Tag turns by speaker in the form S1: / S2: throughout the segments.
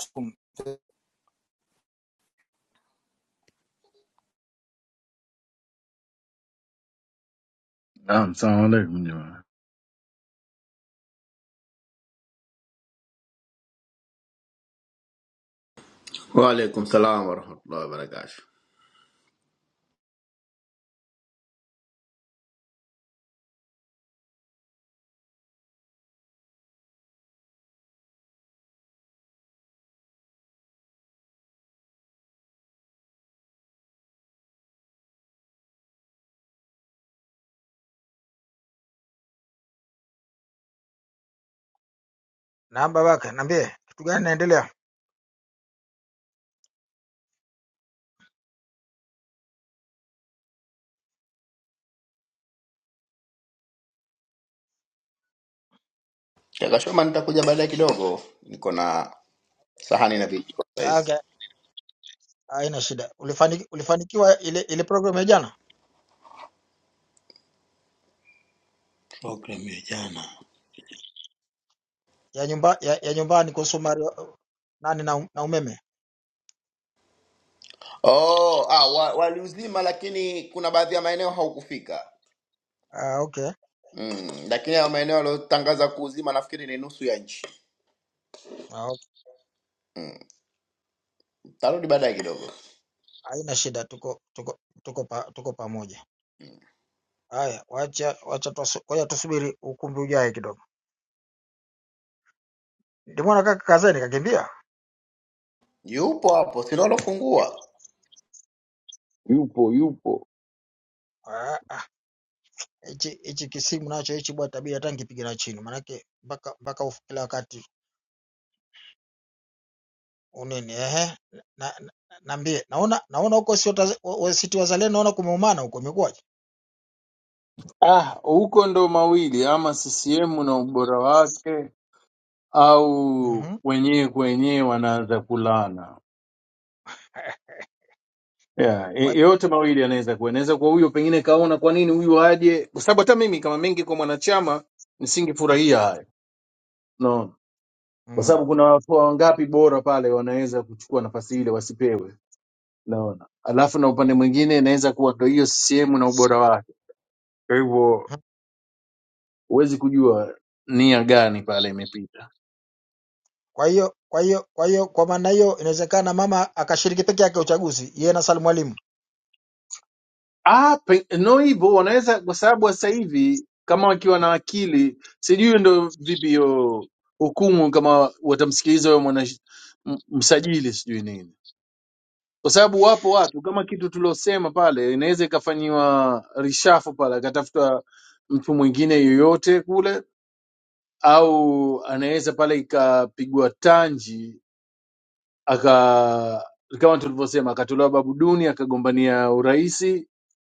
S1: from
S2: Naam, salamu alaikum jamani.
S3: Waalaikum salam warahmatullahi wabarakatuh. Kaka Shoma, nitakuja baadaye kidogo, niko na sahani na vijiko saizi. Program ya jana Oh, ah, wa- waliuzima, lakini kuna baadhi ya maeneo haukufika mm, lakini hayo maeneo waliotangaza kuuzima nafikiri ni nusu ya nchi. Tarudi baadaye kidogo, yupo hapo, sio alofungua
S2: yupo yupo. Ah, huko ndo mawili, ama CCM na ubora wake au wenyewe kwa wenyewe wanaanza kulana. Yeah, e- yote mawili anaweza kuwa, anaweza kuwa huyo pengine kaona kwa nini huyu aje, kwa sababu hata mimi kama mengi kwa mwanachama nisingefurahia hayo no. Kwa sababu kuna watu wangapi bora pale wanaweza kuchukua nafasi ile wasipewe, naona. Alafu na upande mwingine inaweza kuwa ndo hiyo CCM na ubora wake, kwa hivyo huwezi kujua nia gani pale imepita. Ah, pe- no hivyo wanaweza, kwa sababu sasa hivi kama wakiwa na akili, sijui ndo vipi hiyo hukumu, kama watamsikiliza huyo mwana m- msajili sijui nini, kwa sababu wapo watu kama kitu tuliosema pale, inaweza ikafanyiwa rishafu pale, akatafuta mtu mwingine yoyote kule, au anaweza pale ikapigwa tanji aka kama tulivyosema akatolewa babu duni akagombania uraisi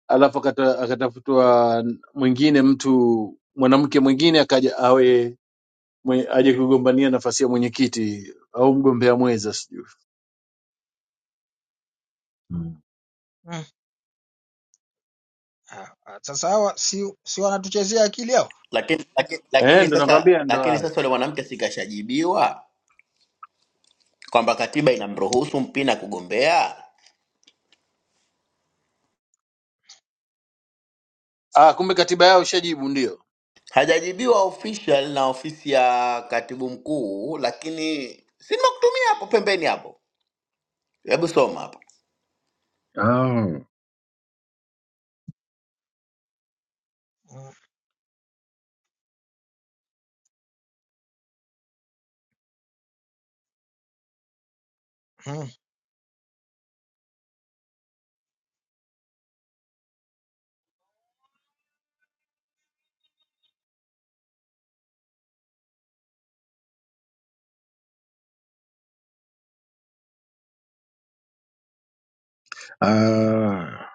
S2: alafu akata- akatafutwa mwingine mtu mwanamke mwingine akaja awe mwe- aje kugombania nafasi ya mwenyekiti au mgombea mweza sijui Mm.
S3: lakini, lakini,
S2: eh
S3: lakini
S2: ndo
S3: sasa
S2: nakwambia ndo
S3: lakini
S2: hayo
S3: sasa yule mwanamke sikashajibiwa kwamba katiba inamruhusu Mpina kugombea
S2: ah kumbe katiba yao ushajibu ndio
S3: hajajibiwa official na ofisi ya katibu mkuu, lakini si nimekutumia hapo pembeni hapo. Hebu soma hapo.
S2: Ah, ah,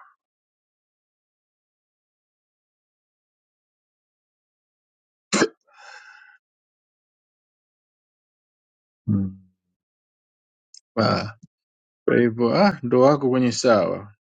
S2: mm. Ah, Kwa hivyo ah, ndo wako kwenye sawa.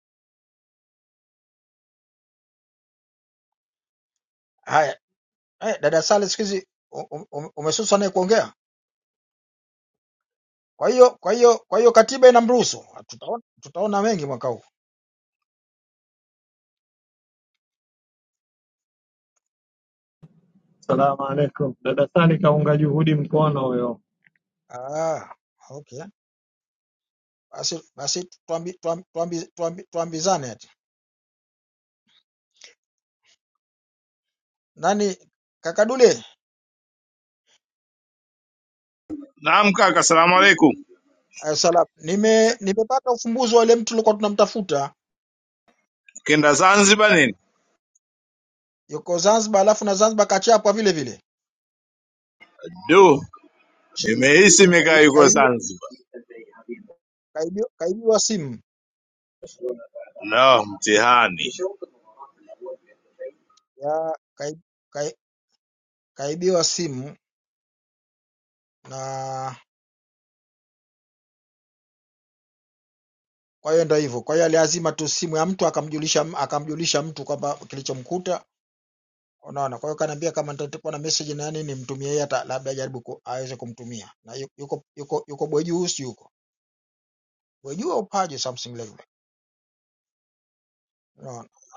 S4: Salamu alaikum. Dada Sali kaunga juhudi mkono huyo.
S5: Naam kaka, salamu alaikum. Kenda Zanzibar nini? Du, nimehisi imekaa yuko Zanzibar. No, mtihani.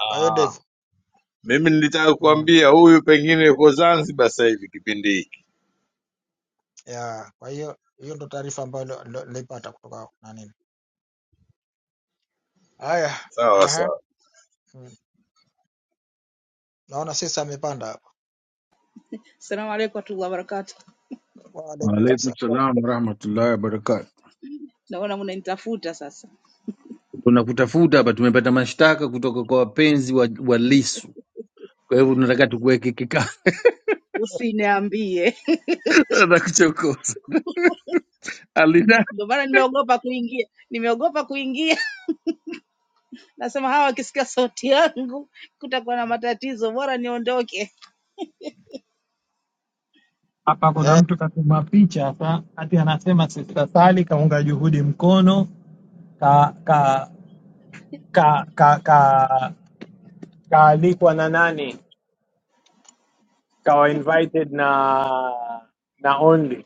S5: Ah, mimi nilitaka kuambia huyu pengine yuko Zanzibar sasa hivi kipindi hiki. Sawa sawa,
S6: Salamu alaikum warahmatullahi wabarakatuh.
S2: Waalaikum salam warahmatullahi wabarakatu.
S6: Naona mnanitafuta sasa,
S2: Tunakutafuta hapa, tumepata mashtaka kutoka kwa wapenzi wa, wa Lissu. Kwa hivyo tunataka tukuweke kikao
S6: usiniambie.
S2: na kuchokoza alina
S6: Ndio maana nimeogopa kuingia, nimeogopa kuingia. Nasema hawa wakisikia sauti yangu kutakuwa na matatizo, bora niondoke.
S4: Hapa kuna mtu katuma picha hapa, ati anasema Sista Sali kaunga juhudi mkono ka ka ka ka ka kaalikwa na nani? Kawa invited na na Only.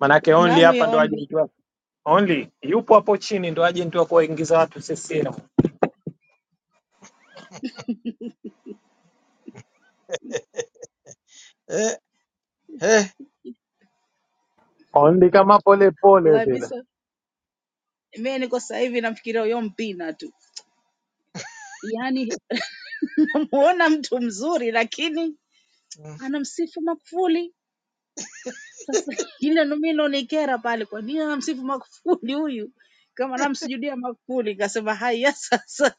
S4: Manake Only
S6: Nani
S4: hapa ndo
S6: yaondi
S4: agent wa Only yupo hapo chini ndo agent wa kuwaingiza watu CCM. Only kama pole pole
S6: wallahi
S4: vile.
S6: bisa, mimi niko sasa hivi namfikiria huyo mpina tu, yaani namuona mtu mzuri lakini anamsifu Magufuli. Sasa ile ndo mimi naonikera pale, kwa nini anamsifu Magufuli huyu kama namsujudia Magufuli? Kasema haya sasa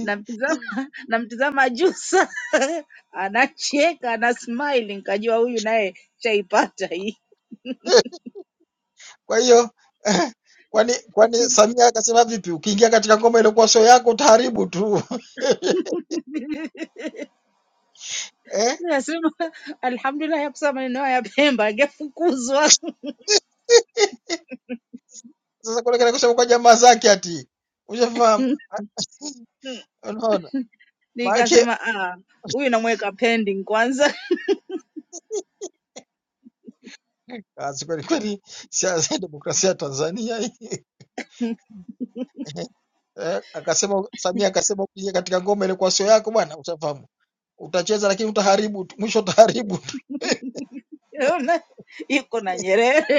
S6: namtizama namtizama Jussa anacheka ana smile, nikajua huyu naye chaipata hii. Nasema alhamdulillah, yakusema maneno haya Pemba angefukuzwa. Nikasema ah, huyu namweka pending kwanza, Ona, yuko na Nyerere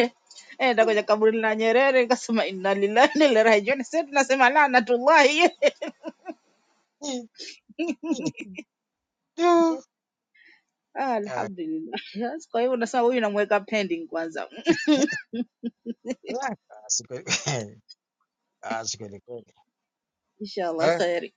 S6: Eh, nenda kwenye kaburi la Nyerere. Nikasema inna lillahi wa inna ilaihi rajiun. Sasa tunasema laanatullahi. Ah, Alhamdulillah. Yes, Kwa hivyo nasema huyu namweka pending kwanza, inshallah kheri.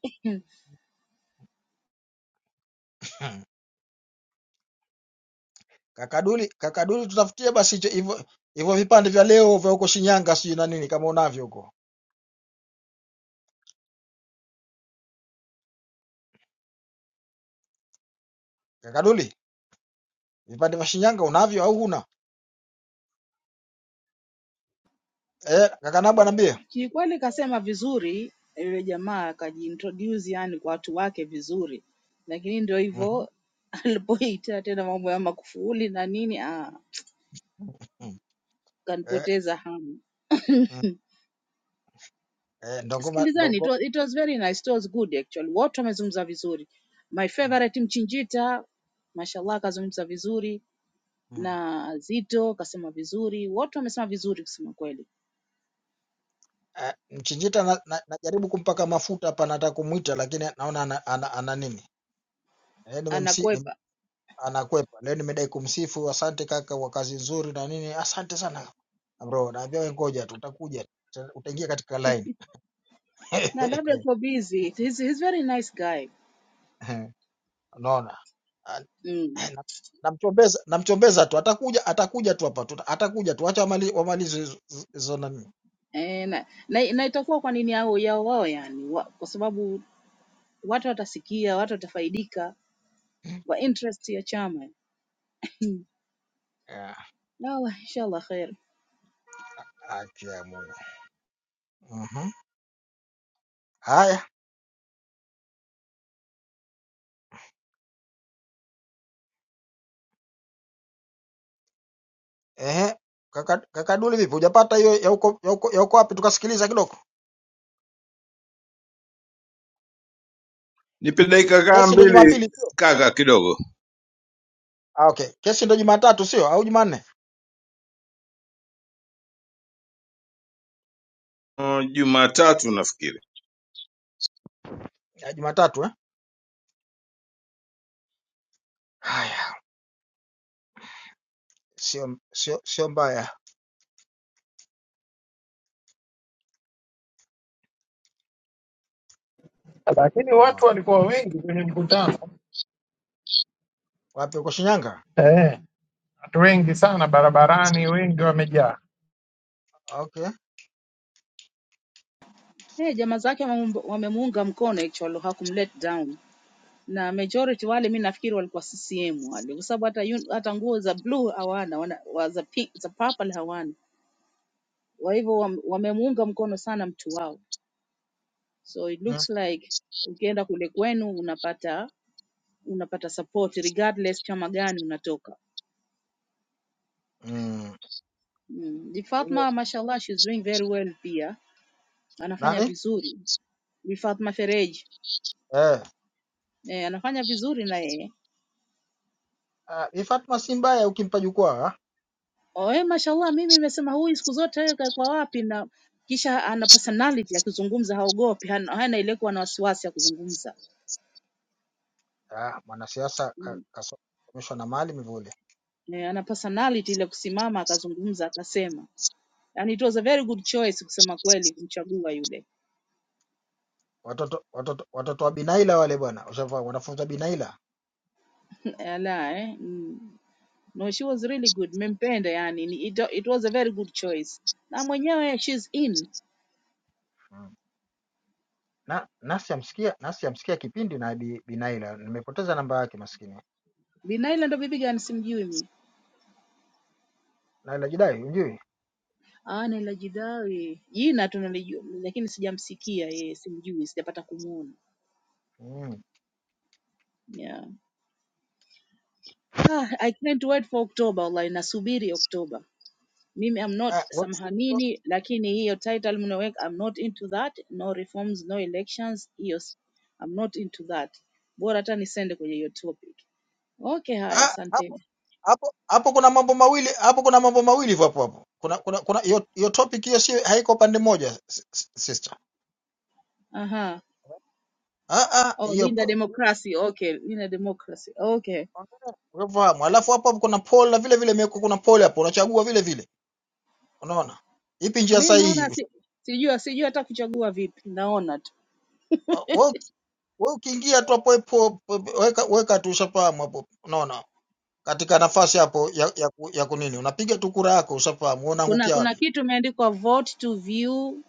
S6: Kiukweli kasema vizuri yule jamaa akajiintroduce yani kwa watu wake vizuri, lakini ndio hivyo alipoita tena mambo ya makufuli na nini ah, kanipoteza hamu. Sikilizani, it was, it was very nice, it was good actually. Wote wamezungumza vizuri. My favorite Mchinjita, mashallah kazungumza vizuri na Zito kasema vizuri, wote wamesema vizuri kusema kweli, anakwepa na labda yuko busy. He's, he's very nice guy mm. E, na, na, na itakuwa kwa nini yao yao wao yani wa, kwa sababu watu watasikia, watu watafaidika kwa interest ya chama. Yalla inshallah khair.
S5: nipe dakika kaa mbili kaka kidogo. Mm, Jumatatu nafikiri
S4: Lakini watu walikuwa wengi kwenye mkutano. Eh. watu wengi sana barabarani, wengi wamejaa.
S6: Hey, jamaa zake wamemuunga wamemuunga mkono actually hakumlet down na majority wale mi nafikiri walikuwa CCM wale kwa sababu hata, yun- hata nguo za blue hawana wana, wa za, pink, za purple hawana kwa hivyo wam- wamemuunga mkono sana mtu wao so it looks like ukienda kule kwenu unapata unapata support regardless chama gani unatoka Mm. Bi Fatma mashallah she's doing very well pia. Anafanya vizuri. Bi Fatma Fereji. Eh, anafanya vizuri na yeye. Oe mashallah mimi nimesema huyu siku zote yeye kwa wapi na kisha ana personality akizungumza haogopi, hana hana ile kuwa na wasiwasi ya kuzungumza. Eh, ana personality ile kusimama akazungumza akasema. And it was a very good choice kusema kweli kumchagua yule. Ala eh. Mm. No, she was really good. Mempenda yani. Ni- It, it was a very good choice. Na mwenyewe she's in. Binaila ndo bibi gani? Simjui mimi. Ana la Jidawe jina tu nalijua, lakini sijamsikia yeye, simjui, sijapata kumuona. Yeah. Ah, I can't wait for October, wallahi nasubiri October. Mimi I'm not samhanini, lakini hiyo title mnaweka, I'm not into that, no reforms, no elections, hiyo s- I'm not into that. Bora hata nisende kwenye hiyo topic. Okay, haya, asanteni. Aha. Oh, Linda Democracy. Okay, Linda Democracy. Okay. Mi naona si, sijui sijui hata kuchagua vipi, naona tu kuna kuna kitu imeandikwa vote to view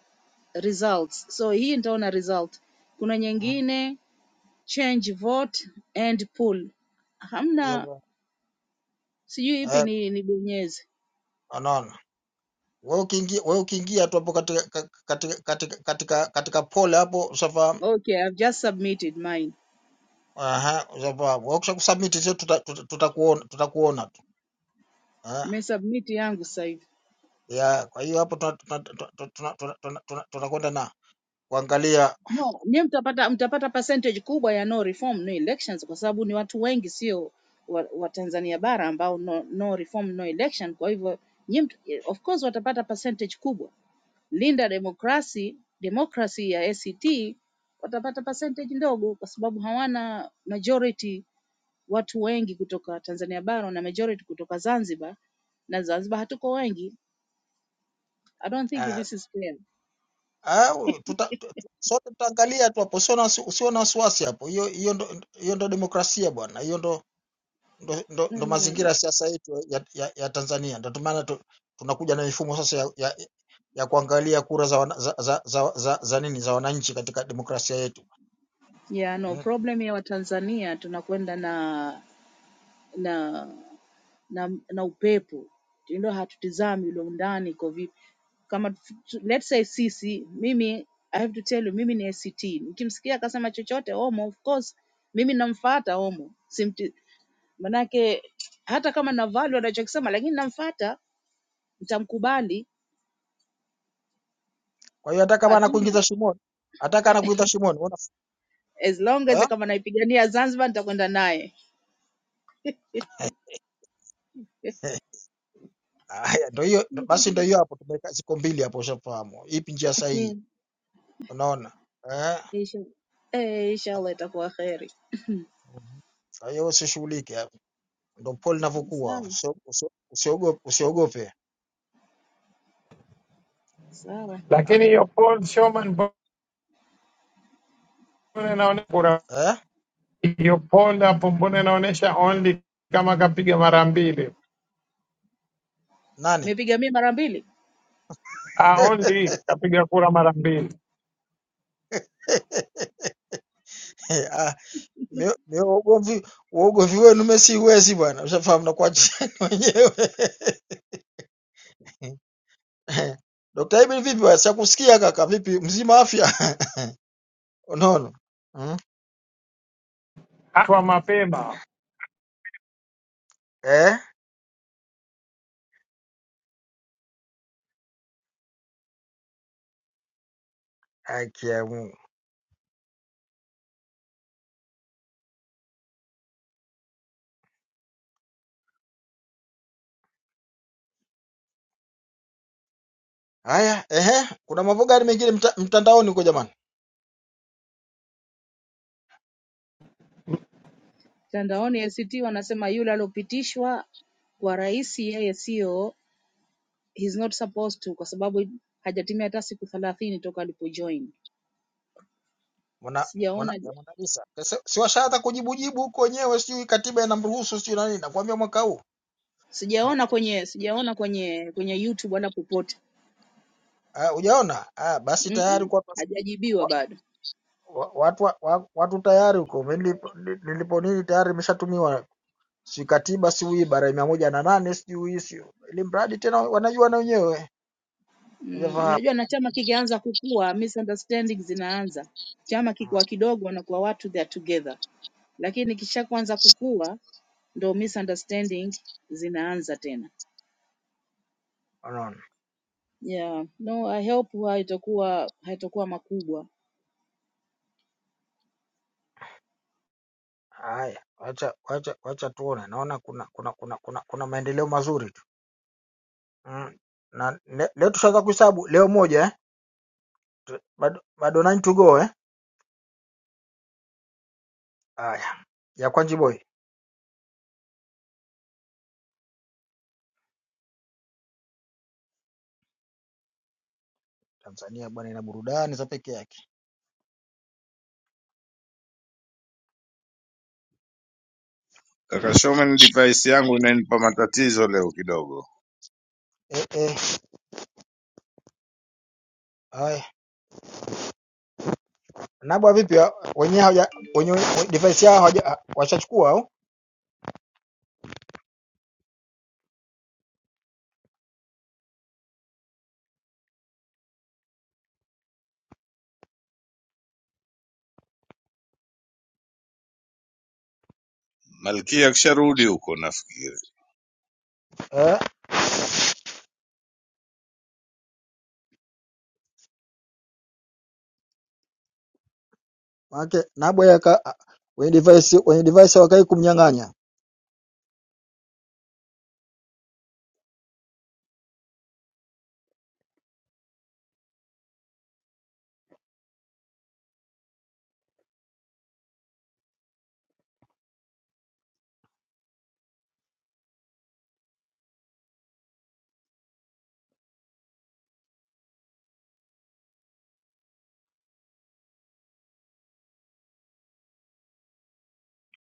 S6: results, so hii nitaona result. Kuna nyingine change vote and poll, hamna sijui ipi ni nibonyeze. Okay, I've just submitted mine, nimesubmit yangu sasa hivi. No, nyie mtapata mtapata percentage kubwa ya no reform no elections kwa sababu ni watu wengi sio wa, wa Tanzania bara ambao no, no reform no election. Kwa hivyo nyie mt- eh, of course watapata percentage kubwa. Linda demokrasi demokrasi ya ACT watapata percentage ndogo kwa sababu hawana majority watu wengi kutoka Tanzania bara na majority kutoka Zanzibar na Zanzibar hatuko wengi. I don't think this is fair. Mm. Yeah, no problem ya Watanzania tunakwenda na na na, na upepo ndio hatutizami ulo ndani iko vipi kama tu- let's say sisi mimi I have to tell you mimi ni ACT nikimsikia akasema chochote Omo of course mimi namfuata Omo simti manake hata kama na value anachokisema lakini namfuata nitamkubali hatuna as long as kama naipigania Zanzibar nitakwenda naye Hmm. Insha- eh, inshallah itakuwa kheri sawa sawa
S4: Lakini hiyo poll Showman, mbona inaonyesha kura hiyo poll hapo, mbona inaonyesha only kama kapiga mara mbili?
S6: nimepiga mimi mara mbili
S4: Ah, only kapiga kura mara mbili kwa mapema.
S6: mtandaoni act wanasema yule aliopitishwa kwa rais yeye sio he's not supposed to kwa sababu hajatimia hata siku thelathini toka alipojoin sijaona sijaona kwenye sijaona kwenye kwenye youtube wala popote Mm-mm. hajajibiwa bado mm, unajua na chama kikianza kukua misunderstandings zinaanza chama kikuwa kidogo wanakuwa watu they are together lakini kisha kuanza kukua ndo misunderstanding zinaanza tena Yeah. No, I hope haitakuwa haitakuwa makubwa.
S5: kaka Showman, device yangu inanipa matatizo leo kidogo. Malkia akisharudi huko nafikiri,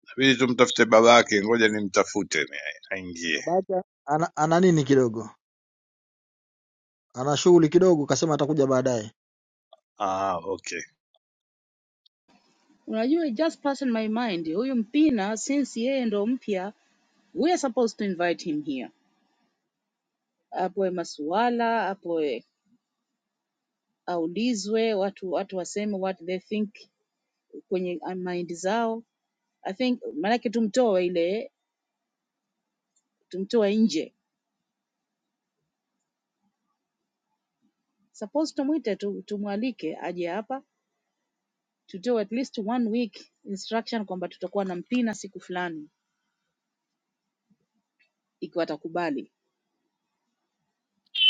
S5: inabidi tumtafute babake. Ngoja nimtafute ni aingie. Ah, okay.
S6: Unajua it just passed my mind. Huyu Mpina since yeye ndo mpya, we are supposed to invite him here. Apoe masuala, apoe aulizwe, watu watu waseme what they think kwenye uh, mind zao. I think maanake tumtoe ile tumtoe nje. Suppose tumwite tu, tumwalike aje hapa tutoe at least one week instruction kwamba tutakuwa na Mpina siku fulani ikiwa atakubali.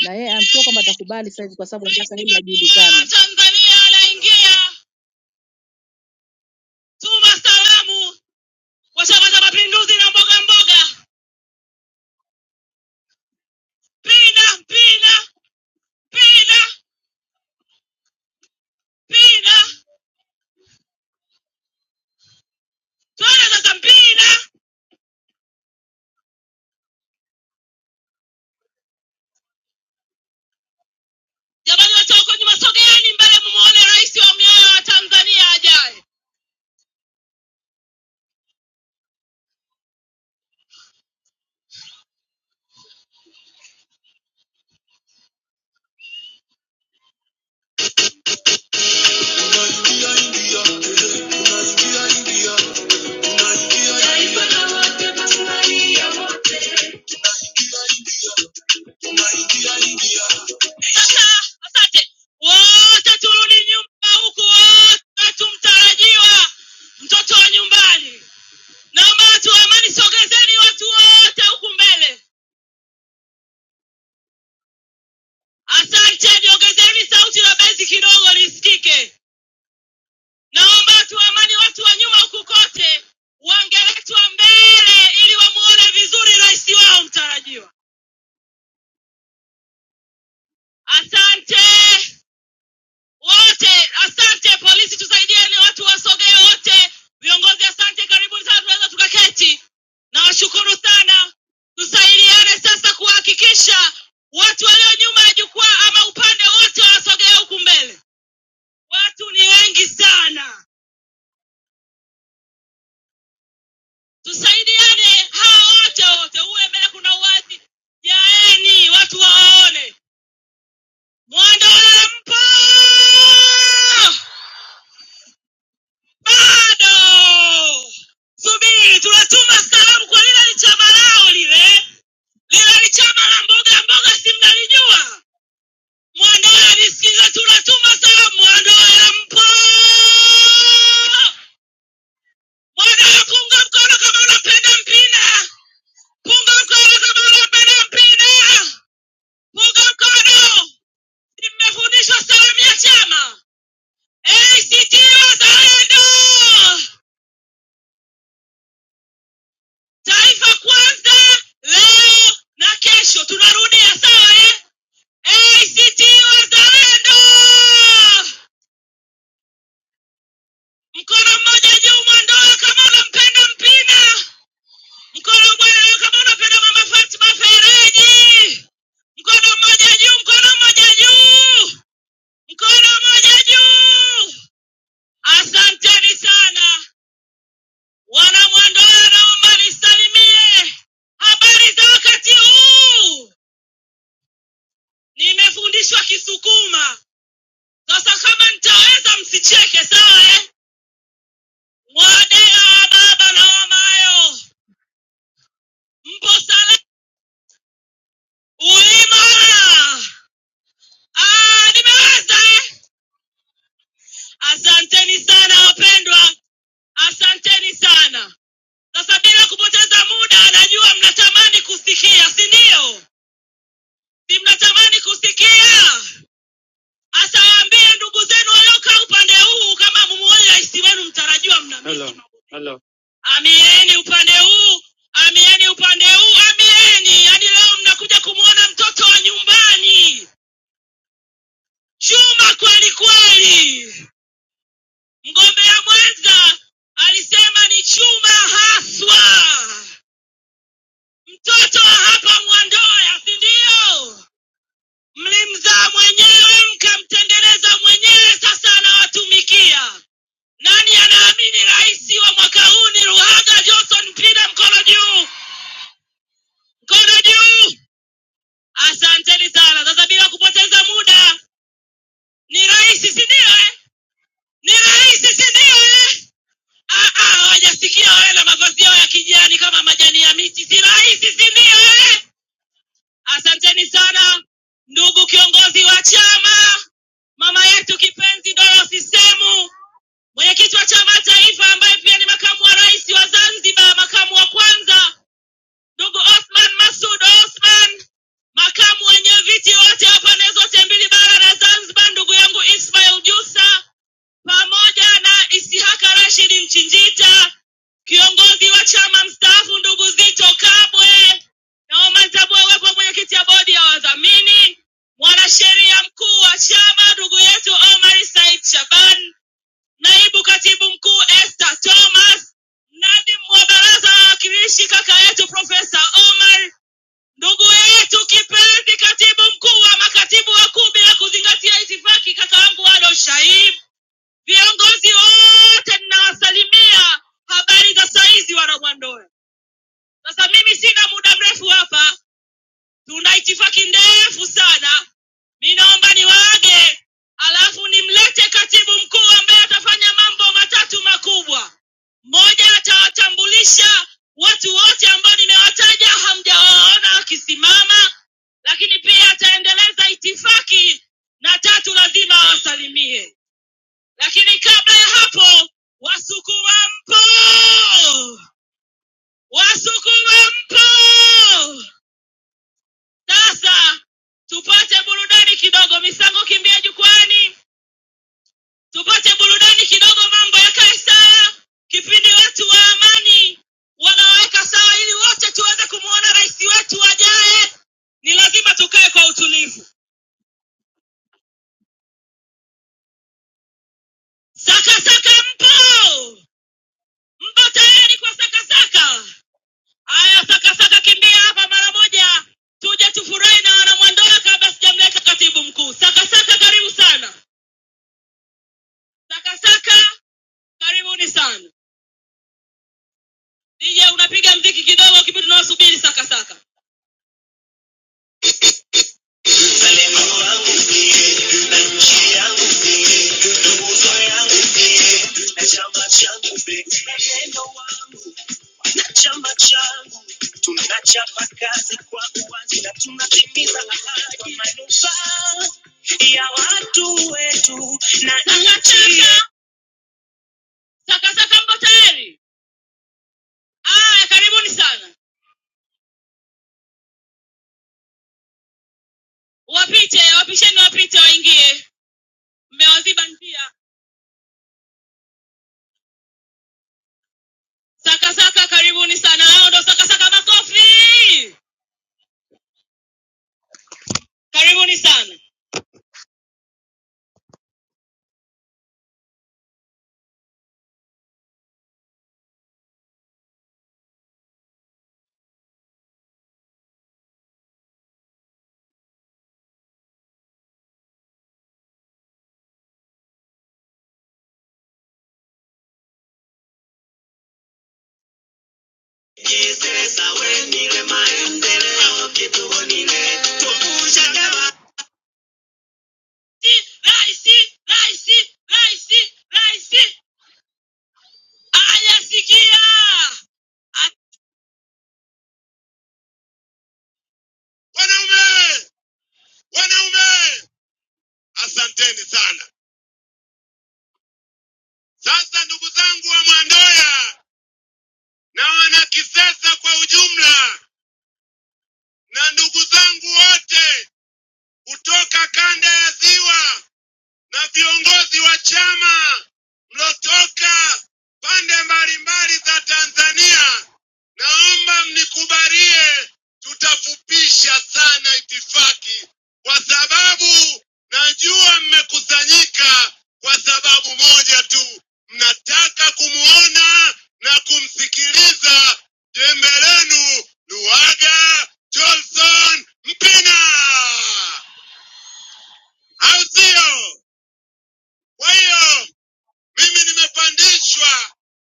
S6: na yeye I'm sure kwamba atakubali sasa hivi kwa sababu anataka yeye
S7: Rais wa
S6: ajulikanwe.
S7: Tanzania anaingia, tuma salamu kwa Chama cha Mapinduzi na mboga mboga, pina pina pina pina, twende sasa mpina. Jamani, watu wako nyuma, sogeeni mbele, mmuone rais wa miaya wa Tanzania ajaye. Unasikia India, unasikia India, unasikia India. Taifa la wote, Tanzania wote. Sasa asante wote, turudi nyumba huku, wote tumtarajiwa mtoto wa nyumbani. Naomba watu wa amani, sogezeni watu wote huku mbele. Asante, niongezeni sauti la bezi kidogo lisikike. Naomba watu wa amani, watu wa nyuma huku kote wangeletwa mbele ili wamuone vizuri rais wao mtarajiwa. Asante. wote. Asante polisi, tusaidieni, watu wasogee wote. Viongozi asante, karibuni sana, tunaweza tukaketi. Nawashukuru sana, tusaidiane sasa kuhakikisha watu walio nyuma ya jukwaa ama upande wote wanasogea huku mbele. Watu ni wengi sana, tusaidiane hawa wote wote, uwe mbele, kuna uwazi. Jaeni watu waone mwanda mpo Bado subiri, tunatuma salamu kwa lile lichama lao lile, lile lichama la mboga mboga, si mnalijua? Mwandoe alisikiza, tunatuma salamu. Mwandoe mpo? Mwandoe punga mkono kama unapenda mpira, punga mkono kama unapenda mpira, punga mkono. Si mmefundishwa salamu ya chama ACT Wazalendo? Taifa Kwanza leo na kesho tunarudia, sawa eh? ACT Wazalendo, mkono mmoja juu Mwandoa kama unampenda Mpina, mkono mmoja kama unapenda Mama Fatma Fereji, mkono mmoja juu, mkono mmoja juu, mkono mmoja juu. Asanteni sana wana Mwandoa, naomba nisalimie habari za wakati huu. Nimefundishwa Kisukuma. Sasa kama nitaweza, msicheke sawa eh? Wadea wa baba na wamayo, mpo salama ulima. Ah, nimeweza eh? Asanteni sana wapendwa, asanteni sana. Sasa bila kupoteza muda, najua mnatamani kusikia, si ndio? Si mnatamani kusikia? Asawaambie ndugu zenu waliokaa upande huu, kama mumuoja isi wenu mtarajiwa mna Amieni upande huu, amieni upande huu, amieni. Hadi leo mnakuja kumwona mtoto wa nyumbani Chuma kweli kweli. Mgombea mwenza alisema ni Chuma haswa, mtoto wa hapa Mwandoya, si ndio? Mlimzaa mwenyewe, mkamtengeneza mwenyewe, sasa anawatumikia. Nani anaamini rais wa mwaka huu ni Luhaga Johnson? Mpinde mkono juu, mkono juu. Asanteni sana. Sasa bila kupoteza muda, ni rahisi, si ndio? eh? Ni rahisi, si ndio? eh? Ah, ah, Hawajasikia wewe na mavazi yao ya kijani kama majani ya miti, si rahisi, si ndio? eh? Asanteni sana ndugu kiongozi wa chama, mama yetu kipenzi Dorothy Semu, mwenyekiti wa chama taifa, ambaye pia ni makamu wa rais wa Zanzibar, makamu wa kwanza ndugu Osman Masud Osman, makamu wenye viti wote wa pande zote mbili bara na Zanzibar, ndugu yangu Ismail Jusa pamoja na Isihaka Rashidi Mchinjita, kiongozi wa chama mstaafu ndugu Zito Kabwe, na Oman Tabwe wepo mwenyekiti ya bodi ya wadhamini, mwanasheria mkuu wa chama ndugu yetu Omar Said Shaban, Naibu Katibu Mkuu Esther Thomas, Nadimu wa Baraza la Wawakilishi kaka yetu Profesa Omar, ndugu yetu kipenzi Katibu Mkuu wa makatibu wakuu bila kuzingatia itifaki, kaka wangu Ado Shaib, viongozi wote ninawasalimia, habari za saizi wana Mwandoya. Sasa mimi sina muda mrefu hapa, tuna itifaki ndefu sana. Mi naomba niwaage, alafu nimlete katibu mkuu ambaye atafanya mambo matatu makubwa. Moja, atawatambulisha watu wote ambao nimewataja hamjawaona wakisimama, lakini pia ataendeleza itifaki, na tatu, lazima awasalimie. Lakini kabla ya hapo, Wasukuma mpo! Wasukuma mpo! Sasa tupate burudani kidogo, misango kimbia jukwani, tupate burudani kidogo, mambo yakae sawa, kipindi watu wa amani wanaweka sawa, ili wote tuweze kumwona rais wetu ajaye. Ni lazima tukae kwa utulivu. Sakasaka mpo, mpo tayari kwa sakasaka? Haya, sakasaka kimbia hapa mara moja, tuje tufurahi na wanamwandoa kabla sijamleta katibu mkuu. Sakasaka karibu sana, sakasaka karibuni sana. DJ unapiga mziki kidogo kipindi tunawasubiri saka saka. Wazalendo wangu, chama changu tunachapa kazi kwa uwazi na tunatimiza ahadi kwa manufaa ya watu wetu na nchi. Saka saka mko tayari? Aya, karibuni sana. Wapite, wapisheni wapite waingie. Mmewaziba njia. Saka saka karibuni sana. Hao ndo saka saka makofi. Karibuni sana. Raisi, raisi, raisi, raisi ayasikia. Wanaume, wanaume, asanteni sana. Sasa ndugu zangu wa Mwandoya na wana Kisesa kwa ujumla, na ndugu zangu wote kutoka kanda ya Ziwa, na viongozi wa chama mlotoka pande mbalimbali za Tanzania, naomba mnikubalie, tutafupisha sana itifaki, kwa sababu najua mmekusanyika kwa sababu moja tu, mnataka kumwona na kumsikiliza jembe lenu Johnson Mpina, au sio? Kwa hiyo Mimi nimepandishwa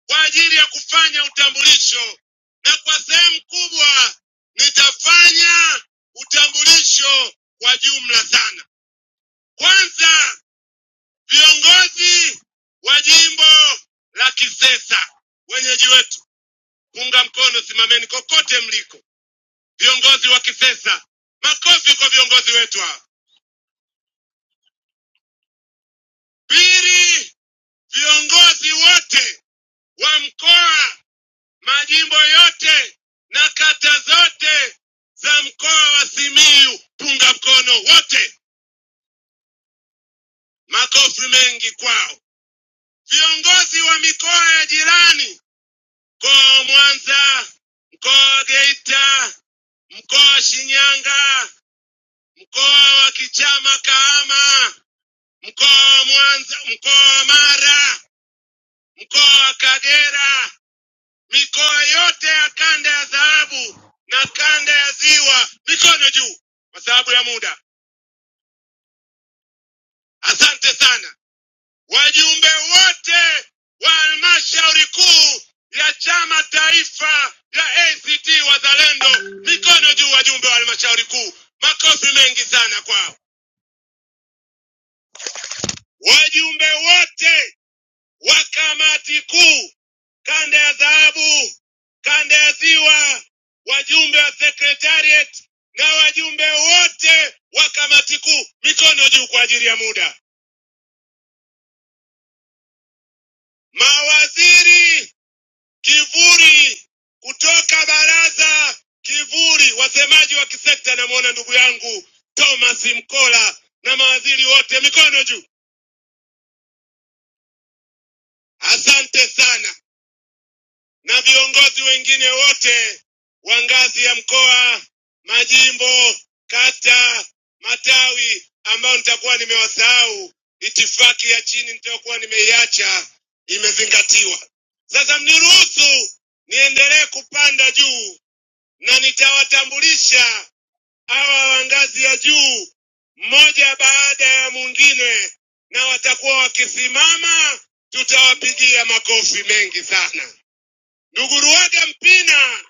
S7: kwa ajili ya kufanya utambulisho, na kwa sehemu kubwa nitafanya utambulisho kwa jumla sana. Kwanza, viongozi wa jimbo la Kisesa, wenyeji wetu, unga mkono, simameni kokote mliko, viongozi wa Kisesa, makofi kwa viongozi wetu hawa. Pili, viongozi wote wa mkoa majimbo yote na kata zote za mkoa wa Simiyu, punga mkono wote, makofi mengi kwao. Viongozi wa milani mkoa wa Mwanza, mkoa wa Geita, mkoa wa Shinyanga, mkoa wa Kichama Kahama, mkoa wa Mwanza, mkoa wa Mara, mkoa wa Kagera, mikoa yote ya kanda ya dhahabu na kanda ya ziwa, mikono juu kwa sababu ya muda. Asante sana wale wote wa halmashauri kuu ya chama taifa ya ACT Wazalendo, mikono juu, wajumbe wa halmashauri kuu, makofi mengi sana kwao. Wajumbe wote wa kamati kuu kanda ya dhahabu, kanda ya ziwa, wajumbe wa secretariat na wajumbe wote wa kamati kuu, mikono juu kwa ajili ya muda. Mawaziri Kivuli kutoka baraza kivuli, wasemaji wa kisekta, namwona ndugu yangu Thomas Mkola na mawaziri wote, mikono juu. Asante sana, na viongozi wengine wote wa ngazi ya mkoa, majimbo, kata, matawi ambao nitakuwa nimewasahau. Itifaki ya chini nitakuwa nimeiacha imezingatiwa. Sasa mniruhusu niendelee kupanda juu na nitawatambulisha hawa wa ngazi ya juu mmoja baada ya mwingine, na watakuwa wakisimama, tutawapigia makofi mengi sana. Ndugu Ruaga Mpina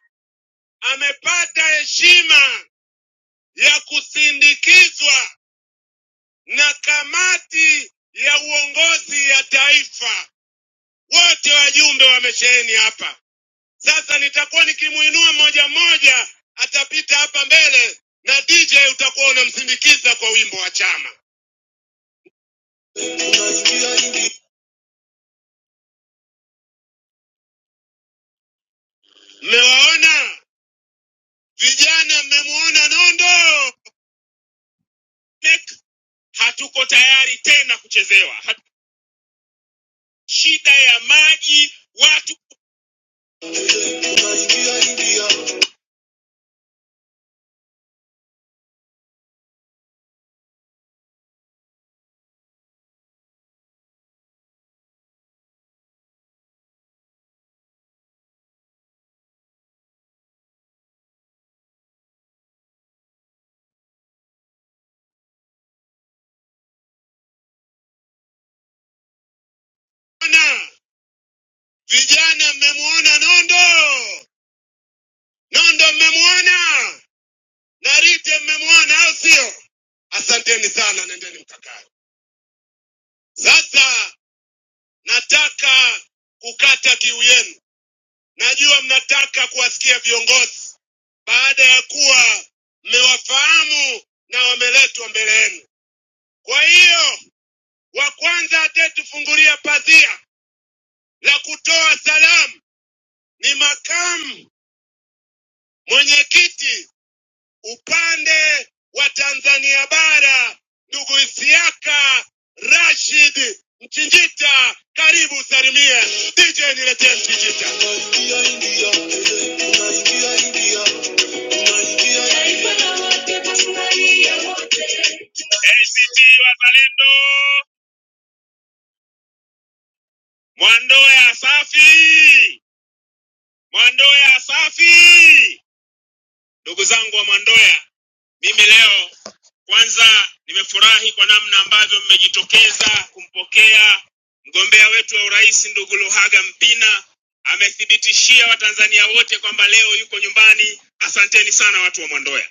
S7: amepata heshima ya kusindikizwa na kamati ya uongozi ya taifa. Wote wajumbe wamesheheni hapa. Sasa nitakuwa nikimuinua mmoja mmoja, atapita hapa mbele na DJ utakuwa unamsindikiza kwa wimbo wa chama. Mmewaona vijana, mmemuona Nondo. Nek, Hatuko tayari tena kuchezewa. Hat- Shida ya maji watu. Ona, vijana, mmemuona Nondo. Nondo mmemuona, Narite mmemuona, au sio? Asanteni sana, nendeni mkakae. Sasa nataka kukata kiu yenu. Najua mnataka kuwasikia viongozi baada ya kuwa mmewafahamu na wameletwa mbele yenu. Kwa hiyo, wa kwanza atatufungulia pazia la kutoa salamu ni makamu mwenyekiti upande wa Tanzania bara, ndugu Isiaka Rashid Mchinjita, karibu usalimie. DJ niletee Mchinjita. Unaingia India, unaingia India, unaingia India. Taifa la wote, Tanzania wote. ACT Wazalendo, Mwandoya safi, Mwandoya safi. Ndugu zangu wa Mwandoya, mimi leo kwanza nimefurahi kwa namna ambavyo mmejitokeza kumpokea mgombea wetu wa urais ndugu Luhaga Mpina. Amethibitishia Watanzania wote kwamba leo yuko nyumbani. Asanteni sana watu wa Mwandoya.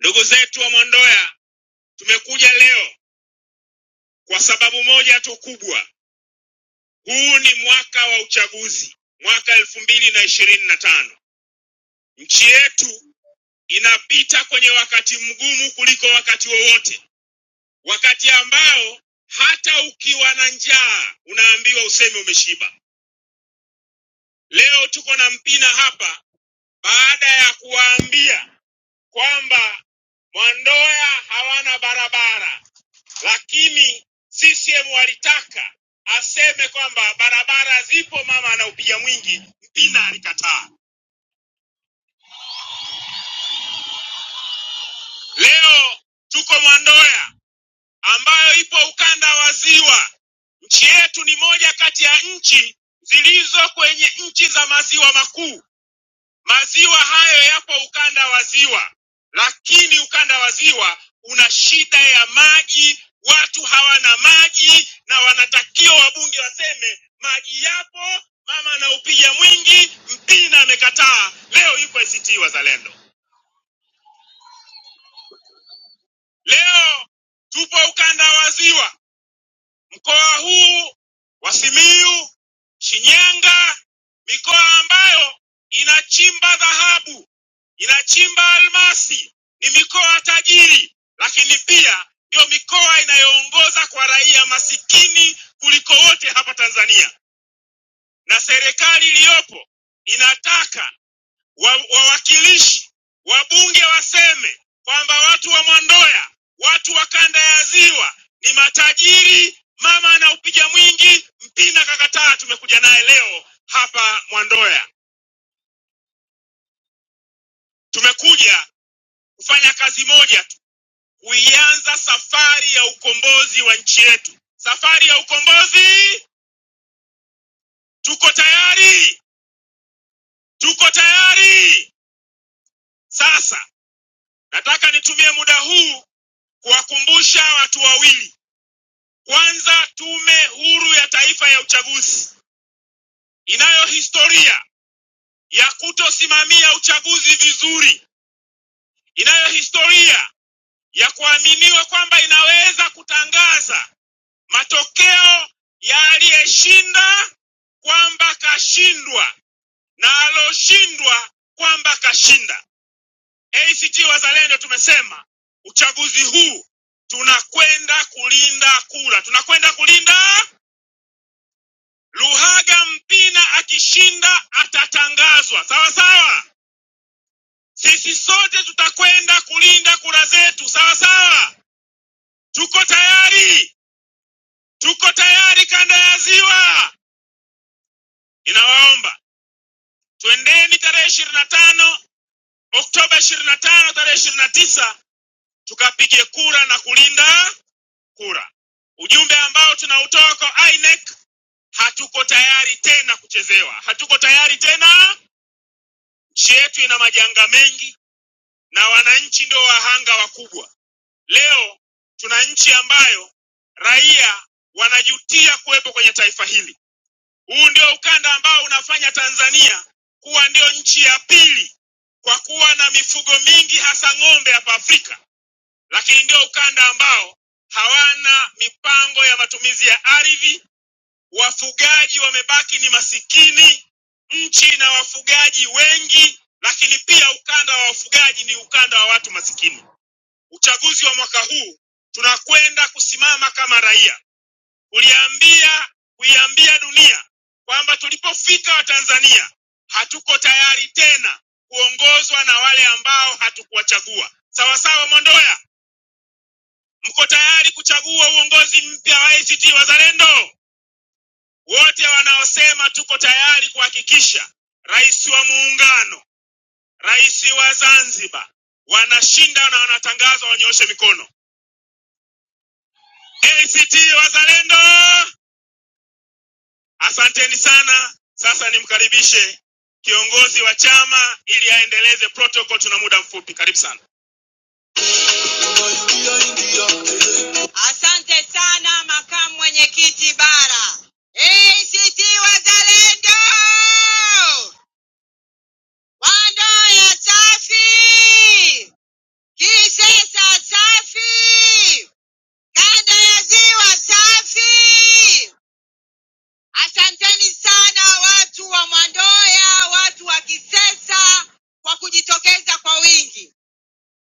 S7: Ndugu zetu wa Mwandoya, tumekuja leo kwa sababu moja tu kubwa. Huu ni mwaka wa uchaguzi, mwaka elfu mbili na ishirini na tano. Nchi yetu inapita kwenye wakati mgumu kuliko wakati wowote, wakati ambao hata ukiwa na njaa unaambiwa useme umeshiba. Leo tuko na Mpina hapa baada ya kuwaambia kwamba Mwandoya hawana barabara, lakini CCM walitaka aseme kwamba barabara zipo, mama anaupiga mwingi. Mpina alikataa. Leo tuko Mwandoya ambayo ipo ukanda wa ziwa. Nchi yetu ni moja kati ya nchi zilizo kwenye nchi za maziwa makuu. Maziwa hayo yapo ukanda wa ziwa, lakini ukanda wa ziwa una shida ya maji. Watu hawana maji na wanatakiwa wabunge waseme maji yapo, mama anaupiga mwingi, Mpina amekataa. Leo yuko ACT Wazalendo, leo tupo ukanda wa ziwa Mkoa huu wa Simiyu, Shinyanga, mikoa ambayo inachimba dhahabu, inachimba almasi, ni mikoa tajiri, lakini pia ndio mikoa inayoongoza kwa raia masikini kuliko wote hapa Tanzania, na serikali iliyopo inataka wa- wawakilishi wabunge waseme kwamba watu wa Mwandoya, watu wa kanda ya Ziwa ni matajiri. Mama anaupiga mwingi, Mpina kakataa. Tumekuja naye leo hapa Mwandoya, tumekuja kufanya kazi moja tu, kuianza safari ya ukombozi wa nchi yetu. Safari ya ukombozi, tuko tayari, tuko tayari. Sasa nataka nitumie muda huu kuwakumbusha watu wawili Kwanza, Tume Huru ya Taifa ya Uchaguzi inayo historia ya kutosimamia uchaguzi vizuri, inayo historia ya kuaminiwa kwamba inaweza kutangaza matokeo ya aliyeshinda kwamba kashindwa na aloshindwa kwamba kashinda. ACT Wazalendo tumesema uchaguzi huu tunakwenda kulinda kura, tunakwenda kulinda Luhaga Mpina akishinda atatangazwa, sawa sawa. Sisi sote tutakwenda kulinda kura zetu, sawa sawa. Tuko tayari, tuko tayari, kanda ya Ziwa. Ninawaomba twendeni tarehe ishirini na tano Oktoba ishirini na tano tarehe ishirini na tisa tukapige kura na kulinda kura. Ujumbe ambao tunautoa kwa INEC, hatuko tayari tena kuchezewa, hatuko tayari tena. Nchi yetu ina majanga mengi na wananchi ndo wahanga wakubwa. Leo tuna nchi ambayo raia wanajutia kuwepo kwenye taifa hili. Huu ndio ukanda ambao unafanya Tanzania kuwa ndio nchi ya pili kwa kuwa na mifugo mingi hasa ng'ombe hapa Afrika, lakini ndio ukanda ambao hawana mipango ya matumizi ya ardhi. Wafugaji wamebaki ni masikini, nchi na wafugaji wengi, lakini pia ukanda wa wafugaji ni ukanda wa watu masikini uchaguzi wa mwaka huu tunakwenda kusimama kama raia kuliambia kuiambia dunia kwamba tulipofika watanzania hatuko tayari tena kuongozwa na wale ambao hatukuwachagua sawasawa mondoya mko tayari kuchagua uongozi mpya wa act wazalendo wote wanaosema tuko tayari kuhakikisha rais wa muungano rais wa zanzibar wanashinda na wanatangazwa wanyooshe mikono ACT Wazalendo, asanteni sana. Sasa nimkaribishe kiongozi wa chama ili aendeleze protocol, tuna muda mfupi. Karibu sana. Asante sana makamu mwenyekiti bara. ACT Wazalendo, Wandoya safi, Kisesa safi, kanda ya ziwa safi, Asanteni sana watu wa Mwandoya, watu wa Kisesa kwa kujitokeza kwa wingi.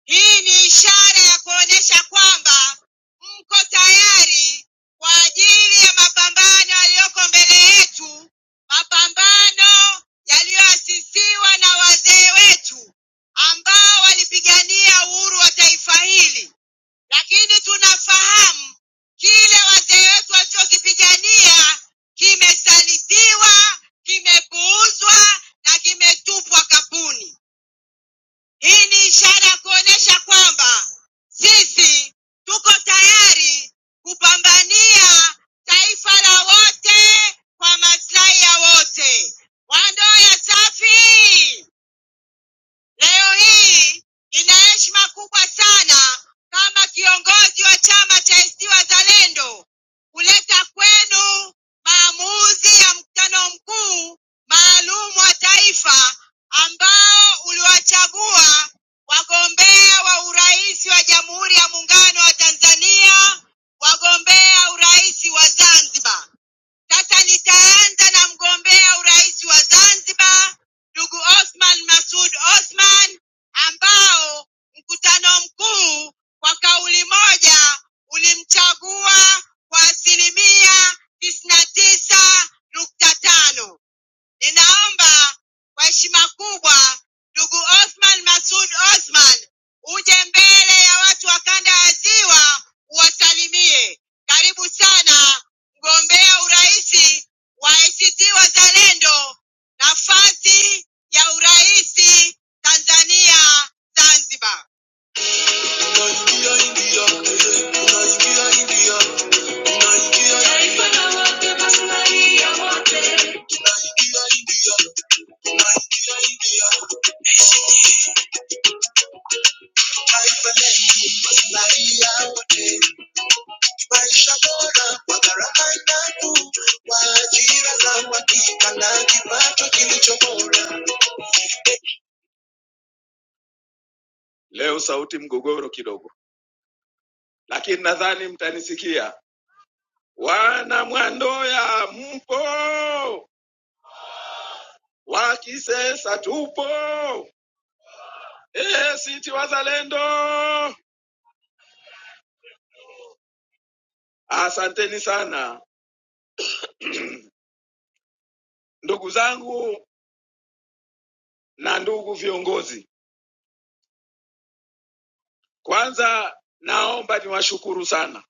S7: Hii ni ishara ya kuonyesha kwamba mko tayari kwa ajili ya mapambano yaliyoko mbele yetu, mapambano yaliyoasisiwa na wazee wetu ambao walipigania uhuru wa taifa hili lakini tunafahamu kile wazee wetu walichokipigania kimesalitiwa, kimepuuzwa na kimetupwa kapuni. Hii ni ishara ya kuonyesha kwamba sisi tuko tayari kupambania taifa la wote kwa maslahi ya wote. Wandoya safi! Leo hii nina heshima kubwa sana kama kiongozi wa chama cha ACT Wazalendo kuleta kwenu maamuzi ya mkutano mkuu maalum wa taifa ambao uliwachagua wagombea wa urais wa Jamhuri ya Muungano wa Tanzania, wagombea urais wa Zanzibar. Sasa nitaanza na mgombea urais wa Zanzibar ndugu Othman Masud Othman, ambao mkutano mkuu kwa kauli moja ulimchagua kwa asilimia tisini na tisa nukta tano. Ninaomba kwa heshima kubwa ndugu Othman Masud Othman uje mbele ya watu wa kanda ya Ziwa uwasalimie. Karibu sana mgombea urais wa ACT Wazalendo, nafasi ya urais Tanzania Zanzibar. Unasikia India, unasikia India, unasikia India. Maslahi ya wote, maisha bora kwa gharama nafuu, kwa ajira za uhakika na kipato kilicho bora. Leo sauti mgogoro kidogo, lakini nadhani mtanisikia. Wana Mwandoya mpo, wakisesa tupo, ACT Wazalendo, asanteni sana ndugu zangu na ndugu viongozi. Kwanza naomba niwashukuru sana,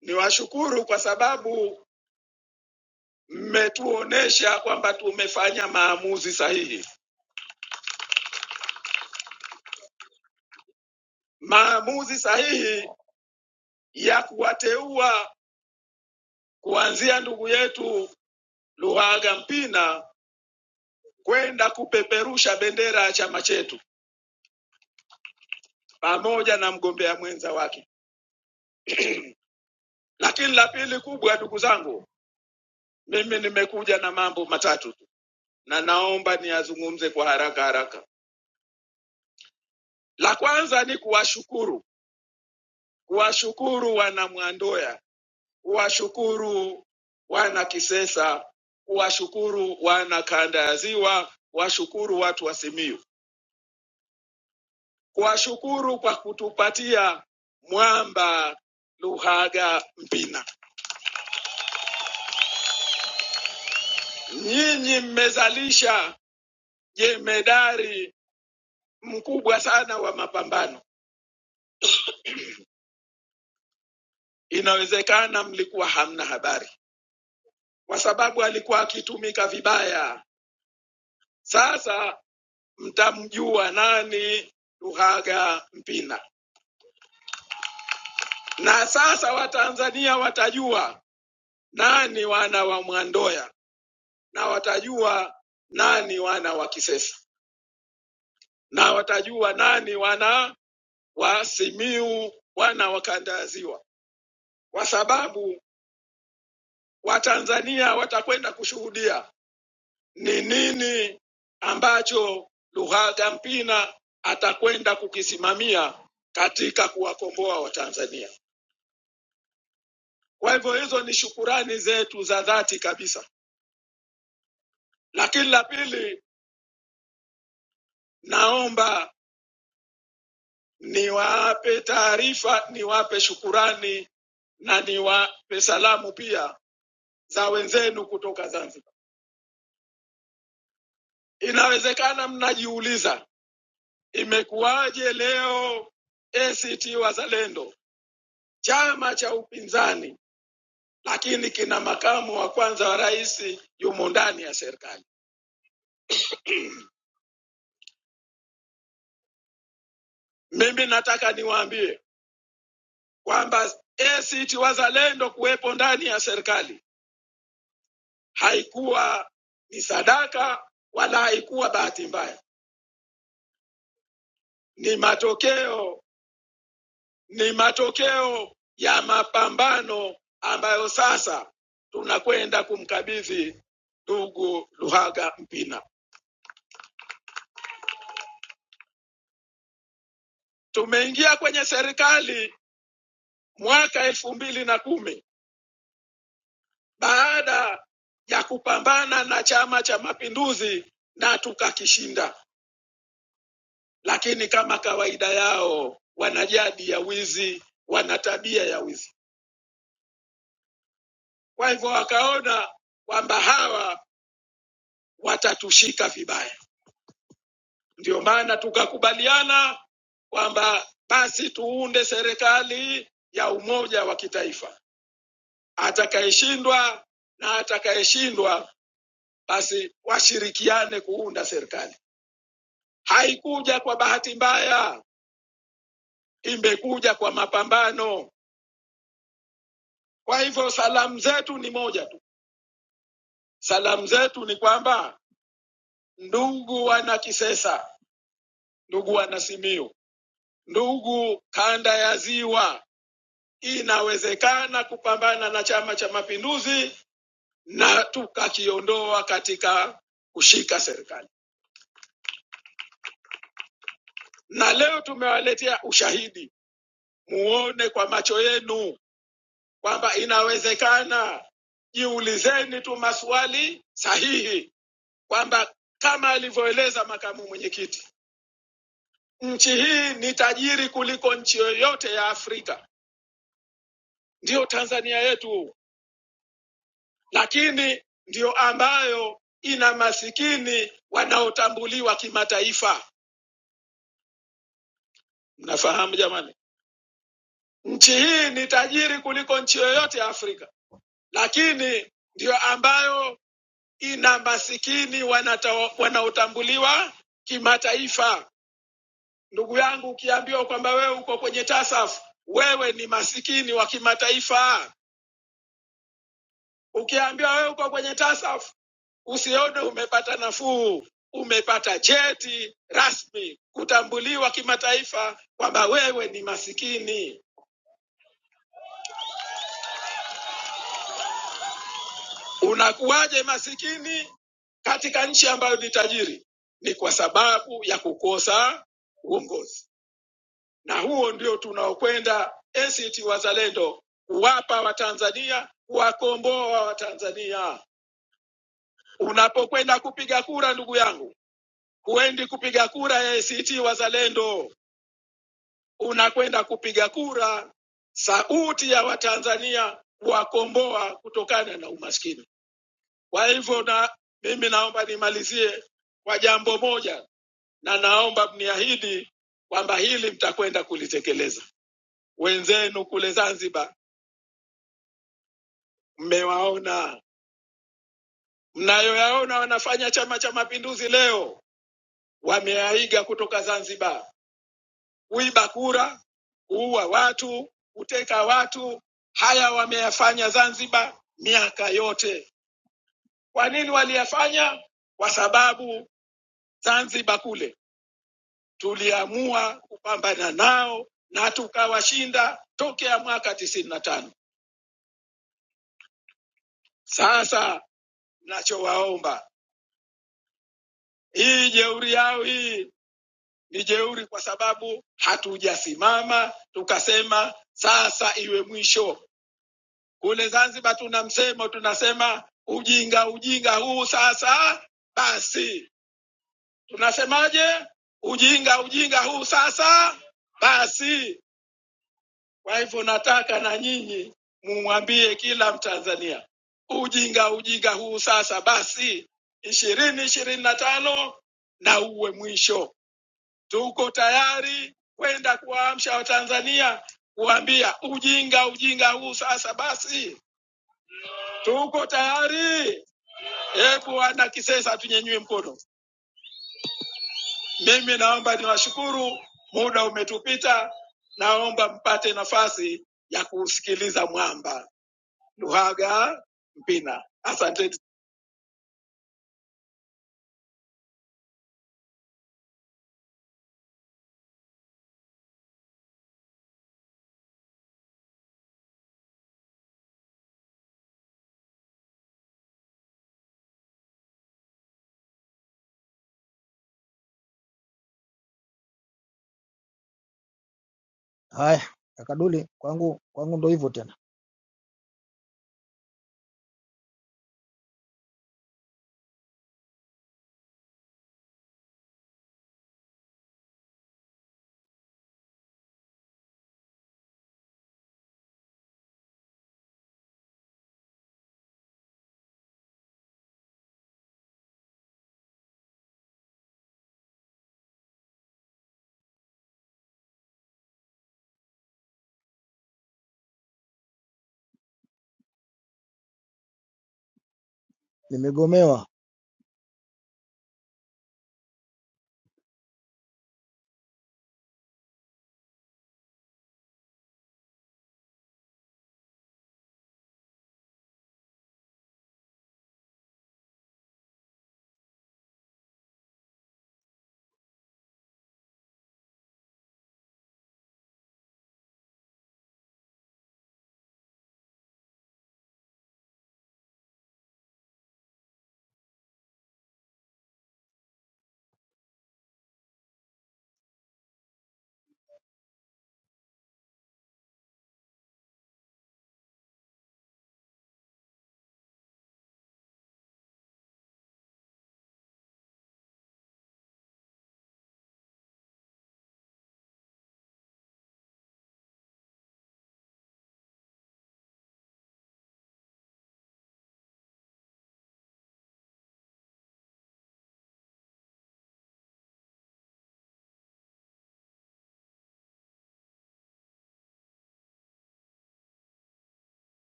S7: niwashukuru kwa sababu mmetuonesha kwamba tumefanya maamuzi sahihi, maamuzi sahihi ya kuwateua kuanzia ndugu yetu Luhaga Mpina kwenda kupeperusha bendera ya chama chetu pamoja na mgombea mwenza wake. Lakini la pili kubwa, ndugu zangu, mimi nimekuja na mambo matatu tu na naomba niyazungumze kwa haraka haraka. La kwanza ni kuwashukuru kuwashukuru wana Mwandoya, kuwashukuru wana Kisesa, kuwashukuru wana kanda ya Ziwa, kuwashukuru watu wa Simiyu, kuwashukuru kwa kutupatia Mwamba, Luhaga, Mpina. Nyinyi mmezalisha jemedari mkubwa sana wa mapambano. Inawezekana mlikuwa hamna habari, kwa sababu alikuwa akitumika vibaya. Sasa mtamjua nani Luhaga Mpina. Na sasa Watanzania watajua nani wana wa Mwandoya, na watajua nani wana wa Kisesa, na watajua nani wana wa Simiu, wana wa kanda ya Ziwa, kwa sababu Watanzania watakwenda kushuhudia ni nini ambacho Luhaga Mpina atakwenda kukisimamia katika kuwakomboa Watanzania. Kwa hivyo hizo ni shukurani zetu za dhati kabisa. Lakini la pili, naomba niwape taarifa, niwape shukurani na niwape salamu pia za wenzenu kutoka Zanzibar. Inawezekana mnajiuliza imekuwaje leo ACT Wazalendo chama cha upinzani, lakini kina makamu wa kwanza wa rais yumo ndani ya serikali. Mimi nataka niwaambie kwamba ACT Wazalendo kuwepo ndani ya serikali haikuwa ni sadaka wala haikuwa bahati mbaya, ni matokeo, ni matokeo ya mapambano ambayo sasa tunakwenda kumkabidhi ndugu Luhaga Mpina. Tumeingia kwenye serikali mwaka elfu mbili na kumi baada ya kupambana na Chama cha Mapinduzi na tukakishinda. lakini kama kawaida yao wana jadi ya wizi, wana tabia ya wizi. Kwa hivyo wakaona kwamba hawa watatushika vibaya, ndio maana tukakubaliana kwamba basi tuunde serikali ya umoja wa kitaifa. Atakayeshindwa na atakayeshindwa, basi washirikiane kuunda serikali. Haikuja kwa bahati mbaya, imekuja kwa mapambano. Kwa hivyo salamu zetu ni moja tu. Salamu zetu ni kwamba ndugu wana Kisesa, ndugu wana Simiyu, ndugu kanda ya Ziwa, inawezekana kupambana na Chama cha Mapinduzi na tukakiondoa katika kushika serikali. Na leo tumewaletea ushahidi, muone kwa macho yenu kwamba inawezekana. Jiulizeni tu maswali sahihi kwamba kama alivyoeleza makamu mwenyekiti Nchi hii ni tajiri kuliko nchi yoyote ya Afrika, ndiyo Tanzania yetu, lakini ndiyo ambayo ina masikini wanaotambuliwa kimataifa. Mnafahamu jamani, nchi hii ni tajiri kuliko nchi yoyote ya Afrika, lakini ndiyo ambayo ina masikini wanata- wanaotambuliwa kimataifa. Ndugu yangu, ukiambiwa kwamba wewe uko kwenye tasafu, wewe ni masikini wa kimataifa. Ukiambiwa wewe uko kwenye tasafu, usione umepata nafuu, umepata cheti rasmi kutambuliwa kimataifa kwamba wewe ni masikini. Unakuwaje masikini katika nchi ambayo ni tajiri? Ni kwa sababu ya kukosa uongozi, na huo ndio tunaokwenda ACT Wazalendo kuwapa Watanzania, kuwakomboa Watanzania. Unapokwenda kupiga kura, ndugu yangu Huendi kupiga kura ya ACT Wazalendo, unakwenda kupiga kura sauti ya Watanzania kuwakomboa kutokana na umaskini. Kwa hivyo, na mimi naomba nimalizie kwa jambo moja, na naomba mniahidi kwamba hili mtakwenda kulitekeleza. Wenzenu kule Zanzibar mmewaona, mnayoyaona wanafanya Chama cha Mapinduzi leo, wameyaiga kutoka Zanzibar. kuiba kura, kuua watu, kuteka watu. Haya wameyafanya Zanzibar miaka yote. Kwa nini waliyafanya? Kwa sababu Zanzibar kule tuliamua kupambana nao na tukawashinda tokea mwaka tisini na tano. Sasa nachowaomba, hii jeuri yao hii ni jeuri, kwa sababu hatujasimama tukasema sasa iwe mwisho Kule Zanzibar tuna msemo tunasema, ujinga ujinga huu sasa basi. Tunasemaje? Ujinga ujinga huu sasa basi. Kwa hivyo nataka na nyinyi mumwambie kila Mtanzania, ujinga ujinga huu sasa basi, ishirini ishirini na tano na uwe mwisho. Tuko tayari kwenda kuwaamsha Watanzania, kuambia ujinga ujinga huu sasa basi, tuko tayari. E Bwana, kisesa hatunyanyui mkono. Mimi naomba niwashukuru, muda umetupita. Naomba mpate nafasi ya kusikiliza mwamba Luhaga Mpina. Asanteni.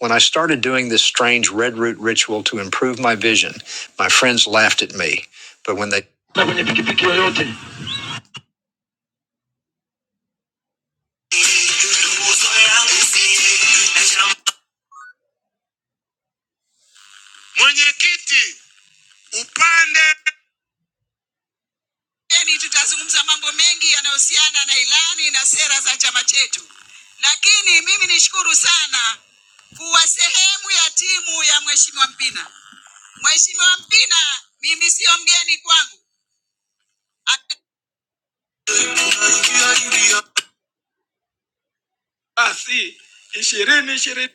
S7: When I started doing this strange red root ritual to improve my vision, my friends laughed at me. But when they Yaani tutazungumza mambo mengi yanayohusiana na ilani na sera za chama chetu, lakini mimi nishukuru sana kuwa sehemu ya timu ya Mheshimiwa Mpina. Mheshimiwa Mpina, mimi sio mgeni kwangu. Ak- Basi ishirini ishirini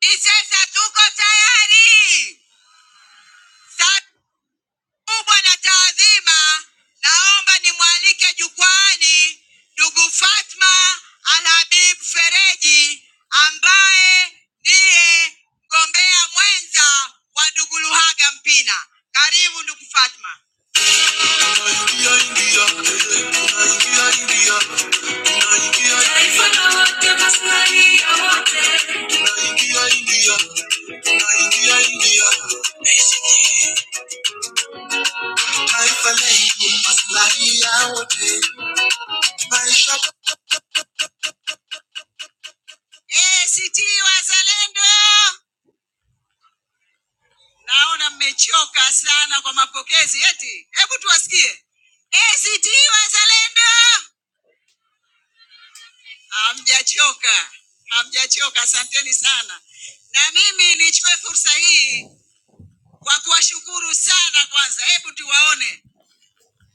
S7: Isesa, tuko tayari. Saa kubwa na taadhima, naomba nimwalike jukwaani ndugu Fatma Alhabib Fereji ambaye ndiye mgombea mwenza wa ndugu Luhaga Mpina. Karibu ndugu Fatma. Taifa lenye maslahi ya wote. ACT Wazalendo, naona mmechoka sana kwa mapokezi eti. Hebu tuwasikie ACT Wazalendo. Hamjachoka, hamjachoka. Asanteni sana, na mimi nichukue fursa hii kwa kuwashukuru sana. Kwanza hebu tuwaone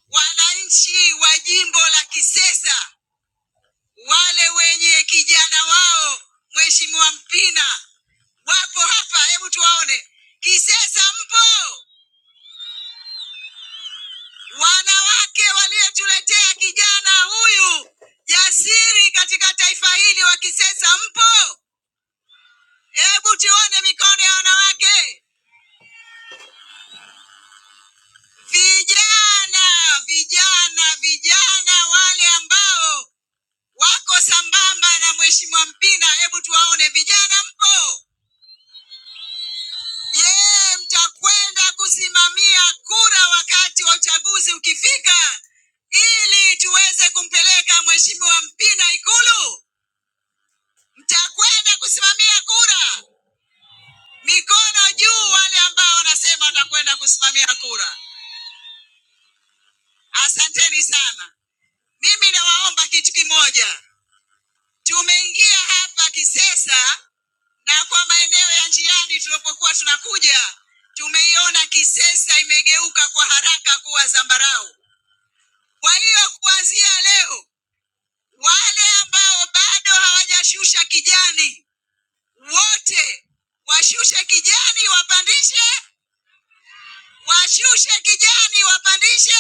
S7: wananchi wa jimbo la Kisesa, wale wenye kijana wao Mheshimiwa Mpina wapo hapa, hebu tuwaone. Kisesa mpo? Wanawake waliotuletea kijana huyu jasiri katika taifa hili wa Kisesa mpo? Hebu tuone mikono ya wanawake. Vijana, vijana, vijana wale ambao wako sambamba na Mheshimiwa Mpina, hebu tuwaone. Vijana mpo? Je, mtakwenda kusimamia kura wakati wa uchaguzi ukifika ili tuweze kumpeleka Mheshimiwa Mpina Ikulu? Mtakwenda kusimamia kura? Mikono juu wale ambao wanasema watakwenda kusimamia kura. Asanteni sana. Mimi nawaomba kitu kimoja. Tumeingia hapa Kisesa na kwa maeneo ya njiani tulipokuwa tunakuja, tumeiona Kisesa imegeuka kwa haraka kuwa zambarau. Kwa hiyo kuanzia leo, wale ambao bado hawajashusha kijani, wote washushe kijani, wapandishe, washushe kijani, wapandishe,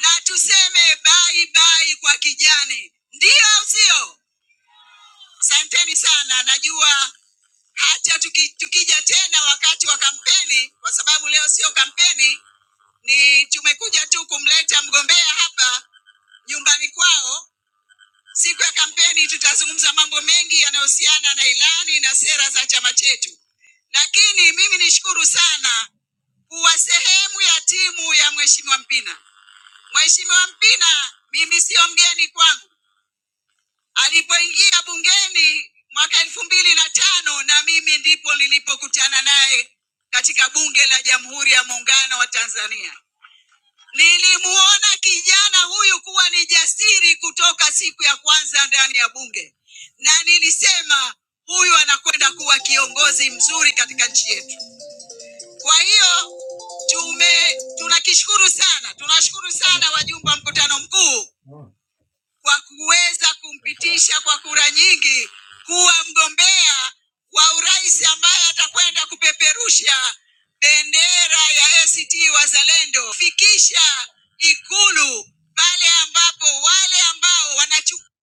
S7: na tuseme bye bye kwa kijani. Ndio au sio? Asanteni sana. Najua hata tuki, tukija tena wakati wa kampeni, kwa sababu leo sio kampeni, ni tumekuja tu kumleta mgombea hapa nyumbani kwao Siku ya kampeni tutazungumza mambo mengi yanayohusiana na ilani na sera za chama chetu, lakini mimi nishukuru sana kuwa sehemu ya timu ya Mheshimiwa Mpina. Mheshimiwa Mpina mimi siyo mgeni kwangu, alipoingia bungeni mwaka elfu mbili na tano na mimi ndipo nilipokutana naye katika Bunge la Jamhuri ya Muungano wa Tanzania. Nilimuona kijana huyu kuwa ni jasiri kutoka siku ya kwanza ndani ya Bunge, na nilisema huyu anakwenda kuwa kiongozi mzuri katika nchi yetu. Kwa hiyo tume tunakishukuru sana, tunashukuru sana wajumbe wa mkutano mkuu kwa kuweza kumpitisha kwa kura nyingi kuwa mgombea wa urais ambaye atakwenda kupeperusha bendera ya ACT Wazalendo, fikisha Ikulu pale ambapo wale ambao wanachupendi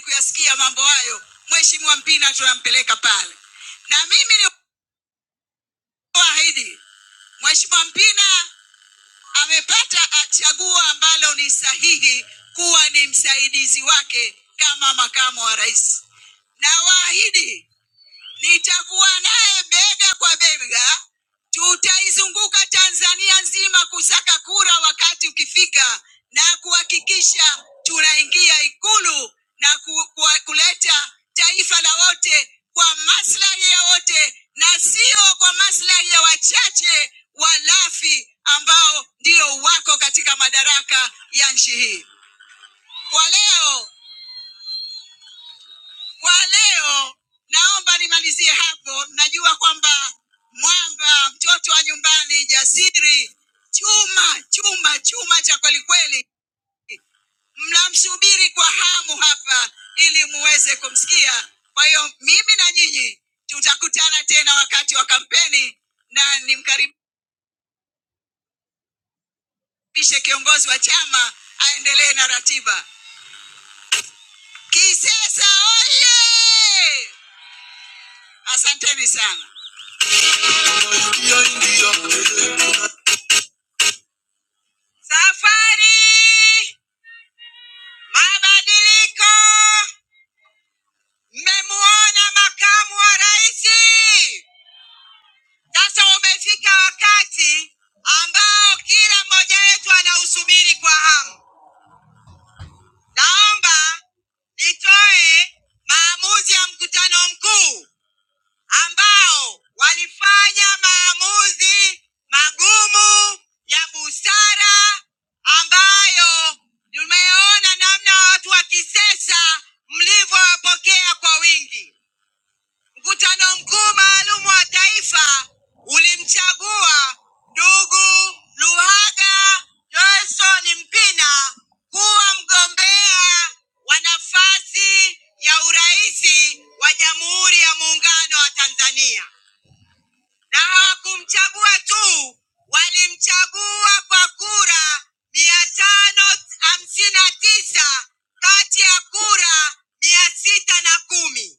S7: kuyasikia mambo hayo, Mheshimiwa Mpina tunampeleka pale, na mimi ni waahidi Mheshimiwa Mpina amepata chaguo ambalo ni sahihi kuwa ni msaidizi wake kama makamu wa rais. Nawaahidi Nitakuwa naye bega kwa bega, tutaizunguka Tanzania nzima kusaka kura wakati ukifika, na kuhakikisha tunaingia Ikulu na ku, ku, kuleta taifa la wote kwa maslahi ya wote na sio kwa maslahi ya wachache walafi ambao ndio wako katika madaraka ya nchi hii. Kwa leo kwa leo naomba nimalizie hapo. Najua kwamba mwamba, mtoto wa nyumbani, jasiri, chuma chuma chuma cha kweli kweli, mnamsubiri kwa hamu hapa ili muweze kumsikia. Kwa hiyo mimi na nyinyi tutakutana tena wakati wa kampeni, na nimkaribishe kiongozi wa chama aendelee na ratiba. Kisesa oye! Asanteni sana. Safari mabadiliko, mmemuona makamu wa rais. Sasa umefika wakati ambao kila mmoja wetu anausubiri kwa hamu. Naomba nitoe maamuzi ya mkutano mkuu ambao walifanya maamuzi magumu ya busara ambayo tumeona namna watu wa Kisesa mlivyowapokea kwa wingi. Mkutano mkuu maalum wa taifa ulimchagua ndugu Luhaga Johnson Mpina kuwa mgombea wa nafasi ya uraisi wa Jamhuri ya Muungano wa Tanzania na hawakumchagua tu, walimchagua kwa kura mia tano hamsini na tisa kati ya kura mia sita na kumi.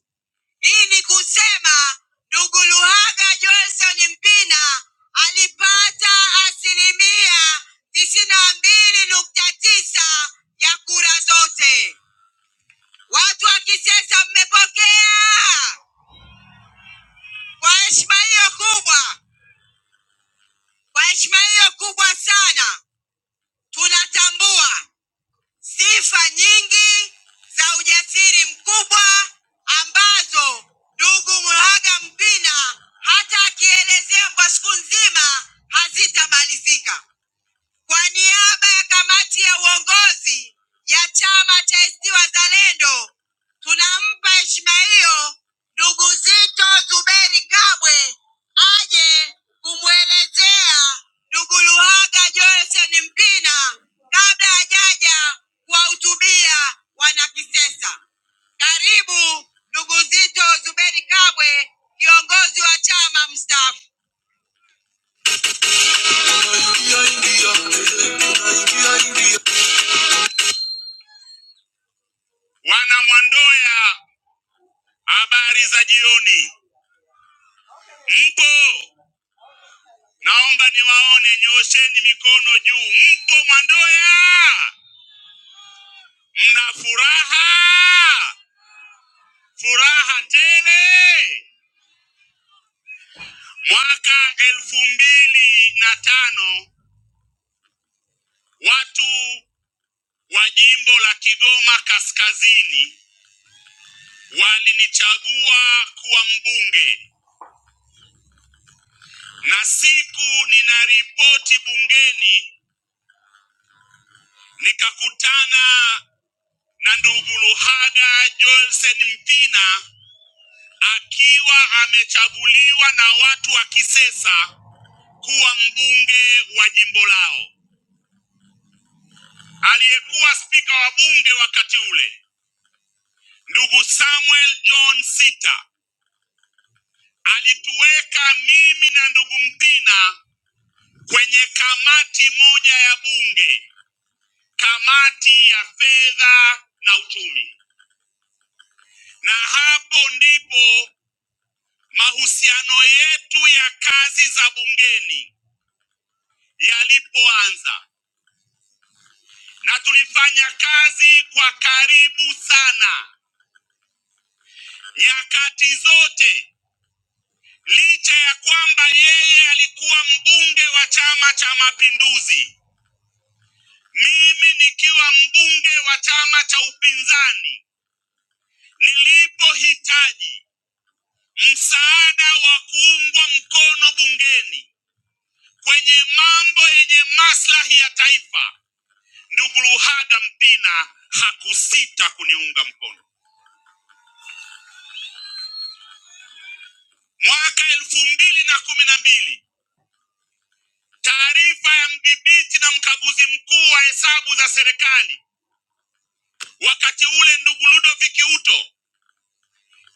S7: Hii ni kusema ndugu Luhaga Johnson Mpina alipata asilimia tisini na mbili nukta tisa ya kura zote. Watu wa Kisesa mmepokea kwa heshima hiyo kubwa, kwa heshima hiyo kubwa sana Tunatambua sifa nyingi za ujasiri mkubwa ambazo ndugu Mhagwa Mpina hata akielezea kwa siku nzima hazitamalizika. Kwa niaba ya kamati ya uongozi ya chama cha ACT Wazalendo, tunampa heshima hiyo ndugu Zito Zuberi Kabwe aje kumwelezea ndugu Luhaga Joelson Mpina kabla hajaja kuwahutubia wanakisesa. Karibu ndugu Zito Zuberi Kabwe, kiongozi wa chama mstaafu. Wana Mwandoya, habari za jioni. Mpo? Naomba niwaone, nyosheni mikono juu. Mpo Mwandoya? Mna furaha, furaha tele. Mwaka elfu mbili na tano watu wa jimbo la Kigoma Kaskazini walinichagua kuwa mbunge, na siku ninaripoti bungeni nikakutana na ndugu Luhaga Joelsen Mpina akiwa amechaguliwa na watu wa Kisesa kuwa mbunge wa jimbo lao. Aliyekuwa spika wa bunge wakati ule ndugu Samuel John Sita alituweka mimi na ndugu Mpina kwenye kamati moja ya bunge, kamati ya fedha na uchumi, na hapo ndipo mahusiano yetu ya kazi za bungeni yalipoanza. na tulifanya kazi kwa karibu sana nyakati zote, licha ya kwamba yeye alikuwa mbunge wa Chama cha Mapinduzi, mimi nikiwa mbunge wa chama cha upinzani. Nilipohitaji msaada wa kuungwa mkono bungeni kwenye mambo yenye maslahi ya taifa, ndugu Luhaga Mpina hakusita kuniunga mkono. Mwaka elfu mbili na kumi na mbili Taarifa ya mdhibiti na mkaguzi mkuu wa hesabu za serikali wakati ule, ndugu Ludovick Uto,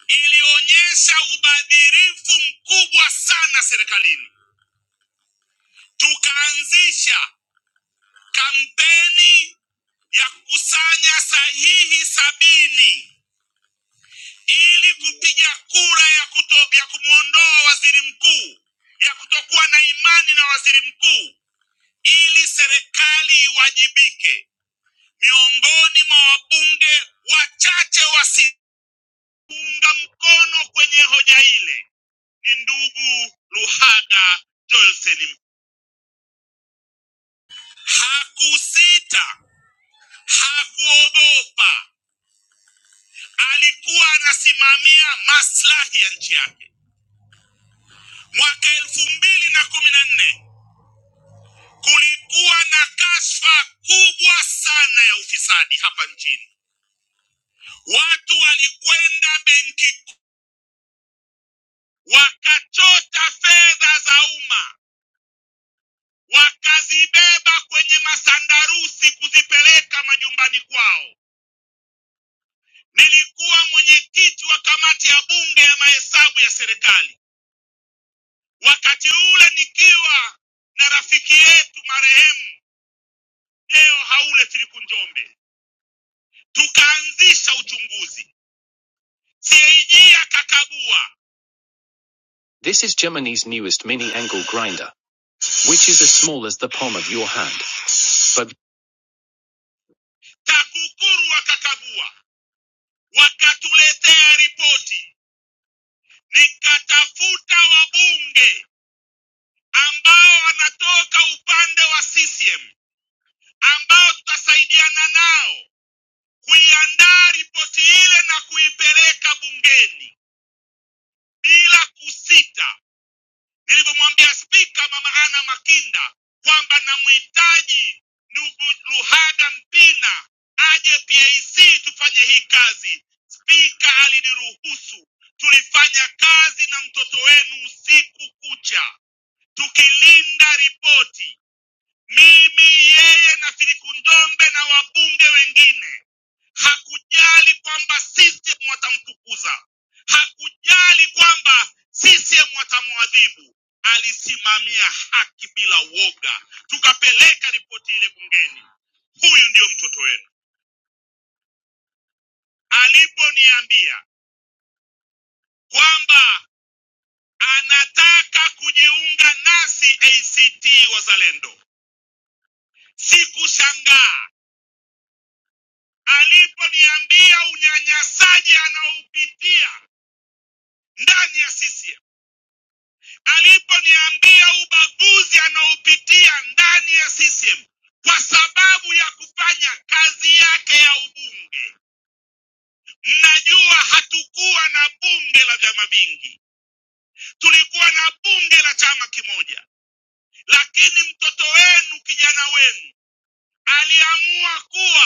S7: ilionyesha ubadhirifu mkubwa sana serikalini. Tukaanzisha kampeni ya kukusanya sahihi sabini ili kupiga kura ya, kuto, ya kumwondoa waziri mkuu, ya kutokuwa na imani na waziri mkuu, ili serikali iwajibike. miongoni mwa wabunge wachache wasiunga mkono kwenye hoja ile ni ndugu Luhaga Johnson. Hakusita, hakuogopa, alikuwa anasimamia maslahi ya nchi yake. Mwaka elfu mbili na kumi na nne kulikuwa na kashfa kubwa sana ya ufisadi hapa nchini. Watu walikwenda benki kuu wakachota fedha za umma wakazibeba kwenye masandarusi kuzipeleka majumbani kwao. Nilikuwa mwenyekiti wa kamati ya bunge ya mahesabu ya serikali wakati ule, nikiwa na rafiki yetu marehemu Deo Haule Filipu Njombe, tukaanzisha uchunguzi. CAG akakagua This is Germany's newest mini angle grinder, which is as small as the palm of your hand, but TAKUKURU wakakagua, wakatuletea ripoti. nikatafuta wabunge ambao wanatoka upande wa CCM ambao tutasaidiana nao kuiandaa ripoti ile na kuipeleka bungeni bila kusita. Nilivyomwambia Spika Mama Ana Makinda kwamba namhitaji ndugu Luhaga Mpina aje PAC tufanye hii kazi. Spika aliniruhusu, tulifanya kazi na mtoto wenu usiku kucha tukilinda ripoti, mimi yeye na Filikundombe na wabunge wengine, hakujali kwamba CCM watamfukuza, hakujali kwamba CCM watamwadhibu, alisimamia haki bila woga. Tukapeleka ripoti ile bungeni. Huyu ndio mtoto wenu. Aliponiambia kwamba anataka kujiunga nasi ACT Wazalendo, sikushangaa aliponiambia unyanyasaji anaopitia ndani ya CCM, aliponiambia ubaguzi anaopitia ndani ya CCM kwa sababu ya kufanya kazi yake ya ubunge. Mnajua hatukuwa na bunge la vyama vingi, tulikuwa na bunge la chama kimoja, lakini mtoto wenu, kijana wenu aliamua kuwa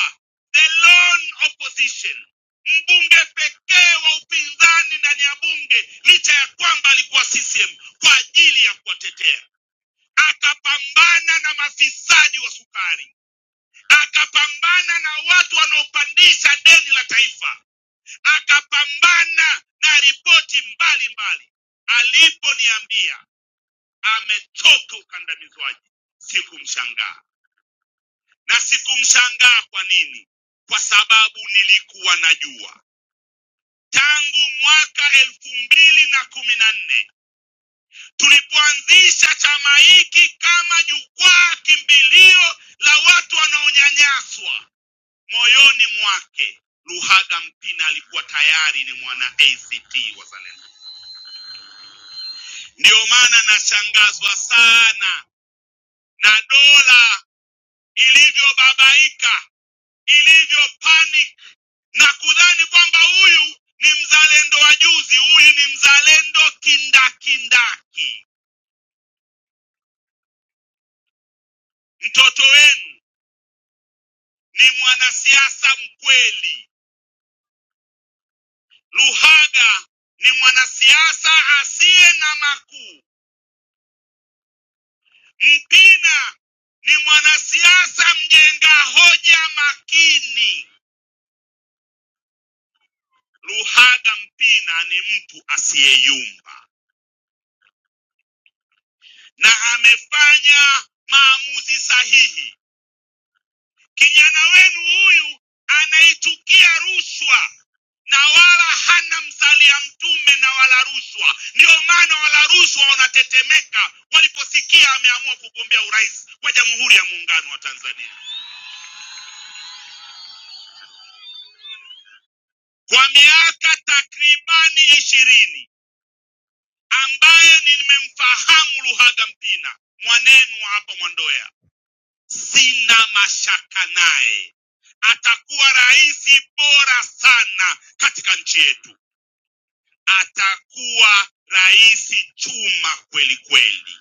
S7: the lone opposition, mbunge pekee wa upinzani ndani ya bunge, licha ya kwamba alikuwa CCM kwa ajili ya kuwatetea. Akapambana na mafisadi wa sukari, akapambana na watu wanaopandisha deni la taifa, akapambana na ripoti mbalimbali. Aliponiambia amechoka ukandamizwaji, sikumshangaa na sikumshangaa kwa nini, kwa sababu nilikuwa najua tangu mwaka elfu mbili na kumi na nne tulipoanzisha chama hiki kama jukwaa kimbilio la watu wanaonyanyaswa. Moyoni mwake Luhaga Mpina alikuwa tayari ni mwana ACT Wazalendo. Ndiyo maana nashangazwa sana na dola ilivyobabaika, ilivyopanic na kudhani kwamba huyu ni mzalendo wa juzi, huyu ni mzalendo kindakindaki. Mtoto wenu ni mwanasiasa mkweli. Luhaga ni mwanasiasa asiye na makuu. Mpina ni mwanasiasa mjenga hoja makini. Luhaga Mpina ni mtu asiyeyumba na amefanya maamuzi sahihi Kijana wenu huyu anaitukia rushwa na wala hana mzalia mtume na wala rushwa. Ndiyo maana wala rushwa wanatetemeka waliposikia ameamua kugombea urais wa Jamhuri ya Muungano wa Tanzania kwa miaka takribani ishirini ambaye nimemfahamu Luhaga Mpina mwanenu wa hapa Mwandoya, sina mashaka naye atakuwa rais bora sana katika nchi yetu. atakuwa rais chuma kweli kweli,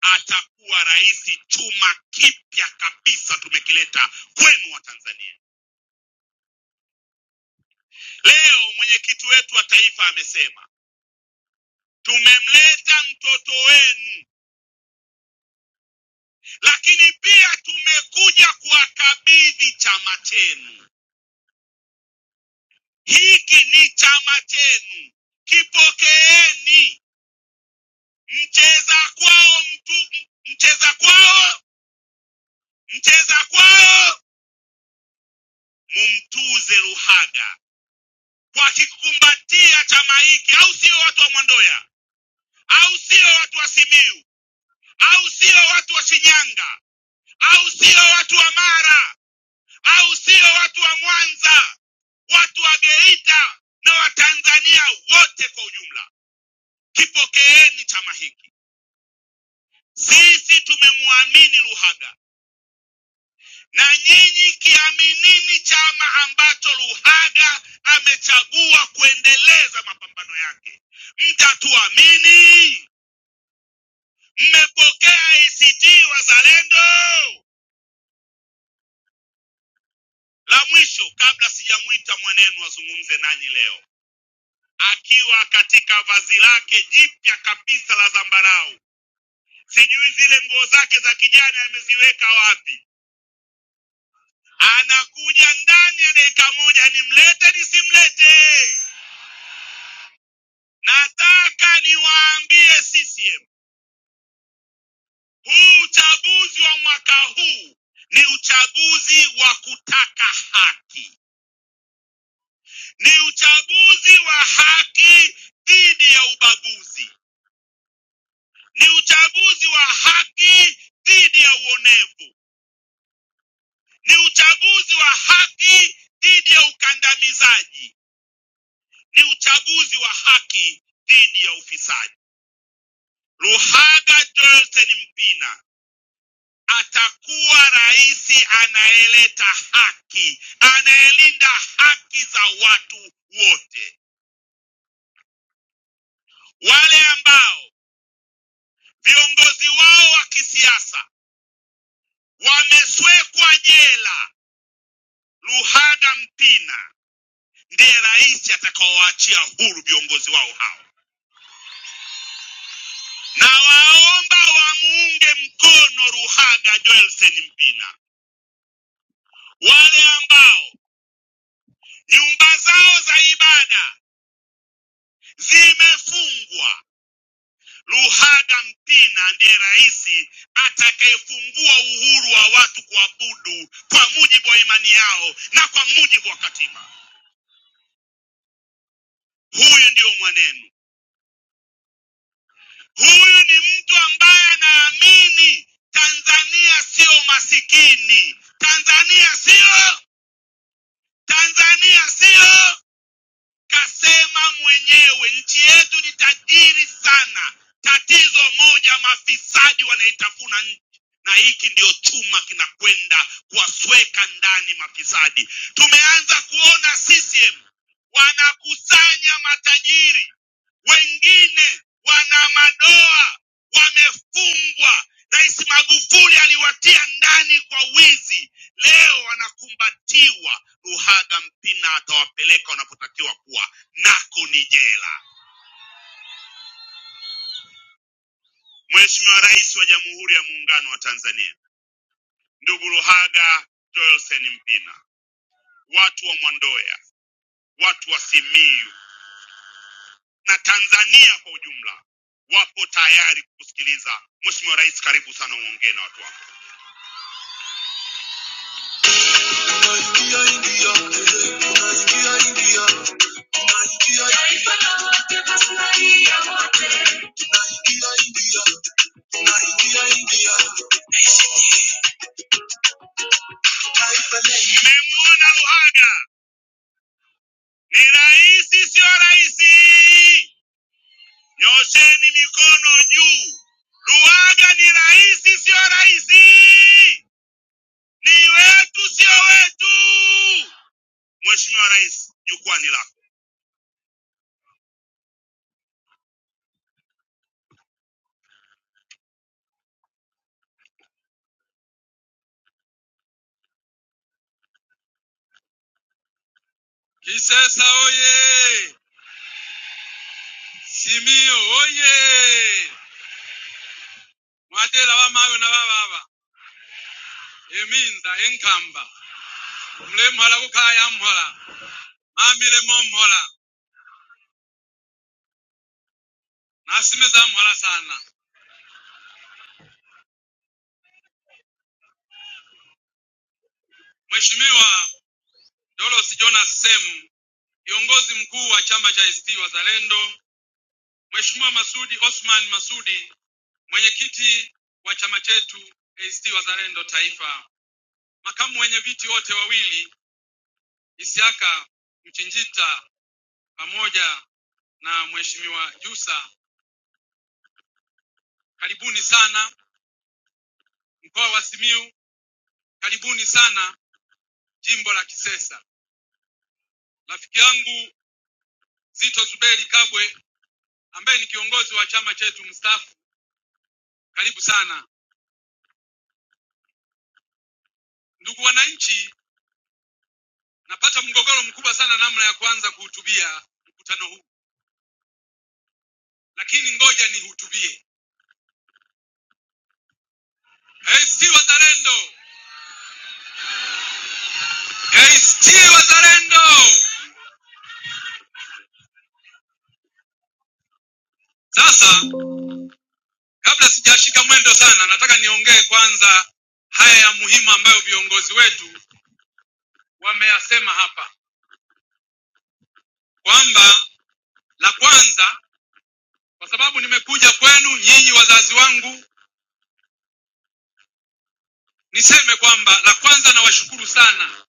S7: atakuwa rais chuma kipya kabisa, tumekileta kwenu wa Tanzania. Leo mwenyekiti wetu wa taifa amesema tumemleta mtoto wenu, lakini pia tumekuja kuwakabidhi chama chenu. Hiki ni chama chenu, kipokeeni. Mcheza kwao mtu, mcheza kwao, mcheza kwao mumtuze Ruhaga kwa kikumbatia chama hiki, au sio watu wa Mwandoya, au sio watu wa Simiu, au sio watu wa Shinyanga, au sio watu wa Mara, au sio watu wa Mwanza, watu wa Geita na Watanzania wote kwa ujumla, kipokeeni chama hiki. Sisi tumemwamini Ruhaga na nyinyi kiaminini chama ambacho Luhaga amechagua kuendeleza mapambano yake. Mtatuamini? Mmepokea ACT Wazalendo? La mwisho kabla sijamwita mwanenu azungumze nanyi leo, akiwa katika vazi lake jipya kabisa la zambarau, sijui zile nguo zake za kijani ameziweka wapi, anakuja ndani ya dakika moja, nimlete nisimlete? Nataka niwaambie CCM, huu uchaguzi wa mwaka huu ni uchaguzi wa kutaka haki, ni uchaguzi wa haki dhidi ya ubaguzi, ni uchaguzi wa haki dhidi ya uonevu, ni uchaguzi wa haki dhidi ya ukandamizaji, ni uchaguzi wa haki dhidi ya ufisadi. Luhaga Joelsen Mpina atakuwa rais anayeleta haki, anayelinda haki za watu wote. Wale ambao viongozi wao wa kisiasa wameswekwa jela, Luhaga Mpina ndiye rais atakaowaachia huru viongozi wao hao, na waomba wamuunge mkono Luhaga Joelsen Mpina. Wale ambao nyumba zao za ibada zimefungwa Luhaga Mpina ndiye rais atakayefungua uhuru wa watu kuabudu kwa mujibu wa imani yao na kwa mujibu wa katiba. Huyu ndiyo mwanenu. Huyu ni mtu ambaye anaamini Tanzania siyo masikini, Tanzania siyo, Tanzania siyo kasema mwenyewe nchi yetu ni tajiri sana. Tatizo moja, mafisadi wanaitafuna nchi, na hiki ndio chuma kinakwenda kuwasweka ndani mafisadi. Tumeanza kuona CCM wanakusanya matajiri wengine wana madoa, wamefungwa. Rais Magufuli aliwatia ndani kwa wizi, leo wanakumbatiwa. Luhaga Mpina atawapeleka wanapotakiwa kuwa, nako ni jela. Mheshimiwa Rais wa Jamhuri ya Muungano wa Tanzania, ndugu Luhaga Joelsen Mpina, watu wa Mwandoya, watu wa Simiyu na Tanzania kwa ujumla wapo tayari kukusikiliza. Mheshimiwa Rais, karibu sana uongee na watu wako. tunaingia India, tunaingia India, taifa lenye nimemwona Uhaga ni rais, sio rais. Nyosheni mikono juu. Luhaga ni rais, sio rais. Ni wetu, sio wetu. Mheshimiwa Rais, jukwani lako. Kisesa oye! Simio oye! Mwadela wa mawe na wababa eminza enkamba mlemhala kukhaya mhala mamilemo mhola nasimeza mhola sana mheshimiwa dolos jonas sem kiongozi mkuu wa chama cha ACT wazalendo mheshimiwa masudi osman masudi mwenyekiti wa chama chetu ACT wazalendo taifa makamu wenye viti wote wawili isiaka mchinjita pamoja na mheshimiwa jusa karibuni sana mkoa wa simiu karibuni sana jimbo la kisesa rafiki yangu Zito Zuberi Kabwe ambaye ni kiongozi wa chama chetu mstaafu. Karibu sana ndugu wananchi, napata mgogoro mkubwa sana namna ya kuanza kuhutubia mkutano huu, lakini ngoja nihutubie. ACT Wazalendo! ACT Wazalendo! Sasa kabla sijashika mwendo sana, nataka niongee kwanza haya ya muhimu ambayo viongozi wetu wameyasema hapa, kwamba la kwanza, kwa sababu nimekuja kwenu nyinyi wazazi wangu Niseme kwamba la kwanza, nawashukuru sana,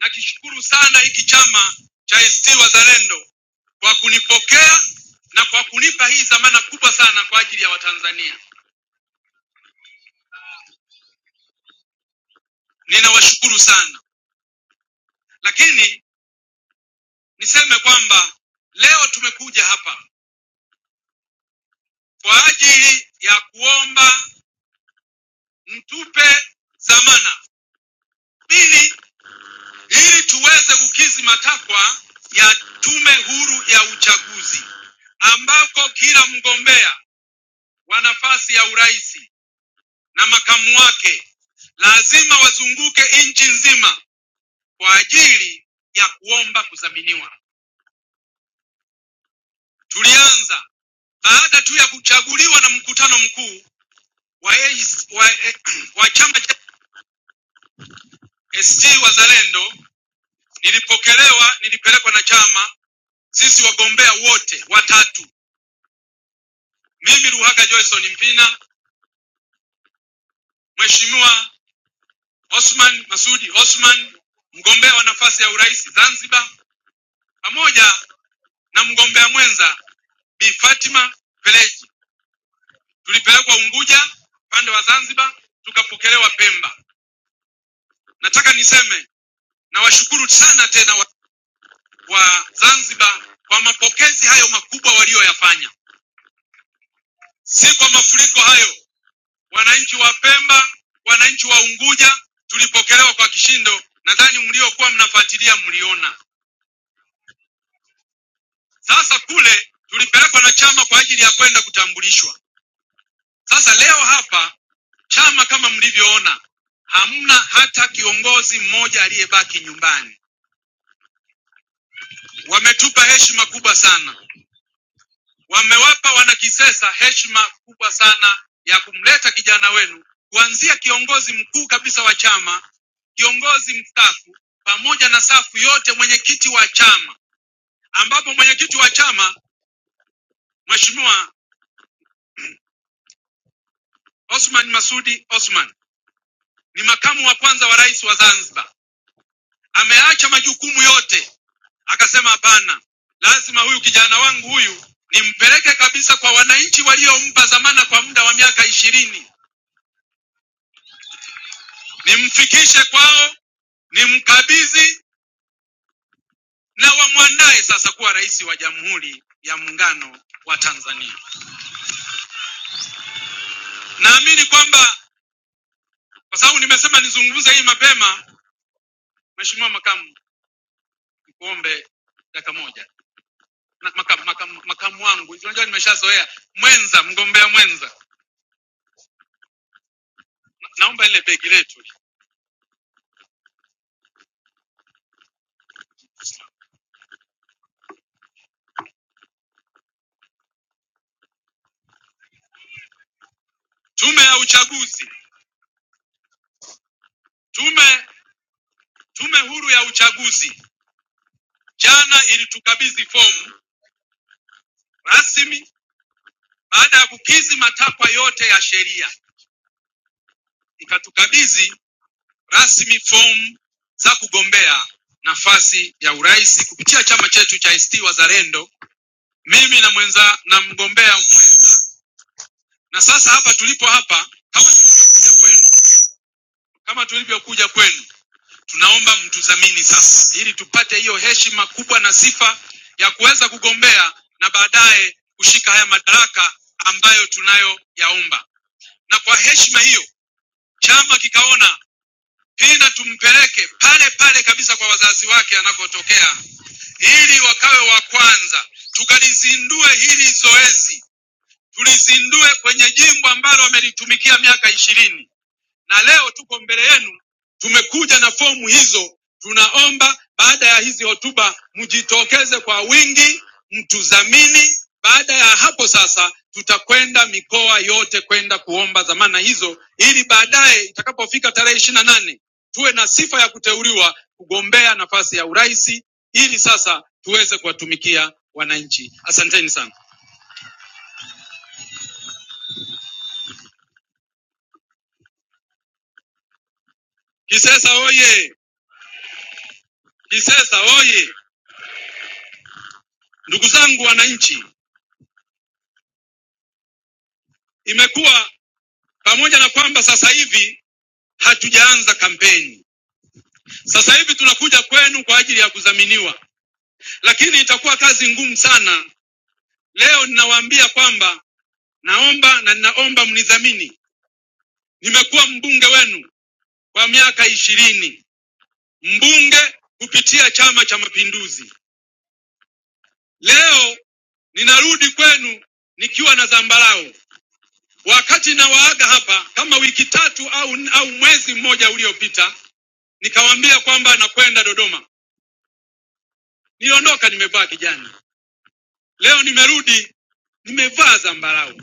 S7: nakishukuru sana hiki chama cha ACT Wazalendo kwa kunipokea na kwa kunipa hii dhamana kubwa sana kwa ajili ya Watanzania. Ninawashukuru sana, lakini niseme kwamba leo tumekuja hapa kwa ajili ya kuomba mtupe dhamana pili, ili tuweze kukizi matakwa ya Tume Huru ya Uchaguzi ambako kila mgombea wa nafasi ya urais na makamu wake lazima wazunguke nchi nzima kwa ajili ya kuomba kudhaminiwa. Tulianza baada tu ya kuchaguliwa na mkutano mkuu wa, AIC wa, eh, wa chama cha ACT Wazalendo, nilipokelewa, nilipelekwa na chama, sisi wagombea wote watatu, mimi Luhaga Joyson Mpina, Mheshimiwa Osman Masudi Osman, mgombea wa nafasi ya urais Zanzibar, pamoja na mgombea mwenza Bi Fatima Peleji. Tulipelekwa Unguja upande wa Zanzibar, tukapokelewa Pemba. Nataka niseme nawashukuru sana tena wa, wa Zanzibar kwa mapokezi hayo makubwa walioyafanya, si kwa mafuriko hayo. Wananchi wa Pemba, wananchi wa Unguja tulipokelewa kwa kishindo, nadhani mliokuwa mnafuatilia mliona. Sasa kule tulipelekwa na chama kwa ajili ya kwenda kutambulishwa Sasa leo hapa chama kama mlivyoona, hamna hata kiongozi mmoja aliyebaki nyumbani. Wametupa heshima kubwa sana, wamewapa wanakisesa heshima kubwa sana ya kumleta kijana wenu, kuanzia kiongozi mkuu kabisa wa chama, kiongozi mstaafu, pamoja na safu yote, mwenyekiti wa chama, ambapo mwenyekiti wa chama Mheshimiwa Osman Masudi Osman ni makamu wa kwanza wa rais wa Zanzibar, ameacha majukumu yote Akasema hapana, lazima huyu kijana wangu huyu nimpeleke kabisa kwa wananchi waliompa dhamana kwa muda wa miaka ishirini, nimfikishe kwao, nimkabidhi na wamwandae sasa kuwa rais wa Jamhuri ya Muungano wa Tanzania. Naamini kwamba kwa sababu nimesema nizungumze hii mapema, Mheshimiwa Makamu, nikuombe dakika moja na, makamu, makamu, makamu wangu, unajua nimeshazoea mwenza, mgombea mwenza, Na- naomba ile begi letu, tume ya uchaguzi, tume Tume Huru ya Uchaguzi jana ilitukabidhi fomu rasmi baada ya kukidhi matakwa yote ya sheria, ikatukabidhi rasmi fomu za kugombea nafasi ya urais kupitia chama chetu cha ACT Wazalendo, mimi na mwenza na mgombea mwenza. Na sasa hapa tulipo hapa, kama tulivyokuja kwenu, kama tulivyokuja kwenu, Tunaomba mtudhamini sasa, ili tupate hiyo heshima kubwa na sifa ya kuweza kugombea na baadaye kushika haya madaraka ambayo tunayoyaomba. Na kwa heshima hiyo, chama kikaona Pinda tumpeleke pale pale kabisa kwa wazazi wake anakotokea, ili wakawe wa kwanza. Tukalizindue hili zoezi, tulizindue kwenye jimbo ambalo wamelitumikia miaka ishirini na leo tuko mbele yenu, tumekuja na fomu hizo. Tunaomba baada ya hizi hotuba mjitokeze kwa wingi, mtudhamini. Baada ya hapo sasa, tutakwenda mikoa yote kwenda kuomba dhamana hizo, ili baadaye itakapofika tarehe ishirini na nane tuwe na sifa ya kuteuliwa kugombea nafasi ya urais, ili sasa tuweze kuwatumikia wananchi. Asanteni sana. Kisesa oye! Kisesa oye! Ndugu zangu wananchi, imekuwa pamoja na kwamba sasa hivi hatujaanza kampeni, sasa hivi tunakuja kwenu kwa ajili ya kudhaminiwa, lakini itakuwa kazi ngumu sana. Leo ninawaambia kwamba naomba na ninaomba mnidhamini. Nimekuwa mbunge wenu kwa miaka ishirini, mbunge kupitia Chama cha Mapinduzi. Leo ninarudi kwenu nikiwa na zambarau. Wakati nawaaga hapa kama wiki tatu au, au mwezi mmoja uliopita, nikawaambia kwamba nakwenda Dodoma Niliondoka nimevaa kijani, leo nimerudi nimevaa zambarau.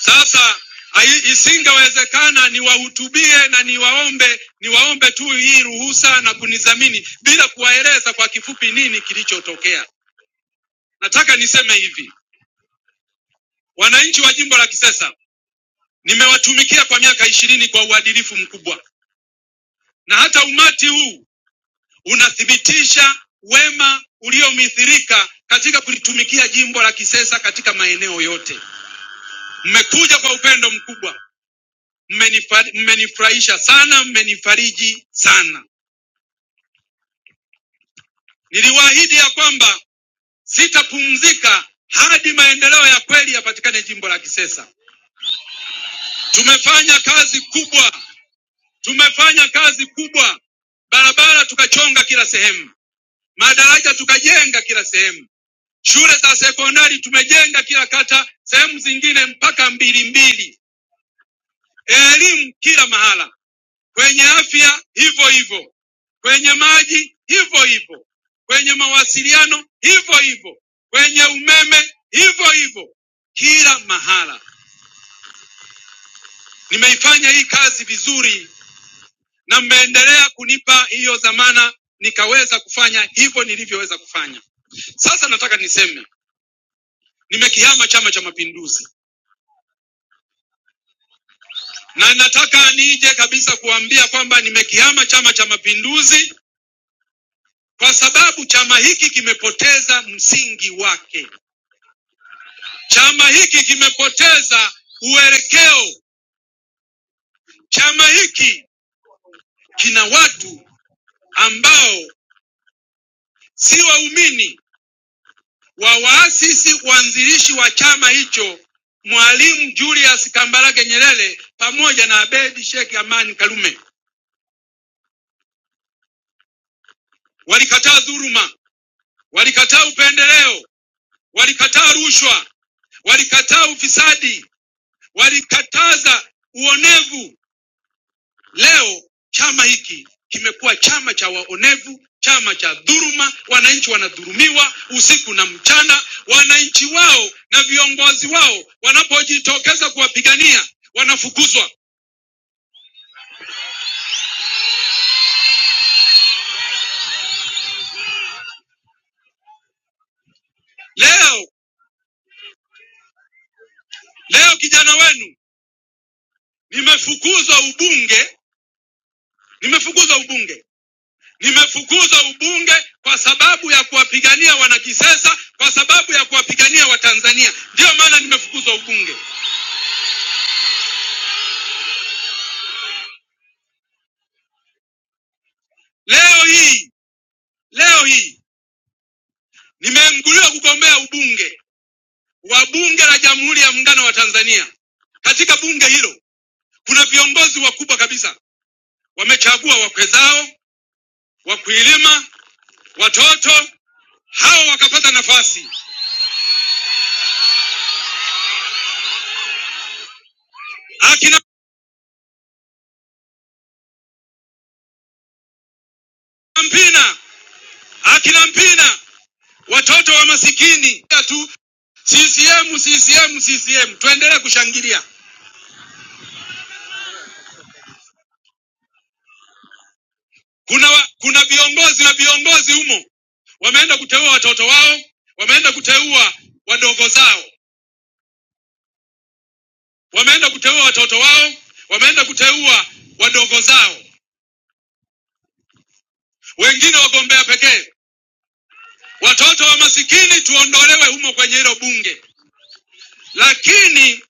S7: Sasa hai- isingewezekana niwahutubie na niwaombe niwaombe tu hii ruhusa na kunidhamini bila kuwaeleza kwa kifupi nini kilichotokea. Nataka niseme hivi, wananchi wa jimbo la Kisesa nimewatumikia kwa miaka ishirini kwa uadilifu mkubwa, na hata umati huu unathibitisha wema uliomithirika katika kulitumikia jimbo la Kisesa katika maeneo yote. Mmekuja kwa upendo mkubwa, mmenifa- mmenifurahisha sana, mmenifariji sana. Niliwaahidi ya kwamba sitapumzika hadi maendeleo ya kweli yapatikane jimbo la Kisesa. Tumefanya kazi kubwa, tumefanya kazi kubwa, barabara tukachonga kila sehemu, madaraja tukajenga kila sehemu, shule za sekondari tumejenga kila kata, sehemu zingine mpaka mbili mbili, elimu kila mahala. kwenye afya hivyo hivyo, kwenye maji hivyo hivyo, kwenye mawasiliano hivyo hivyo, kwenye umeme hivyo hivyo, kila mahala. Nimeifanya hii kazi vizuri na mmeendelea kunipa hiyo dhamana, nikaweza kufanya hivyo nilivyoweza kufanya. Sasa nataka niseme nimekihama Chama cha Mapinduzi, na nataka nije kabisa kuambia kwamba nimekihama Chama cha Mapinduzi kwa sababu chama hiki kimepoteza msingi wake. Chama hiki kimepoteza uelekeo. Chama hiki kina watu ambao si waumini wa waasisi waanzilishi wa chama hicho, Mwalimu Julius Kambarage Nyerere pamoja na Abedi Sheikh Amani Karume. Walikataa dhuluma, walikataa upendeleo, walikataa rushwa, walikataa ufisadi, walikataza uonevu, Leo chama hiki kimekuwa chama cha waonevu, chama cha dhuluma. Wananchi wanadhulumiwa usiku na mchana. Wananchi wao na viongozi wao wanapojitokeza kuwapigania wanafukuzwa. Leo leo kijana wenu nimefukuzwa ubunge, nimefukuzwa ubunge, nimefukuzwa ubunge kwa sababu ya kuwapigania wanakisesa, kwa sababu ya kuwapigania Watanzania. Ndiyo maana nimefukuzwa ubunge leo hii, leo hii Nimeenguliwa kugombea ubunge wa bunge la Jamhuri ya Muungano wa Tanzania. Katika bunge hilo kuna viongozi wakubwa kabisa, wamechagua wakwe zao, wakuilima, watoto hao wakapata nafasi, akina Mpina, akina Mpina, watoto wa masikini tu. CCM, CCM, CCM, tuendelee kushangilia. Kuna wa, kuna viongozi na viongozi humo wameenda kuteua watoto wao, wameenda kuteua wadogo zao. wameenda kuteua watoto wao, wameenda kuteua wadogo zao, wengine wagombea pekee. Watoto wa masikini tuondolewe humo kwenye hilo bunge, lakini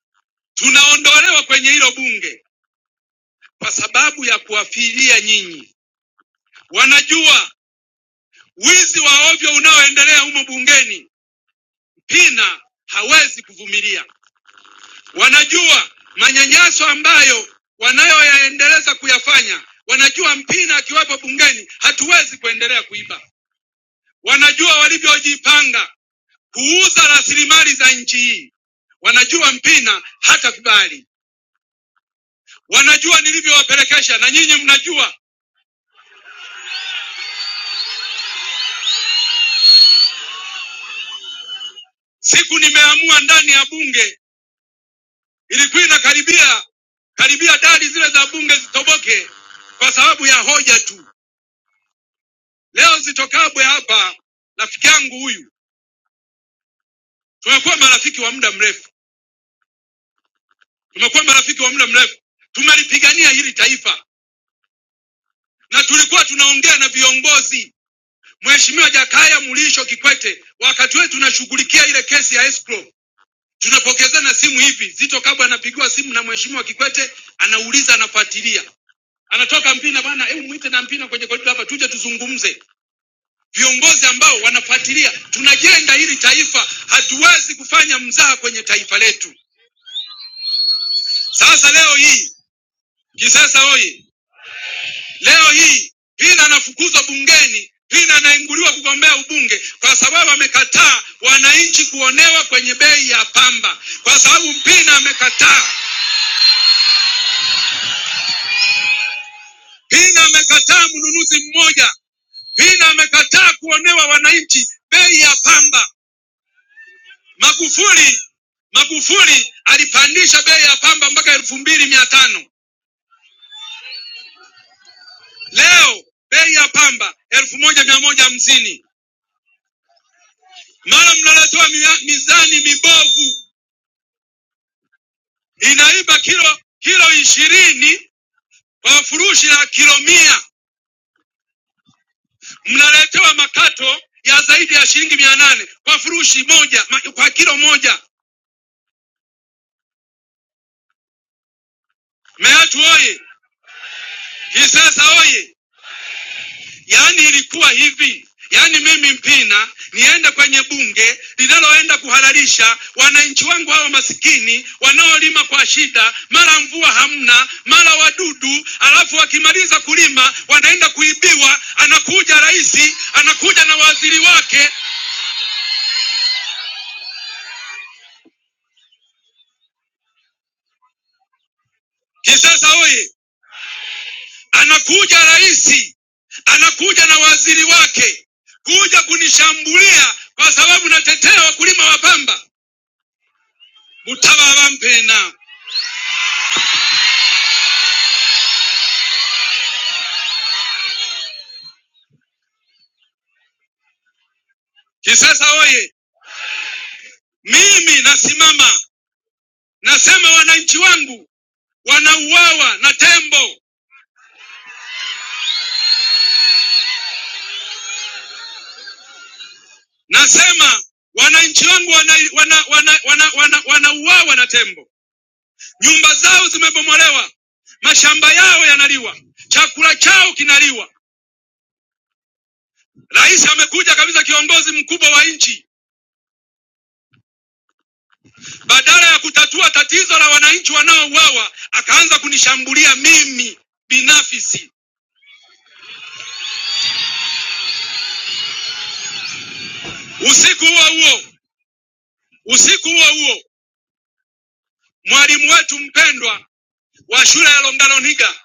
S7: tunaondolewa kwenye hilo bunge kwa sababu ya kuwafilia nyinyi. Wanajua wizi wa ovyo unaoendelea humo bungeni, Mpina hawezi kuvumilia. Wanajua manyanyaso ambayo wanayoyaendeleza kuyafanya, wanajua Mpina akiwepo bungeni hatuwezi kuendelea kuiba. wanajua walivyojipanga kuuza rasilimali za nchi hii, wanajua Mpina hata kubali, wanajua nilivyowapelekesha, na nyinyi mnajua. Siku nimeamua ndani ya bunge, ilikuwa inakaribia karibia dari zile za bunge zitoboke kwa sababu ya hoja tu. Leo zitokabwe hapa, rafiki yangu huyu, tumekuwa marafiki wa muda mrefu, tumekuwa marafiki wa muda mrefu, tumelipigania hili taifa na tulikuwa tunaongea na viongozi Mheshimiwa Jakaya Mrisho Kikwete, wakati wewe tunashughulikia ile kesi ya escrow, tunapokezana simu hivi. Zito Kabwe anapigiwa simu na Mheshimiwa Kikwete, anauliza, anafuatilia, anatoka Mpina bana, hebu mwite na Mpina kwenye korido hapa, tuje tuzungumze. Viongozi ambao wanafuatilia, tunajenga hili taifa, hatuwezi kufanya mzaha kwenye taifa letu. Sasa leo hii Kisesa oye! Leo hii Vina anafukuzwa bungeni, Vina anainguliwa kugombea ubunge kwa sababu amekataa wananchi kuonewa kwenye bei ya pamba, kwa sababu Mpina amekataa. Mpina amekataa mnunuzi mmoja, Mpina amekataa kuonewa wananchi bei ya pamba. Magufuli Magufuli alipandisha bei ya pamba mpaka elfu mbili mia tano. Leo bei ya pamba elfu moja mia moja hamsini. Mara mnaletewa mia- mizani mibovu inaiba kilo kilo ishirini kwa furushi la kilo mia mnaletewa makato ya zaidi ya shilingi mia nane kwa furushi moja ma, kwa kilo moja. Meatu oye! Kisesa oye! Yaani ilikuwa hivi, yaani mimi Mpina niende kwenye bunge linaloenda kuhalalisha wananchi wangu hao masikini wanaolima kwa shida, mara mvua hamna, mara wadudu, alafu wakimaliza kulima wanaenda kuibiwa. Anakuja rais, anakuja na waziri wake. Kisasa oye! Anakuja rais, anakuja na waziri wake kuja kunishambulia kwa sababu natetea wakulima wa pamba. Mutababa Mpina Kisesa oye! Mimi nasimama nasema, wananchi wangu wanauawa na tembo. Nasema wananchi wangu wanauawa wana, wana, wana, wana, wanauawa na tembo, nyumba zao zimebomolewa, mashamba yao yanaliwa, chakula chao kinaliwa. Rais amekuja kabisa, kiongozi mkubwa wa nchi, badala ya kutatua tatizo la wananchi wanaouawa, akaanza kunishambulia mimi binafsi. Usiku huo huo, usiku huo huo mwalimu wetu mpendwa wa shule ya Longaloniga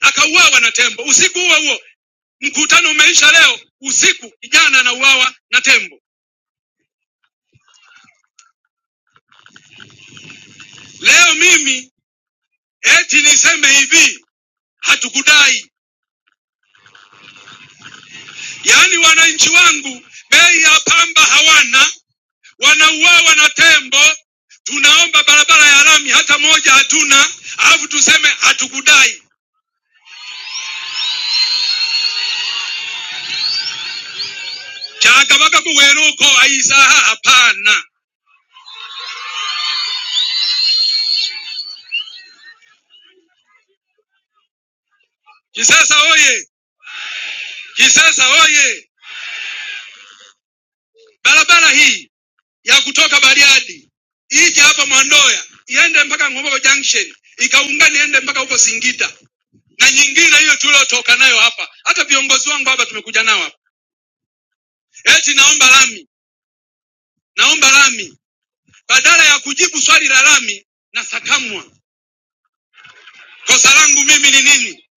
S7: akauawa na tembo usiku huo huo. Mkutano umeisha leo usiku, kijana anauawa na tembo. Leo mimi eti niseme hivi, hatukudai. Yaani wananchi wangu bei ya pamba hawana, wanauawa na tembo. Tunaomba barabara ya lami hata moja hatuna, alafu tuseme hatukudai. Chakabaka kuweruko aisaha hapana. Kisesa oye! Kisesa oye! Barabara hii ya kutoka Bariadi ije hapa Mwandoya iende mpaka Ng'ombe Junction ikaungana iende mpaka huko Singida na nyingine hiyo tuliotoka nayo hapa. Hata viongozi wangu hapa tumekuja nao hapa, eti naomba lami, naomba lami. Badala ya kujibu swali la lami, nasakamwa. Kosa langu mimi ni nini?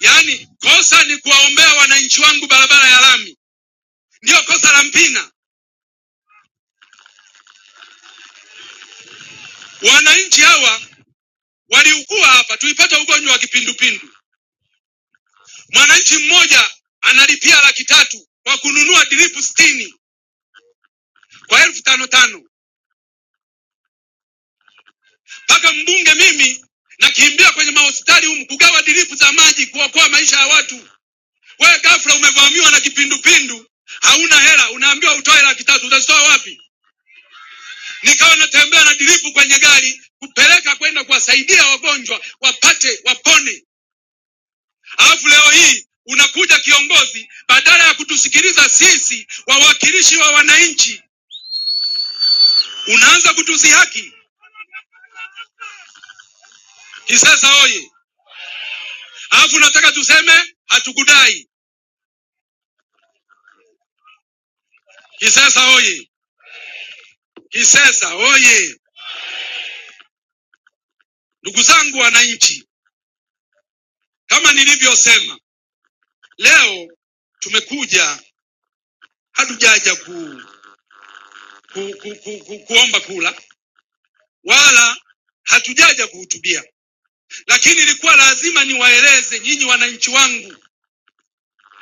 S7: Yaani kosa ni kuwaombea wananchi wangu barabara ya lami, ndiyo kosa la Mpina. Wananchi hawa waliugua hapa, tuipata ugonjwa wa kipindupindu Mwananchi mmoja analipia laki tatu kwa kununua dripu sitini kwa elfu tano tano mpaka mbunge mimi nakimbia kwenye mahospitali humu kugawa dripu za maji kuokoa maisha ya watu. Wewe ghafla umevamiwa na kipindupindu, hauna hela, unaambiwa utoe laki tatu. Utazitoa wapi? Nikawa natembea na dripu kwenye gari kupeleka kwenda kuwasaidia wagonjwa wapate wapone, alafu leo hii unakuja kiongozi, badala ya kutusikiliza sisi wawakilishi wa wananchi Unaanza kutusihaki Kisesa oye! Alafu nataka tuseme hatukudai Kisesa oye! Kisesa oye! Ndugu zangu wananchi, kama nilivyosema, leo tumekuja, hatujaja ku, ku, ku, ku, ku, kuomba kula wala hatujaja kuhutubia, lakini ilikuwa lazima niwaeleze nyinyi wananchi wangu,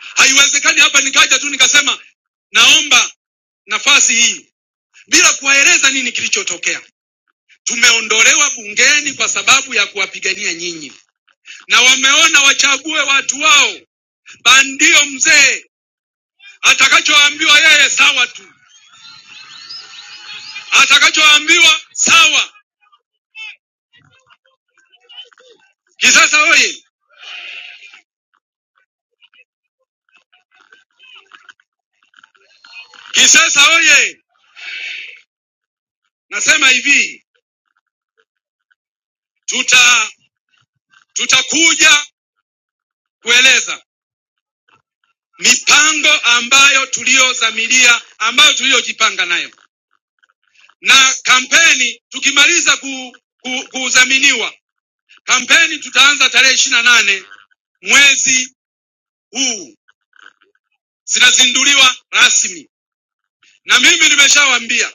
S7: haiwezekani hapa nikaja tu nikasema naomba nafasi hii bila kuwaeleza nini kilichotokea. Tumeondolewa bungeni kwa sababu ya kuwapigania nyinyi, na wameona wachague watu wao. Bandio mzee atakachoambiwa yeye sawa tu, atakachoambiwa sawa. Kisesa oye! Kisesa oye! Nasema hivi, tuta tutakuja kueleza mipango ambayo tuliyodhamiria, ambayo tuliyojipanga nayo, na kampeni tukimaliza ku, ku, kudhaminiwa kampeni tutaanza tarehe 28 nane mwezi huu zinazinduliwa rasmi, na mimi nimeshawaambia,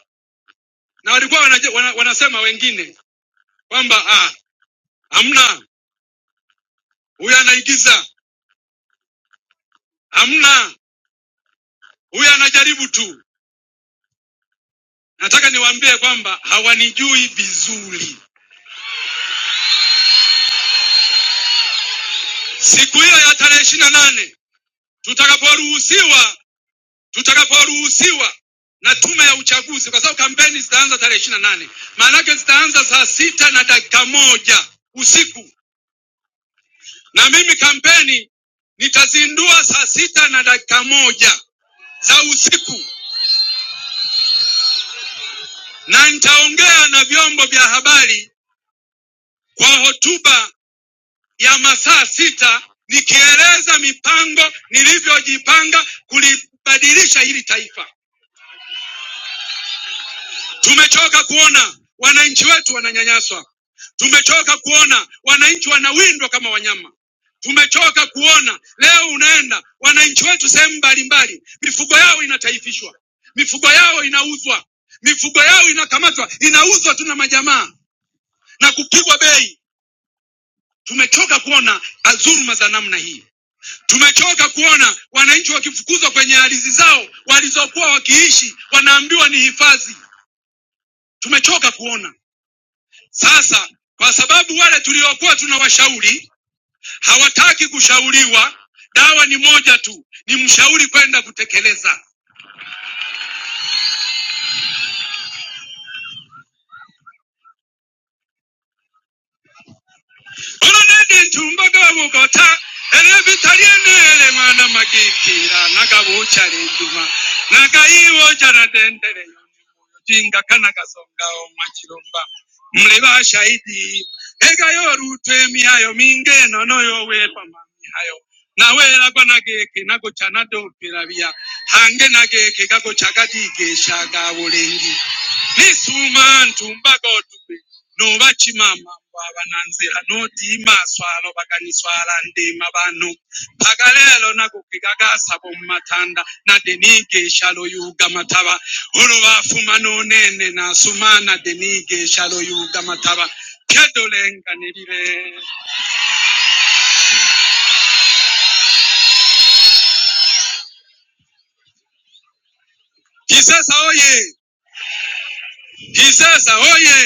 S7: na walikuwa wanaje, wana, wanasema wengine kwamba ah, hamna huyu anaigiza, hamna huyu anajaribu tu. Nataka niwaambie kwamba hawanijui vizuri. Siku hiyo ya tarehe ishirini na nane tutakaporuhusiwa, tutakaporuhusiwa na tume ya uchaguzi, kwa sababu kampeni zitaanza tarehe ishirini na nane maana yake zitaanza saa sita na dakika moja usiku. Na mimi kampeni nitazindua saa sita na dakika moja za usiku, na nitaongea na vyombo vya habari kwa hotuba ya masaa sita nikieleza mipango nilivyojipanga kulibadilisha hili taifa. Tumechoka kuona wananchi wetu wananyanyaswa. Tumechoka kuona wananchi wanawindwa kama wanyama. Tumechoka kuona leo unaenda wananchi wetu sehemu mbalimbali, mifugo yao inataifishwa, mifugo yao inauzwa, mifugo yao inakamatwa, inauzwa tu na majamaa na kupigwa bei. Tumechoka kuona dhuluma za namna hii. Tumechoka kuona wananchi wakifukuzwa kwenye ardhi zao walizokuwa wakiishi, wanaambiwa ni hifadhi. Tumechoka kuona Sasa kwa sababu wale tuliokuwa tunawashauri hawataki kushauriwa, dawa ni moja tu, ni mshauri kwenda kutekeleza. Olunedintumba gabugota, erebitaliye Nisuma ntumba gotu n'obakimama mbu abananzira n'odiima aswala obaganiswala ndiima bano mpaka leero nago ge gagasaba omu matanda nadde niiga eshalo yuuga mataba olwo baafuma n'oneene n'asuma nadde niiga eshalo yuuga mataba pyadolenganirire kisesa oye kisesa oye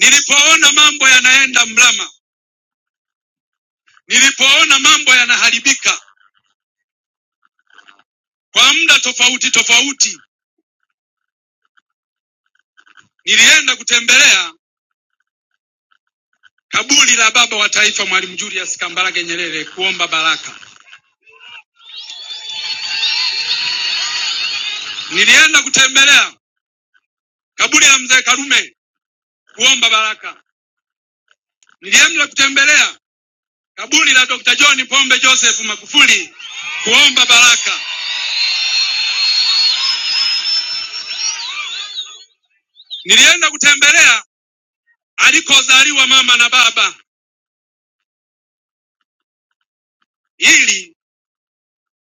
S7: nilipoona mambo yanaenda mrama nilipoona mambo yanaharibika kwa muda tofauti tofauti nilienda kutembelea kaburi la baba wa taifa Mwalimu Julius Kambarage Nyerere kuomba baraka. Nilienda kutembelea kaburi la mzee Karume kuomba baraka. Nilienda kutembelea kaburi la Dr. John Pombe Joseph Magufuli kuomba baraka. Nilienda kutembelea alikozaliwa mama na baba, ili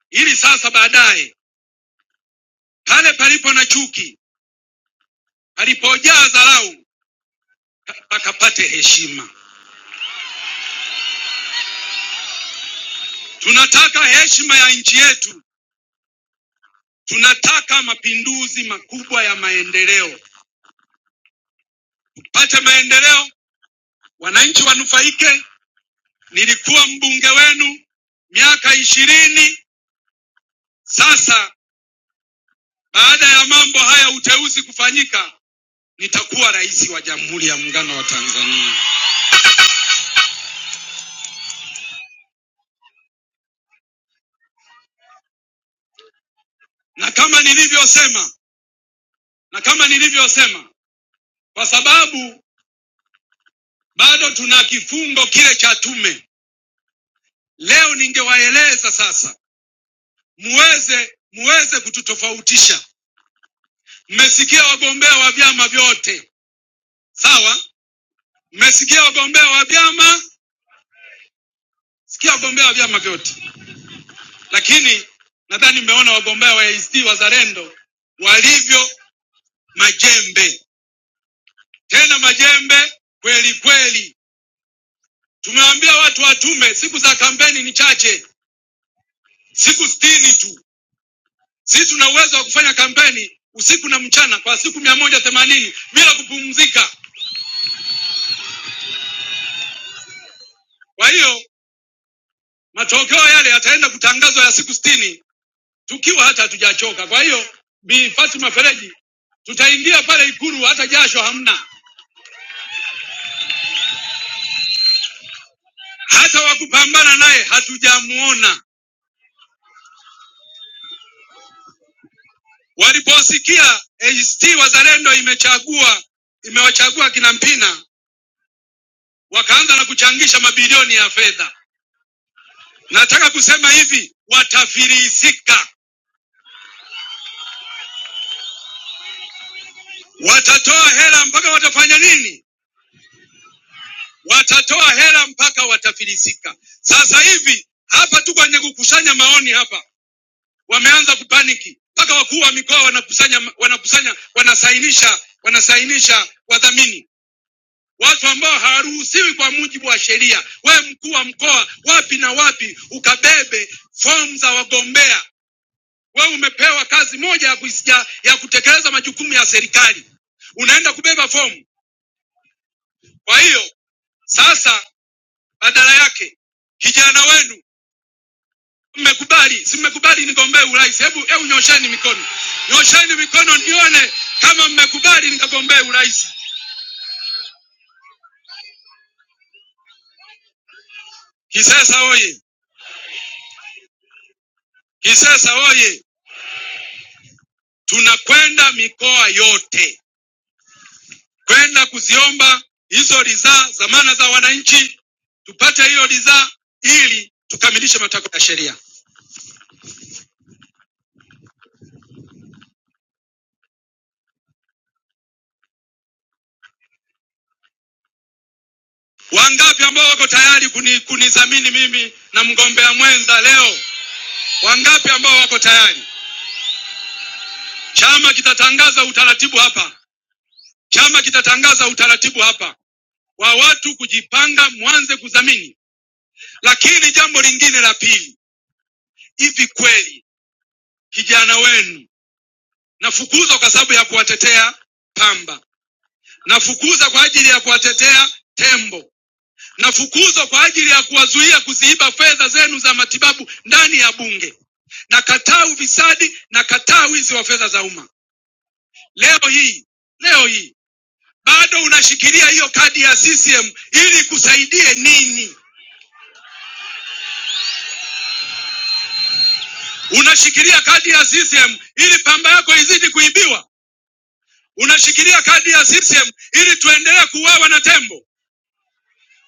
S7: ili sasa baadaye pale palipo na chuki, palipojaa dharau, pakapate heshima. Tunataka heshima ya nchi yetu Tunataka mapinduzi makubwa ya maendeleo, tupate maendeleo, wananchi wanufaike. Nilikuwa mbunge wenu miaka ishirini sasa. Baada ya mambo haya uteuzi kufanyika, nitakuwa rais wa Jamhuri ya Muungano wa Tanzania, na kama nilivyosema, na kama nilivyosema, kwa sababu bado tuna kifungo kile cha tume. Leo ningewaeleza sasa, muweze muweze kututofautisha Mmesikia wagombea wa vyama vyote, sawa? Mmesikia wagombea wa vyama, sikia wagombea wa vyama vyote, lakini nadhani mmeona wagombea wa ACT Wazalendo walivyo majembe, tena majembe kweli kweli. Tumewaambia watu watume, siku za kampeni ni chache, siku sitini tu. Sisi tuna uwezo wa kufanya kampeni usiku na mchana kwa siku mia moja themanini bila kupumzika. Kwa hiyo matokeo yale yataenda kutangazwa ya siku 60 tukiwa hata hatujachoka. Kwa hiyo Bi Fatima Fereji, tutaingia pale Ikulu hata jasho hamna, hata wakupambana naye hatujamuona. Waliposikia ACT Wazalendo imechagua imewachagua kina Mpina, wakaanza na kuchangisha mabilioni ya fedha. Nataka kusema hivi, watafilisika, watatoa hela mpaka watafanya nini? Watatoa hela mpaka watafilisika. Sasa hivi hapa tu kwenye kukusanya maoni hapa wameanza kupaniki mpaka wakuu wa mikoa wanakusanya wanakusanya wanasainisha wanasainisha wadhamini watu ambao hawaruhusiwi kwa mujibu wa sheria we mkuu wa mkoa wapi na wapi ukabebe fomu za wagombea wewe umepewa kazi moja ya, kuisikia, ya kutekeleza majukumu ya serikali unaenda kubeba fomu kwa hiyo sasa badala yake kijana wenu Mmekubali, si mmekubali nigombee urais? Hebu hebu nyosheni mikono, nyosheni mikono nione kama mmekubali nikagombee urais. Kisesa oye! Kisesa oye! Tunakwenda mikoa yote kwenda kuziomba hizo ridhaa, dhamana za wananchi, tupate hiyo ridhaa ili tukamilishe matakwa ya sheria. Wangapi ambao wako tayari kuni, kunidhamini mimi na mgombea mwenza leo? Wangapi ambao wako tayari? Chama kitatangaza utaratibu hapa Chama kitatangaza utaratibu hapa wa watu kujipanga, mwanze kudhamini. Lakini jambo lingine la pili, hivi kweli kijana wenu nafukuza kwa sababu ya kuwatetea pamba, nafukuza kwa ajili ya kuwatetea tembo, nafukuzwa kwa ajili ya kuwazuia kuziiba fedha zenu za matibabu ndani ya Bunge. Nakataa ufisadi, nakataa wizi wa fedha za umma. Leo hii, leo hii bado unashikilia hiyo kadi ya CCM ili kusaidie nini? Unashikilia kadi ya CCM ili pamba yako izidi kuibiwa. Unashikilia kadi ya CCM ili tuendelee kuuawa na tembo.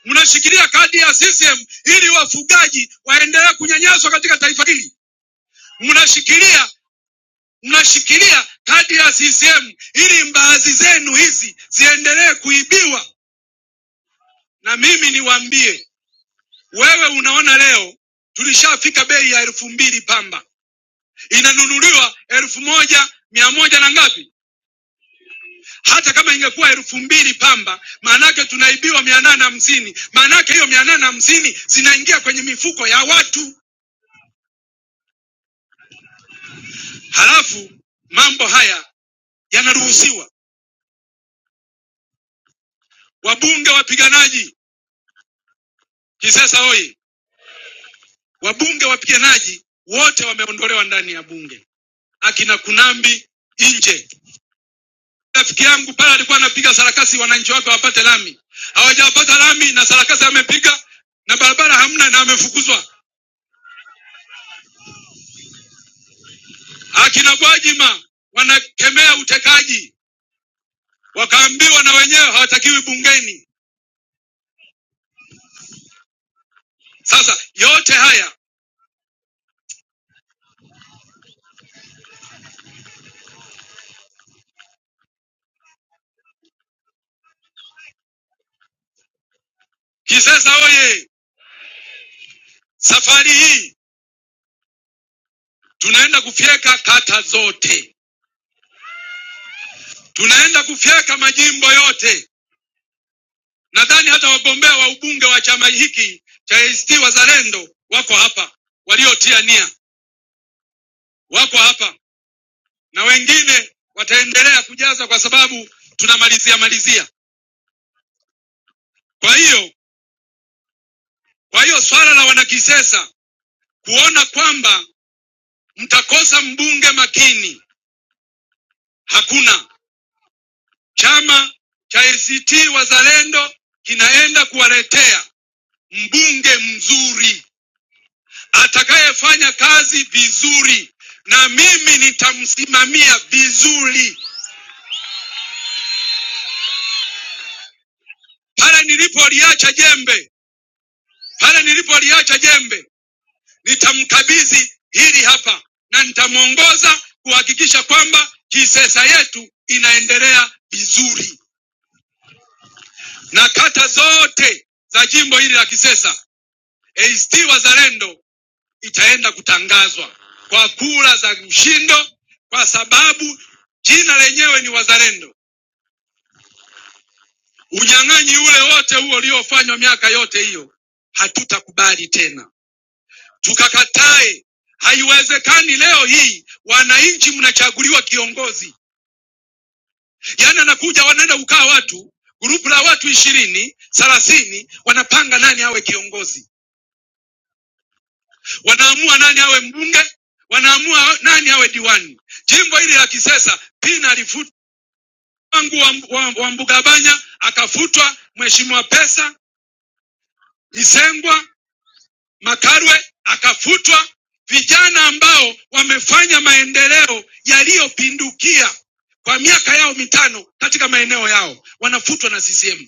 S7: Mnashikilia kadi ya CCM ili wafugaji waendelee kunyanyaswa katika taifa hili. Mnashikilia mnashikilia kadi ya CCM ili mbaazi zenu hizi ziendelee kuibiwa. Na mimi niwaambie, wewe unaona leo tulishafika bei ya elfu mbili pamba inanunuliwa elfu moja mia moja na ngapi? hata kama ingekuwa elfu mbili pamba, maanake tunaibiwa mia nane hamsini. Maanake hiyo mia nane hamsini zinaingia kwenye mifuko ya watu, halafu mambo haya yanaruhusiwa. Wabunge wapiganaji Kisesa hoyi, wabunge wapiganaji wote wameondolewa ndani ya bunge, akina Kunambi nje. Rafiki yangu pale alikuwa anapiga sarakasi, wananchi wake wapate lami, hawajapata lami na sarakasi amepiga na barabara hamna na amefukuzwa. Akina Gwajima wanakemea utekaji, wakaambiwa na wenyewe hawatakiwi bungeni. Sasa yote haya Kisesa oye! Safari hii tunaenda kufyeka kata zote, tunaenda kufyeka majimbo yote. Nadhani hata wagombea wa ubunge wa chama hiki cha ACT Wazalendo wako hapa, waliotia nia wako hapa, na wengine wataendelea kujaza kwa sababu tunamalizia malizia. Kwa hiyo, kwa hiyo swala la wanakisesa kuona kwamba mtakosa mbunge makini. Hakuna. Chama cha ACT Wazalendo kinaenda kuwaletea mbunge mzuri atakayefanya kazi vizuri, na mimi nitamsimamia vizuri. Pale nilipoliacha jembe, pale nilipoliacha jembe, nitamkabidhi hili hapa na nitamwongoza kuhakikisha kwamba Kisesa yetu inaendelea vizuri. na kata zote za jimbo hili la Kisesa, ACT Wazalendo itaenda kutangazwa kwa kura za mshindo, kwa sababu jina lenyewe ni Wazalendo. Unyang'anyi ule wote huo uliofanywa miaka yote hiyo hatutakubali tena, tukakatae. Haiwezekani leo hii wananchi mnachaguliwa kiongozi, yaani anakuja wanaenda kukaa watu grupu la watu ishirini thelathini wanapanga nani awe kiongozi. wanaamua nani awe mbunge, wanaamua nani awe diwani. Jimbo hili la Kisesa, Pina alifutwa wangu wa, wa, wa Mbugabanya akafutwa, mheshimiwa Pesa Lisengwa Makarwe akafutwa, vijana ambao wamefanya maendeleo yaliyopindukia kwa miaka yao mitano katika maeneo yao wanafutwa na CCM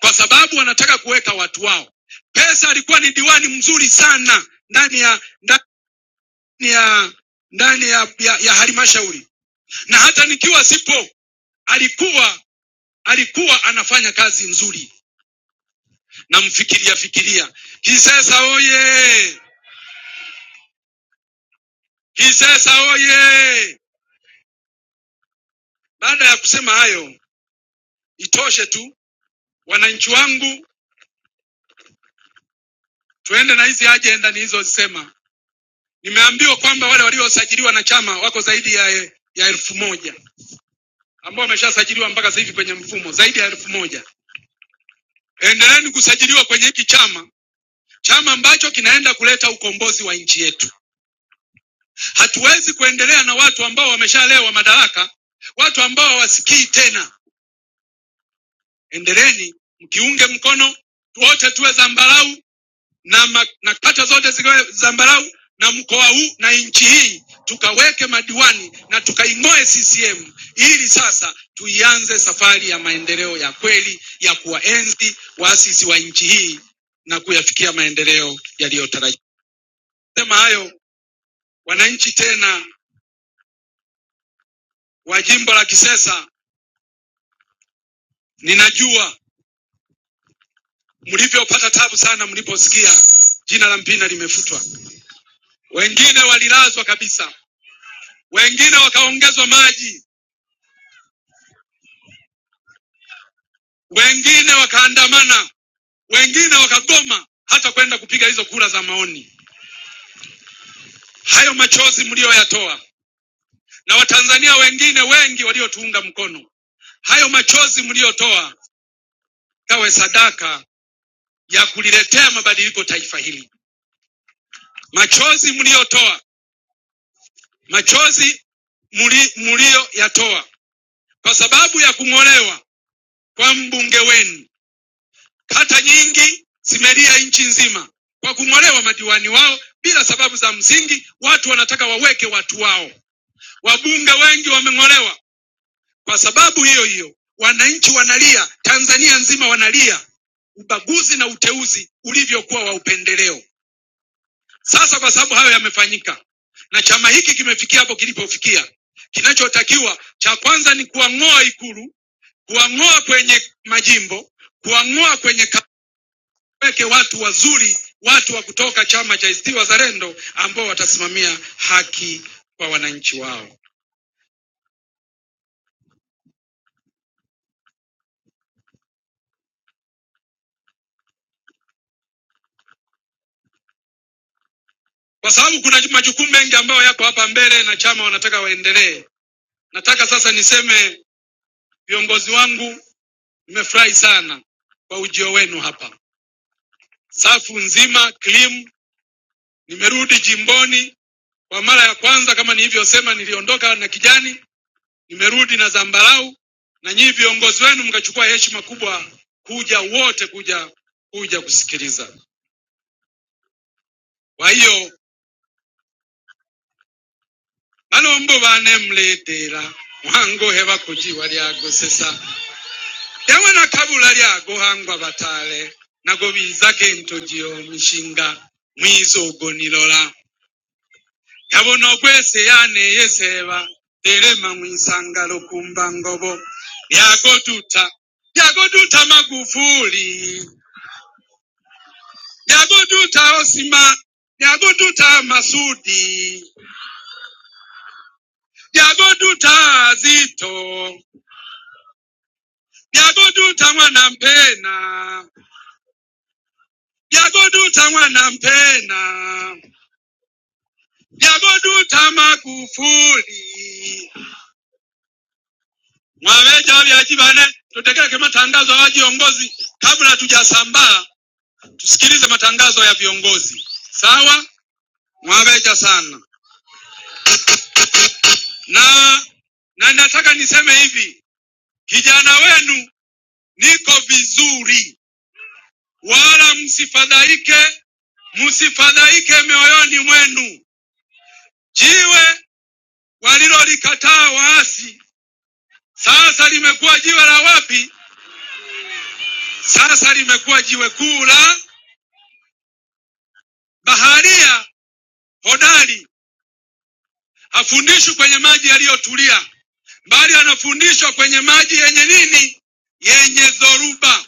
S7: kwa sababu wanataka kuweka watu wao. Pesa alikuwa ni diwani mzuri sana ndani ya ya ndani ya, ya, ya halmashauri na hata nikiwa sipo alikuwa alikuwa anafanya kazi nzuri namfikiria fikiria kisesa oye kisesa oye baada ya kusema hayo itoshe tu wananchi wangu tuende na hizi ajenda nilizozisema nimeambiwa kwamba wale waliosajiliwa na chama wako zaidi ya, ya elfu moja ambao wameshasajiliwa mpaka sasa hivi kwenye mfumo zaidi ya elfu moja endeleeni kusajiliwa kwenye hiki chama chama ambacho kinaenda kuleta ukombozi wa nchi yetu. Hatuwezi kuendelea na watu ambao wameshalewa madaraka, watu ambao hawasikii tena. Endeleeni mkiunge mkono, wote tuwe zambarau na, ma- na kata zote ziwe zambarau na mkoa huu na nchi hii, tukaweke madiwani na tukaing'oe CCM ili sasa tuianze safari ya maendeleo ya kweli ya kuwaenzi waasisi wa nchi hii na kuyafikia maendeleo yaliyotarajiwa. Sema hayo Wananchi tena wa jimbo la Kisesa, ninajua mlivyopata tabu sana mliposikia jina la Mpina limefutwa. Wengine walilazwa kabisa, wengine wakaongezwa maji, wengine wakaandamana, wengine wakagoma hata kwenda kupiga hizo kura za maoni. Hayo machozi mliyoyatoa na Watanzania wengine wengi waliotuunga mkono, hayo machozi mliyotoa kawe sadaka ya kuliletea mabadiliko taifa hili. Machozi mliyotoa machozi muli- mliyoyatoa kwa sababu ya kung'olewa kwa mbunge wenu. Kata nyingi zimelia nchi nzima kwa kung'olewa madiwani wao bila sababu za msingi. Watu wanataka waweke watu wao. Wabunge wengi wameng'olewa kwa sababu hiyo hiyo. Wananchi wanalia, Tanzania nzima wanalia ubaguzi na uteuzi ulivyokuwa wa upendeleo. Sasa kwa sababu hayo yamefanyika na chama hiki kimefikia hapo kilipofikia, kinachotakiwa cha kwanza ni kuwang'oa Ikulu, kuwang'oa kwenye majimbo, kuwang'oa kwenye ka- weke watu wazuri, watu wa kutoka chama cha ACT Wazalendo ambao watasimamia haki kwa wananchi wao, kwa sababu kuna majukumu mengi ambayo yako hapa mbele na chama wanataka waendelee. Nataka sasa niseme, viongozi wangu, nimefurahi sana kwa ujio wenu hapa safu nzima Klim, Nimerudi jimboni kwa mara ya kwanza, kama nilivyosema, niliondoka na kijani, nimerudi na zambarau, na nyinyi viongozi wenu mkachukua heshima kubwa kuja wote kuja kuja kusikiliza. Kwa hiyo balombo bane mletera mwangohe bakujiwa lyagosesa ewe na kabula lyagohangwa batale nago bizake ntojio mishinga mwizogo nilola yabona okweseyaana eyeseeba erema mu nsangalo ku mbangobo lyagoduuta lyagoduuta magufuuli lyagoduuta osima lyagoduuta masudi lyagoduuta zito lyagoduuta mwana mpena lyagoduuta mwana mpena lyagoduuta magufuli mwaveja vya chivane tutekeleke matangazo ya viongozi kabla tujasambaa tusikilize matangazo ya viongozi sawa, mwabeja sana na na nataka niseme hivi, kijana wenu niko vizuri, wala msifadhaike, msifadhaike mioyoni mwenu. Jiwe walilolikataa waasi sasa limekuwa jiwe la wapi? Sasa limekuwa jiwe kuu la baharia hodari, hafundishwi kwenye maji yaliyotulia. bali anafundishwa kwenye maji yenye nini? Yenye dhoruba.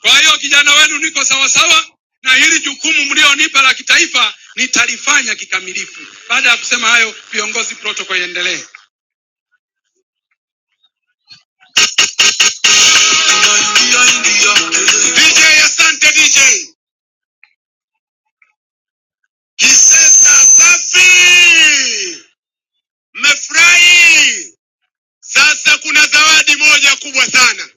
S7: Kwa hiyo kijana wenu, niko sawasawa na hili jukumu mlionipa la kitaifa nitalifanya kikamilifu. Baada ya kusema hayo, viongozi, protokoli iendelee. DJ, asante DJ. Kisesa safi, mmefurahi. Sasa kuna zawadi moja kubwa sana.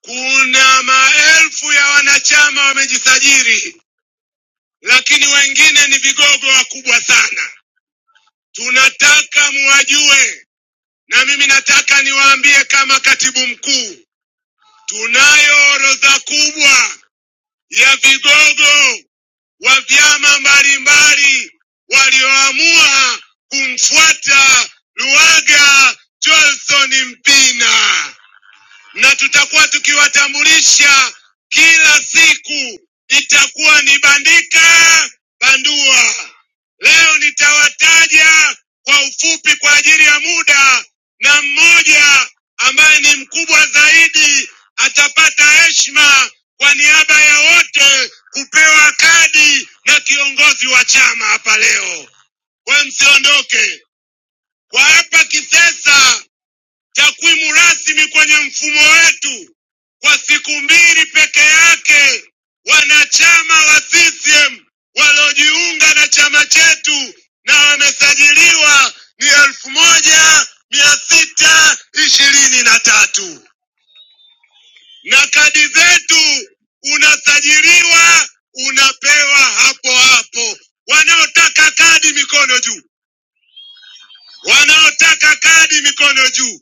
S7: Kuna maelfu ya wanachama wamejisajili lakini wengine ni vigogo wakubwa sana. Tunataka muwajue, na mimi nataka niwaambie kama katibu mkuu, tunayo orodha kubwa ya vigogo wa vyama mbalimbali walioamua kumfuata Luhaga Johnson Mpina. na tutakuwa tukiwatambulisha kila siku, itakuwa ni Bandika Bandua. Leo nitawataja kwa ufupi kwa ajili ya muda, na mmoja ambaye ni mkubwa zaidi atapata heshima kwa niaba ya wote kupewa kadi na kiongozi wa chama hapa leo. We msiondoke kwa hapa Kisesa takwimu rasmi kwenye mfumo wetu kwa siku mbili peke yake, wanachama wa CCM waliojiunga na chama chetu na wamesajiliwa ni elfu moja mia sita ishirini na tatu na kadi zetu unasajiliwa unapewa hapo hapo. Wanaotaka kadi mikono juu, wanaotaka kadi mikono juu.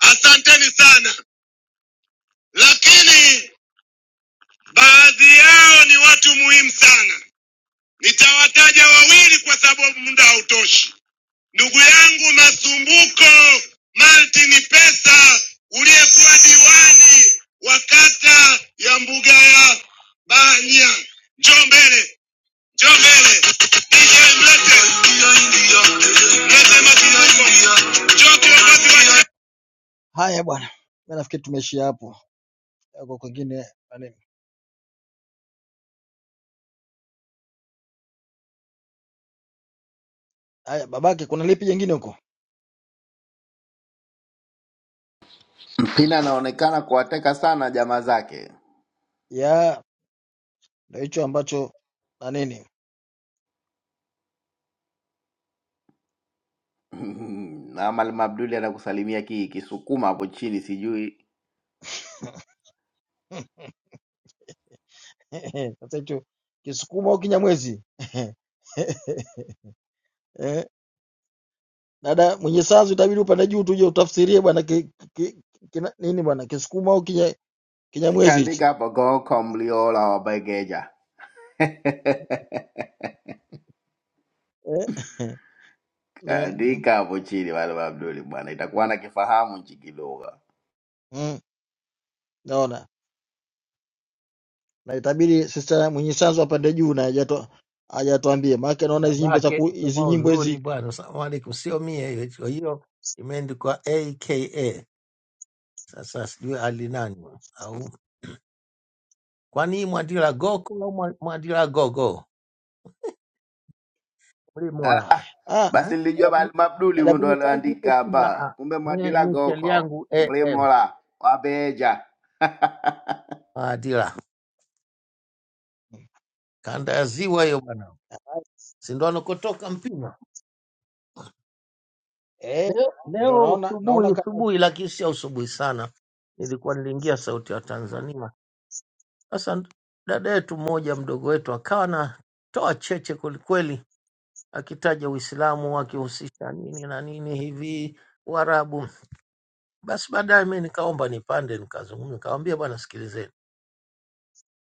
S7: Asanteni sana, lakini Baadhi yao ni watu muhimu sana, nitawataja wawili kwa sababu muda hautoshi. Ndugu yangu Masumbuko Martin Pesa, uliyekuwa diwani wa kata ya mbuga ya Banya, njoo mbele, njoo mbele. DJ mlete, mlete Masumbuko, njoo kiongozi wa
S3: Mpina anaonekana kuwateka sana jamaa zake na Mwalimu Abduli anakusalimia ki kisukuma hapo chini, sijui sikaandika hapo Gonko Mliola wa Begeja, kaandika hapo chini Mwalimu Abduli bwana, itakuwa na kifahamu nchi kidogo.
S8: babake soma uzuri bwana, salamu alaikum, sio mie hiyo. Kwa hiyo imeandikwa aka. Sasa sijui alinani au kwani hii mwandila goko au mwa- mwandila gogo
S3: Ah, ah.
S8: mlimora eh?
S3: Basi nilijua Mwalimu Abduli huyu ndo alioandika
S8: Ah,
S3: hapa,
S8: ah.
S3: kumbe
S8: Mie
S3: Mwadila
S8: initial
S3: Goko
S8: yangu am
S3: Mlimola Wabeja
S8: Mwadila, kanda ya ziwa hiyo bwana, si ndo anakotoka Mpina. Leo leo usubuhi usubuhi, lakini sio usubuhi sana, nilikuwa niliingia Sauti ya Tanzania Sasa dada yetu mmoja mdogo wetu akawa anatoa cheche kwelikweli, akitaja Uislamu akihusisha nini na nini hivi Uarabu. Basi baadaye mi nikaomba nipande, nikazungumza, nikawambia bwana, sikilizeni,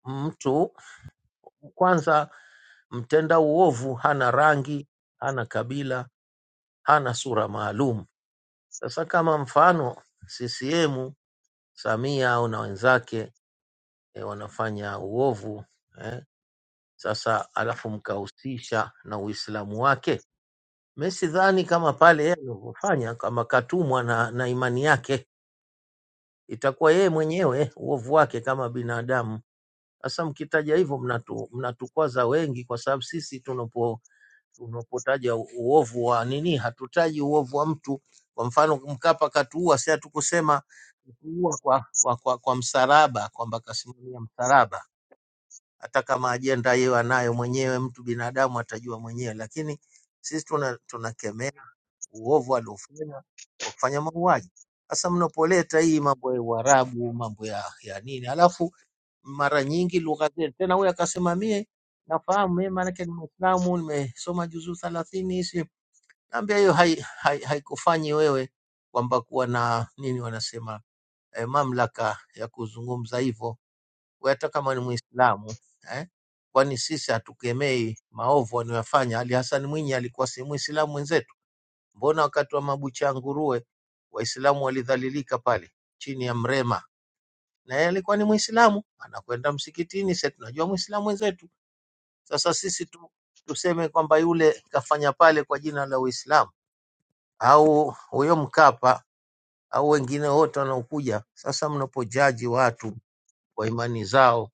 S8: mtu kwanza, mtenda uovu hana rangi, hana kabila, hana sura maalum. Sasa kama mfano CCM, Samia au na wenzake eh, wanafanya uovu eh, Sasa alafu mkahusisha na Uislamu wake. Mimi sidhani kama pale yeye alivyofanya, kama katumwa na, na imani yake, itakuwa yeye mwenyewe uovu wake kama binadamu. Sasa mkitaja hivyo mnatu, mnatukwaza wengi, kwa sababu sisi tunapo tunapotaja u- uovu wa nini, hatutaji uovu wa mtu. Kwa mfano Mkapa katuua, si hatukusema kuua kwa, kwa, kwa, kwa msalaba kwamba kasimamia msalaba hata kama ajenda hiyo anayo mwenyewe mtu binadamu atajua mwenyewe, lakini sisi tuna tunakemea uovu aliofanya wa kufanya mauaji. Sasa mnapoleta hii mambo ya Uarabu, mambo ya, ya nini, alafu mara nyingi lugha zetu tena, huyu akasema mie nafahamu mie, maanake ni Mwislamu, nimesoma juzuu thelathini hizi. Naambia hiyo haikufanyi hai, hai haikufanyi wewe kwamba kuwa na nini wanasema eh, mamlaka ya kuzungumza hivyo wewe hata kama ni Muislamu eh? Kwani sisi hatukemei maovu anayofanya? Ali Hassan Mwinyi alikuwa si Muislamu mwenzetu? Mbona wakati wa mabucha ya nguruwe Waislamu walidhalilika pale chini ya Mrema, na yeye alikuwa ni Muislamu, anakwenda msikitini. Sisi tunajua Muislamu mwenzetu. Sasa sisi tu, tuseme kwamba yule kafanya pale kwa jina la Uislamu au huyo Mkapa au wengine wote wanaokuja. Sasa mnapojaji watu kwa imani zao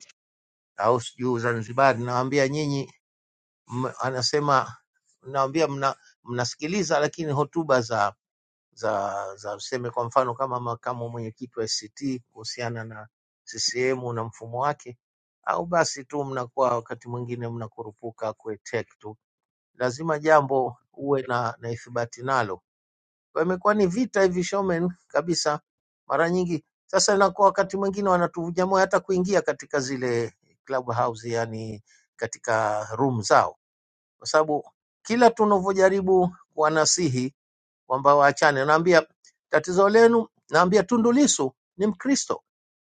S8: au sijui Uzanzibari, nawaambia nyinyi m- anasema naambia mna, mnasikiliza lakini hotuba za za za useme kwa mfano kama makamu mwenyekiti wa ACT kuhusiana na CCM na mfumo wake, au basi tu mnakuwa wakati mwingine mnakurupuka kueteke tu, lazima jambo uwe na, na ithibati nalo. Kwa hiyo imekuwa ni vita hivi showman kabisa, mara nyingi sasa inakuwa wakati mwingine wanatuvunja moyo hata kuingia katika zile club house, yani katika room zao kwa sababu kila tunavyojaribu kuwanasihi kwamba waachane, naambia tatizo lenu, naambia Tundu Lissu ni Mkristo,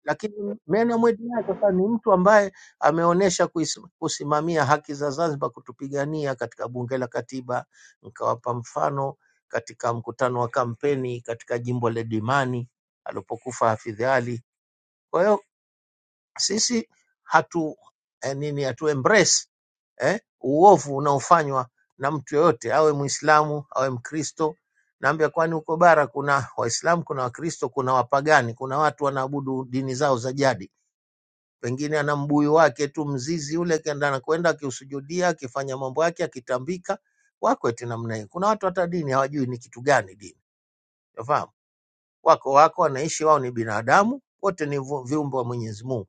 S8: lakini meno mwenyewe sasa ni mtu ambaye ameonyesha kuis- kusimamia haki za Zanzibar, kutupigania katika bunge la katiba. Nikawapa mfano katika mkutano wa kampeni katika jimbo la Dimani alipokufa Hafidh Ali. Kwa hiyo sisi hatu eh, nini hatu embrace eh, uovu unaofanywa na mtu yoyote, awe Muislamu awe Mkristo. Naambia kwani huko bara kuna Waislamu, kuna Wakristo, kuna wapagani, kuna watu wanaabudu dini zao za jadi. Pengine ana mbuyu wake tu mzizi ule, kenda anakwenda akiusujudia, akifanya mambo yake, akitambika. Wako eti namna hiyo. Kuna watu hata dini hawajui ni kitu gani dini, unafahamu? Wako wako wanaishi, wao ni binadamu, wote ni vu- viumbe wa Mwenyezi Mungu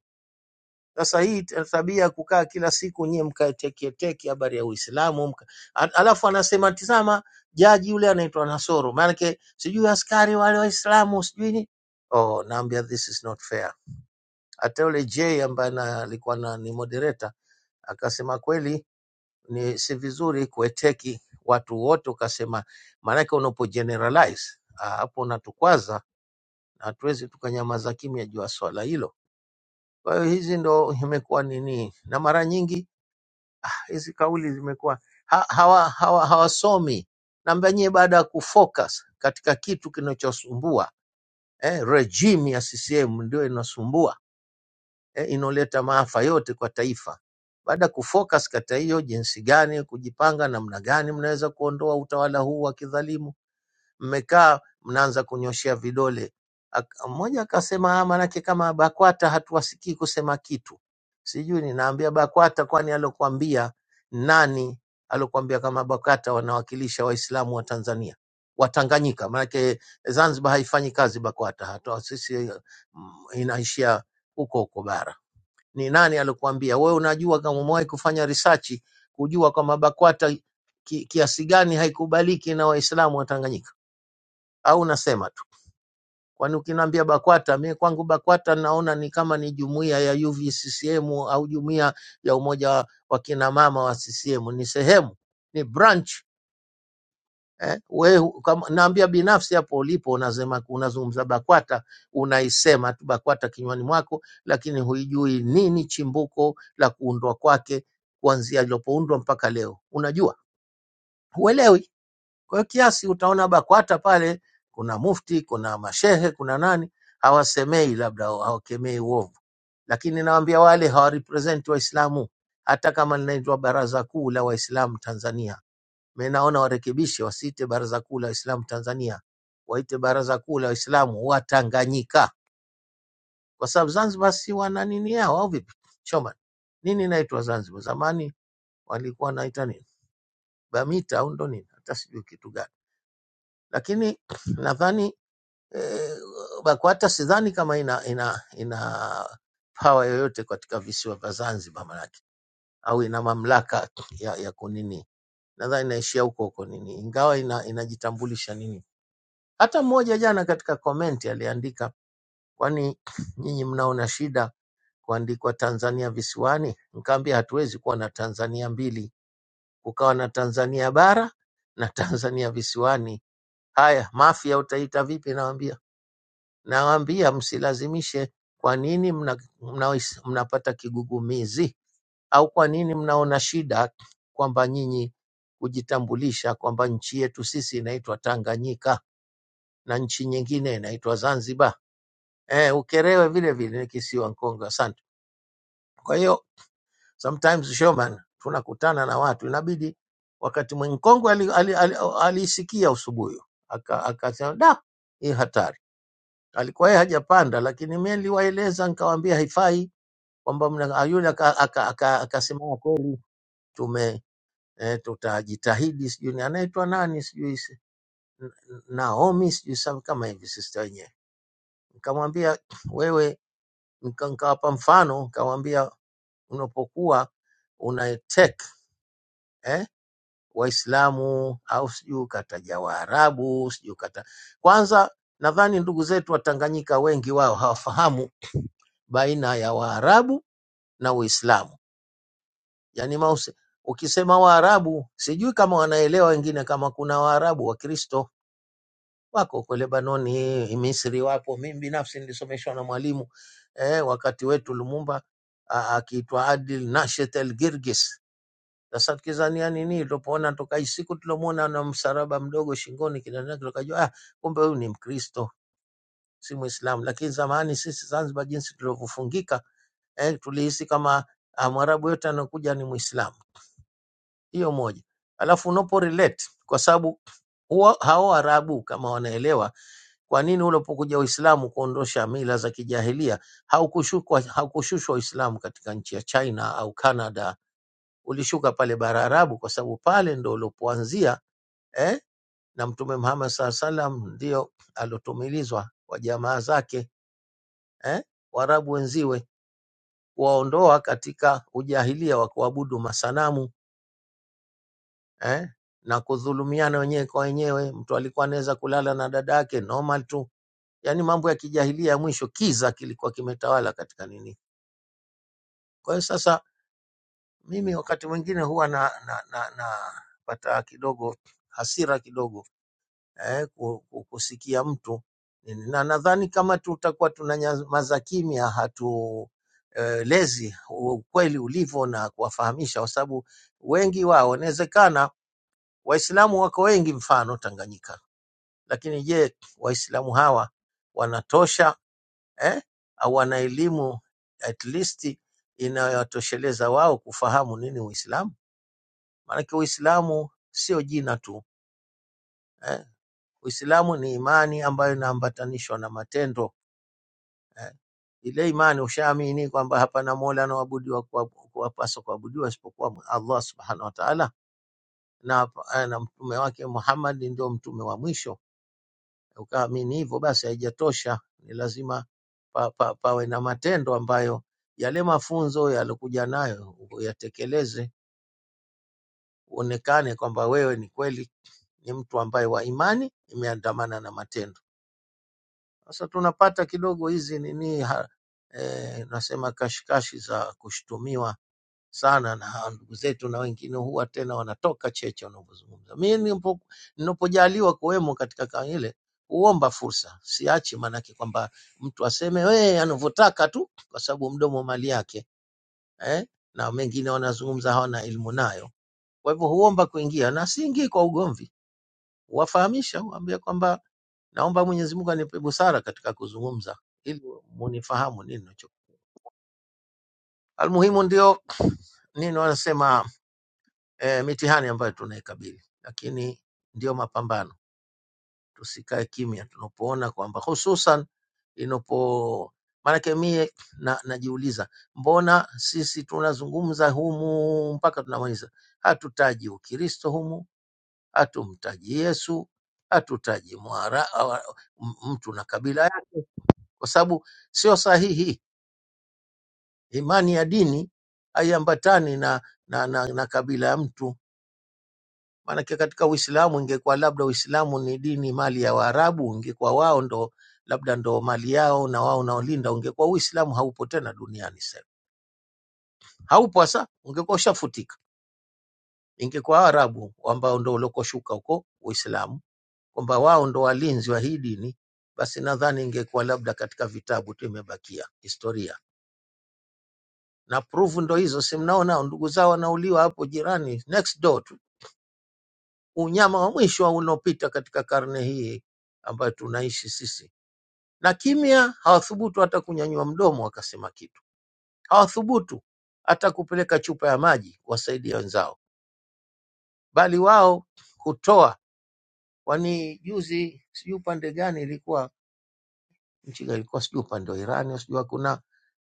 S8: sasa hii ta- tabia ya kukaa kila siku nyie mkatekieteki habari ya Uislamu mka... Al- alafu anasema tizama, jaji yule anaitwa Nasoro, maanake sijui askari wale Waislamu sijui ni oh, naambia this is not fair. Hata yule J ambaye na- alikuwa na, ni moderator akasema kweli ni si vizuri kueteki watu wote, ukasema maanake unapo generalize ah, hapo unatukwaza, na hatuwezi tukanyamaza kimya juu ya swala hilo. Kwa hiyo hizi ndo imekuwa nini, na mara nyingi hizi kauli zimekuwa ha- hawa, hawa, hawasomi. Naambia nyie, baada ya kufocus katika kitu kinachosumbua eh, regime ya CCM ndio inasumbua eh, inaoleta maafa yote kwa taifa. Baada ya kufocus katika hiyo, jinsi gani kujipanga, namna gani mnaweza kuondoa utawala huu wa kidhalimu mmekaa mnaanza kunyoshea vidole. Ak- Mmoja akasema "Ah, maanake kama BAKWATA hatuwasikii kusema kitu. Sijui ninaambia BAKWATA, kwani alokuambia nani? Alokuambia kama BAKWATA wanawakilisha Waislamu wa Tanzania Watanganyika, maanake Zanzibar haifanyi kazi BAKWATA, hata sisi mm, inaishia huko huko bara. Ni nani alokuambia wewe? Unajua kama umewahi kufanya risachi kujua kwamba BAKWATA ki- kiasi gani haikubaliki na Waislamu wa Tanganyika? au unasema tu? Kwani ukiniambia BAKWATA, mi kwangu BAKWATA naona ni kama ni jumuiya ya UVCCM au jumuiya ya umoja wa kina mama wa CCM, ni sehemu, ni branch eh, we, hu- kama, naambia binafsi hapo ulipo unasema, unazungumza BAKWATA, unaisema tu BAKWATA kinywani mwako, lakini huijui nini chimbuko la kuundwa kwake kuanzia ilipoundwa mpaka leo, unajua huelewi. Kwa hiyo kiasi utaona BAKWATA pale kuna mufti, kuna mashehe, kuna nani, hawasemei labda hawakemei uovu, lakini nawaambia wale hawarepresenti Waislamu. Hata kama linaitwa Baraza Kuu la Waislamu Tanzania, mimi naona warekebishe, wasiite Baraza Kuu la Waislamu Tanzania, waite Baraza Kuu la Waislamu wa Tanganyika, kwa sababu Zanzibar si wana nini yao au vipi? Choma nini inaitwa Zanzibar? Zamani walikuwa wanaita nini? Bamita au ndo nini? Hata sijui kitu gani, lakini nadhani eh, BAKWATA sidhani kama ina, ina, ina pawa yoyote katika visiwa vya Zanzibar manake, au ina mamlaka ya, ya kunini, nadhani inaishia huko huko nini, ingawa ina, inajitambulisha nini. Hata mmoja jana katika komenti aliandika, kwani nyinyi mnaona shida kuandikwa Tanzania visiwani? Nkaambia hatuwezi kuwa na Tanzania mbili, kukawa na Tanzania bara na Tanzania visiwani. Haya, mafia utaita vipi? Nawambia Nawaambia msilazimishe. Kwa nini mna, mna, mnapata kigugumizi au kwa nini mnaona shida kwamba nyinyi kujitambulisha kwamba nchi yetu sisi inaitwa Tanganyika na nchi nyingine inaitwa Zanzibar. Eh, Ukerewe vile vile ni kisiwa Nkongo. Asante. Kwa hiyo sometimes Shoman, tunakutana na watu inabidi wakati mwingine Nkongwe alisikia ali, ali, ali alisikia usubuyu Aka- akasema aka, da, hii hatari alikuwa yeye hajapanda, lakini mimi niliwaeleza nikawaambia haifai kwamba mna- ah, yule akasema aka, aka, aka akasema kweli tume eh, tutajitahidi, sijui ni anaitwa nani, sijui si- N- N- Naomi, sijui some kama hivi sista wenyewe. Nikamwambia wewe, nika- nikawapa mfano, nikamwambia unapokuwa una take eh, Waislamu au sijui ukataja Waarabu sijui ukata kwanza, nadhani ndugu zetu wa Tanganyika wengi wao hawafahamu baina ya Waarabu na Uislamu. Yaani mause, ukisema Waarabu sijui kama wanaelewa wengine, kama kuna Waarabu Wakristo wako huko Lebanoni, Misri wapo. Mimi binafsi nilisomeshwa na mwalimu eh, wakati wetu Lumumba a- akiitwa Adil Nashet El Girgis. Sasa tukizania nini, tulipoona toka hii siku tuliomwona na msaraba mdogo shingoni kinani, tukajua ah, kumbe huyu ni Mkristo si Muislamu. Lakini zamani sisi Zanzibar, jinsi tulivyofungika eh, tulihisi kama ah, Mwarabu yote anakuja ni Muislamu Hiyo moja. Alafu unapo relate kwa sababu huwa hao Waarabu kama wanaelewa kwa nini ulipokuja Uislamu kuondosha mila za kijahilia haukushushwa haukushushwa Uislamu katika nchi ya China au Canada, ulishuka pale bara Arabu kwa sababu pale ndo ulipoanzia eh? na Mtume Muhammad saa salam ndio alotumilizwa kwa jamaa zake eh? Waarabu wenziwe kuwaondoa katika ujahilia wa kuabudu masanamu eh? na kudhulumiana wenyewe kwa wenyewe. Mtu alikuwa anaweza kulala na dada yake normal tu, yaani mambo ya kijahilia ya mwisho, kiza kilikuwa kimetawala katika nini. Kwa hiyo sasa, mimi wakati mwingine huwa na, na, na, na pata kidogo hasira kidogo eh, ku- ku- kusikia mtu nini. na nadhani kama tutakuwa tunanyamaza kimya hatu eh, lezi ukweli ulivyo na kuwafahamisha, kwa sababu wengi wao inawezekana Waislamu wako wengi, mfano Tanganyika Lakini je, Waislamu hawa wanatosha eh? Au wana elimu at least inayowatosheleza wao kufahamu nini Uislamu? Maanake Uislamu sio jina tu eh? Uislamu ni imani ambayo inaambatanishwa na matendo eh? Ile imani ushaamini kwamba hapana mola anaoabudiwa kwa- kuwapaswa kuabudiwa isipokuwa Allah subhanahu wa ta'ala, na, na mtume wake Muhammad ndio mtume wa mwisho Ukaamini hivyo, basi haijatosha, ni lazima pa, pa, pawe na matendo ambayo yale mafunzo yalokuja nayo uyatekeleze, uonekane kwamba wewe ni kweli ni mtu ambaye wa imani imeandamana na matendo. Sasa tunapata kidogo hizi nini ha, eh, nasema kashikashi za kushtumiwa sana na hawa ndugu zetu, na wengine huwa tena wanatoka cheche wanavyozungumza. Mimi nilipo- ninapojaliwa kuwemo katika kama ile huomba fursa, siachi, maanake kwamba mtu aseme we anavyotaka tu, kwa sababu mdomo mali yake eh? na mengine wanazungumza hawana elimu nayo. Kwa hivyo huomba kuingia na siingii kwa ugomvi, huwafahamisha, huambia kwamba naomba Mwenyezi Mungu anipe busara katika kuzungumza ili munifahamu nini nacho. Almuhimu ndio nini wanasema eh, mitihani ambayo tunaikabili, lakini ndio mapambano. Tusikae kimya tunapoona kwamba hususan inapo maanake mie na, najiuliza mbona sisi tunazungumza humu mpaka tunamaliza, hatutaji Ukristo humu, hatumtaji Yesu, hatutaji mwara awa- m- mtu na kabila yake, kwa sababu sio sahihi. Imani ya dini haiambatani na, na, na, na kabila ya mtu Maanake katika Uislamu ingekuwa labda Uislamu ni dini mali ya Waarabu, ingekuwa wao ndo labda ndo mali yao na wao naolinda, ungekuwa Uislamu haupo tena duniani sasa hivi. haupo hasa, ungekuwa ushafutika. Ingekuwa Waarabu ambao ndo ulikoshuka huko Uislamu, kwamba wao ndo walinzi wa hii dini, basi nadhani ingekuwa labda katika vitabu tu imebakia historia na proof ndo hizo, si mnaona ndugu zao wanauliwa hapo jirani, next door tu, unyama wa mwisho unaopita katika karne hii ambayo tunaishi sisi. na kimya, hawathubutu hata kunyanyua mdomo wakasema kitu, hawathubutu hata kupeleka chupa ya maji wasaidia wenzao, bali wao hutoa. Kwani juzi sijui upande gani ilikuwa nchi gani ilikuwa sijui upande wa Irani au sijui kuna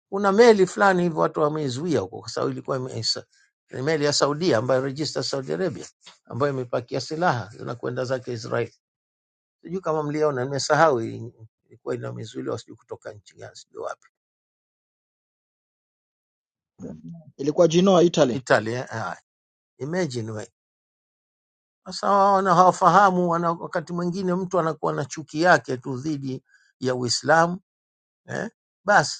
S8: kuna meli fulani hivyo watu wameizuia huko, kwa sababu ilikuwa ime- sa- ni meli ya Saudia ambayo register Saudi Arabia ambayo imepakia silaha zinakwenda zake Israel. Sijui kama mliona, nimesahau hii, ilikuwa inamizuiliwa sijui kutoka nchi gani sijui wapi Italia. ah, Imagine we. Sasa wao wana- hawafahamu, wana, wakati mwingine mtu anakuwa na chuki yake tu dhidi ya Uislamu eh? Basi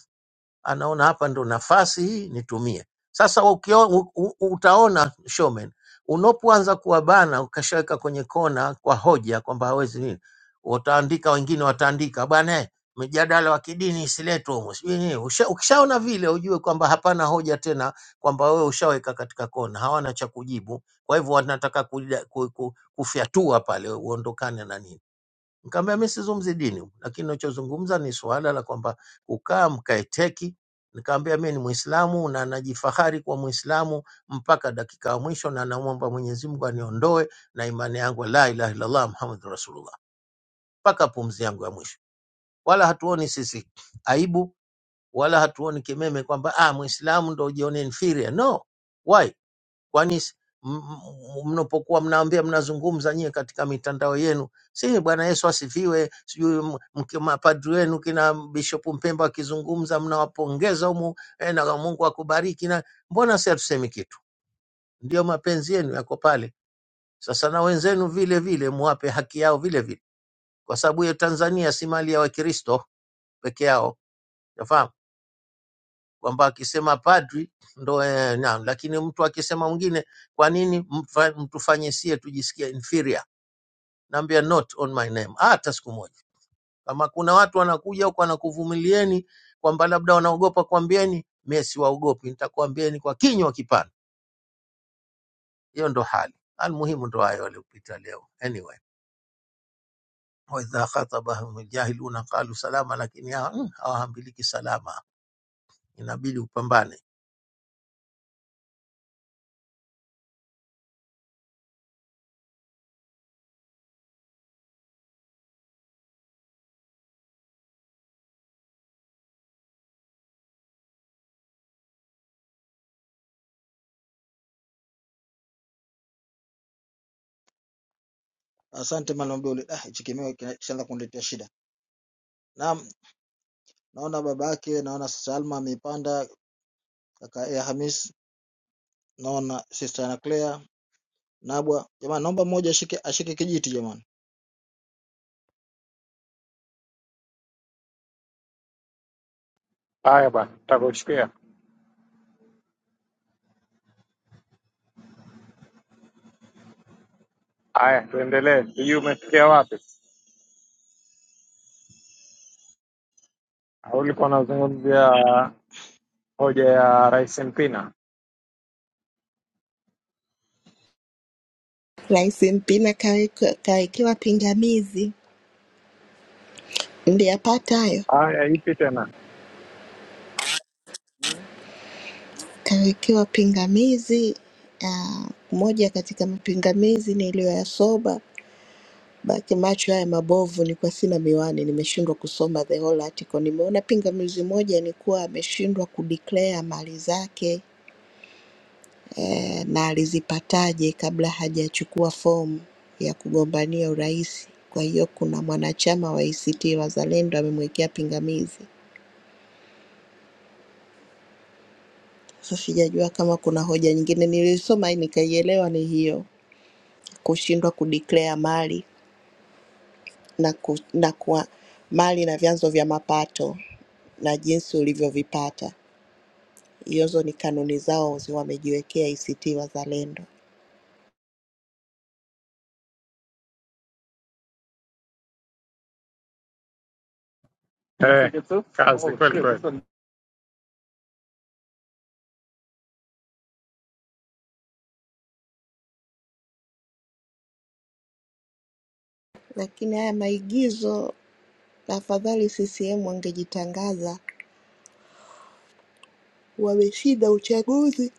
S8: anaona hapa ndo nafasi hii nitumie. Sasa ukio, u, u, utaona showman, unapoanza kuwabana ukashaweka kwenye kona kwa hoja kwamba hawezi nini, wataandika wengine, wataandika bwana eh, mjadala wa kidini isiletwe humu, sijui nini. Usha- Ukishaona vile, ujue kwamba hapana hoja tena, kwamba wewe ushaweka katika kona, hawana cha kujibu. Kwa hivyo wanataka kuja- ku- ku- kufyatua pale, uondokane na nini. Nikamwambia mimi sizungumzi dini, humu, lakini ninachozungumza ni suala la kwamba kukaa mkaeteki. Nikamwambia mimi ni Muislamu na najifahari kwa Muislamu mpaka dakika ya mwisho, na namwomba Mwenyezi Mungu aniondoe na imani yangu la ilaha illallah Muhammadur Rasulullah mpaka pumzi yangu ya mwisho. Wala hatuoni sisi aibu wala hatuoni kimeme kwamba ah, Muislamu ndo ujione inferior. No, why? kwani s- m- m- mnapokuwa mnaambia mnazungumza nyie katika mitandao yenu, si Bwana Yesu asifiwe, sijui m- mki- mapadri wenu kina Bishop Mpemba akizungumza mnawapongeza humu eh, na Mungu akubariki, na mbona si hatusemi kitu? Ndio mapenzi yenu yako pale. Sasa na wenzenu vile vile muwape haki yao vile vile, kwa sababu hiyo Tanzania si mali ya Wakristo peke yao, nafahamu kwamba akisema padri ndo eh, na, lakini mtu akisema mwingine, kwa nini mfa- mtufanye sie tujisikie inferior? Naambia not on my name, hata siku moja. Kama kuna watu wanakuja huko wanakuvumilieni kwamba labda wanaogopa, kwambieni mie siwaogopi, nitakwambieni kwa kinywa kipana. Hiyo ndo hali almuhimu, ndo hayo waliopita leo. Anyway, waidha khatabahum jahiluna qalu salama, lakini hawa mm, hawahabiliki salama, inabidi upambane.
S4: Haya bwana, tutakushikia. Haya, tuendelee. Sijui umefikia wapi? Au ulikuwa unazungumzia hoja ya Rais Mpina?
S9: Rais Mpina kawekiwa, kawekewa pingamizi, mliyapata hayo?
S4: Haya, ipi tena?
S9: Kawekewa pingamizi ah, moja katika mapingamizi niliyoyasoma baki macho haya mabovu, nilikuwa sina miwani, nimeshindwa kusoma the whole article. Nimeona pingamizi moja ni kuwa ameshindwa kudeclare mali zake eh, na alizipataje kabla hajachukua fomu ya kugombania urais. Kwa hiyo kuna mwanachama wa ACT Wazalendo amemwekea pingamizi Sasa sijajua kama kuna hoja nyingine nilisoma nikaielewa ni hiyo kushindwa kudeclare mali na, ku, na kuwa, mali na vyanzo vya mapato na jinsi ulivyovipata. Hizo ni kanuni zao zi- wamejiwekea ACT Wazalendo,
S4: Eh, kazi kweli kweli.
S9: lakini haya maigizo, afadhali CCM wangejitangaza wameshinda uchaguzi.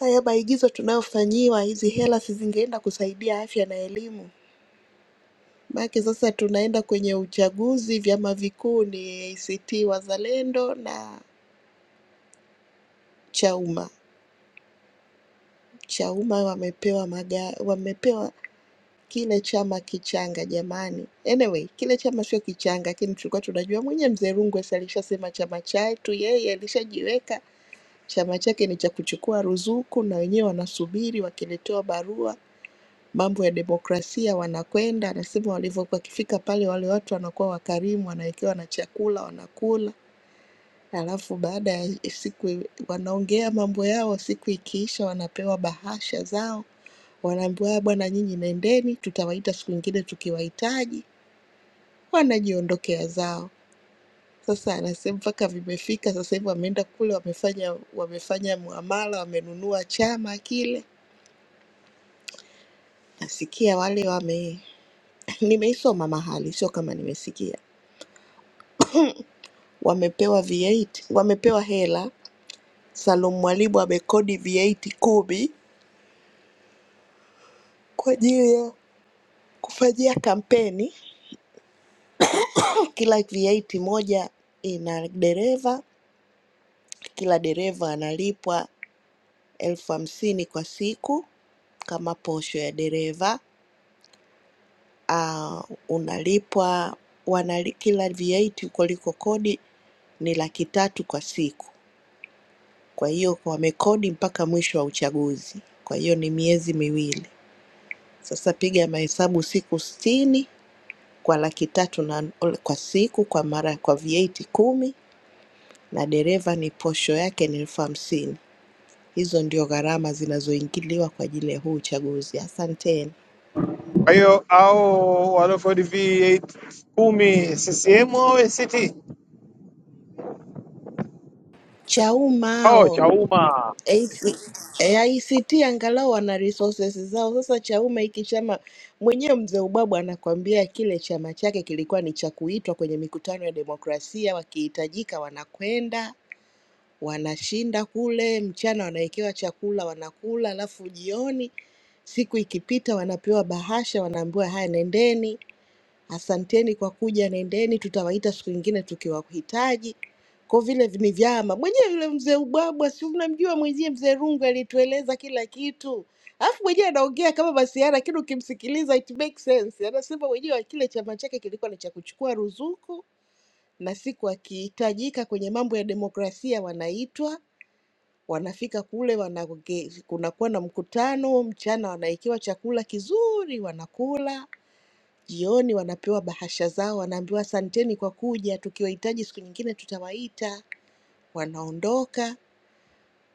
S9: Haya maigizo tunayofanyiwa, hizi hela si zingeenda kusaidia afya na elimu? Maanake sasa tunaenda kwenye uchaguzi, vyama vikuu ni ACT Wazalendo na Chauma. Chauma wamepewa maga, wamepewa kile chama kichanga jamani. Anyway, kile chama sio kichanga, lakini tulikuwa tunajua mwenye mzee Rungwe si alishasema chama chetu, yeye alishajiweka chama chake ni cha kuchukua ruzuku, na wenyewe wanasubiri wakiletewa barua mambo ya demokrasia wanakwenda. Anasema walivyokuwa wakifika pale, wale watu wanakuwa wakarimu, wanawekewa na chakula, wanakula Halafu baada ya siku wanaongea mambo yao, siku ikiisha wanapewa bahasha zao, wanaambiwa "Ah, bwana, nyinyi nendeni, tutawaita siku nyingine tukiwahitaji. Wanajiondokea zao. Sasa anasema mpaka vimefika sasa hivi, wameenda kule, wamefanya wamefanya muamala, wamenunua chama kile. Nasikia wale wame nimeisoma mahali, sio kama nimesikia, wamepewa V8, wamepewa hela. Salum Mwalimu amekodi V8 kumi kwa ajili ya kufanyia kampeni. Kila VAT moja ina dereva, kila dereva analipwa elfu hamsini kwa siku kama posho ya dereva. Ah, unalipwa wanali, kila VAT kuliko kodi ni laki tatu kwa siku. Kwa hiyo wamekodi mpaka mwisho wa uchaguzi, kwa hiyo ni miezi miwili. Sasa piga mahesabu siku sitini kwa laki tatu na kwa siku kwa mara kwa VAT kumi na dereva ni posho yake ni elfu hamsini. Hizo ndio gharama zinazoingiliwa kwa ajili ya huu uchaguzi. Asanteni.
S4: Kwa hiyo au waliofodi V8 kumi CCM au ACT
S9: Chauma
S4: au
S9: hao
S4: Chauma,
S9: AC eh, ICT angalau wana resources zao. Sasa Chauma hiki chama mwenyewe, mzee Ubwabwa anakuambia kile chama chake kilikuwa ni cha kuitwa kwenye mikutano ya demokrasia, wakihitajika wanakwenda wanashinda kule, mchana wanawekewa chakula wanakula, alafu jioni siku ikipita wanapewa bahasha, wanaambiwa haya, nendeni Asanteni kwa kuja, nendeni, tutawaita siku nyingine tukiwahitaji. Kwa vile ni vyama mwenyewe, yule mzee Ubwabwa, si mnamjua mwenyewe, mzee Rungu alitueleza kila kitu, alafu mwenyewe anaongea kama Masiara, lakini ukimsikiliza it makes sense. Anasema mwenyewe kile chama chake kilikuwa ni cha kuchukua ruzuku, na siku akihitajika kwenye mambo ya demokrasia wanaitwa wanafika kule wanaonge, kunakuwa na mkutano mchana, wanaikiwa chakula kizuri wanakula Jioni wanapewa bahasha zao, wanaambiwa asanteni kwa kuja, tukiwahitaji siku nyingine tutawaita. Wanaondoka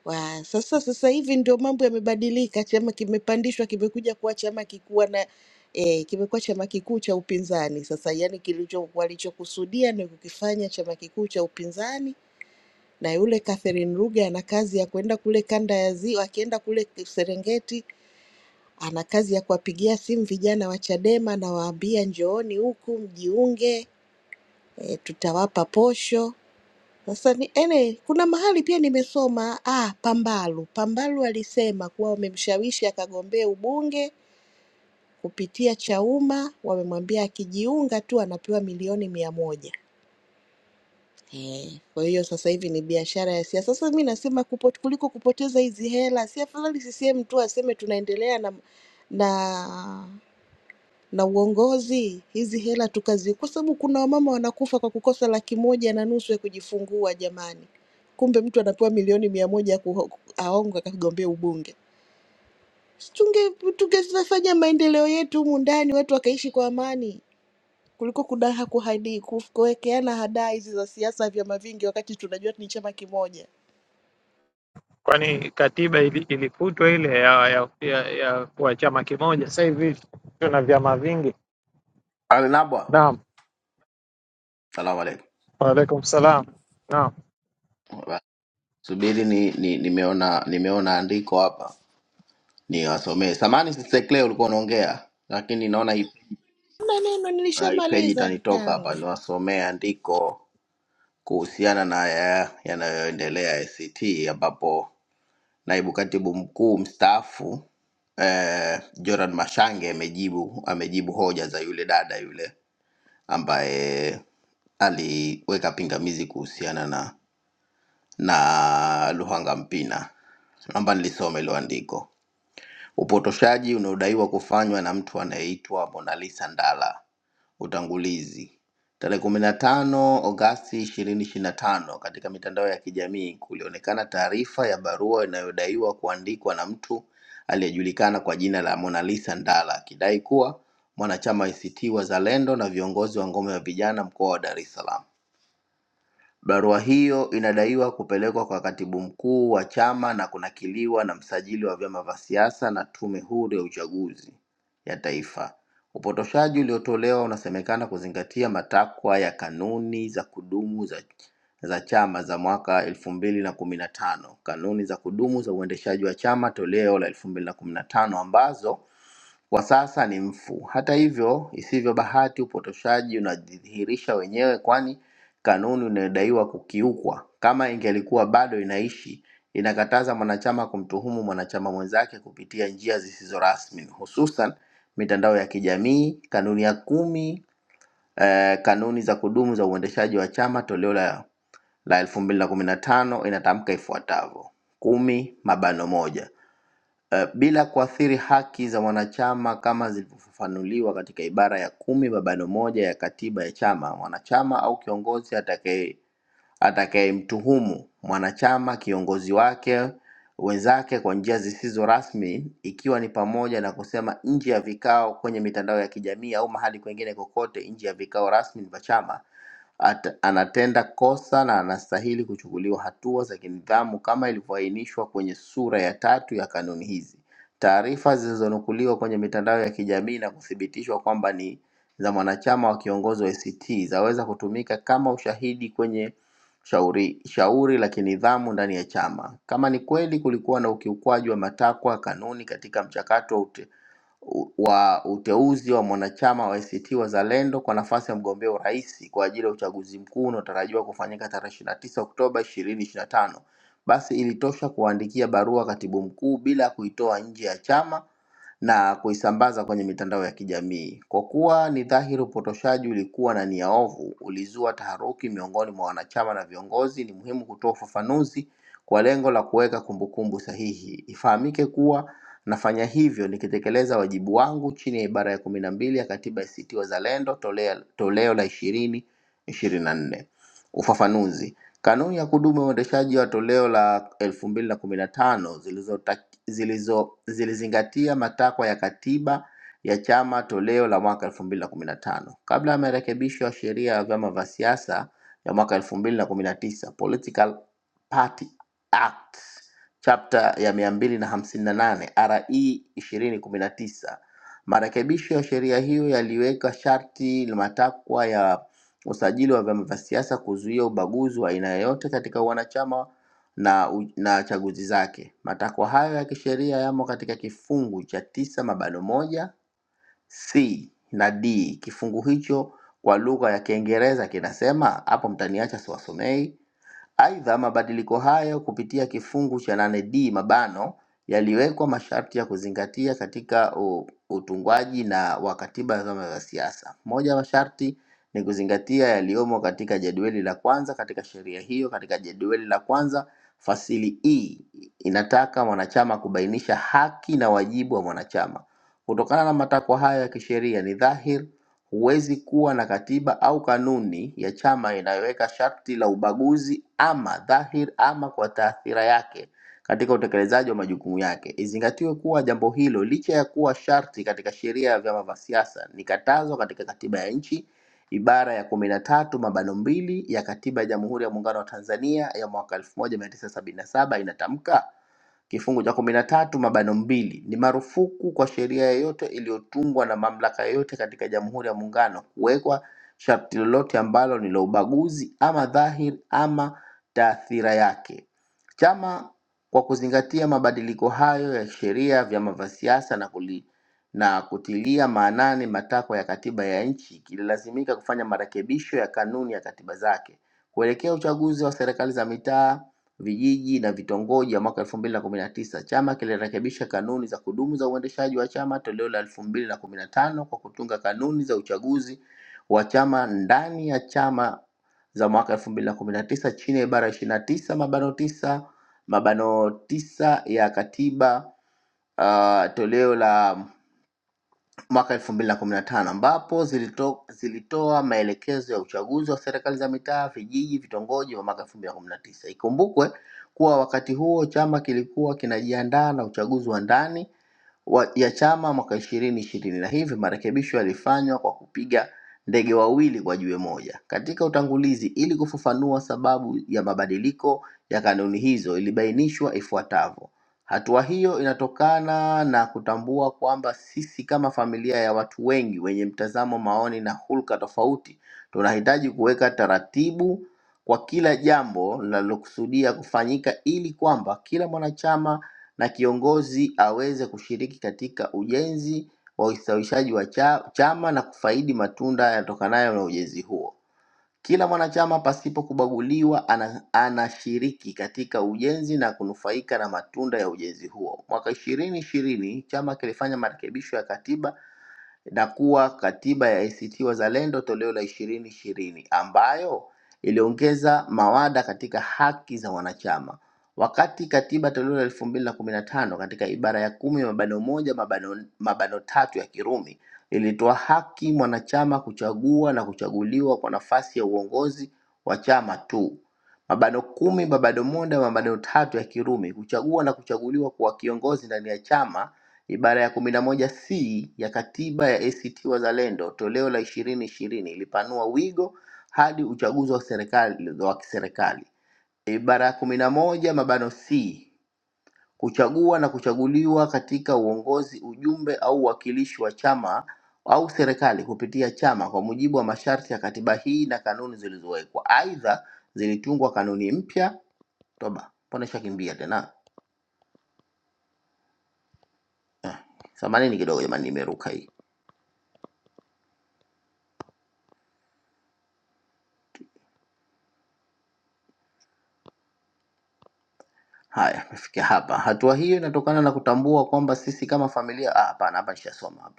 S9: wa sasa. Sasa hivi ndio mambo yamebadilika, chama kimepandishwa, kimekuja kuwa chama kikuwa na eh, kimekuwa chama kikuu cha upinzani sasa. Yani kilicho walichokusudia ni kukifanya chama kikuu cha upinzani, na yule Catherine Ruge ana kazi ya kwenda kule kanda ya Ziwa, akienda kule Serengeti ana kazi ya kuwapigia simu vijana wa Chadema, anawaambia njooni huku mjiunge e, tutawapa posho. Sasa ni, ene, kuna mahali pia nimesoma ah, Pambalu Pambalu alisema kuwa wamemshawishi akagombee ubunge kupitia Chauma, wamemwambia akijiunga tu anapewa milioni mia moja. Eh, Kwa hiyo sasa hivi ni biashara ya siasa. Sasa mi nasema kupo, kuliko kupoteza hizi hela, si afadhali CCM tu aseme tunaendelea na na na uongozi, hizi hela tukazi, kwa sababu kuna wamama wanakufa kwa kukosa laki moja na nusu ya kujifungua jamani, kumbe mtu anapewa milioni mia moja ya kuho- aongo akagombea ubunge. Tunge tungefanya maendeleo yetu humu ndani, watu wakaishi kwa amani kuliko kudaha kuhadi kuf- kuwekeana hadaa hizi za siasa, vyama vingi, wakati tunajua ni chama kimoja.
S4: kwani katiba ili, ilifutwa ile ya, ya, ya, ya kuwa chama kimoja. Sasa hivi tuna vyama vingi.
S3: Alinabwa.
S4: Naam,
S3: Salamu alaikum.
S4: waalaikum salam. Naam,
S3: Subiri ni, ni, nimeona nimeona andiko hapa niwasomee. Samani Sister Clay ulikuwa unaongea, lakini naona hii
S9: Na neno
S3: ah, hii page
S9: nilishamaliza
S3: itanitoka hapa,
S9: kakaangu.
S3: niwasomee andiko kuhusiana na ya- yanayoendelea ACT ambapo Naibu katibu mkuu mstaafu eh, Joran Mashange amejibu amejibu hoja za yule dada yule ambaye aliweka pingamizi kuhusiana na na Luhanga Mpina. Naomba nilisome hilo andiko. Upotoshaji unaodaiwa kufanywa na mtu anayeitwa Monalisa Ndala. Utangulizi. Tarehe kumi na tano Agosti ishirini ishirini na tano katika mitandao ya kijamii kulionekana taarifa ya barua inayodaiwa kuandikwa na mtu aliyejulikana kwa jina la Monalisa Ndala akidai kuwa mwanachama ACT Wazalendo na viongozi wa ngome ya vijana mkoa wa Dar es Salaam. Barua hiyo inadaiwa kupelekwa kwa Katibu Mkuu wa Chama na kunakiliwa na Msajili wa Vyama vya Siasa na Tume Huru ya Uchaguzi ya Taifa. Upotoshaji uliotolewa unasemekana kuzingatia matakwa ya kanuni za kudumu za, za chama za mwaka elfu mbili na kumi na tano, kanuni za kudumu za uendeshaji wa chama toleo la elfu mbili na kumi na tano ambazo wa sasa ni mfu. Hata hivyo, isivyo bahati, upotoshaji unajidhihirisha wenyewe, kwani kanuni inayodaiwa kukiukwa, kama ingelikuwa bado inaishi, inakataza mwanachama kumtuhumu mwanachama mwenzake kupitia njia zisizo rasmi, hususan mitandao ya kijamii. Kanuni ya kumi eh, kanuni za kudumu za uendeshaji wa chama toleo la la elfu mbili na kumi na tano inatamka ifuatavyo: kumi mabano moja eh, bila kuathiri haki za wanachama kama zilivyofafanuliwa katika ibara ya kumi babano moja ya katiba ya chama. Mwanachama au kiongozi atakaye atakayemtuhumu mwanachama, kiongozi wake, wenzake kwa njia zisizo rasmi, ikiwa ni pamoja na kusema nje ya vikao, kwenye mitandao ya kijamii au mahali kwengine kokote nje ya vikao rasmi vya chama, ata- anatenda kosa na anastahili kuchukuliwa hatua za kinidhamu kama ilivyoainishwa kwenye sura ya tatu ya kanuni hizi. Taarifa zilizonukuliwa kwenye mitandao ya kijamii na kuthibitishwa kwamba ni za mwanachama wa kiongozi wa ACT zaweza kutumika kama ushahidi kwenye shauri, shauri la kinidhamu ndani ya chama. Kama ni kweli kulikuwa na ukiukwaji wa matakwa ya kanuni katika mchakato wa ute- u- wa uteuzi wa mwanachama wa ACT Wazalendo kwa nafasi ya mgombea urais kwa ajili ya uchaguzi mkuu unaotarajiwa kufanyika tarehe 29 Oktoba 2025, basi ilitosha kuwaandikia barua katibu mkuu bila kuitoa nje ya chama na kuisambaza kwenye mitandao ya kijamii. Kwa kuwa ni dhahiri upotoshaji ulikuwa na nia ovu, ulizua taharuki miongoni mwa wanachama na viongozi, ni muhimu kutoa ufafanuzi kwa lengo la kuweka kumbukumbu sahihi. Ifahamike kuwa nafanya hivyo nikitekeleza wajibu wangu chini ya ibara ya kumi na mbili ya Katiba ya ACT Wazalendo tolea, toleo la ishirini ishirini na nne. Ufafanuzi. Kanuni ya kudumu ya uendeshaji wa toleo la 2015 zilizota- zilizo zilizingatia matakwa ya katiba ya chama toleo la mwaka 2015 kabla ya marekebisho ya sheria ya vyama vya siasa ya mwaka 2019 Political Party Act chapter ya 258 RE 2019. Marekebisho ya sheria hiyo yaliweka sharti la matakwa ya usajili wa vyama vya siasa kuzuia ubaguzi wa aina yoyote katika wanachama na, u- na chaguzi zake. Matakwa hayo ya kisheria yamo katika kifungu cha tisa mabano moja C na D. Kifungu hicho kwa lugha ya Kiingereza kinasema, hapo mtaniacha siwasomei, Aidha, mabadiliko hayo kupitia kifungu cha 8D mabano yaliwekwa masharti ya kuzingatia katika u- utungwaji na wa katiba ya vyama vya siasa. Moja ya masharti ni kuzingatia yaliyomo katika jedwali la kwanza katika sheria hiyo. Katika jedwali la kwanza fasili E inataka mwanachama kubainisha haki na wajibu wa mwanachama. Kutokana na matakwa hayo ya kisheria, ni dhahiri Huwezi kuwa na katiba au kanuni ya chama inayoweka sharti la ubaguzi ama dhahiri ama kwa taathira yake katika utekelezaji wa majukumu yake. Izingatiwe kuwa jambo hilo licha ya kuwa sharti katika sheria ya vyama vya siasa ni katazo katika katiba ya nchi ibara ya kumi na tatu mabano mbili ya katiba ya Jamhuri ya Muungano wa Tanzania ya mwaka 1977 inatamka Kifungu cha kumi na tatu mabano mbili ni marufuku kwa sheria yoyote iliyotungwa na mamlaka yoyote katika Jamhuri ya Muungano kuwekwa sharti lolote ambalo ni la ubaguzi ama dhahiri ama taathira yake. Chama kwa kuzingatia mabadiliko hayo ya sheria ya vyama vya siasa na, kuli, na kutilia maanani matakwa ya katiba ya nchi kililazimika kufanya marekebisho ya kanuni ya katiba zake kuelekea uchaguzi wa serikali za mitaa vijiji na vitongoji ya mwaka elfu mbili na kumi na tisa. Chama kilirekebisha kanuni za kudumu za uendeshaji wa chama toleo la elfu mbili na kumi na tano kwa kutunga kanuni za uchaguzi wa chama ndani ya chama za mwaka elfu mbili na kumi na tisa chini ya ibara ishirini na tisa mabano tisa mabano tisa ya katiba uh, toleo la mwaka elfu mbili na kumi na tano ambapo zilito, zilitoa maelekezo ya uchaguzi wa serikali za mitaa, vijiji, vitongoji wa mwaka elfu mbili na kumi na tisa. Ikumbukwe kuwa wakati huo chama kilikuwa kinajiandaa na uchaguzi wa ndani wa- ya chama mwaka ishirini ishirini na hivi marekebisho yalifanywa kwa kupiga ndege wawili kwa jiwe moja. Katika utangulizi, ili kufafanua sababu ya mabadiliko ya kanuni hizo, ilibainishwa ifuatavyo: hatua hiyo inatokana na kutambua kwamba sisi kama familia ya watu wengi wenye mtazamo, maoni na hulka tofauti, tunahitaji kuweka taratibu kwa kila jambo linalokusudia kufanyika ili kwamba kila mwanachama na kiongozi aweze kushiriki katika ujenzi wa ustawishaji wa cha, chama na kufaidi matunda yanayotokanayo na ujenzi huo. Kila mwanachama pasipo kubaguliwa ana, anashiriki katika ujenzi na kunufaika na matunda ya ujenzi huo. Mwaka ishirini ishirini chama kilifanya marekebisho ya katiba na kuwa katiba ya ACT Wazalendo toleo la ishirini ishirini ambayo iliongeza mawada katika haki za wanachama, wakati katiba toleo la elfu mbili na kumi na tano katika ibara ya kumi mabano moja mabano, mabano tatu ya Kirumi ilitoa haki mwanachama kuchagua na kuchaguliwa kwa nafasi ya uongozi wa chama tu. Mabano kumi mabano moja mabano tatu ya Kirumi, kuchagua na kuchaguliwa kuwa kiongozi ndani ya chama Ibara ya kumi na moja C ya Katiba ya ACT Wazalendo toleo la ishirini ishirini ilipanua wigo hadi uchaguzi wa serikali wa kiserikali. Ibara ya kumi na moja mabano C kuchagua na kuchaguliwa katika uongozi, ujumbe au uwakilishi wa chama au serikali kupitia chama kwa mujibu wa masharti ya katiba hii na kanuni zilizowekwa. Aidha, zilitungwa kanuni mpya toba, mbona ishakimbia tena? Samanini kidogo jamani, nimeruka hii. Haya, tumefikia hapa. Hatua hiyo inatokana na kutambua kwamba sisi kama familia ah, hapana, hapa nishasoma hapa.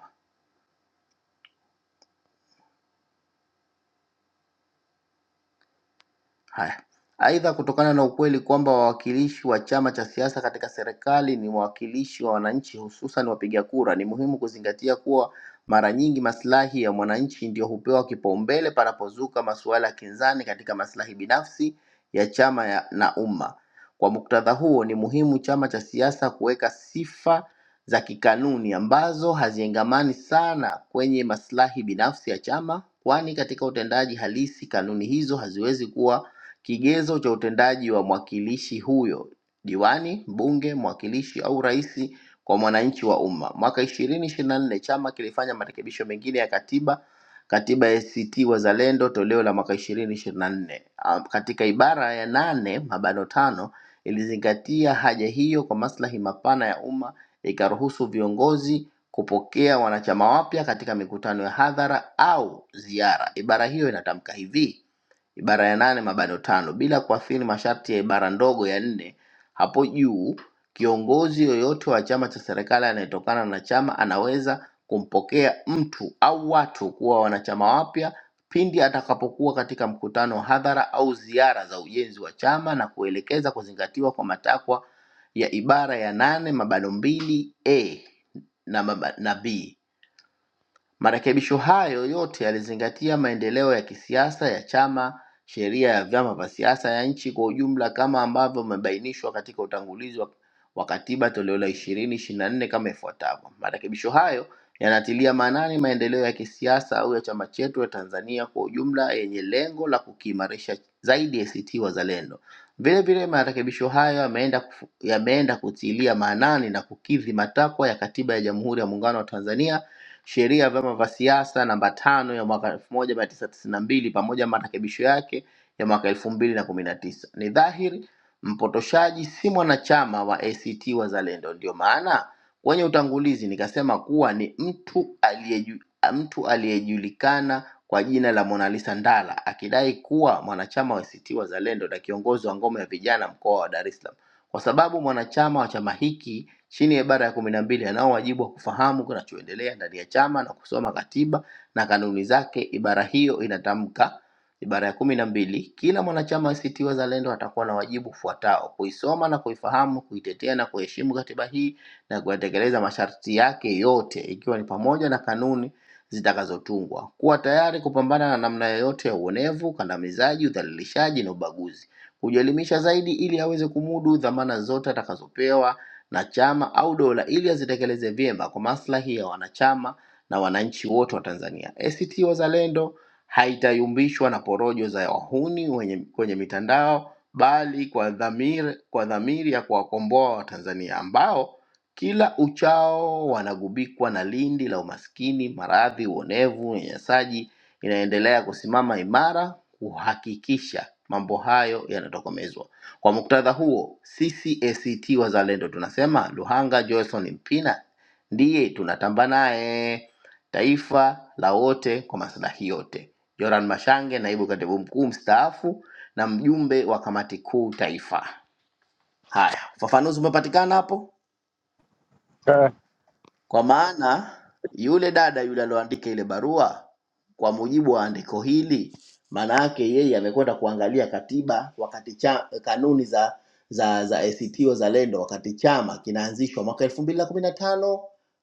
S3: Haya. Aidha, kutokana na ukweli kwamba wawakilishi wa chama cha siasa katika serikali ni wawakilishi wa wananchi, hususan wapiga kura, ni muhimu kuzingatia kuwa mara nyingi maslahi ya mwananchi ndio hupewa kipaumbele panapozuka masuala ya kinzani katika maslahi binafsi ya chama ya, na umma. Kwa muktadha huo, ni muhimu chama cha siasa kuweka sifa za kikanuni ambazo haziengamani sana kwenye maslahi binafsi ya chama, kwani katika utendaji halisi kanuni hizo haziwezi kuwa Kigezo cha utendaji wa mwakilishi huyo diwani, mbunge, mwakilishi au rais kwa mwananchi wa umma. Mwaka ishirini ishirini na nne chama kilifanya marekebisho mengine ya katiba katiba ya ACT Wazalendo toleo la mwaka ishirini ishirini na nne katika ibara ya nane mabano tano ilizingatia haja hiyo kwa maslahi mapana ya umma, ikaruhusu viongozi kupokea wanachama wapya katika mikutano ya hadhara au ziara. Ibara hiyo inatamka hivi: ibara ya nane mabano tano bila kuathiri masharti ya ibara ndogo ya nne hapo juu, kiongozi yoyote wa chama cha serikali anayetokana na chama anaweza kumpokea mtu au watu kuwa wanachama wapya pindi atakapokuwa katika mkutano wa hadhara au ziara za ujenzi wa chama na kuelekeza kuzingatiwa kwa matakwa ya ibara ya nane mabano mbili a na, maba- na b Marekebisho hayo yote yalizingatia maendeleo ya kisiasa ya chama, sheria ya vyama vya siasa ya nchi kwa ujumla kama ambavyo umebainishwa katika utangulizi wa, wa katiba toleo la ishirini ishirini na nne kama ifuatavyo. Marekebisho hayo yanatilia maanani maendeleo ya kisiasa au ya chama chetu ya Tanzania kwa ujumla yenye lengo la kukiimarisha zaidi ACT Wazalendo. Vile vile marekebisho hayo yameenda kufu- yameenda kutilia maanani na kukidhi matakwa ya Katiba ya Jamhuri ya Muungano wa Tanzania sheria ya vyama vya siasa namba tano ya mwaka 1992 pamoja na marekebisho yake ya mwaka 2019. Ni dhahiri mpotoshaji si mwanachama wa ACT Wazalendo. Ndio maana kwenye utangulizi nikasema kuwa ni mtu aliyeju, mtu aliyejulikana kwa jina la Monalisa Ndala akidai kuwa mwanachama wa ACT Wazalendo na kiongozi wa ngome ya vijana mkoa wa Dar es Salaam, kwa sababu mwanachama wa chama hiki Chini ya ibara ya kumi na mbili anao wajibu wa kufahamu kinachoendelea ndani ya chama na kusoma katiba na kanuni zake. Ibara hiyo inatamka ibara ya kumi na mbili kila mwanachama wa ACT Wazalendo atakuwa na wajibu ufuatao: kuisoma na kuifahamu, kuitetea na kuheshimu katiba hii na kuyatekeleza masharti yake yote, ikiwa ni pamoja na kanuni zitakazotungwa, kuwa tayari kupambana na namna yoyote ya uonevu, kandamizaji, udhalilishaji na ubaguzi, kujielimisha zaidi ili aweze kumudu dhamana zote atakazopewa na chama au dola ili azitekeleze vyema kwa maslahi ya wanachama na wananchi wote wa Tanzania. ACT Wazalendo haitayumbishwa na porojo za wahuni wenye, kwenye mitandao bali kwa dhamiri, kwa dhamiri ya kuwakomboa Watanzania ambao kila uchao wanagubikwa na lindi la umaskini, maradhi, uonevu, unyanyasaji, inaendelea kusimama imara kuhakikisha mambo hayo yanatokomezwa. Kwa muktadha huo, sisi ACT Wazalendo tunasema Luhanga Johnson Mpina ndiye tunatamba naye, taifa la wote kwa maslahi yote. Joran Mashange, naibu katibu mkuu mstaafu na mjumbe wa kamati kuu taifa. Haya, ufafanuzi umepatikana hapo?
S4: Eh,
S3: Kwa maana yule dada yule aliyoandika ile barua, kwa mujibu wa andiko hili, maana yake yeye amekwenda kuangalia katiba wakati cha, kanuni za za za ACT Wazalendo wakati chama kinaanzishwa mwaka elfu mbili na kumi na tano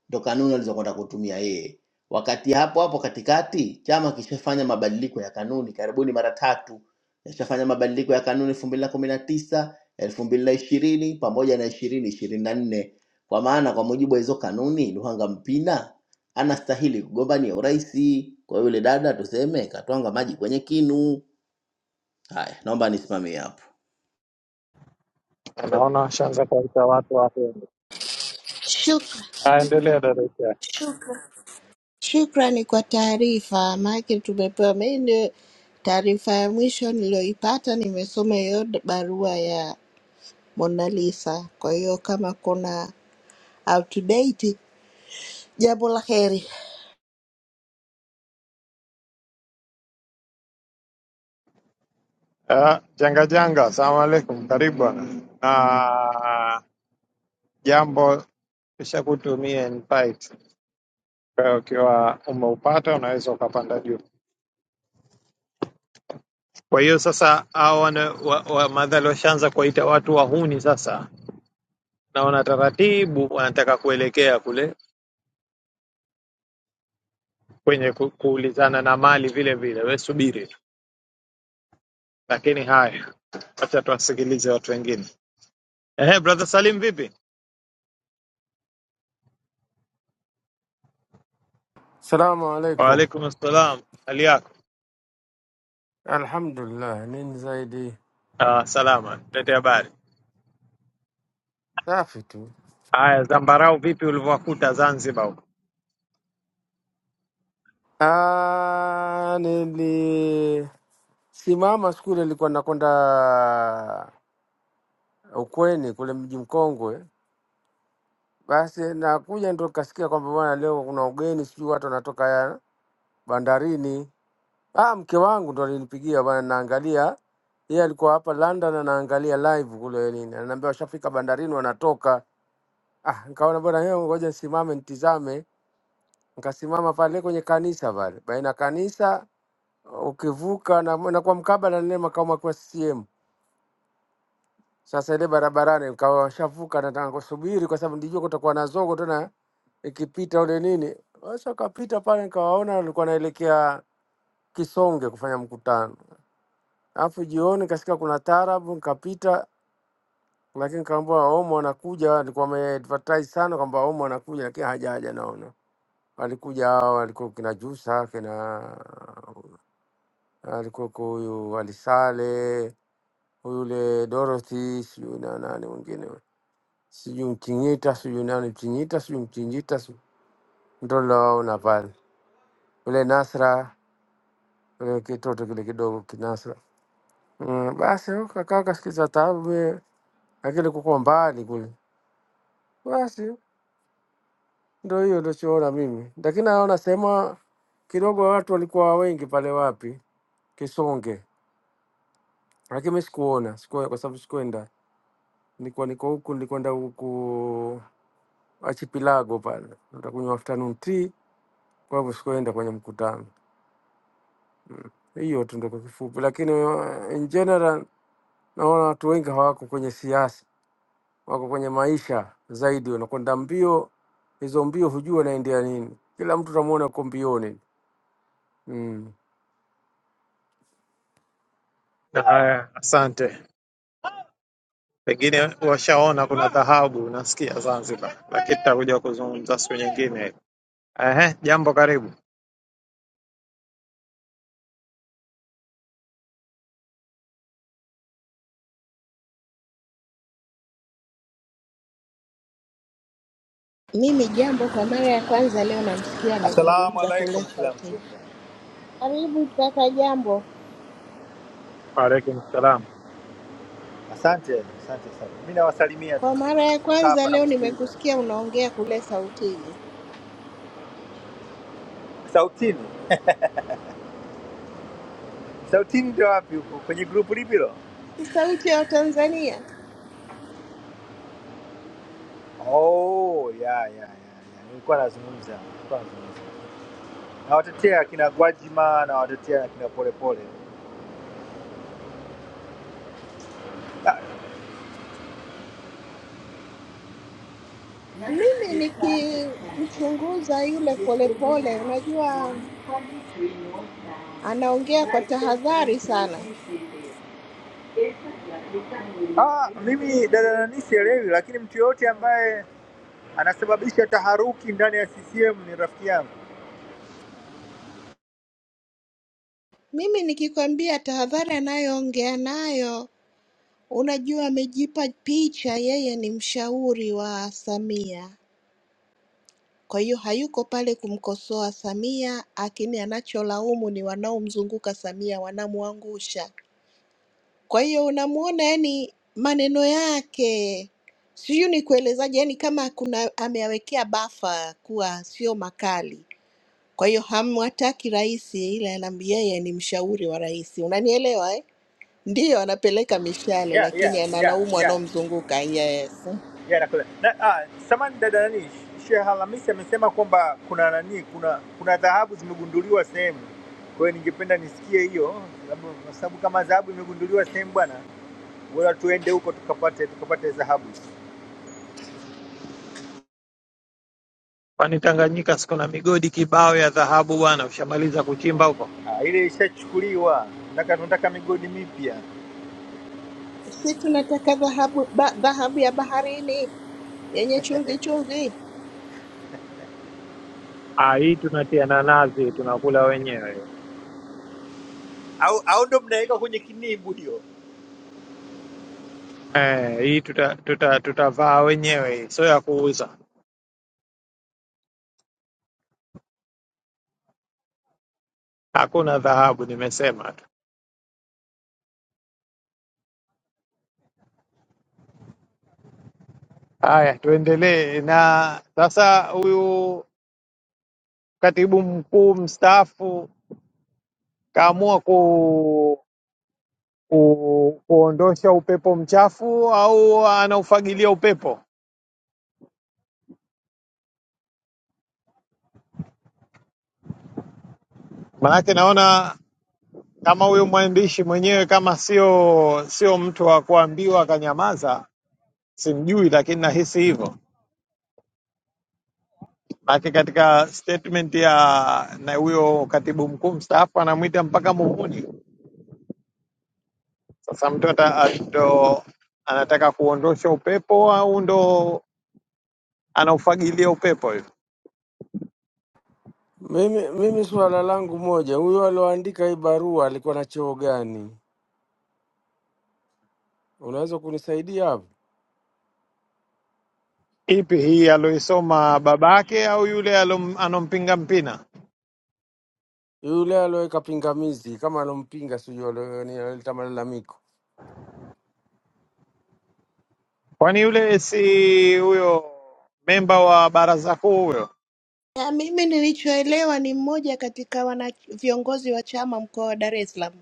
S3: ndo kanuni alizokwenda kutumia yeye. Wakati hapo hapo katikati chama kishafanya mabadiliko ya kanuni karibuni mara tatu, kishafanya mabadiliko ya kanuni elfu mbili na kumi na tisa elfu mbili na ishirini pamoja na ishirini ishirini na nne kwa maana kwa mujibu wa hizo kanuni Luhanga Mpina anastahili kugombania urais. Kwa yule dada tuseme katwanga maji kwenye kinu. Haya, naomba nisimamie hapo.
S4: naona ashaanza kuwaita watu wapende.
S9: Shukran.
S4: Aendelea dada.
S9: Shukrani kwa taarifa, maanake tumepewa. Mimi ndio taarifa ya mwisho niliyoipata, nimesoma hiyo d- barua ya Mona Lisa. Kwa hiyo kama kuna outdate, jambo la heri.
S4: Ah, janga janga, asalamu alaikum, karibu bwana. Na jambo kisha kutumia invite. Kwa hiyo ukiwa umeupata unaweza ukapanda juu. Kwa hiyo sasa hawa wana- wa- wa- madhali washaanza kuwaita watu wahuni sasa, naona taratibu wanataka kuelekea kule kwenye ku, kuulizana na mali vile vile. We subiri tu, lakini haya, wacha tuwasikilize watu wengine. Ehe, brother Salim, vipi?
S10: Salamu alaikum.
S4: Waalaikum salam, hali yako?
S10: Alhamdulillah, nini zaidi?
S4: Ah, salama, lete habari.
S10: Safi tu.
S4: Haya, zambarau vipi ulivyowakuta Zanzibar huko?
S10: Ah, Nilisimama siku ile nilikuwa nakwenda Ukweni kule mji mkongwe, basi nakuja ndo kasikia kwamba bwana, leo kuna ugeni, sijui watu wanatoka ya bandarini. Ah, mke wangu ndo alinipigia bwana, naangalia yeye alikuwa hapa London anaangalia live kule nini, ananiambia washafika bandarini wanatoka. Ah, nikaona bwana, yeye ngoja nisimame nitizame nikasimama pale kwenye kanisa pale, baina kanisa ukivuka na na kwa mkabala nile makao makuu ya CCM. Sasa ile barabarani nikawa washavuka, nataka kusubiri kwa sababu nilijua kutakuwa na zogo tena ikipita ule nini. Sasa kapita pale nikawaona walikuwa naelekea Kisonge kufanya mkutano, alafu jioni kasikia kuna taarabu, nikapita lakini kaambiwa Omo anakuja, alikuwa ameadvertise sana kwamba Omo anakuja, lakini hajaja. Naona alikuja hao, walikuwa kina Jusa, kina alikuweko huyu Alisale, yule Dorothy, sijui na nani mwingine, huyu. sijui Mtingita, sijui nani Mtingita, sijui Mtingita, sijui- ndo naona pale yule Nasra, yule kitoto kile kidogo kinasra. Mm, basi huko kakaa kasikiza tabu, eh, lakini kuko mbali kule, basi Ndio hiyo ndochoona mimi, lakini naona sema kidogo watu walikuwa wengi pale wapi Kisonge, lakini mimi sikuona siku, kwa sababu sikuenda, nilikuwa niko huku, nilikwenda huku Achipilago pale nitakunywa afternoon tea, kwa hivyo sikuenda kwenye mkutano. Hiyo tu ndio kwa kifupi, lakini uh, in general naona watu wengi hawako kwenye siasa, wako kwenye maisha zaidi, wanakwenda mbio. Hizo mbio hujua naendea nini, kila mtu utamwona uko mbioni mm.
S4: Haya, asante. Pengine washaona kuna dhahabu nasikia Zanzibar, lakini tutakuja kuzungumza siku nyingine. Ehe, jambo, karibu.
S9: Mimi jambo, kwa mara ya kwanza leo namsikia
S11: Assalamu
S9: anazungumza kule
S11: alaikum kila
S9: sauti.
S11: mtu.
S9: Karibu kaka Jambo.
S4: Waalaikum salam.
S11: Asante, asante sana. Mimi nawasalimia tu,
S9: Kwa mara ya
S11: nakaa
S9: kwanza
S11: hapa
S9: leo
S11: nakusikiliza.
S9: nimekusikia unaongea kule Sautini.
S11: Sautini, sautini ndio wapi huko? Kwenye grupu lipi hilo?
S9: Ni sauti ya Tanzania.
S11: Oh, ya ya ya, ya. nilikuwa nazungumza, nilikuwa nazungumza. Nawatetea akina Gwajima, nawatetea akina Polepole.
S9: Mimi nikimchunguza yule polepole, unajua Anaongea kwa tahadhari sana.
S11: Ah, Ah, mimi dada nani sielewi, lakini mtu yoyote ambaye anasababisha taharuki ndani ya CCM ni rafiki yangu.
S9: Mimi nikikwambia tahadhari anayoongea nayo, unajua amejipa picha yeye ni mshauri wa Samia. Kwa hiyo hayuko pale kumkosoa Samia, lakini anacholaumu ni wanaomzunguka Samia, wanamwangusha. Kwa hiyo unamuona, yani maneno yake sijui ni kuelezaje, yani kama kuna ameyawekea bafa kuwa sio makali Kwa hiyo hamwataki rais, ila anam- yeye ni mshauri wa rais, unanielewa eh? Ndiyo anapeleka mishale,
S11: Yeah,
S9: lakini
S11: yeah, yeah,
S9: analaumu
S11: yeah.
S9: wanaomzunguka. Yes,
S11: Yeah, nakule. Na, ah, samani dada nani, Sheikh Hamisi amesema kwamba kuna nani, kuna kuna dhahabu zimegunduliwa sehemu. Kwa hiyo ningependa nisikie hiyo, sababu kwa sababu kama dhahabu imegunduliwa sehemu bwana, bora tuende huko tukapate tukapate dhahabu.
S4: Kwani Tanganyika si kuna migodi kibao ya dhahabu bwana? Ushamaliza kuchimba huko?
S11: Ah, ile ishachukuliwa, nataka tunataka migodi mipya.
S9: si tunataka dhahabu ba, dhahabu ya baharini yenye chumvi chumvi.
S4: Ah, hii tunatia na nazi, tunakula wenyewe.
S11: Au au ndo mnaweka kwenye kinibu hiyo?
S4: Eh, hii tuta, tuta, tutavaa wenyewe, hii sio ya kuuza. Hakuna dhahabu, nimesema tu. Haya, tuendelee na sasa, huyu katibu mkuu mstaafu kaamua ku ku, kuondosha upepo mchafu au anaufagilia upepo? Maanake naona kama huyu mwandishi mwenyewe kama sio sio mtu wa kuambiwa akanyamaza, simjui, lakini nahisi hivyo. Maanake katika statement ya na huyo katibu mkuu mstaafu anamwita mpaka muhuni. Sasa mtu ata- ndo anataka kuondosha upepo au ndo anaufagilia upepo hivi?
S10: Mimi, mimi swala langu moja, huyo alioandika hii barua alikuwa na cheo gani? Unaweza kunisaidia hapo?
S4: Ipi hii aloisoma babake au yule alom- anompinga mpina?
S10: Yule alioweka pingamizi kama alompinga, sijui alio- ni- alileta malalamiko.
S4: Kwani yule si huyo memba wa baraza kuu huyo?
S9: Na mimi nilichoelewa ni mmoja katika wana viongozi wa chama mkoa wa Dar es Salaam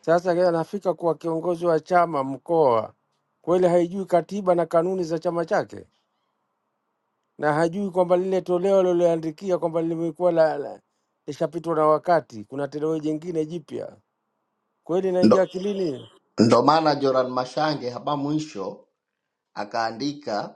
S10: Sasa yeye anafika kuwa kiongozi wa chama mkoa, kweli haijui katiba na kanuni za chama chake, na hajui kwamba lile toleo lililoandikia kwamba limekuwa la, la lishapitwa na wakati, kuna toleo jingine jipya. Kweli naingia
S3: Ndo,
S10: akilini.
S3: ndo maana Joran Mashange hapa mwisho akaandika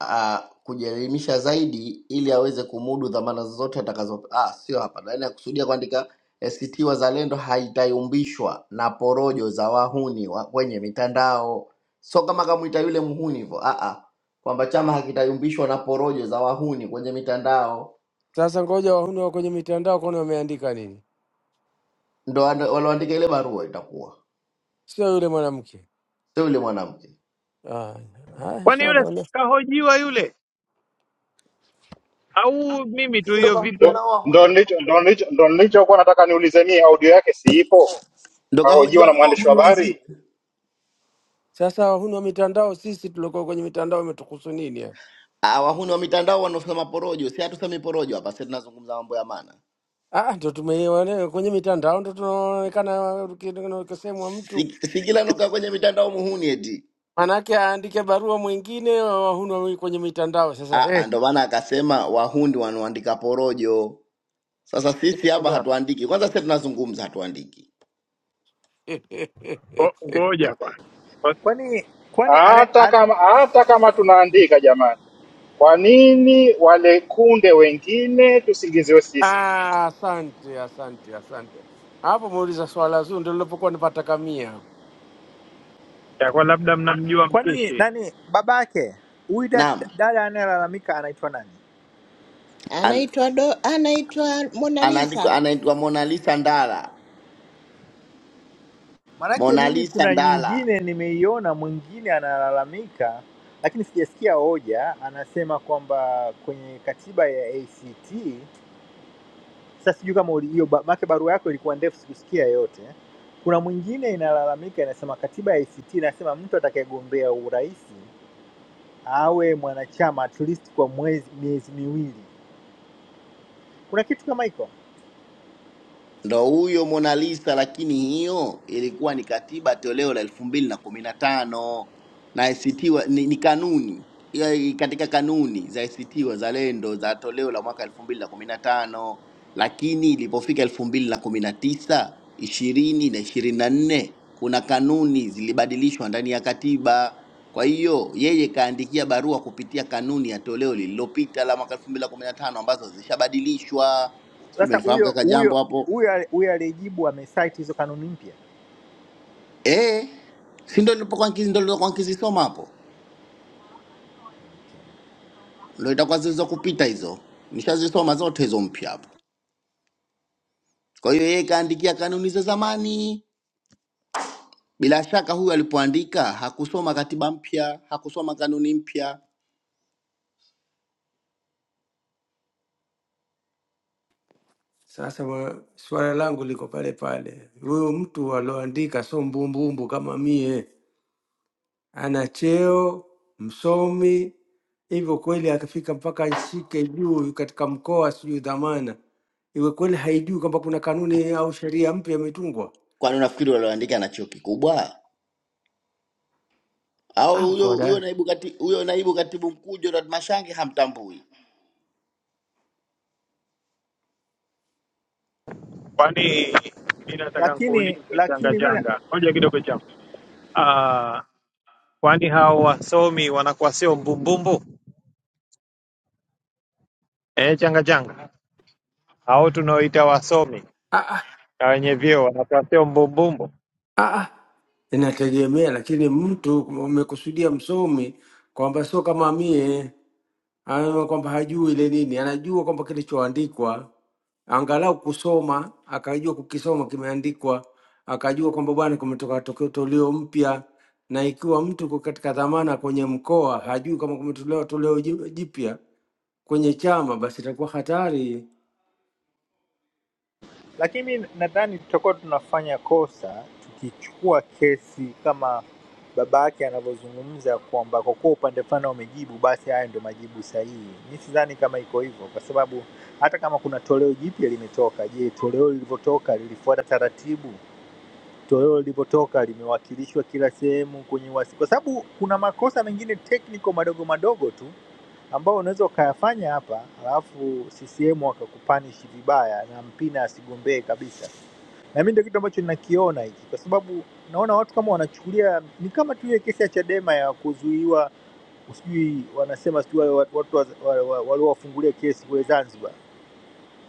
S3: ah, kujielimisha zaidi ili aweze kumudu dhamana zozote atakazo ah, sio hapa ndani akusudia kuandika ACT Wazalendo haitayumbishwa na porojo za wahuni wa kwenye mitandao. Sio kama kamwita yule mhuni hivyo ah, ah, kwamba chama hakitayumbishwa na porojo za wahuni kwenye mitandao,
S10: Sasa ngoja wahuni wa kwenye mitandao kwani wameandika nini,
S3: ndo ando- walioandika ile barua itakuwa
S10: sio yule mwanamke.
S3: sio yule mwanamke,
S10: Ah, ah,
S4: Kwani yule
S10: inshallah. ne-
S4: kahojiwa yule au mimi tu
S3: si ndo
S4: hiyo
S3: kahojiwa
S12: ndo
S4: video?
S3: nao
S12: ndo
S3: wahuni,
S12: nilicho ndo nilicho ndo nilichokuwa nataka niulize mie, audio yake siipo,
S3: ndo
S12: kahojiwa
S3: kahojiwa
S12: na
S3: nao
S12: mwandishi wa
S3: wahuni wenziwe,
S12: habari.
S10: Sasa wahuni wa mitandao, sisi tuliokuwa kwenye mitandao imetukuhusu nini? ya?
S3: ah, wahuni wa mitandao wanaosema porojo. Si hatusemi porojo hapa, sisi tunazungumza mambo ya maana.
S10: Ah, ndo tumeone kwenye mitandao ndo tunaonekana uki- ukisemwa mtu
S3: si, si kila nuka kwenye mitandao muhuni eti
S10: manake aandike barua mwingine wahuni wa kwenye mitandao. Sasa
S3: Ah,
S10: hey,
S3: ah, ndo maana akasema wahuni wanaoandika porojo. Sasa
S10: kwenye
S3: sisi hapa
S10: mitandao
S3: hatuandiki, kwanza sisi tunazungumza, hatuandiki.
S4: Oh, oh,
S11: Kwani kwani ana,
S12: Hata
S11: ana,
S12: kama hata kama tunaandika jamani, kwa nini wale kunde wengine tusingiziwe sisi?
S10: ah, asante asante asante. Hapo muuliza swala zuri ndo lilopokuwa nipatakamia hapo.
S4: Itakuwa labda mnamjua
S11: kwani
S4: mpishi.
S11: nani babake huyu da-
S3: Naam,
S11: dada anayelalamika anaitwa nani?
S3: an,
S9: anaitwa do, anaitwa Mona
S3: anaandikwa
S9: Lisa
S3: anaitwa Mona Lisa Ndala,
S11: Maanake
S3: Mona
S11: mimi
S3: Lisa
S11: kuna
S3: Ndala.
S11: nyingine nimeiona, mwingine analalamika, lakini sijasikia hoja. Anasema kwamba kwenye katiba ya ACT, sasa sijui kama uli- hiyo ba- maana barua yako ilikuwa ndefu, sikusikia yote. Kuna mwingine inalalamika, inasema katiba ya ACT inasema mtu atakayegombea urais awe mwanachama at least kwa mwezi miezi miwili. Kuna kitu kama hiko?
S3: ndo huyo Mona Lisa, lakini hiyo ilikuwa ni katiba toleo la elfu mbili na kumi na tano na ACT wa, ni, ni kanuni ya- katika kanuni za ACT Wazalendo za toleo la mwaka elfu mbili na kumi na tano lakini ilipofika elfu mbili na kumi na tisa ishirini na ishirini na nne kuna kanuni zilibadilishwa ndani ya katiba. Kwa hiyo yeye kaandikia barua kupitia kanuni ya toleo lililopita la mwaka elfu mbili na kumi na tano ambazo zishabadilishwa. Sijui
S11: Sasa
S3: umenifahamu
S11: huyo
S3: kaka Jambo
S11: huyo
S3: hapo
S11: huyo ali- huyo aliyejibu amesite hizo kanuni mpya,
S3: Eh, si ndo nilipokuwa nkizi ndo nilipokuwa nkizisoma hapo, ndo itakuwa zilizokupita hizo, nishazisoma zote hizo mpya hapo. Kwa hiyo yeye kaandikia kanuni za zamani. Bila shaka huyu alipoandika hakusoma katiba mpya, hakusoma kanuni mpya.
S10: Sasa wa- swala langu liko pale pale, huyo mtu aloandika sio mbumbumbu kama mie. ana cheo, msomi, hivyo kweli akifika mpaka ashike juu katika mkoa, sijui dhamana, iwe kweli haijui kwamba kuna kanuni au sheria mpya imetungwa?
S3: Kwani unafikiri walioandika ana cheo kikubwa
S10: Ah,
S3: au huyo
S10: mkoa
S3: huyo
S10: da.
S3: naibu kati, huyo naibu katibu mkuu Gerard Mashange hamtambui?
S4: Kwani mi nataka
S11: lakini
S4: nkuulize changa
S11: lakini mi
S4: changa, ngoja kidogo chama. Ah, kwani hao wasomi wanakuwa sio mbumbumbu eh, changa changa? Hao tunaoita wasomi na wenye vyeo wanakuwa sio mbumbumbu?
S10: Ah, ah. inategemea, lakini mtu umekusudia msomi kwamba sio kama mie anaona kwamba hajui ile nini, anajua kwamba kilichoandikwa angalau kusoma, akajua kukisoma kimeandikwa, akajua kwamba bwana, kumetoka tokeo toleo mpya. Na ikiwa mtu yuko katika dhamana kwenye mkoa, hajui kama kumetolewa toleo ji- jipya kwenye chama, basi itakuwa hatari.
S11: lakini mi nadhani tutakuwa tunafanya kosa tukichukua kesi kama baba yake anavyozungumza kwamba kwa kuwa upande fulani wamejibu, basi haya ndio majibu sahihi. Mi sidhani kama iko hivyo, kwa sababu hata kama kuna toleo jipya limetoka, je, toleo lilivyotoka lilifuata taratibu? Toleo lilivyotoka limewakilishwa kila sehemu kwenye wasi, kwa sababu kuna makosa mengine technical madogo madogo tu ambayo unaweza ukayafanya hapa, alafu CCM wakakupanish vibaya na Mpina asigombee kabisa. Na mimi ndio kitu ambacho ninakiona hiki, kwa sababu naona watu kama wanachukulia ni kama tu ile kesi ya Chadema ya kuzuiwa, sijui wanasema sijui wale watu watu wa- wa- wa- waliowafungulia kesi kule Zanzibar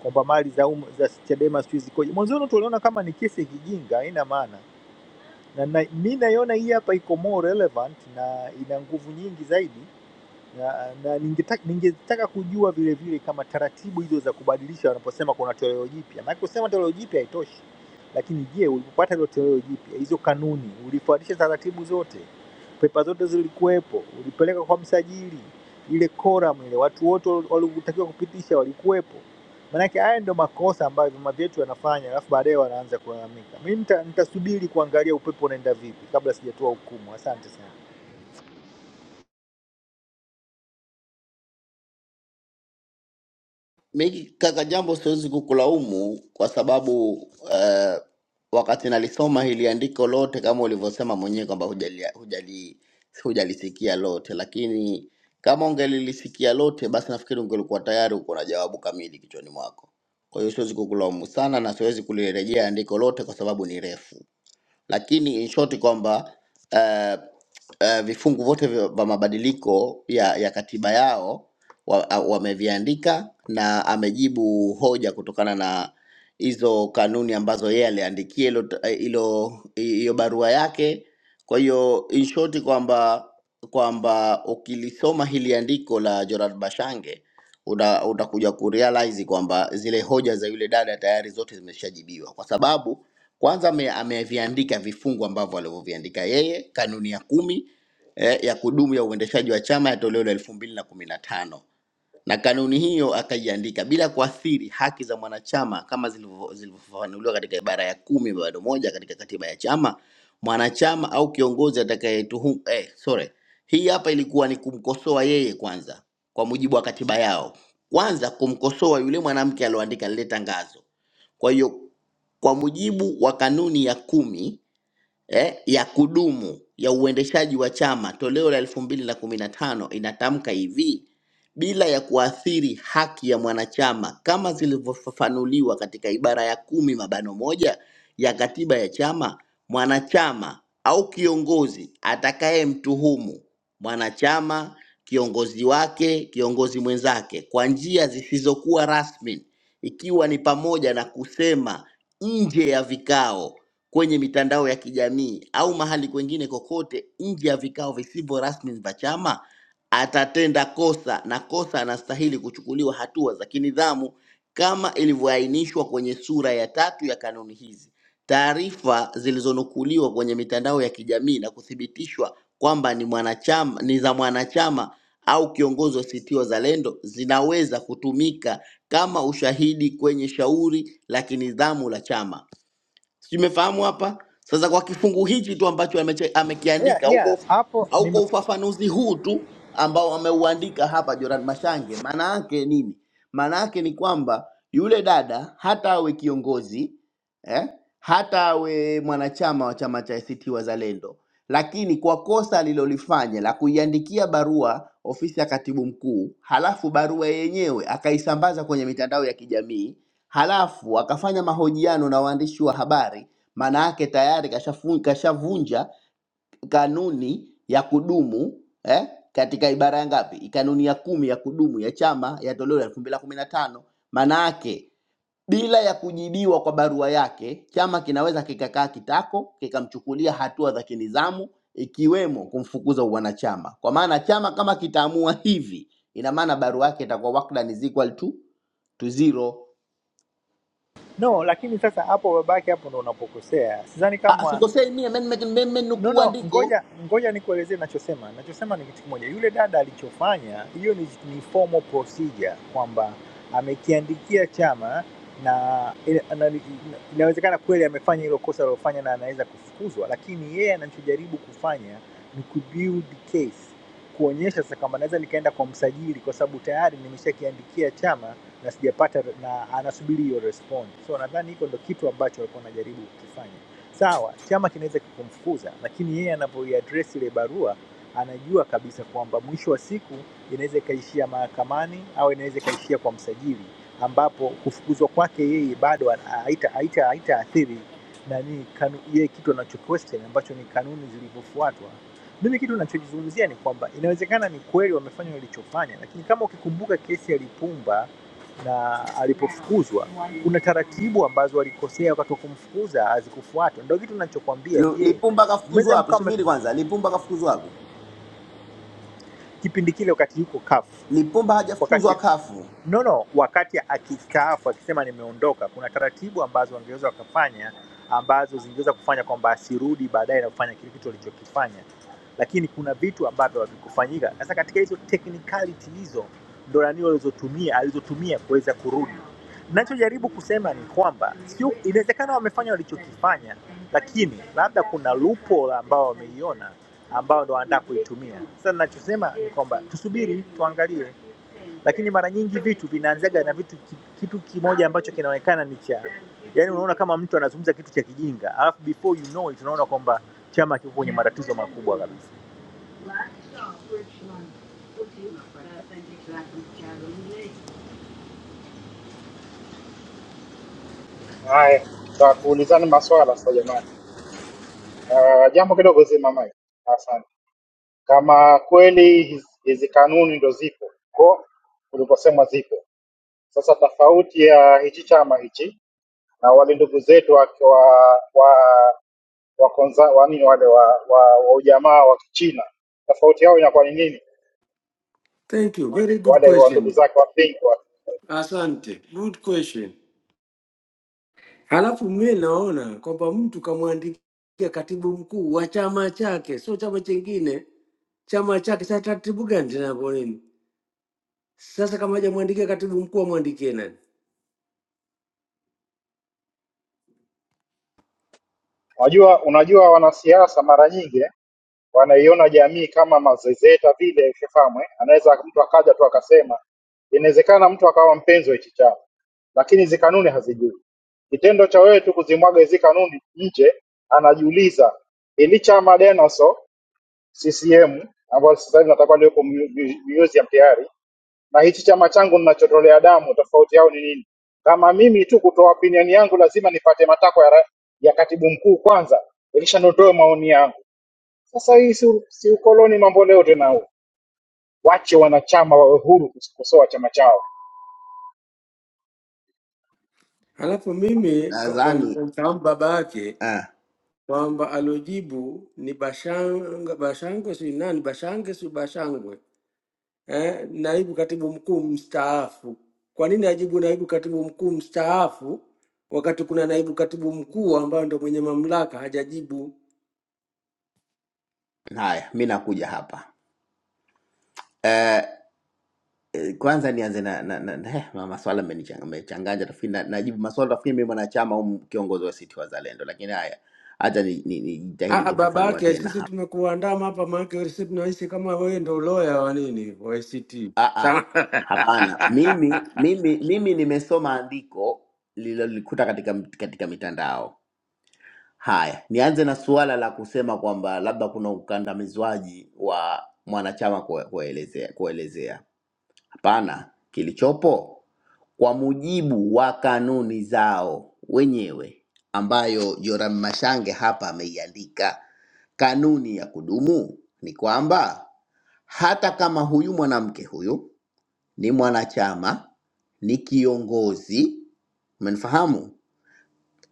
S11: kwamba mali za um, za Chadema sijui zikoje. Mwanzoni watu waliona kama ni kesi ya kijinga, haina maana na, na mi naiona hii hapa iko more relevant na ina nguvu nyingi zaidi na, na ningetaka, ningetaka kujua vile vile kama taratibu hizo za kubadilisha wanaposema kuna toleo jipya, maana kusema toleo jipya haitoshi, lakini je, ulipopata hilo toleo jipya, hizo kanuni ulifuatisha taratibu zote, pepa zote zilikuwepo, ulipeleka kwa msajili, ile koram ile, watu wote waliotakiwa kupitisha walikuwepo? Maanake haya ndio makosa ambayo vyama vyetu yanafanya, alafu baadaye wanaanza kulalamika. Mimi nita- nitasubiri kuangalia upepo unaenda vipi kabla sijatoa hukumu. Asante sana.
S3: Miki kaka, jambo siwezi kukulaumu kwa sababu uh, wakati nalisoma hili andiko lote, kama ulivyosema mwenyewe kwamba hujali, hujali, hujalisikia lote, lakini kama ungelilisikia lote, basi nafikiri ungelikuwa tayari uko na jawabu kamili kichwani mwako. Kwa hiyo siwezi kukulaumu sana na siwezi kulirejea andiko lote kwa sababu ni refu lakini in short kwamba uh, uh, vifungu vyote vya vya mabadiliko ya, ya katiba yao wa- a- wameviandika na amejibu hoja kutokana na hizo kanuni ambazo yeye aliandikia hilo t- eh, hilo hiyo barua yake. Kwa hiyo in short kwamba kwamba ukilisoma hili andiko la Gerard Bashange una- utakuja kurealize kwamba zile hoja za yule dada tayari zote zimeshajibiwa kwa sababu kwanza ame- ameviandika vifungu ambavyo alivyoviandika yeye, kanuni ya kumi eh, ya kudumu ya uendeshaji wa chama ya toleo la elfu mbili na kumi na tano na kanuni hiyo akaiandika bila kuathiri haki za mwanachama kama zilivyo- zilivyofafanuliwa katika ibara ya kumi bado moja katika katiba ya chama. Mwanachama au kiongozi atakayetuhumu eh, sorry, hii hapa ilikuwa ni kumkosoa yeye kwanza, kwa mujibu wa katiba yao, kwanza kumkosoa yule mwanamke alioandika lile tangazo. Kwa hiyo kwa mujibu wa kanuni ya kumi eh, ya kudumu ya uendeshaji wa chama toleo la elfu mbili na kumi na tano inatamka hivi bila ya kuathiri haki ya mwanachama kama zilivyofafanuliwa katika ibara ya kumi mabano moja ya katiba ya chama mwanachama au kiongozi atakayemtuhumu mwanachama kiongozi wake kiongozi mwenzake kwa njia zisizokuwa rasmi ikiwa ni pamoja na kusema nje ya vikao kwenye mitandao ya kijamii au mahali kwengine kokote nje ya vikao visivyo rasmi vya chama, atatenda kosa na kosa anastahili kuchukuliwa hatua za kinidhamu kama ilivyoainishwa kwenye sura ya tatu ya kanuni hizi. Taarifa zilizonukuliwa kwenye mitandao ya kijamii na kuthibitishwa kwamba ni mwanachama, ni za mwanachama au kiongozi wa ACT Wazalendo zinaweza kutumika kama ushahidi kwenye shauri la kinidhamu la chama. Sijui umefahamu hapa sasa. Kwa kifungu hichi tu ambacho ameche-
S11: Yeah,
S3: amekiandika au kwa
S11: yeah,
S3: uf-
S11: hapo
S3: au kwa
S11: nime
S3: ufafanuzi huu tu ambao ameuandika hapa Joran Mashange, maana yake nini? Maana yake ni kwamba yule dada hata awe kiongozi eh, hata awe mwanachama wa chama cha ACT Wazalendo, lakini kwa kosa alilolifanya la kuiandikia barua ofisi ya katibu mkuu, halafu barua yenyewe akaisambaza kwenye mitandao ya kijamii halafu akafanya mahojiano na waandishi wa habari, maana yake tayari kashafu- kashavunja kanuni ya kudumu eh, katika ibara ya ngapi, kanuni ya kumi ya kudumu ya chama ya toleo la elfu mbili na kumi na tano. Maana yake bila ya kujibiwa kwa barua yake, chama kinaweza kikakaa kitako kikamchukulia hatua za kinizamu ikiwemo kumfukuza uwanachama, kwa maana chama kama kitaamua hivi, ina maana barua yake itakuwa wakda is equal to, to zero
S11: no lakini sasa hapo babake hapo ndo unapokosea sidhani
S3: Ah,
S11: kama
S3: sikosei mie meme
S11: No,
S3: nukuu
S11: no,
S3: andiko
S11: ngoja ngoja nikuelezee nachosema. Nachosema ni kitu kimoja. Yule dada alichofanya, hiyo ni, ni formal procedure kwamba amekiandikia chama na ina- na- inawezekana kweli amefanya hilo kosa alilofanya na anaweza kufukuzwa, lakini yeye anachojaribu kufanya ni kubuild case, kuonyesha sasa kwamba naweza nikaenda kwa msajili kwa sababu tayari nimeshakiandikia chama na sijapata, na anasubiri hiyo response. So nadhani hiko ndo kitu ambacho alikuwa anajaribu kukifanya sawa chama kinaweza kikamfukuza lakini yeye anavyoiadress ile barua anajua kabisa kwamba mwisho wa siku inaweza ikaishia mahakamani au inaweza ikaishia kwa msajili ambapo kufukuzwa kwake yeye bado ana- haita- haita- haitaathiri nani kanu, yeye kitu anacho question ambacho ni kanuni zilivyofuatwa mimi kitu nachokizungumzia ni kwamba inawezekana ni kweli wamefanya walichofanya lakini kama ukikumbuka kesi ya lipumba na alipofukuzwa kuna taratibu ambazo walikosea wakati wa kumfukuza hazikufuatwa. Ndio kitu nachokwambia.
S3: Lu-
S11: Je,
S3: Lipumba kafukuzwa
S11: mnaweza
S3: wapi?
S11: mkawa mme-
S3: Subiri kwanza, Lipumba kafukuzwa wapi?
S11: kipindi kile wakati yuko kafu,
S3: Lipumba hajafukuzwa
S11: wakati
S3: kafu,
S11: no no, wakati akistaafu akisema nimeondoka, kuna taratibu ambazo wangeweza wakafanya ambazo zingeweza kufanya kwamba asirudi baadaye na kufanya kile kitu alichokifanya, lakini kuna vitu ambavyo havikufanyika. Sasa katika hizo technicality hizo ndo nani walizotumia alizotumia kuweza kurudi Nachojaribu kusema ni kwamba sio, inawezekana wamefanya walichokifanya, lakini labda kuna loophole ambao wameiona ambao ndo wanataka kuitumia. Sasa ninachosema ni kwamba tusubiri tuangalie, lakini mara nyingi vitu vinaanzaga na vitu ki- kitu kimoja ambacho kinaonekana ni cha yani, unaona kama mtu anazungumza kitu cha kijinga, alafu before you know it unaona kwamba chama kiko kwenye matatizo makubwa kabisa.
S12: Haya, tutakuulizana maswala sasa jamani. Uh, jambo kidogo zima mike. Asante. Kama kweli hizi hizi kanuni ndo zipo ko kuliposema zipo, sasa tofauti ya hichi chama hichi na wale ndugu zetu wa, wa, wa wa konza, wa nini wale wa, wa, wa ujamaa wa Kichina. Tofauti yao inakuwa ni nini?
S10: Thank you, very good
S12: Wale wa ndugu
S10: question.
S12: zake wa Pink wa,
S10: Asante, good question. Halafu mie naona kwamba mtu kamwandikia katibu mkuu wa chama chake, sio chama chingine, chama chake. Sasa taratibu gani tena hapo nini? Sasa kama hajamwandikia katibu mkuu, amwandikie nani?
S12: unajua unajua wanasiasa mara nyingi eh, wanaiona jamii kama mazezeta vile, ushafahamu eh? Anaweza mtu akaja tu akasema, inawezekana mtu akawa mpenzi wa hichi chama, lakini hizi kanuni hazijui. Kitendo cha wewe tu kuzimwaga hizi kanuni nje, anajiuliza hili chama Denoso CCM ambayo sasa hivi natakuwa liwepo mu- mu- museum tayari na hichi chama changu ninachotolea damu, tofauti yao ni nini? Kama mimi tu kutoa opinion yangu, lazima nipate matakwa ya, ra- ya katibu mkuu kwanza, ilisha nitoe maoni yangu. Sasa hii si, si ukoloni mambo leo tena huu. Wache wanachama wawe huru kukosoa chama chao.
S10: Halafu mimi kwa kwa
S3: nadhani
S10: nilipomfahamu baba yake
S3: eh.
S10: kwamba alojibu ni Bashanga Bashangwe, si nani Bashange, si Bashangwe eh, naibu katibu mkuu mstaafu. Kwa nini ajibu naibu katibu mkuu mstaafu wakati kuna naibu katibu mkuu ambayo ndo mwenye mamlaka hajajibu?
S3: Haya, mi nakuja hapa eh, eh, kwanza nianze na, na, na, na eh, ma- maswala amenichang- amechanganya tafikiri na, najibu maswala tafikiri mimi mwanachama au kiongozi wa ACT Wazalendo, lakini haya hata nijitahidi ni, ni
S10: Ah,
S3: nijitahidi
S10: ah, baba
S3: kufafanua
S10: yake
S3: tena
S10: sisi
S3: hapa.
S10: tumekuandama hapa, maana yake sisi tunaishi kama wewe ndo lawyer wa nini wa ICT.
S3: Ah,
S10: Sawa.
S3: ah, hapana, mimi mimi mimi nimesoma andiko lililolikuta katika katika mitandao Haya, nianze na suala la kusema kwamba labda kuna ukandamizwaji wa mwanachama kue- kuelezea kuelezea. Hapana, kilichopo kwa mujibu wa kanuni zao wenyewe ambayo Joram Mashange hapa ameiandika. Kanuni ya kudumu ni kwamba hata kama huyu mwanamke huyu ni mwanachama, ni kiongozi, umenifahamu?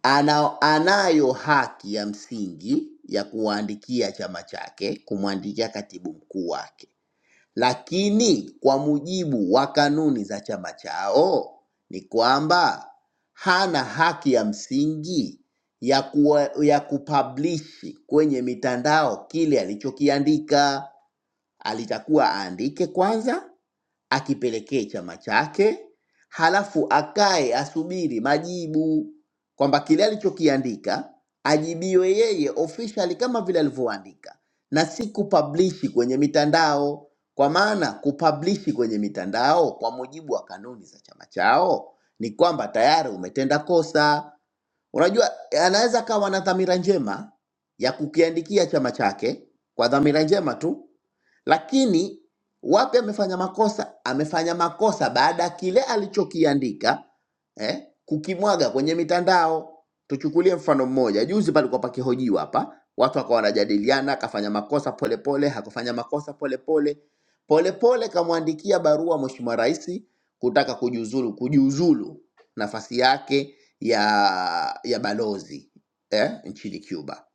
S3: ana, anayo haki ya msingi ya kuwaandikia chama chake, kumwandikia katibu mkuu wake, lakini kwa mujibu wa kanuni za chama chao ni kwamba hana haki ya msingi ya, kuwa, ya kupublishi kwenye mitandao kile alichokiandika. Alitakuwa aandike kwanza akipelekee chama chake, halafu akae asubiri majibu kwamba kile alichokiandika ajibiwe yeye officially kama vile alivyoandika, na si kupablishi kwenye mitandao, kwa maana kupablishi kwenye mitandao kwa mujibu wa kanuni za chama chao ni kwamba tayari umetenda kosa Unajua, anaweza akawa na dhamira njema ya kukiandikia chama chake kwa dhamira njema tu, lakini wapi amefanya makosa? Amefanya makosa baada ya kile alichokiandika eh, kukimwaga kwenye mitandao. Tuchukulie mfano mmoja, juzi palikuwa pakihojiwa hapa, watu wakawa wanajadiliana, akafanya makosa polepole, hakufanya makosa polepole, polepole kamwandikia barua Mheshimiwa Rais kutaka kujiuzulu, kujiuzulu nafasi yake ya ya balozi eh, nchini Cuba.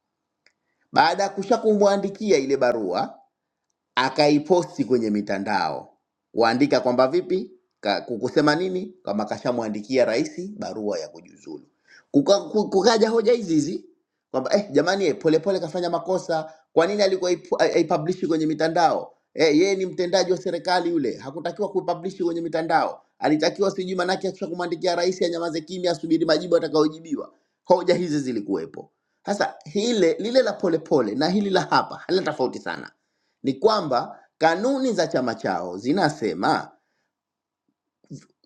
S3: Baada ya kusha kumwandikia ile barua akaiposti kwenye mitandao waandika kwamba vipi Ka, kukusema nini kama kashamwandikia rais barua ya kujiuzulu. Kuka, ku- kukaja hoja hizi hizi kwamba eh, jamani eh, polepole kafanya makosa, kwa nini alikuwa aipu- ai- aipublishi kwenye mitandao? Eh, yeye ni mtendaji wa serikali yule, hakutakiwa kuipublishi kwenye mitandao, alitakiwa sijui manake akisha kumwandikia rais anyamaze kimya, asubiri majibu atakayojibiwa. Hoja hizi zilikuwepo. Sasa hile lile la polepole pole, na hili la hapa halina tofauti sana ni kwamba kanuni za chama chao zinasema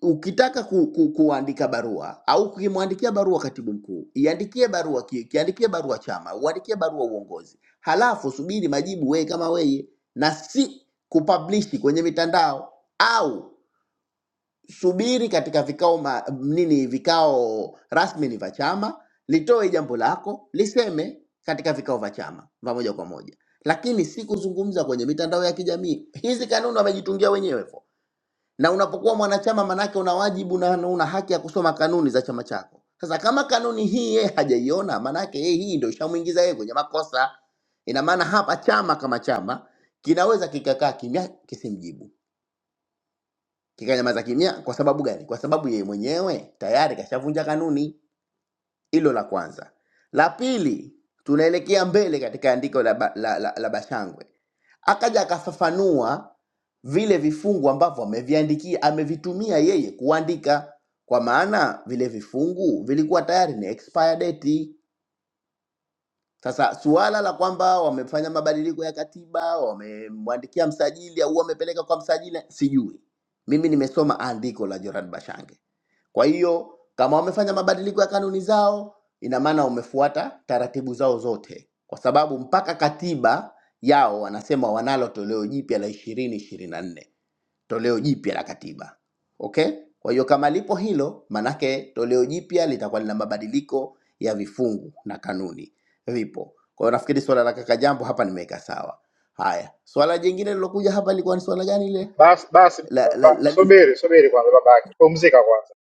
S3: ukitaka ku, ku, kuandika barua au ukimwandikia barua katibu mkuu, iandikie barua ki- kiandikie barua chama, uandikie barua uongozi, halafu subiri majibu wewe kama wewe, na si kupublishi kwenye mitandao au subiri katika vikao ma, nini vikao rasmi ni vya chama, litoe jambo lako liseme katika vikao vya chama vya moja kwa moja, lakini si kuzungumza kwenye mitandao ya kijamii. Hizi kanuni wamejitungia wenyewe hivyo, na unapokuwa mwanachama manake una wajibu na na una haki ya kusoma kanuni za chama chako. Sasa kama kanuni hii yeye hajaiona, manake yeye hii ndio ishamuingiza yeye kwenye makosa. Ina maana hapa chama kama chama kinaweza kikakaa kimya kisimjibu kikanyamaza kimya kwa sababu gani kwa sababu yeye mwenyewe tayari kashavunja kanuni hilo la kwanza la pili tunaelekea mbele katika andiko la, ba, la, la, la bashangwe akaja akafafanua vile vifungu ambavyo ameviandikia amevitumia yeye kuandika kwa maana vile vifungu vilikuwa tayari ni expire date sasa suala la kwamba wamefanya mabadiliko ya katiba, wamemwandikia msajili au wamepeleka kwa msajili, sijui. Mimi nimesoma andiko la Joran Bashange. Kwa hiyo kama wamefanya mabadiliko ya kanuni zao, ina maana wamefuata taratibu zao zote, kwa sababu mpaka katiba yao wanasema wanalo toleo jipya la ishirini ishirini na nne toleo jipya la katiba. Okay? Kwa hiyo kama lipo hilo, manake toleo jipya litakuwa lina mabadiliko ya vifungu na kanuni vipo. Kwa hiyo nafikiri swala la kaka Jambo hapa nimeweka sawa. Haya, swala jingine lilokuja hapa lilikuwa ni swala gani ile
S12: Basi basi
S3: la, la,
S12: ba,
S3: la,
S12: subiri subiri kwanza, babake, pumzika kwanza,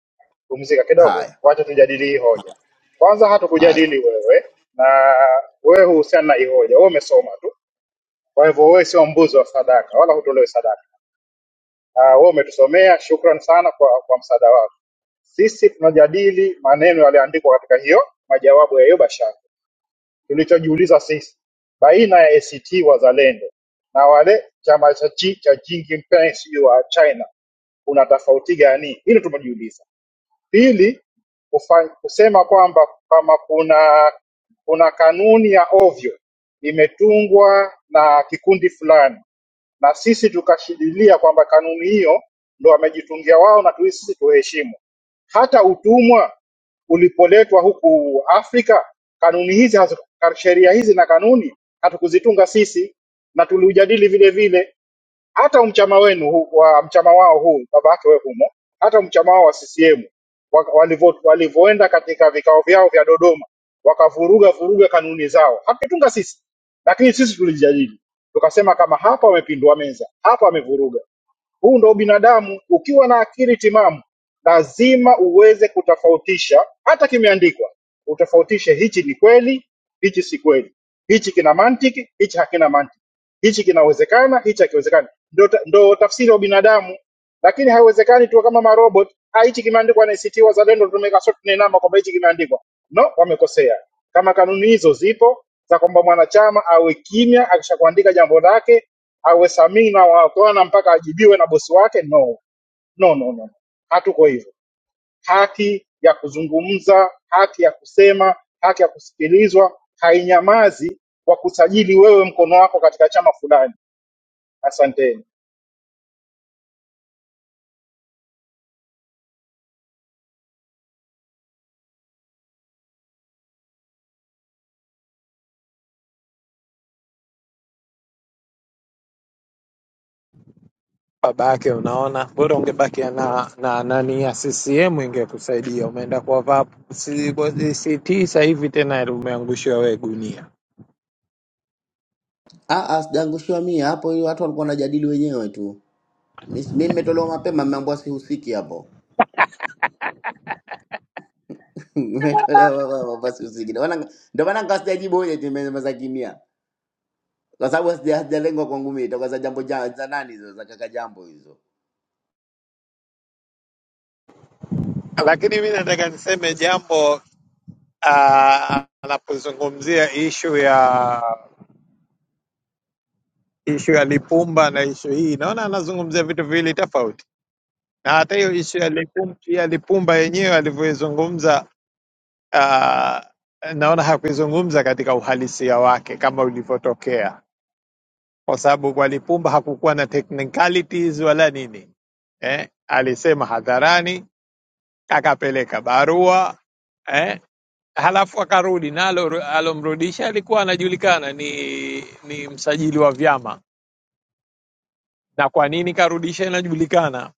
S12: pumzika kidogo,
S3: haya
S12: wacha tujadili hii hoja kwanza
S3: haya,
S12: hatukujadili wewe na wewe huhusiana na hii hoja, wewe umesoma tu. Kwa hivyo wewe sio mbuzi wa sadaka, wala hutolewi sadaka. Ah, Wewe umetusomea, shukran sana kwa, kwa msaada wako. Sisi tunajadili maneno yaliyoandikwa katika hiyo majawabu ya hiyo bashasha. Tulichojiuliza sisi baina ya ACT Wazalendo na wale chama cha chi cha Jinping sijui wa China kuna tofauti gani? Hilo tumejiuliza. Pili, kufa- kusema kwamba kama kuna kuna kanuni ya ovyo imetungwa na kikundi fulani na sisi tukashidilia kwamba kanuni hiyo ndo wamejitungia wao na tuisi sisi tuheshimu. Hata utumwa ulipoletwa huku Afrika, kanuni hizi haziku- sheria hizi na kanuni hatukuzitunga sisi, na tuliujadili vile vile hata umchama wenu huu- wa mchama wao huu baba yake wewe humo, hata mchama wao wa CCM wa- walivyo- walivyoenda katika vikao vyao vya Dodoma wakavuruga vuruga kanuni zao, hatukutunga sisi, lakini sisi tulijadili tukasema, kama hapa wamepindua meza, hapa wamevuruga huu ndo binadamu. Ukiwa na akili timamu, lazima uweze kutofautisha, hata kimeandikwa, utofautishe hichi ni kweli, hichi si kweli, hichi kina mantiki, hichi hakina mantiki, hichi kinawezekana, hichi hakiwezekani. Ndo, ta, ndo tafsiri ya binadamu lakini haiwezekani tuwe kama marobot "Ah, hichi kimeandikwa na ACT Wazalendo tumeweka sote tunainama kwamba hichi kimeandikwa no wamekosea kama kanuni hizo zipo za kwamba mwanachama awe kimya akishakuandika jambo lake awe samii na wakona mpaka ajibiwe na bosi wake no no no no no. hatuko hivyo haki ya kuzungumza haki ya kusema haki ya kusikilizwa hainyamazi kwa kusajili wewe mkono wako katika chama fulani asanteni
S4: baba yake. Unaona, bora ungebaki na na nani ya CCM ingekusaidia. Umeenda kwa VAP si- kwa ACT, sasa hivi tena umeangushiwa wewe gunia.
S3: ah, ah, sijaangushiwa mie hapo, hiyo watu walikuwa wanajadili wenyewe tu. Mis- Mimi nimetolewa mapema, mmeambiwa sihusiki hapo. Nimetolewa mapema, sihusiki. Ndio maana ndio maana nikasijajibu hoja, nimemeza kimya. kwa sababu hazija- hazijalengwa kwangu mimi, itakuwa za jambo ja, za nani hizo za kaka jambo hizo.
S4: Lakini mi nataka niseme jambo ah, anapozungumzia ishu ya ishu ya Lipumba na ishu hii, naona anazungumzia vitu viwili tofauti, na hata hiyo ishu ya Lipumba, ya Lipumba yenyewe alivyoizungumza ah, naona hakuizungumza katika uhalisia wake kama ulivyotokea kwa sababu kwa Lipumba hakukuwa na technicalities wala nini eh, alisema hadharani, akapeleka barua eh, halafu akarudi nalo. Alomrudisha alikuwa anajulikana ni, ni msajili wa vyama. Na kwa nini karudisha inajulikana?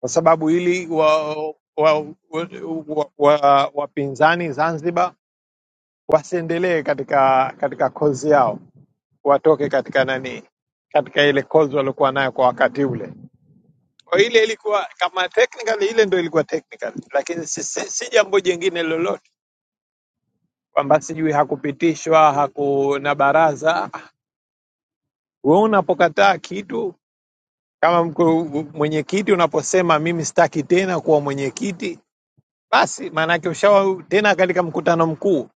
S4: Kwa sababu ili wa, wapinzani wa, wa, wa, wa, wapinzani Zanzibar wasiendelee katika katika kozi yao, watoke katika nani, katika ile kozi waliokuwa nayo kwa wakati ule Kwa ile ilikuwa kama technical, ile ndo ilikuwa technical, lakini si, si, si jambo jingine lolote kwamba sijui hakupitishwa hakuna baraza. Wewe unapokataa kitu kama mku- mwenyekiti, unaposema mimi sitaki tena kuwa mwenyekiti, basi maana yake ushawa tena katika mkutano mkuu.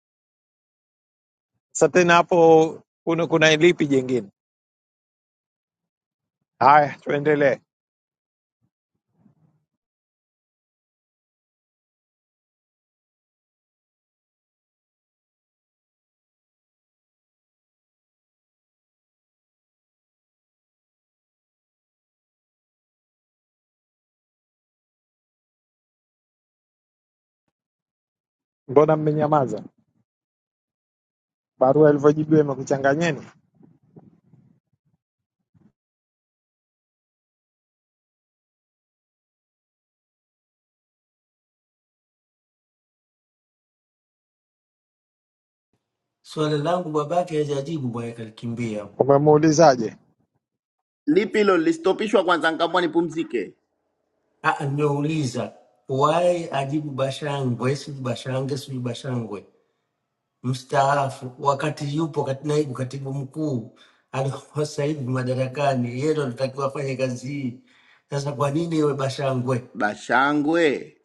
S4: Sasa tena hapo kuna, kuna lipi jingine? Haya, tuendelee. Mbona mmenyamaza? Barua ilivyojibiwa imekuchanganyeni?
S10: Swali langu babake hajajibu bwana, kalikimbia.
S4: Umemuulizaje
S3: Lipi hilo lilistopishwa kwanza, nikaamua nipumzike.
S10: Ah, ah, nimeuliza why ajibu Bashangwe, si Bashangwe, si Bashangwe mstaafu, wakati yupo kati naibu katibu mkuu alikuwa sasa hivi madarakani, yeye ndo anatakiwa afanye kazi hii. Sasa kwa nini iwe Bashangwe?
S3: Bashangwe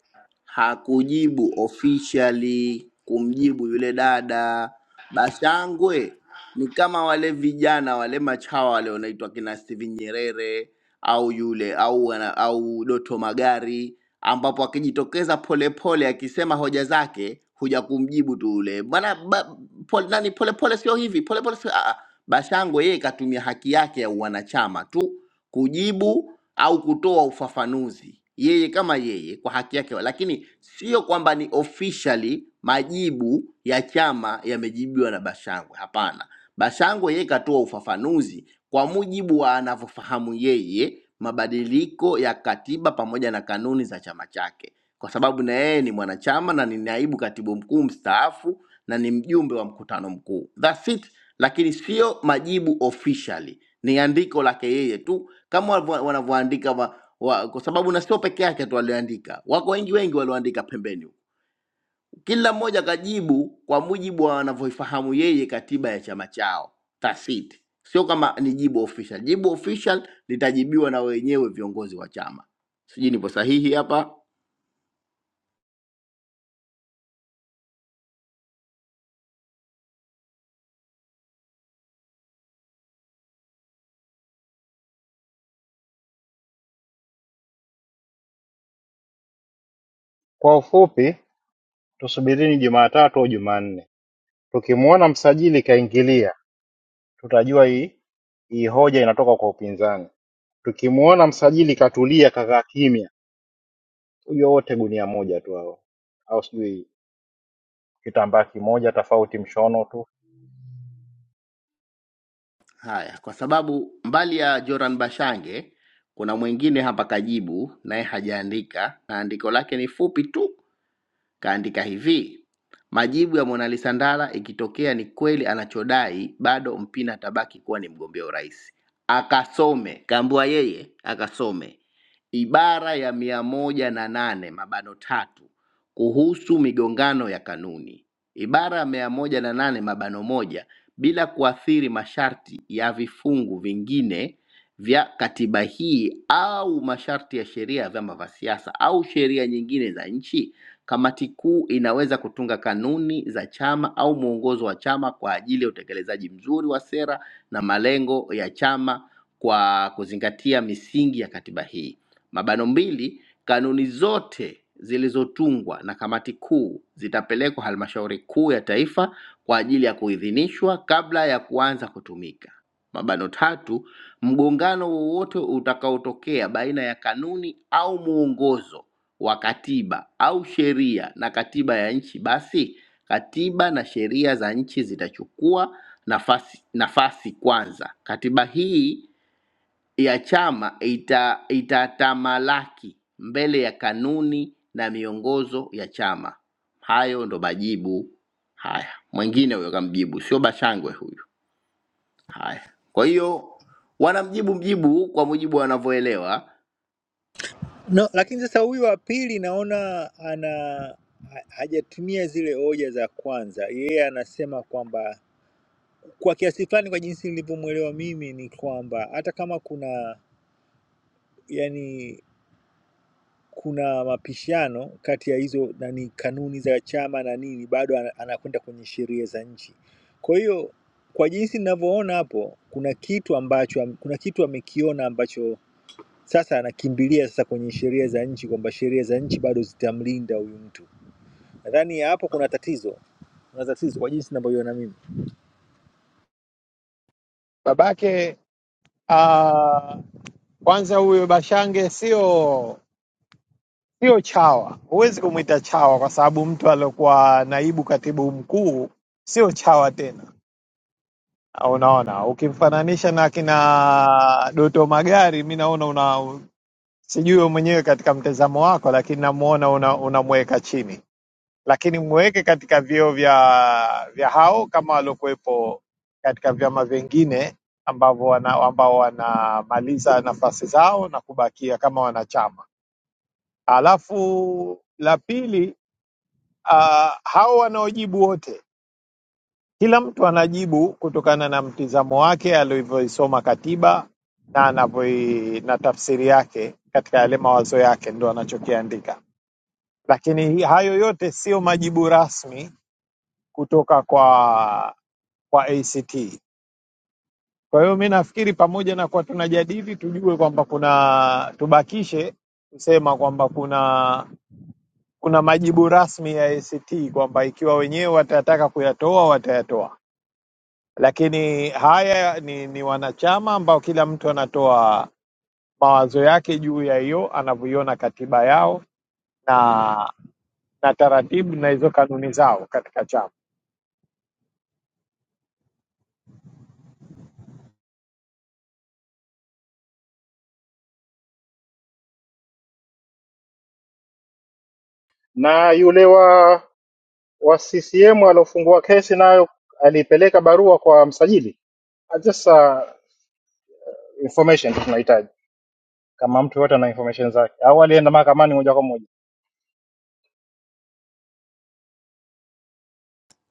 S3: hakujibu officially kumjibu yule dada. Bashangwe ni kama wale vijana wale machawa wale wanaitwa kina Steven Nyerere au yule au wana- au Doto Magari, ambapo akijitokeza polepole akisema hoja zake huja kumjibu tu yule bwana ba, pole, nani polepole sio hivi polepole sio ah, ah. Bashangwe yeye katumia haki yake ya uwanachama tu kujibu au kutoa ufafanuzi yeye kama yeye kwa haki yake, lakini sio kwamba ni officially majibu ya chama yamejibiwa na Bashangwe. Hapana, Bashangwe yeye katoa ufafanuzi kwa mujibu wa anavyofahamu yeye mabadiliko ya katiba pamoja na kanuni za chama chake, kwa sababu na yeye ni mwanachama na ni naibu katibu mkuu mstaafu na ni mjumbe wa mkutano mkuu. That's it, lakini sio majibu officially, ni andiko lake yeye tu kama wanavyo- wanavyoandika wa, wa, kwa sababu na sio peke yake tu walioandika, wako wengi wengi walioandika pembeni huko. Kila mmoja kajibu kwa mujibu wa wanavyoifahamu yeye katiba ya chama chao, that's it. Sio kama ni jibu official. Jibu official litajibiwa na wenyewe viongozi wa chama. Sijui nipo sahihi hapa.
S12: Kwa ufupi, tusubirini Jumatatu au Jumanne. Tukimuona msajili kaingilia tutajua hii hii hoja inatoka kwa upinzani. Tukimuona msajili katulia kakaa kimya, huyo wote gunia moja tu hao, au sijui kitambaa kimoja, tofauti mshono tu.
S3: Haya, kwa sababu mbali ya Joran Bashange kuna mwingine hapa kajibu, naye hajaandika na andiko lake ni fupi tu Kaandika hivi, majibu ya Monalisa Ndala ikitokea ni kweli anachodai, bado Mpina atabaki kuwa ni mgombea urais. Akasome, kaambiwa yeye akasome ibara ya mia moja na nane mabano tatu kuhusu migongano ya kanuni, ibara ya mia moja na nane mabano moja bila kuathiri masharti ya vifungu vingine vya katiba hii au masharti ya sheria ya vyama vya siasa au sheria nyingine za nchi Kamati kuu inaweza kutunga kanuni za chama au mwongozo wa chama kwa ajili ya utekelezaji mzuri wa sera na malengo ya chama kwa kuzingatia misingi ya katiba hii. Mabano mbili, kanuni zote zilizotungwa na kamati kuu zitapelekwa halmashauri kuu ya taifa kwa ajili ya kuidhinishwa kabla ya kuanza kutumika. Mabano tatu, mgongano wowote utakaotokea baina ya kanuni au mwongozo wa katiba au sheria na katiba ya nchi, basi katiba na sheria za nchi zitachukua nafasi, nafasi kwanza. Katiba hii ya chama ita, itatamalaki mbele ya kanuni na miongozo ya chama. Hayo ndo majibu haya. Mwingine huyo kamjibu, sio Bashangwe huyu. Haya, kwa hiyo wanamjibu mjibu kwa mujibu wanavyoelewa.
S11: No, lakini sasa huyu wa pili naona ana ha- hajatumia zile hoja za kwanza. Yeye anasema kwamba kwa kiasi fulani, kwa jinsi nilivyomwelewa mimi, ni kwamba hata kama kuna yani kuna mapishano kati ya hizo nani kanuni za chama na nini, bado ana- anakwenda kwenye sheria za nchi. Kwa hiyo kwa jinsi ninavyoona hapo, kuna kitu ambacho kuna kitu amekiona ambacho sasa anakimbilia sasa kwenye sheria za nchi, kwamba sheria za nchi bado zitamlinda huyu mtu Nadhani hapo kuna tatizo, kuna tatizo kwa jinsi ninavyoiona mimi.
S4: babake? Uh, Kwanza huyo Bashange sio sio chawa, huwezi kumwita chawa kwa sababu mtu aliokuwa naibu katibu mkuu sio chawa tena. Ah, Unaona, ukimfananisha na kina Doto Magari, mi naona una sijui wewe mwenyewe katika mtazamo wako, lakini namuona unamweka una unamweka chini, lakini mweke katika vyeo vya vya hao kama waliokuwepo katika vyama vingine ambavyo wana, ambao wanamaliza nafasi zao na kubakia kama wanachama Alafu la pili, uh, hao wanaojibu wote, kila mtu anajibu kutokana na mtizamo wake alivyoisoma katiba na anavyoi na tafsiri yake katika yale mawazo yake ndo anachokiandika, lakini hi- hayo yote sio majibu rasmi kutoka kwa kwa ACT. Kwa hiyo mi nafikiri pamoja na kuwa tunajadili, tujue kwamba kuna tubakishe kusema kwamba kuna kuna majibu rasmi ya ACT kwamba ikiwa wenyewe watataka kuyatoa watayatoa, lakini haya ni, ni wanachama ambao kila mtu anatoa mawazo yake juu ya hiyo anavyoiona katiba yao na na taratibu na hizo kanuni zao katika chama.
S12: Na yule wa wa CCM aliofungua kesi nayo alipeleka barua kwa msajili. Ah, Just uh, information tu tunahitaji, kama mtu yote ana information zake, au alienda mahakamani moja kwa moja.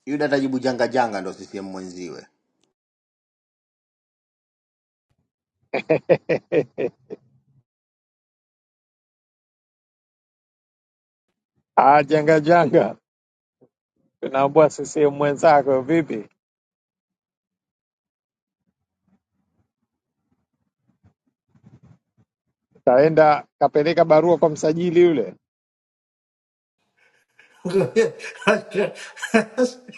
S3: Yuda atajibu janga janga, ndo CCM mwenziwe.
S4: Ah, janga janga, tunaambua CCM mwenzako vipi, taenda kapeleka barua kwa msajili yule,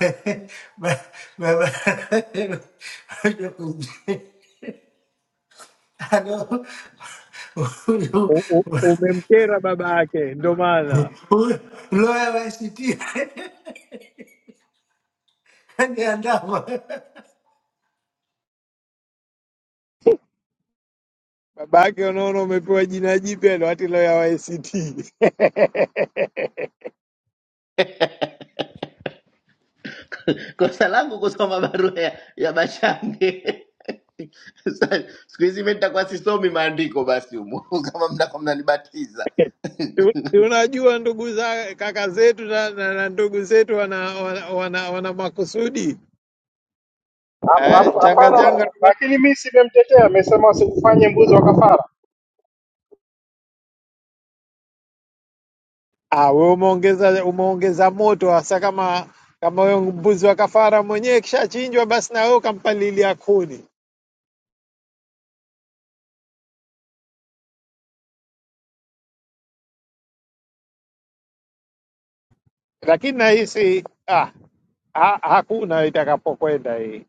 S10: but, but, I know
S4: U- u- umemkera baba yake, ndo maana
S10: Loya wa ACT aniandama,
S4: Baba yake unaona, umepewa jina jipya ndo hati leo ya YCT.
S3: kosa langu kusoma barua ya, ya Bashange. Sasa, siku hizi mi nitakuwa sisomi maandiko basi humo kama mnakuwa mnanibatiza
S4: Tu- Tunajua ndugu za kaka zetu na, na, na ndugu zetu wana, wana, wana, wana makusudi
S12: Hap-
S4: eh,
S12: hap-
S4: changa
S12: Hapana,
S4: changa.
S12: lakini mimi simemtetea, amesema usikufanye mbuzi wa kafara.
S4: Ah, wewe umeongeza umeongeza moto hasa kama kama huyo mbuzi wa kafara mwenyewe kishachinjwa, basi na wewe ukampalilia kuni, lakini nahisi ah, ha, hakuna itakapokwenda hii,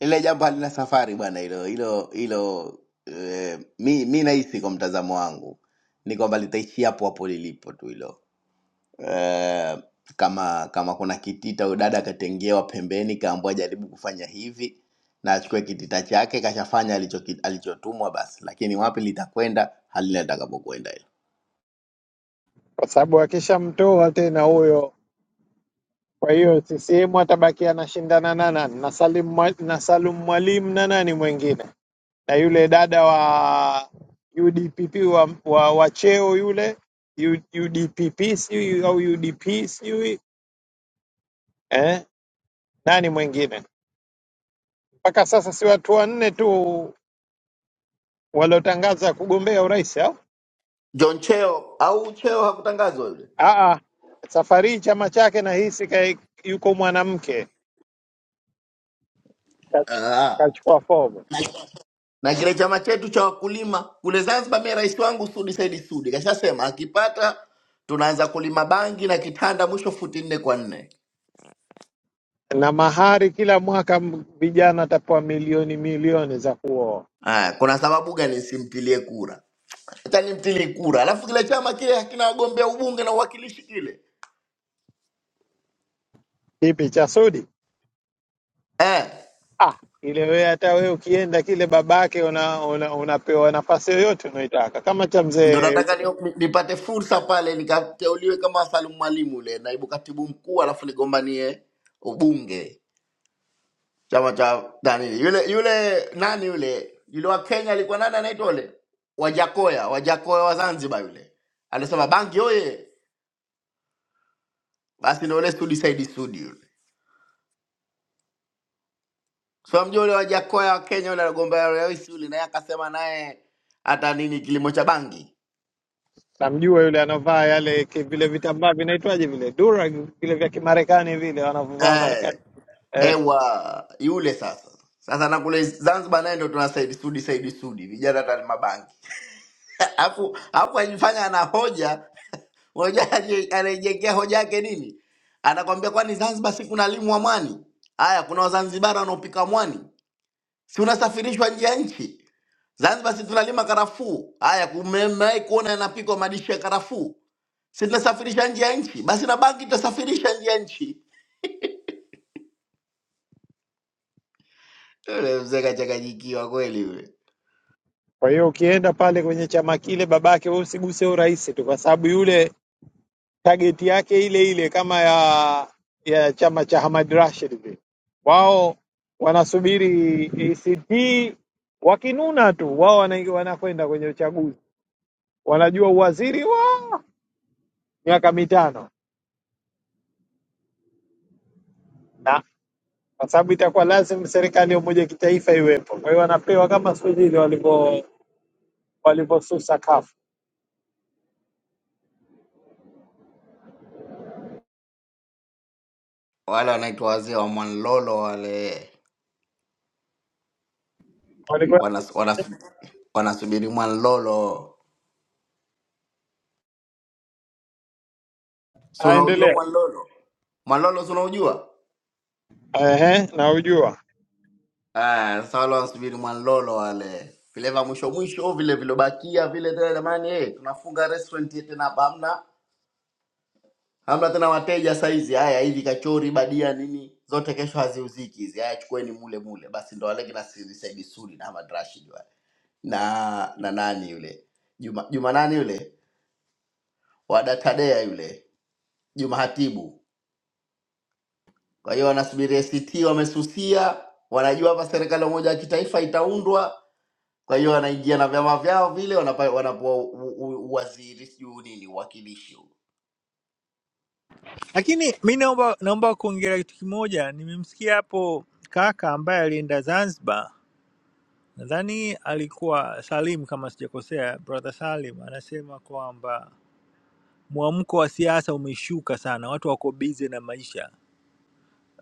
S3: ile jambo halina safari bwana hilo hilo hilo eh, mi mi nahisi kwa mtazamo wangu ni kwamba litaishia hapo hapo lilipo tu hilo eh, kama kama kuna kitita huyu dada akatengewa pembeni, kaambiwa jaribu kufanya hivi, na achukue kitita chake, kashafanya alichoki- alichotumwa basi, lakini wapi litakwenda halina litakapokwenda hilo.
S4: kwa sababu akishamtoa tena huyo Kwa hiyo CCM atabaki anashindana na nani? Na Salim, Mwa- na Salum Mwalimu na nani mwingine, na yule dada wa UDPP wa, wa, wa cheo yule U- UDPP sijui au UDP sijui eh, nani mwingine? Mpaka sasa si watu wanne tu waliotangaza kugombea urais au?
S3: John Cheo au Cheo hakutangazwa yule
S4: Ah, ah, safari hii chama chake nahisi kai- yuko mwanamke ka-
S3: Ah,
S4: kachukua fomu.
S3: na kile chama chetu cha wakulima kule Zanzibar. Mimi rais wangu Sudi Saidi Sudi kashasema akipata tunaanza kulima bangi na kitanda, mwisho futi nne kwa nne.
S4: na mahari kila mwaka m- vijana atapewa milioni milioni za kuoa.
S3: Aya, kuna sababu gani nisimpilie kura? Hata nimpilie kura, alafu kile chama kile hakina wagombea ubunge na uwakilishi kile
S4: Kipi cha Sudi?
S3: eh,
S4: Ah, ile wewe hata wewe ukienda kile babake una, una, unapewa nafasi yoyote unaitaka, kama cha
S3: ndo
S4: mzee
S3: nataka ni, ni, nipate fursa pale nikateuliwe kama Salum Mwalimu yule naibu katibu mkuu, alafu nigombanie ubunge chama cha nani yule yule nani yule yule wa Kenya alikuwa nani anaitwa yule Wajakoya, Wajakoya wa Zanzibar yule alisema bangi oye, basi ndo yule Sudi Said Sudi yule. so mjua ule wajakoya wa Kenya ule aligombea urais ule, naye akasema naye hata nini kilimo cha bangi
S4: namjua yule anavaa yale ki- vile vitambaa vinaitwaje vile dura vile vya Kimarekani vile wanavyovaa
S3: eh,
S4: Marekani eh.
S3: ewa yule sasa sasa na kule Zanzibar naye ndo tuna Said Sudi, Said Sudi vijana hata ni mabangi alafu alafu ajifanya ana hoja unajua anaijengea hoja yake nini? Anakwambia kwani Zanzibar si kuna limu wa mwani? Haya, kuna Wazanzibari wanaopika mwani, si unasafirishwa nje ya nchi? Zanzibar si tunalima karafuu. Haya, kumemai kuona yanapikwa madishi ya karafuu. si tunasafirisha nje ya nchi, basi na banki tutasafirisha nje ya nchi. Yule mzee kachanganyikiwa kweli yule.
S4: Kwa hiyo ukienda pale kwenye chama kile babake, wewe usiguse urahisi tu, kwa sababu yule target yake ile ile kama ya ya chama cha Hamad Rashid vile. Wao wanasubiri ACT wakinuna tu, wao wana- wanakwenda kwenye uchaguzi, wanajua uwaziri wa miaka mitano, na kwa sababu itakuwa lazima serikali ya umoja wa kitaifa iwepo. Kwa hiyo wanapewa kama siku zile walivyo walivyosusa kafu
S3: Wale wanaitwa wazee wa Mwanlolo wale
S4: walikuwa
S3: wanas, wanas, wanasubiri Mwanlolo. Si unaujua
S4: aendelea.
S3: Mwanlolo? Mwanlolo si unaujua?
S4: Ehe, naujua
S3: Ah, sasa wale wanasubiri Mwanlolo wale vile vya mwisho mwisho vile vilobakia vile tena, jamani eh, tunafunga restaurant yetu tena hapa, hamna hamna tena wateja saizi. Haya, hivi kachori badia nini zote kesho haziuziki hizi. Haya, chukueni mule mule basi, ndo wale kina Sidi Said Sudi na Ahmad Rashid wale na na nani yule Juma Juma nani yule wa Datadea yule Juma Hatibu. Kwa hiyo wanasubiri ACT, wamesusia, wanajua hapa serikali moja ya umoja wa kitaifa itaundwa. Kwa hiyo wanaingia na vyama vyao vile, wanapa- wanapewa u- u- u- uwaziri sijui nini, uwakilishi. huo.
S11: Lakini mi naomba naomba kuongelea kitu kimoja. Nimemsikia hapo kaka ambaye alienda Zanzibar, nadhani alikuwa Salim kama sijakosea, brother Salim anasema kwamba mwamko wa siasa umeshuka sana, watu wako bize na maisha.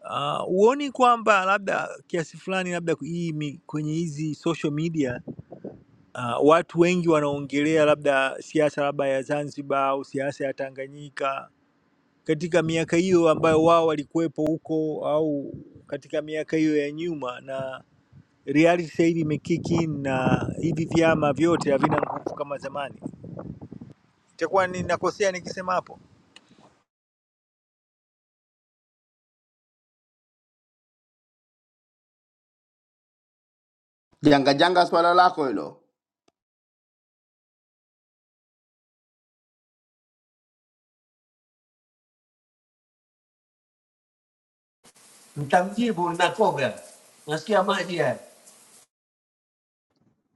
S11: Uh, huoni kwamba labda kiasi fulani labda hii mi- kwenye hizi social media uh, watu wengi wanaongelea labda siasa labda ya Zanzibar au siasa ya Tanganyika katika miaka hiyo ambayo wao walikuwepo huko au katika miaka hiyo ya nyuma, na reality sasa hivi imekick in na hivi vyama vyote havina nguvu kama zamani. Itakuwa ninakosea nikisema hapo.
S3: Janga janga swala lako hilo
S10: mtamjibu Lunacoga, nasikia maji haya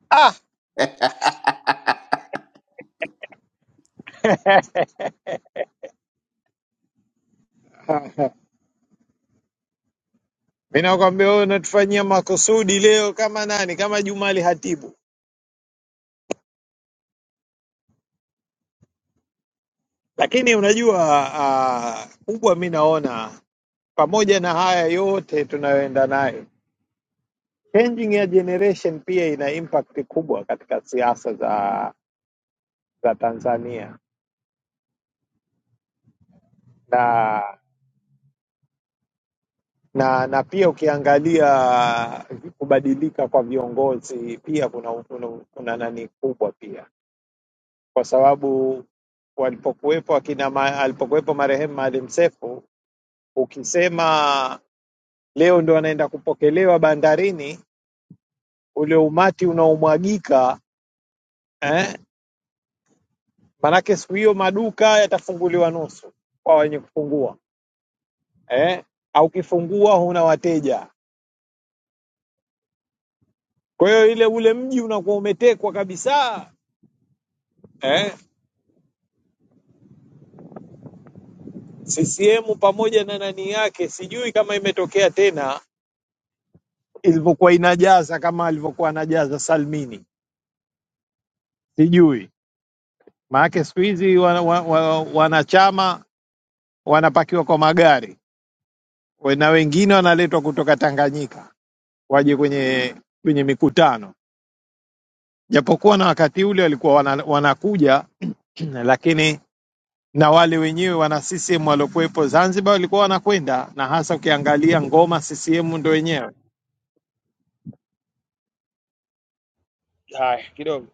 S4: ah, Ah! mimi nakwambia wewe unatufanyia makusudi leo kama nani, kama Jumali Hatibu. Lakini unajua uh, kubwa mi naona pamoja na haya yote tunayoenda nayo, changing ya generation pia ina impact kubwa katika siasa za za Tanzania na na na pia ukiangalia kubadilika kwa viongozi pia kuna, kuna, kuna nani kubwa pia, kwa sababu walipokuwepo akina ma, alipokuwepo marehemu Maalim Seif, ukisema leo ndo anaenda kupokelewa bandarini ule umati unaomwagika eh? Maanake siku hiyo maduka yatafunguliwa nusu kwa wenye kufungua eh? au kifungua huna wateja. Kwa hiyo ile ule mji unakuwa umetekwa kabisa eh? CCM pamoja na nani yake, sijui kama imetokea tena ilivyokuwa inajaza kama alivyokuwa anajaza Salmini, sijui maanake siku hizi wana, wa, wa, wanachama wanapakiwa kwa magari we- na wengine wanaletwa kutoka Tanganyika waje kwenye kwenye mikutano, japokuwa na wakati ule walikuwa wana, wanakuja lakini na wale wenyewe wana CCM waliokuwepo Zanzibar walikuwa wanakwenda, na hasa ukiangalia ngoma CCM ndo wenyewe. Haya, kidogo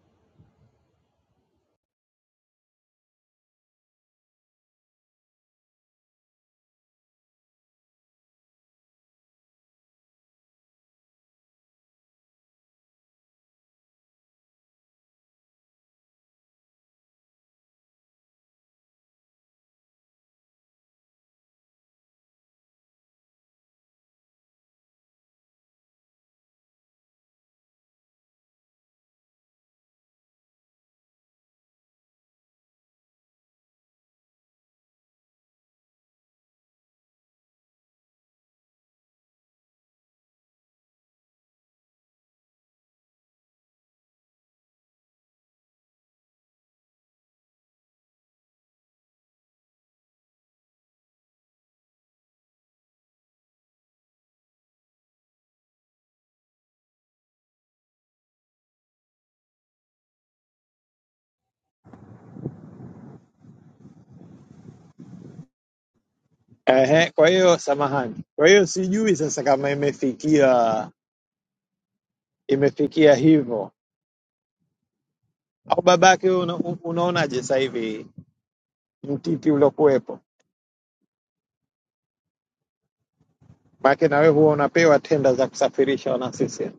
S4: Ehe, kwa hiyo samahani, kwa hiyo sijui sasa kama imefikia imefikia hivyo au babake, wewe una, unaonaje sasa hivi mtiti uliokuwepo? Maana na wewe huwa unapewa tenda za kusafirisha wana CCM.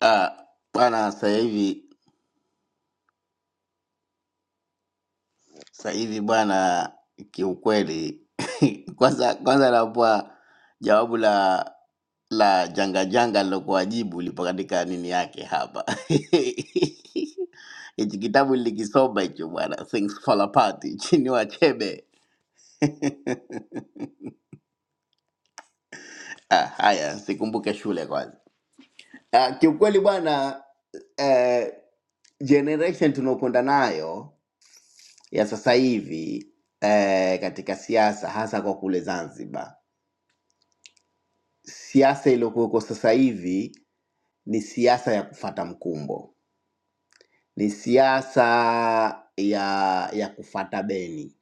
S3: Ah, bwana sasa hivi sasa hivi bwana, kiukweli kwanza kwanza napoa jawabu la la janga janga lilokuwa jibu lipo katika nini yake hapa hichi kitabu nilikisoma hicho bwana, Things Fall Apart chini Wachebe. Ah, haya sikumbuke shule kwanza. Ah, kiukweli bwana eh, generation tunaokwenda nayo ya sasa hivi eh, katika siasa hasa kwa kule Zanzibar, siasa iliyokuweko sasa hivi ni siasa ya kufata mkumbo, ni siasa ya ya kufata beni,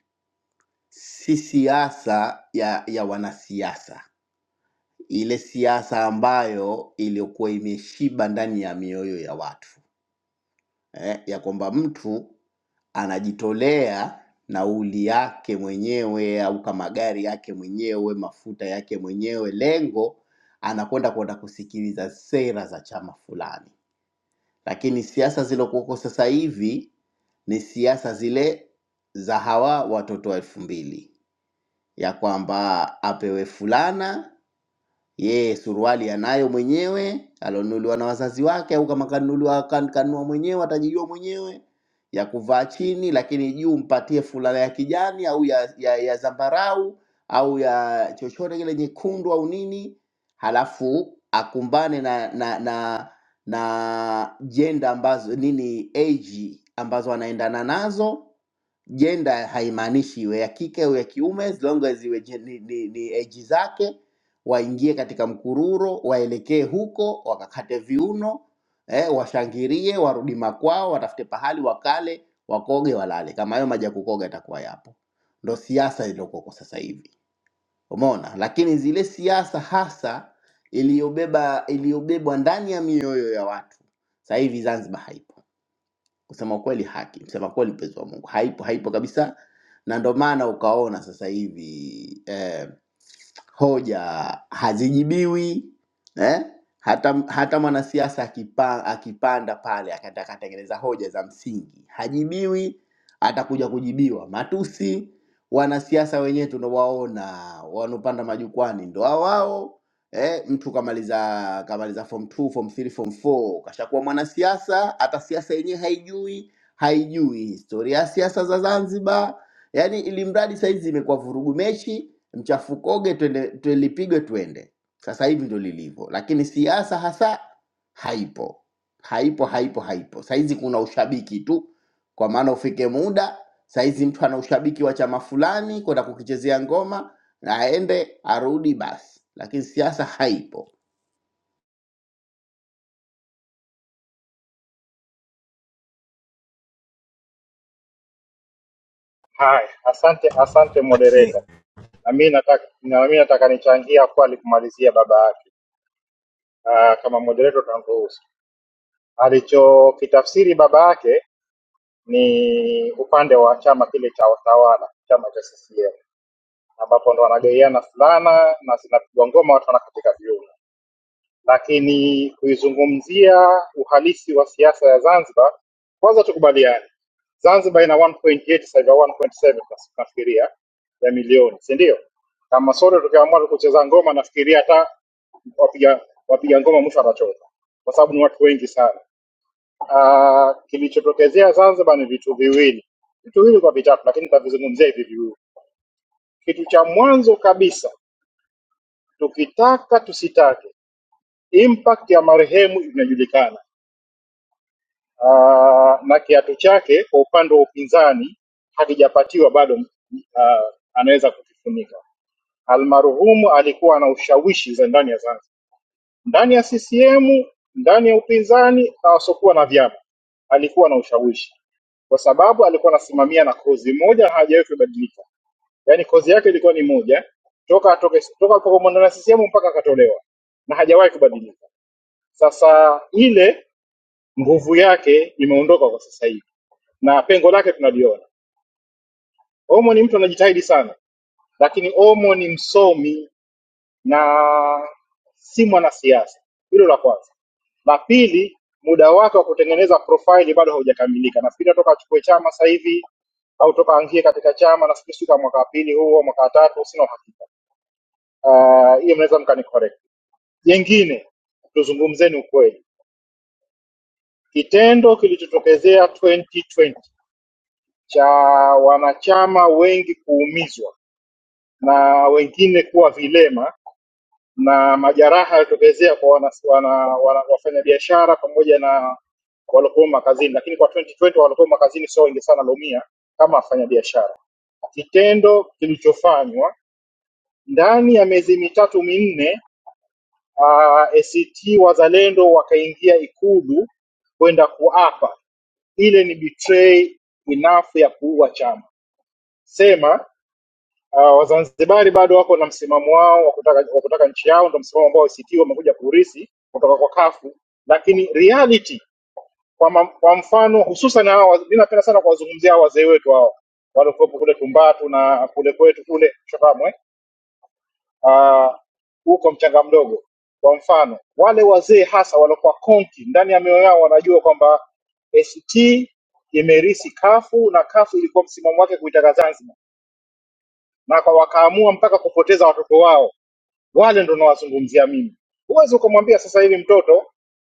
S3: si siasa ya ya wanasiasa, ile siasa ambayo iliyokuwa imeshiba ndani ya mioyo ya watu. eh, ya kwamba mtu anajitolea nauli yake mwenyewe au kama gari yake mwenyewe, mafuta yake mwenyewe, lengo anakwenda kwenda kusikiliza sera za chama fulani. Lakini siasa zilokuwako sasa hivi ni siasa zile za hawa watoto wa elfu mbili ya kwamba apewe fulana ye suruali anayo mwenyewe alionunuliwa na wazazi wake, au kama kanunuliwa kan- kanunua mwenyewe atajijua mwenyewe, ya kuvaa chini, lakini juu mpatie fulana ya kijani au ya, ya, ya zambarau au ya chochote kile nyekundu au nini, halafu akumbane na na na na jenda ambazo nini age ambazo anaendana nazo jenda haimaanishi iwe ya kike au ya kiume as long as iwe je- ni, ni, ni age zake waingie katika mkururo, waelekee huko, wakakate viuno eh, washangilie, warudi makwao, watafute pahali wakale, wakoge, walale. Kama hayo maji ya kukoga yatakuwa yapo, ndo siasa iliyokuwa kwa sasa hivi, umeona. Lakini zile siasa hasa iliyobeba iliyobebwa ndani ya mioyo ya watu sasa hivi Zanzibar haipo. Kusema kweli, haki, kusema kweli, mpenzi wa Mungu, haipo, haipo kabisa, na ndo maana ukaona sasa hivi eh, hoja hazijibiwi eh? hata, hata mwanasiasa akipa, akipanda pale akataka atengeneza hoja za msingi hajibiwi, atakuja kujibiwa. Matusi wanasiasa wenyewe tunawaona wanaopanda majukwani ndo hao hao eh, mtu kamaliza kamaliza form 2, form 3, form 4 kashakuwa mwanasiasa, hata siasa yenyewe haijui, haijui historia ya siasa za Zanzibar. Yani ili mradi saizi imekuwa vurugu mechi mchafukoge twende tulipigwe twende sasa hivi ndo lilivyo lakini siasa hasa haipo haipo haipo haipo saizi kuna ushabiki tu kwa maana ufike muda saizi mtu ana ushabiki wa chama fulani kwenda kukichezea ngoma na aende arudi basi lakini siasa haipo
S12: Haya, asante, asante
S11: Lakini
S12: moderator. Na mimi nataka na mimi nataka nichangia kwali kumalizia baba yake. Ah, kama moderator utaruhusu. Alichokitafsiri baba yake ni upande wa chama kile cha utawala, chama cha CCM ambapo ndo wanagaiana fulana na zinapigwa ngoma, watu wanakatika viuno. Lakini kuizungumzia uhalisi wa siasa ya Zanzibar, kwanza tukubaliane, Zanzibar ina 1.8 sasa hivi au 1.7 basi nafikiria ya milioni, si ndio? Kama sote tukiamua kucheza ngoma, nafikiria hata wapiga wapiga ngoma mwisho atachoka, kwa sababu ni watu wengi sana. Ah, Kilichotokezea Zanzibar ni vitu viwili, vitu viwili kwa vitatu, lakini nitavizungumzia hivi viwili. Kitu cha mwanzo kabisa, tukitaka tusitake, impact ya marehemu inajulikana uh, na kiatu chake kwa upande wa upinzani hakijapatiwa bado, uh, anaweza kukifunika. Almarhumu alikuwa na ushawishi za ndani ya Zanzibar, ndani ya CCM, ndani ya upinzani na wasiokuwa na vyama, alikuwa na ushawishi kwa sababu alikuwa anasimamia na kozi moja, hajawahi kubadilika. Yaani kozi yake ilikuwa ni moja toka atoke toka alipokuwa ndani ya CCM mpaka akatolewa, na hajawahi kubadilika. Sasa ile nguvu yake imeondoka kwa sasa hivi na pengo lake tunaliona. Omo ni mtu anajitahidi sana, lakini Omo ni msomi na si mwanasiasa. Hilo la kwanza. La pili, muda wake wa kutengeneza profaili bado haujakamilika. Nafikiri toka achukue chama sasa hivi au toka angie katika chama, nafikiri sio kama mwaka wa pili huu au mwaka wa tatu, sina uhakika. Ah, Hiyo mnaweza mkanicorrect. Jengine, tuzungumzeni ukweli, kitendo kilichotokezea 2020 cha wanachama wengi kuumizwa na wengine kuwa vilema na majeraha yalitokezea kwa wana, wana, wana, wafanyabiashara pamoja na waliokuwa makazini, lakini kwa 2020 waliokuwa makazini sio wengi sana waliumia kama wafanyabiashara. Kitendo kilichofanywa ndani ya miezi mitatu minne, uh, ACT Wazalendo wakaingia Ikulu kwenda kuapa ile ni betray enough ya kuua chama. Sema Uh, Wazanzibari bado wako na msimamo wao wa kutaka, wa kutaka nchi yao, ndio msimamo ambao ACT wamekuja kuurithi kutoka kwa kafu lakini reality kwa, ma, kwa mfano hususan hawa, mimi napenda sana kuwazungumzia hawa wazee wetu hao waliokuwepo kule Tumbatu na kule kwetu kule Chotamwe ah, huko mchanga mdogo. Kwa mfano wale wazee hasa waliokuwa konki ndani ya mioyo yao wanajua kwamba ACT imerisi kafu na kafu ilikuwa msimamo wake kuitaka Zanzibar na kwa wakaamua mpaka kupoteza watoto wao wale ndo nawazungumzia mimi. Huwezi ukamwambia sasa hivi mtoto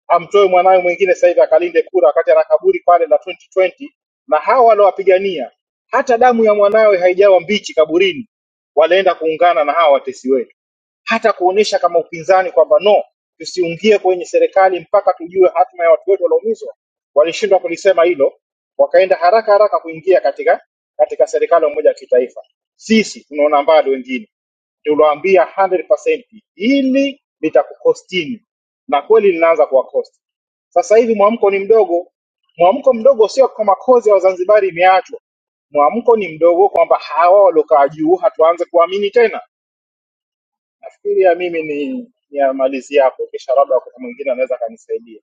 S12: amtoe mwanawe mwingine sasa hivi akalinde kura wakati ana kaburi pale la 2020 na ishirini, na hawa waliowapigania hata damu ya mwanawe haijawa mbichi kaburini, walienda kuungana na hawa watesi wetu, hata kuonesha kama upinzani kwamba no, tusiungie kwenye serikali mpaka tujue hatima ya watu wetu walioumizwa. Walishindwa kulisema hilo, wakaenda haraka haraka kuingia katika katika serikali ya umoja wa kitaifa. Sisi tunaona mbali wengine tuliwaambia 100% ili litakukostini, na kweli linaanza kuwakosti. Sasa hivi mwamko ni mdogo. Mwamko mdogo sio kwa makozi ya Wazanzibari imeachwa, mwamko ni mdogo kwamba hawa waliokaa juu hatuanze kuamini tena. Nafikiria mimi ni ni ya malizi yako, kisha labda wakati mwingine anaweza akanisaidia.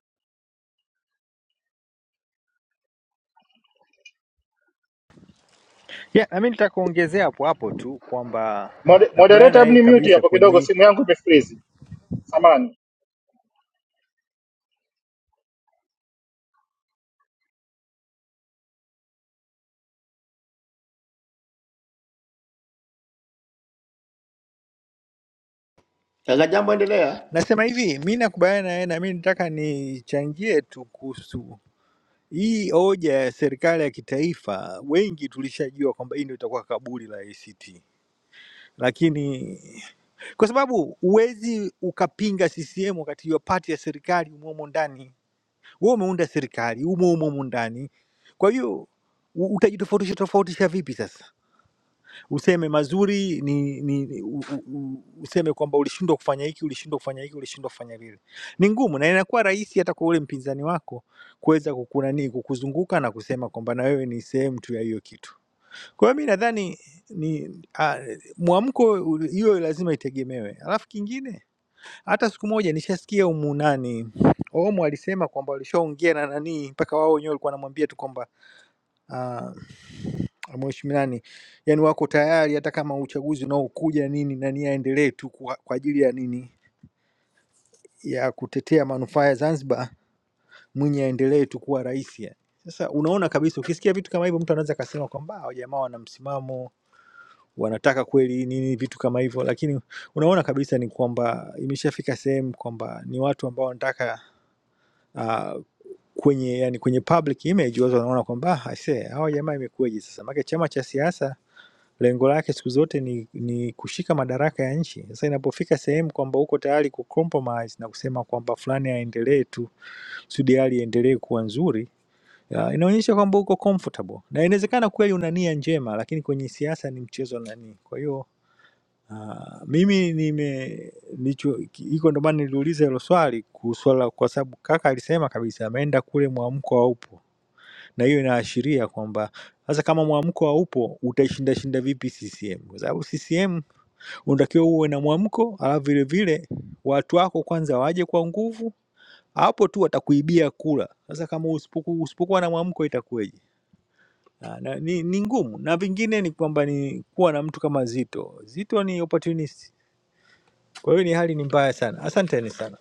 S11: yeah, na mimi nitakuongezea hapo hapo tu kwamba
S12: Mode-
S11: nakubaliana
S12: Moderator,
S11: na
S12: hebu
S11: yeye
S12: ni mute
S11: kabisa
S12: hapo
S11: kwenye
S12: kidogo,
S11: hii.
S12: simu yangu imefreeze. Samani.
S3: kaka jambo endelea
S11: Nasema hivi, mi nakubaliana na yeye na mi nataka nichangie tu kuhusu hii hoja ya serikali ya kitaifa. Wengi tulishajua kwamba hii ndio itakuwa kaburi la ACT, lakini kwa sababu huwezi ukapinga CCM wakati hiyo pati ya serikali umo humo ndani. Wewe umeunda serikali umo humo humo ndani, kwa hiyo u- utajitofautisha tofautisha vipi sasa? Useme mazuri ni, ni ni- u, u, u, useme kwamba ulishindwa kufanya hiki, ulishindwa kufanya hiki, ulishindwa kufanya vile. Ni ngumu na inakuwa rahisi hata kwa ule mpinzani wako kuweza kukunani kukuzunguka na kusema kwamba na wewe ni sehemu tu ya hiyo kitu. Kwa hiyo mi nadhani ni ah, mwamko ul- hiyo lazima itegemewe, alafu kingine hata siku moja nishasikia humu nani Omo alisema kwamba walishaongea na nani mpaka wao wenyewe walikuwa wanamwambia tu kwamba uh, mheshimiwa nani, yani wako tayari hata kama uchaguzi unaokuja nini nani aendelee tu kwa, kwa ajili ya nini ya kutetea manufaa ya Zanzibar, Mwinyi aendelee tu kuwa rais. yani. Sasa unaona kabisa, ukisikia vitu kama hivyo, mtu anaweza akasema kwamba "Ah, jamaa wana msimamo, wanataka kweli nini vitu kama hivyo, lakini unaona kabisa ni kwamba imeshafika sehemu kwamba ni watu ambao wanataka uh, kwenye yani kwenye public image watu wanaona kwamba "Ah, aisee hawa jamaa imekuwaje sasa maana chama cha siasa lengo lake siku zote ni, ni kushika madaraka ya nchi sasa inapofika sehemu kwamba uko tayari kucompromise na kusema kwamba fulani aendelee tu kusudi hali iendelee kuwa nzuri ya, inaonyesha kwamba uko comfortable na inawezekana kweli una nia njema lakini kwenye siasa ni mchezo nani kwa hiyo Uh, mimi nime nicho iko ndo maana niliuliza hilo swali kuhusu swala, kwa sababu kaka alisema kabisa ameenda kule mwamko wa na hiyo inaashiria kwamba sasa kama mwamko haupo utaishinda shinda vipi CCM? Kwa sababu CCM unatakiwa uwe na mwamko, alafu vile vile watu wako kwanza waje kwa nguvu, hapo tu watakuibia kula. Sasa kama usipoku- usipokuwa na mwamko itakuweje? Na, na, ni, ni ngumu na vingine ni kwamba ni kuwa na mtu kama Zito. Zito ni opportunist, kwa hiyo ni hali ni mbaya sana. Asanteni sana.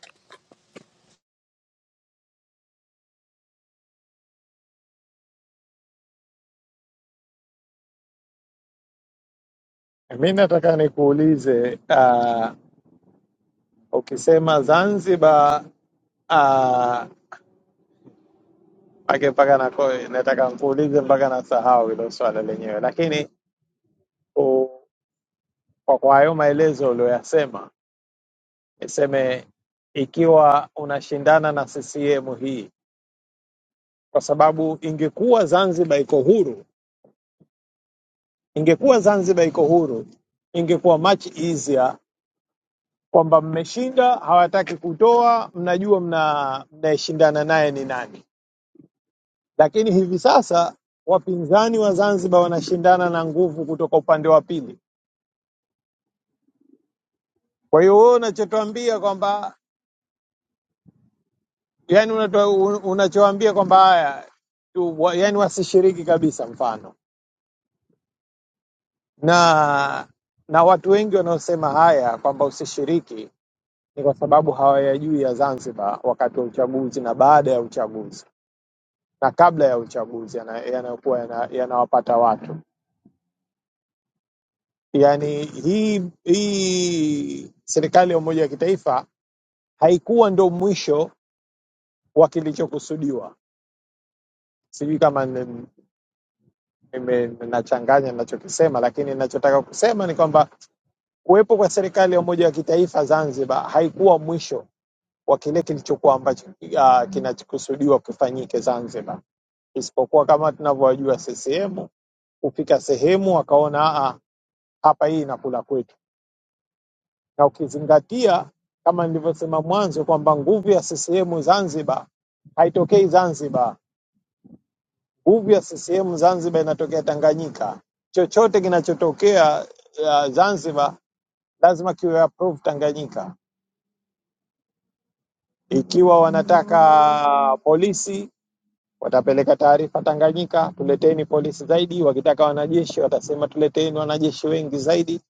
S4: Mi nataka nikuulize uh, Ukisema Zanzibar ah, pake mpaka nako nataka nkuulize mpaka nasahau hilo swala lenyewe, lakini u, kwa kwa hayo maelezo uliyoyasema, niseme ikiwa unashindana na CCM hii, kwa sababu ingekuwa Zanzibar iko huru, ingekuwa Zanzibar iko huru, ingekuwa much easier kwamba mmeshinda, hawataki kutoa, mnajua mna mnayeshindana naye ni nani Lakini hivi sasa wapinzani wa Zanzibar wanashindana na nguvu kutoka upande wa pili. Kwa hiyo wewe unachotuambia kwamba yani unato, un- unachoambia kwamba haya tu- wa- yani wasishiriki kabisa mfano na na watu wengi wanaosema haya kwamba usishiriki ni kwa sababu hawayajui ya Zanzibar wakati wa uchaguzi na baada ya uchaguzi na kabla ya uchaguzi yana- yanayokuwa yana- yanawapata yana watu. Yani hii hii serikali ya umoja wa kitaifa haikuwa ndo mwisho wa kilichokusudiwa. Sijui kama ni- nime- nachanganya ninachokisema, lakini ninachotaka kusema ni kwamba kuwepo kwa serikali ya umoja wa kitaifa Zanzibar haikuwa mwisho wa kile kilichokuwa ambacho uh, kinachokusudiwa kufanyike Zanzibar, isipokuwa kama tunavyowajua CCM kufika sehemu wakaona "Ah, ah, hapa hii inakula kwetu, na ukizingatia kama nilivyosema mwanzo kwamba nguvu ya CCM Zanzibar haitokei Zanzibar nguvu ya CCM Zanzibar inatokea Tanganyika. Chochote kinachotokea uh, Zanzibar lazima kiwe approve Tanganyika. Ikiwa wanataka polisi watapeleka taarifa Tanganyika, tuleteni polisi zaidi. Wakitaka wanajeshi watasema tuleteni wanajeshi wengi zaidi.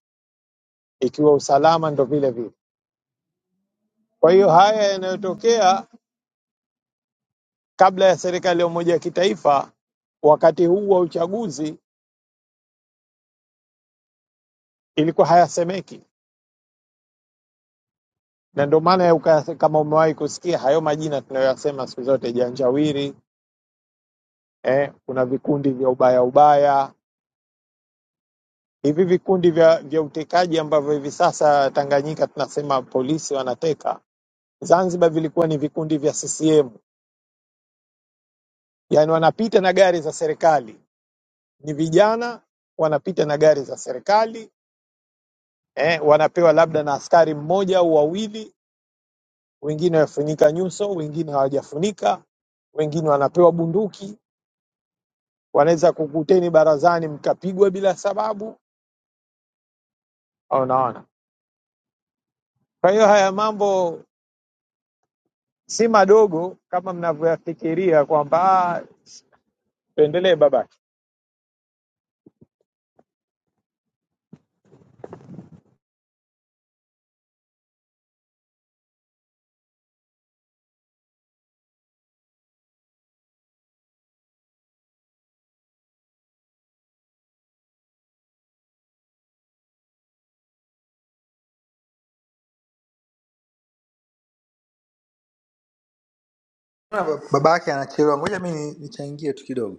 S4: Ikiwa usalama ndo vile vile. Kwa hiyo haya yanayotokea kabla ya serikali ya umoja wa kitaifa wakati huu wa uchaguzi ilikuwa hayasemeki na ndio maana ya uka- kama umewahi kusikia hayo majina tunayoyasema siku zote, janjawiri eh, kuna vikundi vya ubaya ubaya, hivi vikundi vya, vya utekaji ambavyo hivi sasa Tanganyika tunasema polisi wanateka, Zanzibar vilikuwa ni vikundi vya CCM, yani wanapita na gari za serikali, ni vijana wanapita na gari za serikali eh, wanapewa labda na askari mmoja au wawili, wengine wafunika nyuso, wengine hawajafunika, wengine wanapewa bunduki wanaweza kukuteni barazani mkapigwa bila sababu. Unaona, kwa hiyo haya mambo si madogo kama mnavyoyafikiria kwamba "Ah, tuendelee babake.
S11: Naona baba yake anachelewa, ngoja mi ni- nichangie tu kidogo.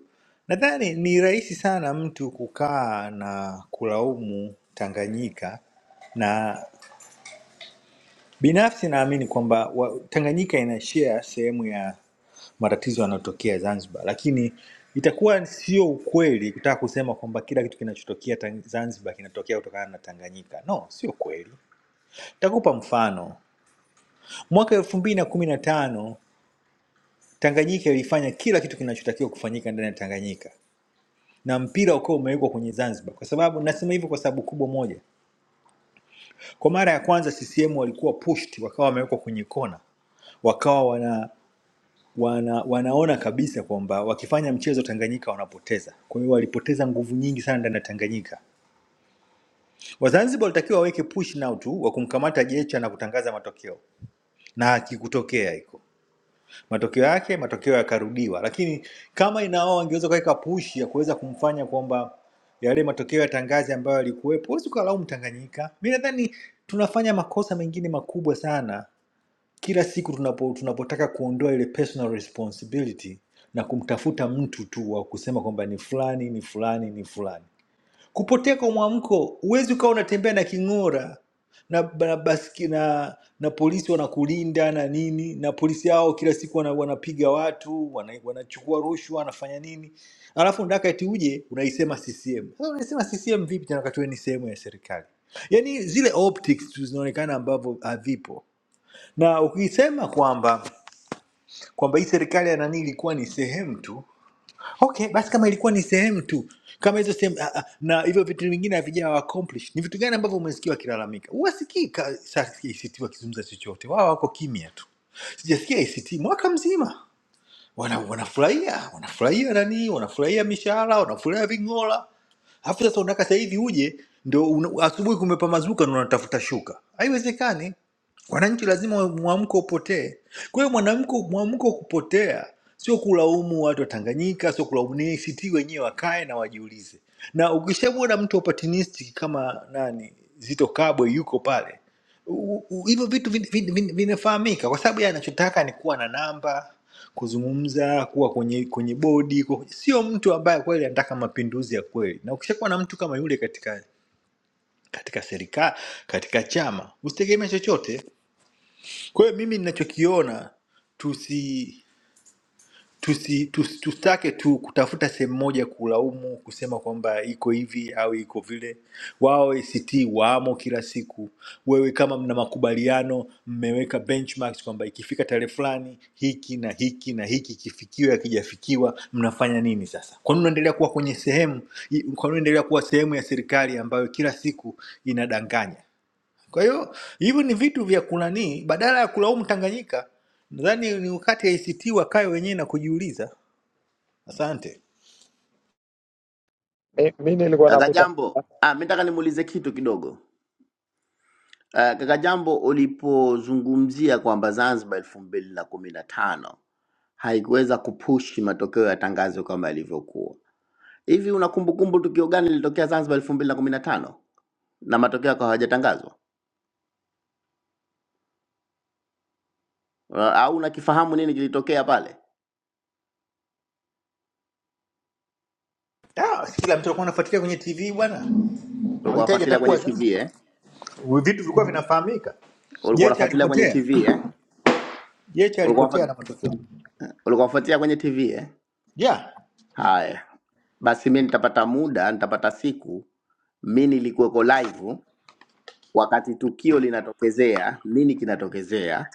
S11: Nadhani ni rahisi sana mtu kukaa na kulaumu Tanganyika, na binafsi naamini kwamba wa- Tanganyika ina share sehemu ya matatizo yanayotokea Zanzibar, lakini itakuwa sio ukweli kutaka kusema kwamba kila kitu kinachotokea Tang- Zanzibar kinatokea kutokana na Tanganyika. No, sio kweli. Nitakupa mfano. Mwaka elfu mbili na kumi na tano Tanganyika ilifanya kila kitu kinachotakiwa kufanyika ndani ya Tanganyika na mpira ukawa umewekwa kwenye Zanzibar, kwa sababu nasema hivyo kwa sababu kubwa moja. Kwa mara ya kwanza CCM walikuwa pushed, wakawa wamewekwa kwenye kona, wakawa wana, wana wanaona kabisa kwamba wakifanya mchezo Tanganyika wanapoteza. Kwa hiyo walipoteza nguvu nyingi sana ndani ya Tanganyika. Wazanzibar walitakiwa waweke push now tu wa kumkamata Jecha na kutangaza matokeo, na akikutokea hiko matokeo yake matokeo yakarudiwa, lakini kama inao angeweza kuweka push ya kuweza kumfanya kwamba yale matokeo ya tangazi ambayo yalikuwepo, huwezi ukalaumu Tanganyika. Mi nadhani tunafanya makosa mengine makubwa sana kila siku tunapo, tunapotaka kuondoa ile personal responsibility na kumtafuta mtu tu wa kusema kwamba ni fulani ni fulani ni fulani kupotea kwa mwamko. Huwezi ukawa unatembea na king'ora na, na, baski, na, na polisi wanakulinda na nini, na polisi hao kila siku wana, wanapiga watu wana, wanachukua rushwa wanafanya nini, alafu ndaka eti uje unaisema CCM. Sasa unaisema CCM vipi tena wakati wewe ni sehemu ya serikali? Yaani zile optics tu zinaonekana ambavyo havipo, na ukisema kwamba kwamba hii serikali ya nani ilikuwa ni sehemu tu okay basi kama ilikuwa ni sehemu tu kama hizo sehemu ah, ah, na hivyo vitu vingine havijawa accomplished ni vitu gani ambavyo umesikia wakilalamika huwasikii ka- sa- ACT wakizungumza chochote wao wako kimya tu sijasikia ACT mwaka mzima wana, wanafurahia wanafurahia nanii wanafurahia mishahara wanafurahia ving'ola alafu sasa unataka sahivi uje ndo una- asubuhi kumepa mazuka ndo unatafuta shuka haiwezekani wananchi lazima mwamko upotee kwa hiyo mwanamko mwamko kupotea sio kulaumu watu wa tanganyika sio kulaumu ni act wenyewe wakae na wajiulize na ukishamwona mtu opportunistic kama nani zito kabwe yuko pale u- u- hivyo vitu vin- vin- vin- vinafahamika kwa sababu yeye anachotaka ni kuwa na namba kuzungumza kuwa kwenye kwenye bodi kuwa kwenye- sio mtu ambaye kweli anataka mapinduzi ya kweli na ukishakuwa na mtu kama yule katika katika serikali katika chama usitegemea chochote kwa hiyo mimi ninachokiona tusi tusi, tusi, tusitake tu kutafuta sehemu moja kulaumu kusema kwamba iko hivi au iko vile. Wao ACT waamo kila siku. Wewe kama mna makubaliano, mmeweka benchmarks kwamba ikifika tarehe fulani hiki na hiki na hiki kifikiwe, akijafikiwa mnafanya nini sasa? Kwa nini unaendelea kuwa kwenye sehemu, i- kwa nini unaendelea kuwa sehemu ya serikali ambayo kila siku inadanganya? Kwa hiyo hivyo ni vitu vya kunanii, badala ya kulaumu Tanganyika, nadhani ni wakati ACT wakae wenyewe na kujiuliza. Asante.
S4: Mi mi nilikuwa
S3: kaka
S4: nakuta
S3: jambo ah, mi nataka nimuulize kitu kidogo Ah, kaka jambo ulipozungumzia kwamba zanzibar elfu mbili na kumi na tano haikuweza kupushi matokeo ya tangazo kama yalivyokuwa. Hivi una kumbukumbu tukio gani lilitokea Zanzibar elfu mbili na kumi na tano na matokeo yako hawajatangazwa, Una- au unakifahamu nini kilitokea pale?
S11: Ah, si kila mtu alikuwa anafuatilia kwenye TV bwana,
S3: Ulikuwa
S11: hawahitaji hata
S3: unafuatilia
S11: kuwa
S3: kwenye TV
S11: Zanzibar.
S3: eh?
S11: Vitu vilikuwa vinafahamika.
S3: Ulikuwa
S11: Jecha
S3: unafuatilia kwenye
S11: alipotea,
S3: TV eh?
S11: Jecha
S3: Ulikuwa
S11: alipotea
S3: unafati-
S11: na matokeo
S3: ulikuwa unafuatilia kwenye TV eh?
S11: yeah.
S3: Haya basi, mi nitapata muda, nitapata siku, mi nilikuweko live wakati tukio linatokezea. Nini kinatokezea?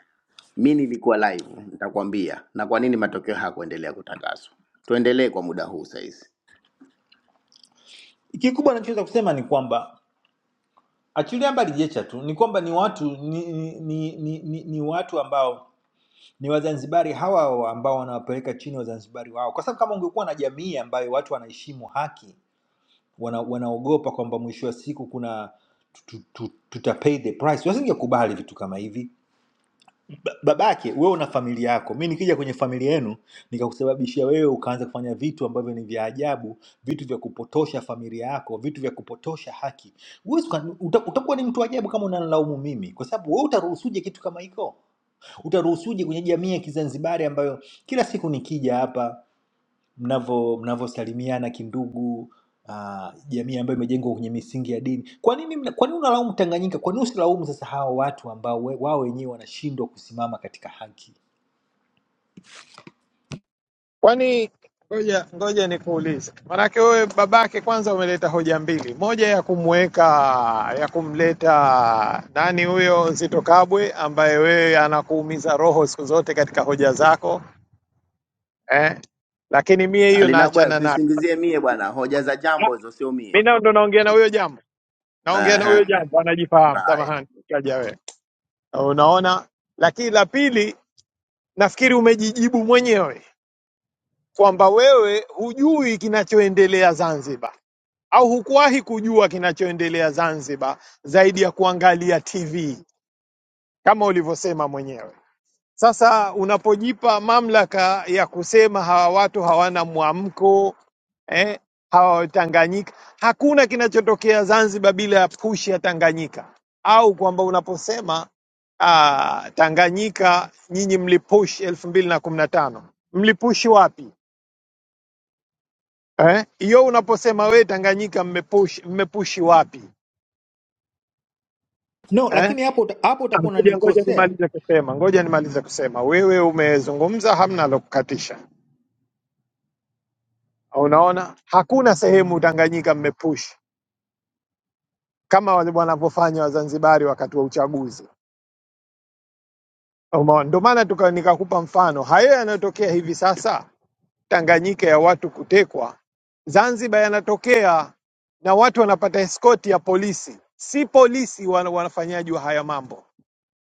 S3: Mi nilikuwa live, nitakwambia na kwa nini matokeo hayakuendelea kutangazwa. Tuendelee kwa muda huu saizi.
S11: Kikubwa nachoweza kusema ni kwamba achilia mbali Jecha tu, ni kwamba ni watu ni, ni, ni, ni, ni watu ambao Ni Wazanzibari hawa hawa ambao wanawapeleka chini Wazanzibari wao, kwa sababu kama ungekuwa na jamii ambayo watu wanaheshimu haki, wana, wanaogopa kwamba mwisho wa siku kuna tu- tu- tuta pay the price, wasingekubali vitu kama hivi. Ba- Babake wewe una familia yako, mi nikija kwenye familia yenu nikakusababishia wewe ukaanza kufanya vitu ambavyo ni vya ajabu, vitu vya kupotosha familia yako, vitu vya kupotosha haki, huwezi uka- uta- utakuwa ni mtu wa ajabu kama unanilaumu mimi, kwa sababu wewe utaruhusuje kitu kama hiko? utaruhusuje kwenye jamii ya Kizanzibari ambayo kila siku nikija hapa mnavo mnavosalimiana kindugu ah, jamii ambayo imejengwa kwenye misingi ya dini. Kwa nini mna- kwa nini unalaumu Tanganyika? Kwa nini usilaumu sasa hawa watu ambao we- wao wenyewe wanashindwa kusimama katika haki?
S4: kwani ngoja ngoja nikuulize, manake wewe babake, kwanza umeleta hoja mbili, moja ya kumweka ya kumleta nani huyo Zito Kabwe ambaye wewe anakuumiza roho siku zote katika hoja zako eh? Lakini mie hiyo
S3: Alina bwana,
S4: naachana nayo,
S3: usinisingizie mie bwana, hoja za jambo hizo sio
S4: mi
S3: mie.
S4: nao ndo naongea na huyo jambo naongea na huyo
S3: Aha.
S4: janja anajifahamu.
S3: Haya,
S4: Samahani kaja wewe, unaona. Lakini la pili, nafikiri umejijibu mwenyewe kwamba wewe hujui kinachoendelea Zanzibar au hukuwahi kujua kinachoendelea Zanzibar zaidi ya kuangalia TV kama ulivyosema mwenyewe. Sasa unapojipa mamlaka ya kusema hawa watu hawana mwamko eh, hawa Tanganyika, hakuna kinachotokea Zanzibar bila ya push ya Tanganyika, au kwamba unaposema ah, Tanganyika nyinyi mlipush elfu mbili na kumi na tano mlipushi wapi eh? Hiyo unaposema we Tanganyika mmepush, mmepushi wapi
S11: No,
S4: eh?
S11: lakini hapo uta- hapo
S4: Ah,
S11: utakuwa
S4: Ngoja ngoja
S11: unanikosea.
S4: nimalize kusema, ngoja nimalize kusema. Wewe umezungumza, hamna la kukatisha. Unaona, hakuna sehemu Tanganyika mmepush kama wale wanavyofanya Wazanzibari wakati wa uchaguzi. Umeona, ndio maana tuka nikakupa mfano hayo yanayotokea hivi sasa Tanganyika ya watu kutekwa, Zanzibar yanatokea na watu wanapata eskoti ya polisi. Si polisi wana- wanafanyaji wa haya mambo,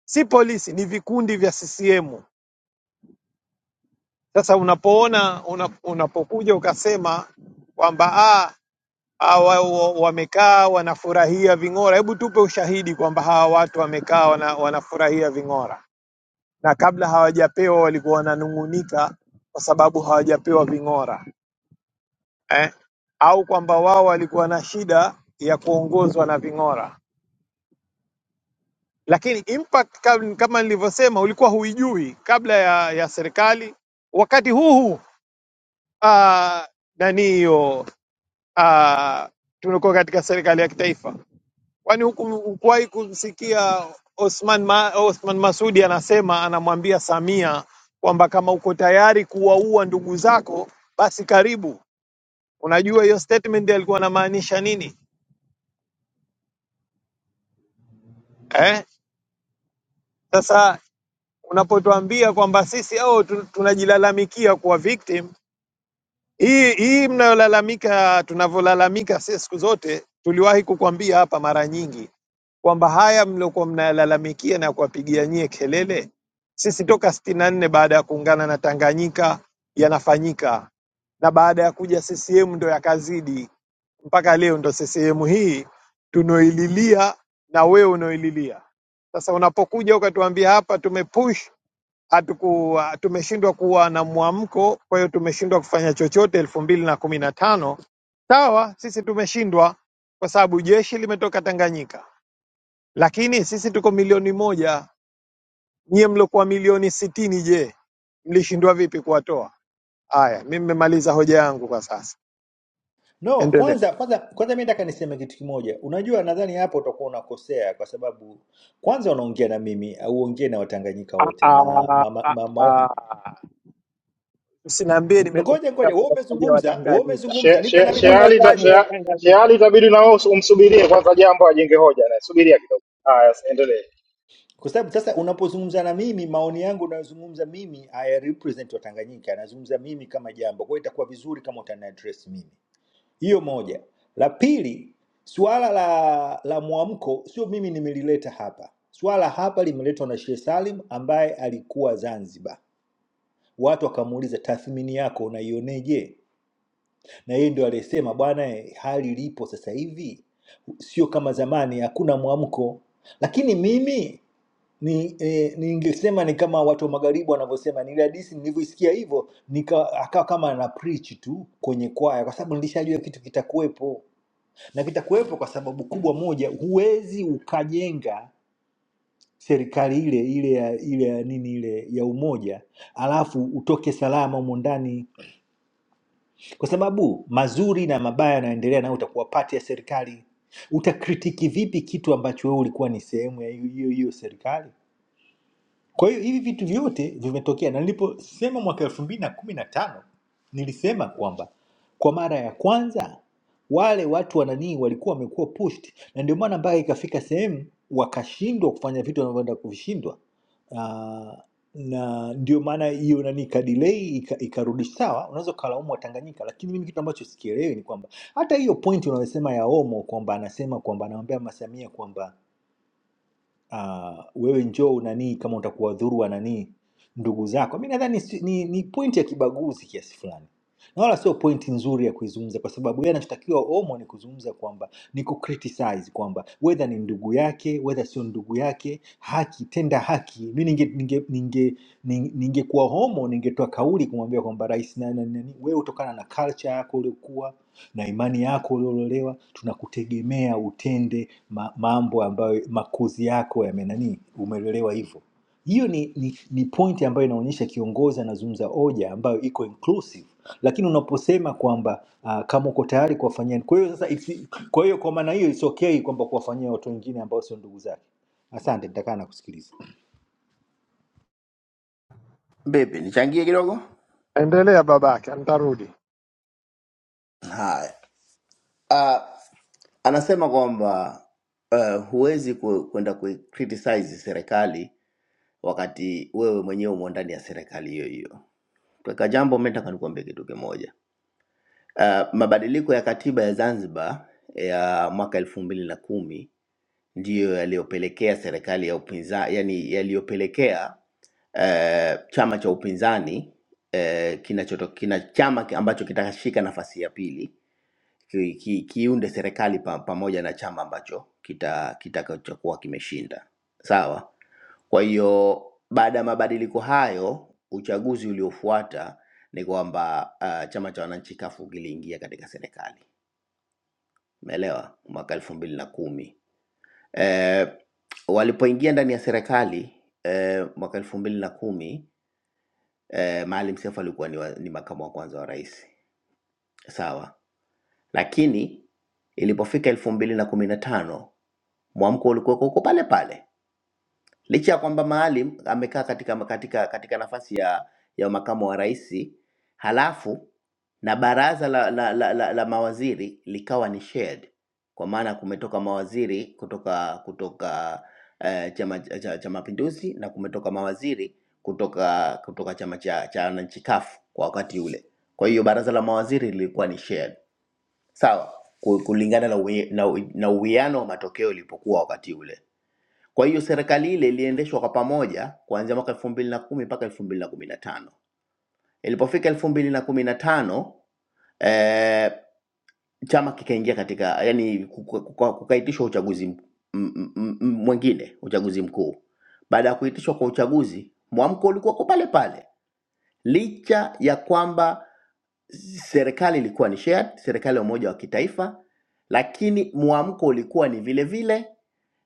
S4: si polisi, ni vikundi vya CCM. Sasa unapoona una, unapokuja ukasema kwamba ah, hawa wa- wamekaa wanafurahia ving'ora. Hebu tupe ushahidi kwamba hawa watu wamekaa wana, wanafurahia ving'ora, na kabla hawajapewa walikuwa wananung'unika kwa sababu hawajapewa ving'ora eh? au kwamba wao walikuwa na shida ya kuongozwa na ving'ora. Lakini impact kam- kama nilivyosema, ulikuwa huijui kabla ya, ya serikali wakati huu huu ah, nani hiyo ah, tulikuwa katika serikali ya kitaifa Kwani huku hukuwahi kumsikia Osman, Ma, Osman Masudi anasema anamwambia Samia kwamba kama uko tayari kuwaua ndugu zako basi karibu. Unajua hiyo statement alikuwa anamaanisha nini eh? Sasa unapotuambia kwamba sisi au tunajilalamikia kuwa victim Hii hii mnayolalamika, tunavyolalamika sisi siku zote, tuliwahi kukwambia hapa mara nyingi kwamba haya mliokuwa mnayalalamikia na kuwapigia nyie kelele, sisi toka sitini na nne baada ya kuungana na Tanganyika yanafanyika, na baada ya kuja CCM ndo yakazidi mpaka leo, ndo CCM hii tunaoililia na wewe unaoililia. Sasa unapokuja ukatuambia hapa tumepush hatukuwa tumeshindwa kuwa na mwamko, kwa hiyo tumeshindwa kufanya chochote elfu mbili na kumi na tano. Sawa, sisi tumeshindwa kwa sababu jeshi limetoka Tanganyika, lakini sisi tuko milioni moja. Nyie mliokuwa milioni sitini, je, mlishindwa vipi kuwatoa? Haya, mimi nimemaliza hoja yangu kwa sasa,
S11: No,
S4: endelea.
S11: kwanza kwanza kwanza mimi nataka niseme kitu kimoja. Unajua nadhani hapo utakuwa unakosea kwa sababu kwanza unaongea na mimi au uongee na Watanganyika wote na
S4: Ah,
S11: ma,
S4: ah,
S11: ma, ma,
S4: ah. Usiniambie nimetoka
S11: ngoja ngoja
S4: kwa
S11: wewe
S4: wataja wa
S11: umezungumza wewe
S4: Tanganyika,
S11: umezungumza
S12: She-
S11: nipe
S12: she-
S11: nami
S4: mimi
S11: nafasi
S12: Sheali ta-
S4: nataja wa
S11: nizungumze
S12: shea- Sheali
S4: Tanganyika.
S12: itabidi na wewe umsubirie kwanza jambo ajenge hoja naye, subiria kidogo. Haya, endelee.
S11: kwa sababu sasa unapozungumza na mimi maoni yangu unayozungumza mimi haya represent wa Tanganyika anazungumza mimi kama jambo kwa hiyo itakuwa vizuri kama utani address mimi hiyo moja la pili suala la la mwamko sio mimi nimelileta hapa suala hapa limeletwa na Sheikh Salim ambaye alikuwa Zanzibar watu wakamuuliza tathmini yako unaioneje na yeye ndo aliyesema bwana eh, hali ilipo sasa hivi sio kama zamani hakuna mwamko lakini mimi ni eh, ningesema ni kama watu wa magharibi wanavyosema nile hadisi nilivyoisikia hivyo nika- akawa kama ana preach tu kwenye kwaya kwa sababu nilishajua kitu kitakuwepo na kitakuwepo kwa sababu kubwa moja huwezi ukajenga serikali ile ile ya ile ya nini ile ya umoja alafu utoke salama humo ndani kwa sababu mazuri na mabaya yanayoendelea nayo utakuwa pati ya serikali utakritiki vipi kitu ambacho wewe ulikuwa ni sehemu ya hiyo hiyo hiyo serikali kwa hiyo hivi vitu vyote vimetokea, na niliposema mwaka elfu mbili na kumi na tano nilisema kwamba kwa mara ya kwanza wale watu wananii walikuwa wamekuwa pushed, na ndio maana mpaka ikafika sehemu wakashindwa kufanya vitu wanavyoenda kuvishindwa. Ah, na ndio maana hiyo nani ikadilei ika- ikarudi sawa. Unaweza ukalaumu Watanganyika, lakini mimi kitu ambacho sikielewi ni kwamba hata hiyo point unayosema ya Omo kwamba anasema kwamba anamwambia Mama Samia kwamba uh, wewe njoo unanii kama utakuwadhuru wananii ndugu zako mi nadhani si- ni, ni pointi ya kibaguzi kiasi fulani na wala sio pointi nzuri ya kuizungumza kwa sababu yeye anachotakiwa omo ni kuzungumza kwamba ni kucriticize kwamba wedha ni ndugu yake wedha sio ndugu yake haki tenda haki mi ninge ninge ninge ning- ningekuwa homo ningetoa kauli kumwambia kwamba rais nani nani wewe utokana na culture yako uliokuwa tuna imani yako uliololewa, tunakutegemea utende ma, mambo ambayo makuzi yako yamenani, umelelewa hivyo. Hiyo ni, ni, ni pointi ambayo inaonyesha kiongozi anazungumza hoja ambayo iko inclusive, lakini unaposema kwamba uh, kama uko tayari kuwafanyia, kwa hiyo sasa, isi- kwa hiyo kwa maana hiyo it's okay kwamba kuwafanyia watu wengine ambao sio ndugu zake. Asante, nitakaa na kusikiliza.
S3: Bibi, nichangie kidogo.
S4: Endelea babake, nitarudi.
S3: Haya, Ah, anasema kwamba uh, huwezi ku- kwenda ku criticize serikali wakati wewe mwenyewe umo ndani ya serikali hiyo hiyo. Kaka jambo, mimi nataka nikuambie kitu kimoja. Uh, mabadiliko ya katiba ya Zanzibar ya mwaka elfu mbili na kumi ndiyo yaliyopelekea serikali ya upinzani, yani yaliyopelekea eh, chama cha upinzani eh, kinachoto, kina chama ki- ambacho kitashika nafasi ya pili ki, ki, kiunde serikali pa, pamoja na chama ambacho kita- kitakachokuwa kimeshinda. Sawa. Kwa hiyo baada ya mabadiliko hayo, uchaguzi uliofuata ni kwamba uh, chama cha wananchi kafu kiliingia katika serikali, umeelewa, mwaka elfu mbili na kumi eh, walipoingia ndani ya serikali eh, mwaka elfu mbili na kumi eh, Maalim Seif alikuwa ni, wa, ni makamu wa kwanza wa rais sawa, lakini ilipofika elfu mbili na kumi na tano mwamko ulikuwa uko pale pale licha ya kwamba Maalim amekaa katika, katika, katika nafasi ya, ya makamu wa rais halafu na baraza la, la, la, la, la mawaziri likawa ni shared, kwa maana kumetoka mawaziri kutoka kutoka eh, chama cha, cha Mapinduzi na kumetoka mawaziri kutoka kutoka chama cha cha wananchi CUF kwa wakati ule. Kwa hiyo baraza la mawaziri lilikuwa ni shared, sawa, ku- kulingana na uwi- na uwi- na uwiano wa matokeo ilipokuwa wakati ule. Kwa hiyo serikali ile iliendeshwa kwa pamoja kuanzia mwaka elfu mbili na kumi mpaka elfu mbili na kumi na tano. Ilipofika elfu mbili na kumi na tano eh, chama kikaingia katika yani, kukaitishwa uchaguzi m- m- m- m- mwingine, uchaguzi mkuu. Baada ya kuitishwa kwa uchaguzi, mwamko ulikuwa kwa pale pale licha ya kwamba serikali ilikuwa ni shared, serikali ya umoja wa kitaifa, lakini mwamko ulikuwa ni vile vile,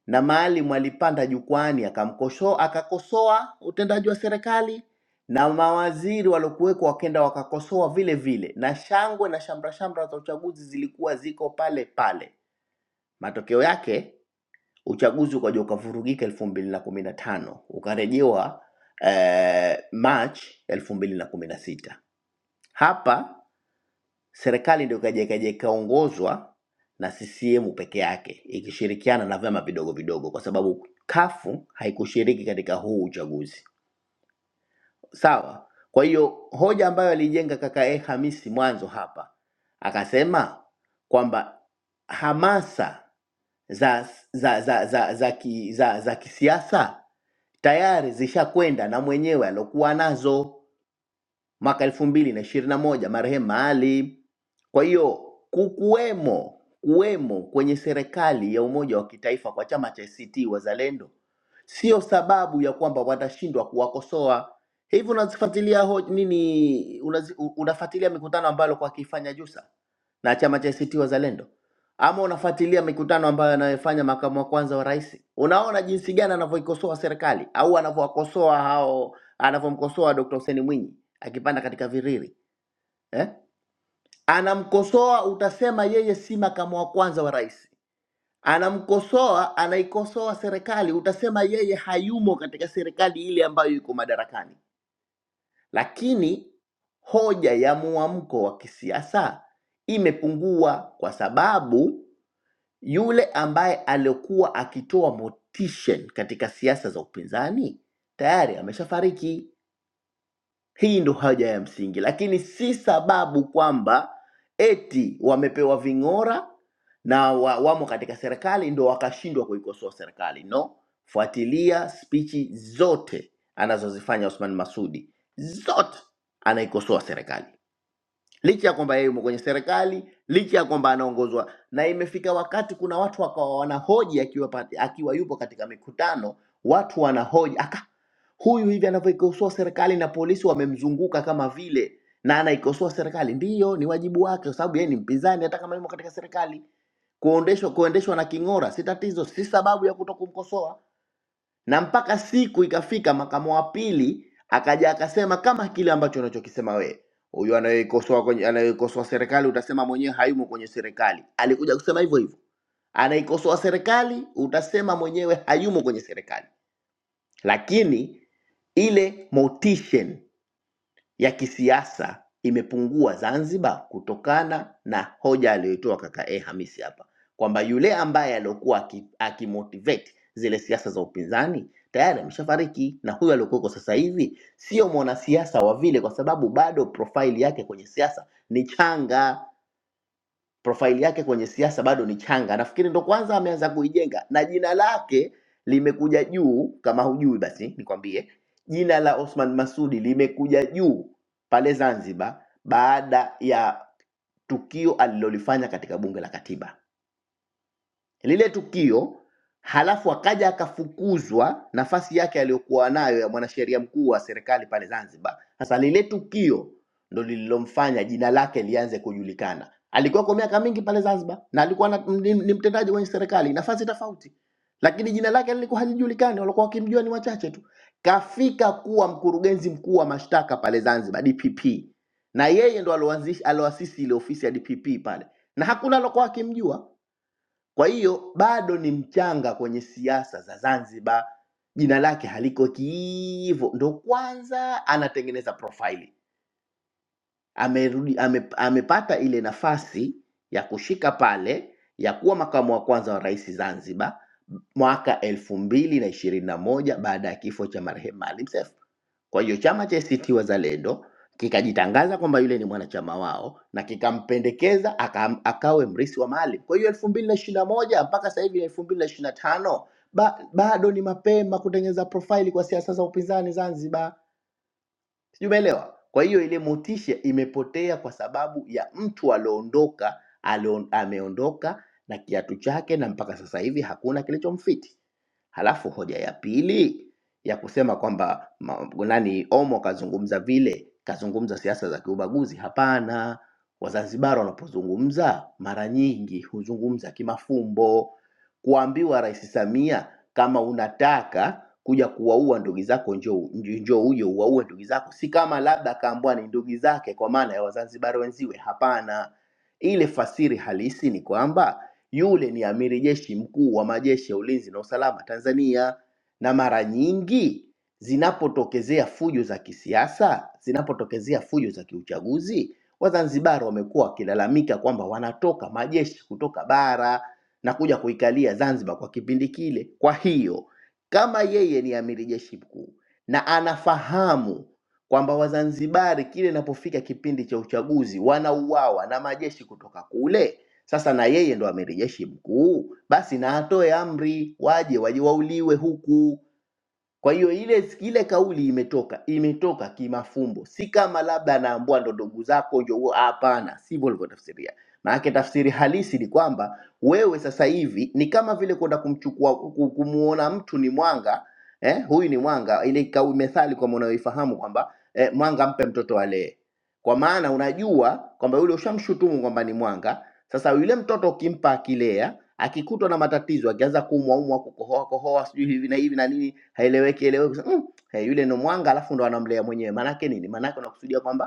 S3: na Maalim alipanda jukwani akamkosoa, akakosoa utendaji wa serikali na mawaziri waliokuwekwa wakenda wakakosoa vile vile, na shangwe na shamra shamra za uchaguzi zilikuwa ziko pale pale. Matokeo yake uchaguzi ukaja ukavurugika elfu mbili na kumi na tano ukarejewa eh, March elfu mbili na kumi na sita hapa serikali ndio ikaja ikaja ikaongozwa na CCM peke yake ikishirikiana na vyama vidogo vidogo, kwa sababu kafu haikushiriki katika huu uchaguzi. Sawa. Kwa hiyo hoja ambayo alijenga kaka e Hamisi mwanzo hapa akasema kwamba hamasa za za za za za, ki, za, za kisiasa tayari zishakwenda na mwenyewe alokuwa nazo mwaka elfu mbili na ishirini na moja marehemu Ali. Kwa hiyo kukuwemo kuwemo kwenye serikali ya umoja wa kitaifa kwa chama cha ACT Wazalendo sio sababu ya kwamba watashindwa kuwakosoa. Hivi unazifuatilia ho- nini, unazi, u- unafuatilia mikutano ambayo kwa akifanya Jusa na chama cha ACT Wazalendo, ama unafuatilia mikutano ambayo anayofanya makamu wa kwanza wa rais? Unaona jinsi gani anavyoikosoa serikali au anavyowakosoa hao anavyomkosoa Dr. Hussein Mwinyi akipanda katika viriri eh? Anamkosoa, utasema yeye si makamu wa kwanza wa rais. Anamkosoa, anaikosoa serikali, utasema yeye hayumo katika serikali ile ambayo iko madarakani. Lakini hoja ya muamko wa kisiasa imepungua kwa sababu yule ambaye alikuwa akitoa motisha katika siasa za upinzani tayari ameshafariki. Hii ndo hoja ya msingi, lakini si sababu kwamba eti wamepewa ving'ora na wa, wamo katika serikali ndo wakashindwa kuikosoa serikali. No, fuatilia spichi zote anazozifanya Othman Masudi, zote anaikosoa serikali licha ya kwamba yeye yumo kwenye serikali, licha ya kwamba anaongozwa, na imefika wakati kuna watu wakawa wanahoji akiwa, pati- akiwa yupo katika mikutano, watu wanahoji aka huyu hivi anavyoikosoa serikali na polisi wamemzunguka kama vile na anaikosoa serikali. Ndiyo, ni wajibu wake, kwa sababu yeye ni mpinzani, hata kama yumo katika serikali. Kuondeshwa kuendeshwa na king'ora si tatizo, si sababu ya kuto kumkosoa na mpaka siku ikafika makamo wa pili akaja akasema kama kile ambacho unachokisema wewe huyu anayeikosoa kwenye anayeikosoa serikali utasema mwenyewe hayumo kwenye serikali alikuja kusema hivyo hivyo anaikosoa serikali utasema mwenyewe hayumo kwenye serikali lakini ile motivation ya kisiasa imepungua Zanzibar kutokana na hoja aliyoitoa kaka e Hamisi hapa kwamba yule ambaye aliokuwa aki- akimotivate zile siasa za upinzani tayari ameshafariki, na huyo aliokuweko sasa hivi sio mwanasiasa wa vile, kwa sababu bado profile yake kwenye siasa ni changa profile yake kwenye siasa bado ni changa, nafikiri ndo kwanza ameanza kuijenga, na jina lake limekuja juu. Kama hujui basi nikwambie, jina la Osman Masudi limekuja juu pale Zanzibar baada ya tukio alilolifanya katika bunge la katiba lile tukio, halafu akaja akafukuzwa nafasi yake aliyokuwa nayo ya mwanasheria mkuu wa serikali pale Zanzibar. Sasa lile tukio ndo lililomfanya jina lake lianze kujulikana. Alikuwa kwa miaka mingi pale Zanzibar na alikuwa na, ni, ni mtendaji kwenye serikali nafasi tofauti, lakini jina lake lilikuwa halijulikani, walikuwa wakimjua ni wachache tu. Kafika kuwa mkurugenzi mkuu wa mashtaka pale Zanzibar, DPP, na yeye ndo aloanzisha- aloasisi ile ofisi ya DPP pale, na hakuna alokuwa akimjua kwa hiyo bado ni mchanga kwenye siasa za Zanzibar, jina lake haliko kiivo, ndo kwanza anatengeneza profile amerudi ame, amepata ile nafasi ya kushika pale ya kuwa makamu wa kwanza wa rais Zanzibar mwaka elfu mbili na ishirini na moja baada ya kifo cha marehemu Maalim Seif. Kwa hiyo chama cha ACT Wazalendo kikajitangaza kwamba yule ni mwanachama wao na kikampendekeza aka, akawe mrisi wa Maalim. Kwa hiyo elfu mbili na ishirini na moja mpaka sasa hivi elfu mbili na ishirini na tano ba, bado ni mapema kutengeneza profaili kwa siasa za upinzani Zanzibar. Sijui umeelewa? Kwa hiyo ile motisha imepotea kwa sababu ya mtu alioondoka, alio, ameondoka na kiatu chake, na mpaka sasa hivi hakuna kilichomfiti. Halafu hoja ya pili ya kusema kwamba ma- nani Omo kazungumza vile, kazungumza siasa za kiubaguzi. Hapana, Wazanzibari wanapozungumza mara nyingi huzungumza kimafumbo. Kuambiwa Rais Samia kama unataka kuja kuwaua ndugu zako, njoo njoo uje uwaue ndugu zako. Si kama labda akaambiwa ni ndugu zake kwa maana ya Wazanzibari wenziwe, hapana. Ile fasiri halisi ni kwamba yule ni amiri jeshi mkuu wa majeshi ya ulinzi na usalama Tanzania, na mara nyingi zinapotokezea fujo za kisiasa, zinapotokezea fujo za kiuchaguzi, Wazanzibari wamekuwa wakilalamika kwamba wanatoka majeshi kutoka bara na kuja kuikalia Zanzibar kwa kipindi kile. Kwa hiyo kama yeye ni amiri jeshi mkuu na anafahamu kwamba Wazanzibari kile inapofika kipindi cha uchaguzi wanauawa na majeshi kutoka kule, sasa na yeye ndo amiri jeshi mkuu, basi na atoe amri, waje waje wauliwe huku. Kwa hiyo ile ile kauli imetoka imetoka kimafumbo, si kama labda anaambua ndo ndugu zako ndio huo. Hapana, sivyo alivyotafsiria. Maanake tafsiri halisi ni kwamba wewe sasa hivi ni kama vile kwenda kumchukua ku- kumuona mtu ni mwanga eh, huyu ni mwanga, ile kauli methali kama unayoifahamu kwamba eh, mwanga mpe mtoto alee, kwa maana unajua kwamba yule ushamshutumu kwamba ni mwanga. Sasa yule mtoto ukimpa akilea akikutwa na matatizo, akianza kuumwaumwa, kukohoa kohoa, sijui hivi na hivi na nini, haeleweki eleweki, mm, hey, yule ndo mwanga, alafu ndo anamlea mwenyewe. Maanake nini? Maanake unakusudia kwamba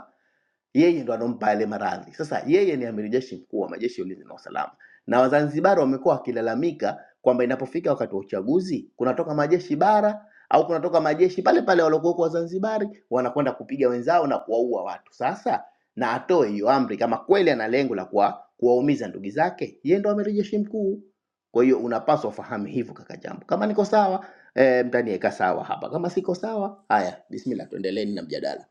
S3: yeye ndo anompa yale maradhi. Sasa yeye ni amiri jeshi mkuu wa majeshi ya ulinzi na usalama, na Wazanzibari wamekuwa wakilalamika kwamba inapofika wakati wa uchaguzi kunatoka majeshi bara au kunatoka majeshi pale pale waliokuwa huko Wazanzibari wanakwenda kupiga wenzao na kuwaua watu. Sasa na atoe hiyo amri kama kweli ana lengo la kuwa kuwaumiza ndugu zake, yeye ndo amiri jeshi mkuu. Kwa hiyo unapaswa ufahamu hivyo kaka Jambo. Kama niko sawa eh, mtaniweka sawa hapa, kama siko sawa haya, bismillah, tuendeleeni na mjadala.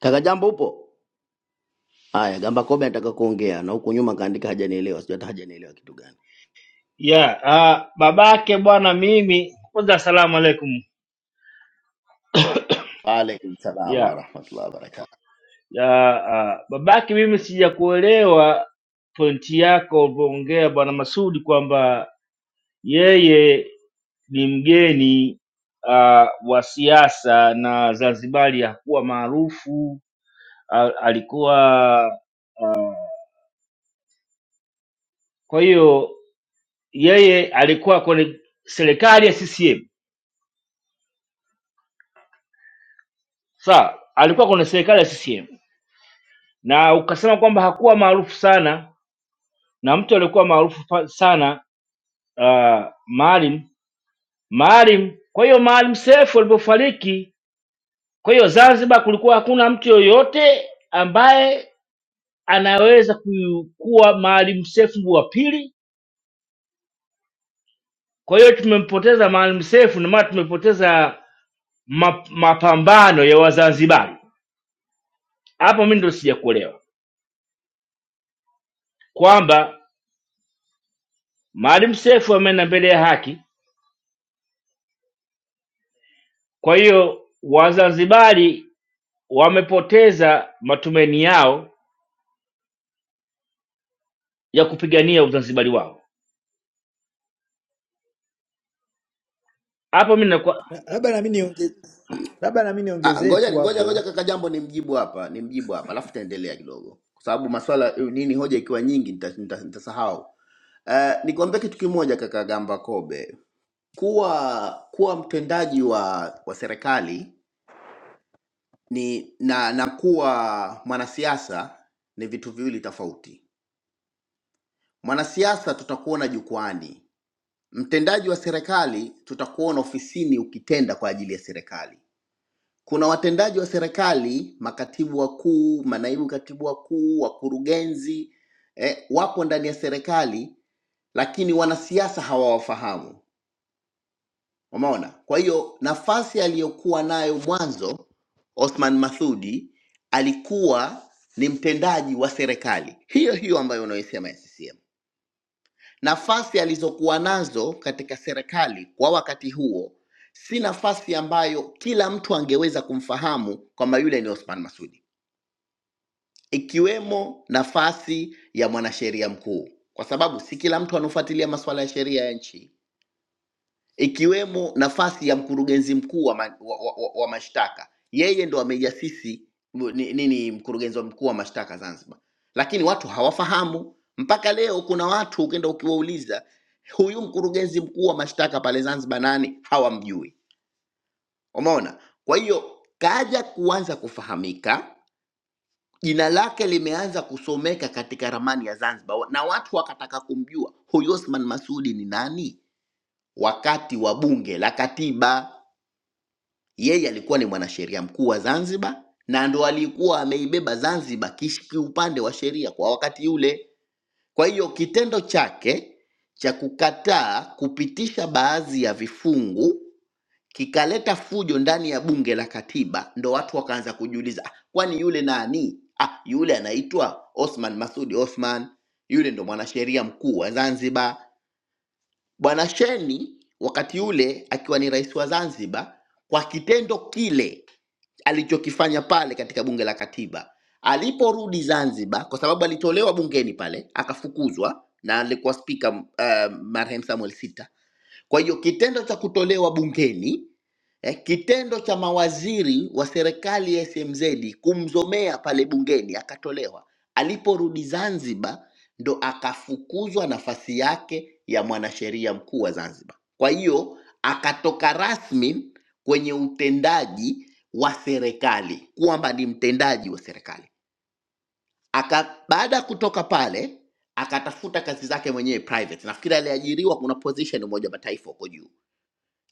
S3: Kaka Jambo upo? Haya, Gamba Kobe anataka kuongea na huku nyuma kaandika hajanielewa, sijui hata hajanielewa kitu gani.
S13: Yeah, uh, babake bwana mimi kwanza asalamu alaikum.
S3: Waalaikum salaam
S13: Yeah.
S3: warahmatullahi wabarakatuh.
S13: Uh, uh, babake mimi sijakuelewa pointi yako ulivyoongea bwana Masudi kwamba yeye ni mgeni uh, wa siasa na Zanzibari hakuwa maarufu al- alikuwa kwa hiyo yeye alikuwa kwenye serikali ya CCM. Sawa, alikuwa kwenye serikali ya CCM na ukasema kwamba hakuwa maarufu sana na mtu aliyekuwa maarufu fa- sana uh, Maalim Maalim. Kwa hiyo Maalim Seif alipofariki, kwa hiyo Zanzibar kulikuwa hakuna mtu yoyote ambaye anaweza ku- kuwa Maalim Seif wa pili. Kwa hiyo tumempoteza Maalim Seif na maana tumepoteza ma, mapambano ya Wazanzibari. Hapo mimi ndio sijakuelewa kwamba Maalim Seif ameenda mbele ya haki, kwa hiyo Wazanzibari wamepoteza matumaini yao ya kupigania uzanzibari wao. Hapo mimi nakuwa
S11: Na- labda nami niongezee labda nami
S3: Ah,
S11: niongezee tu
S3: ngoja ngoja
S11: hapo
S3: ngoja kaka Jambo nimjibu hapa, nimjibu hapa alafu taendelea kidogo, kwa sababu maswala eh, nini hoja ikiwa nyingi nitasahau nita, nita nitasahau. Eh, nikwambia kitu kimoja kaka Gamba Kobe, kuwa kuwa mtendaji wa wa serikali ni na na kuwa mwanasiasa ni vitu viwili tofauti. Mwanasiasa tutakuona jukwani, Mtendaji wa serikali tutakuona ofisini ukitenda kwa ajili ya serikali. Kuna watendaji wa serikali, makatibu wakuu, manaibu katibu wakuu, wakurugenzi eh, wapo ndani ya serikali, lakini wanasiasa hawawafahamu. Umeona? Kwa hiyo nafasi aliyokuwa nayo mwanzo Othman Masoud alikuwa ni mtendaji wa serikali hiyo hiyo ambayo unaisema ya CCM Nafasi alizokuwa nazo katika serikali kwa wakati huo si nafasi ambayo kila mtu angeweza kumfahamu kwamba yule ni Othman Masudi, ikiwemo nafasi ya mwanasheria mkuu, kwa sababu si kila mtu anaofuatilia masuala ya sheria ya nchi ikiwemo nafasi ya mkurugenzi mkuu wa, ma, wa, wa, wa wa mashtaka. Yeye ndo amejasisi mu- ni- nini, mkurugenzi wa mkuu wa mashtaka Zanzibar, lakini watu hawafahamu mpaka leo. Kuna watu ukienda ukiwauliza huyu mkurugenzi mkuu wa mashtaka pale Zanzibar nani, hawamjui. Umeona? Kwa hiyo kaja kuanza kufahamika, jina lake limeanza kusomeka katika ramani ya Zanzibar na watu wakataka kumjua huyu Othman Masudi ni nani, wakati wa bunge la katiba Yeye alikuwa ni mwanasheria mkuu wa Zanzibar na ndo alikuwa ameibeba Zanzibar kish- kiupande wa sheria kwa wakati ule. Kwa hiyo kitendo chake cha kukataa kupitisha baadhi ya vifungu kikaleta fujo ndani ya bunge la katiba, ndo watu wakaanza kujiuliza, "Ah, kwani yule nani? Ah, yule anaitwa Othman Masudi Othman, yule ndo mwanasheria mkuu wa Zanzibar. Bwana Sheni wakati ule akiwa ni rais wa Zanzibar, kwa kitendo kile alichokifanya pale katika bunge la katiba. Aliporudi Zanzibar, kwa sababu alitolewa bungeni pale akafukuzwa, na alikuwa spika uh, marehemu Samuel Sita kwa hiyo kitendo cha kutolewa bungeni eh, kitendo cha mawaziri wa serikali ya SMZ kumzomea pale bungeni akatolewa, aliporudi Zanzibar ndo akafukuzwa nafasi yake ya mwanasheria mkuu wa Zanzibar. Kwa hiyo akatoka rasmi kwenye utendaji wa serikali kwamba ni mtendaji wa serikali aka, baada ya kutoka pale akatafuta kazi zake mwenyewe private. Nafikiri aliajiriwa, kuna position Umoja wa Mataifa huko juu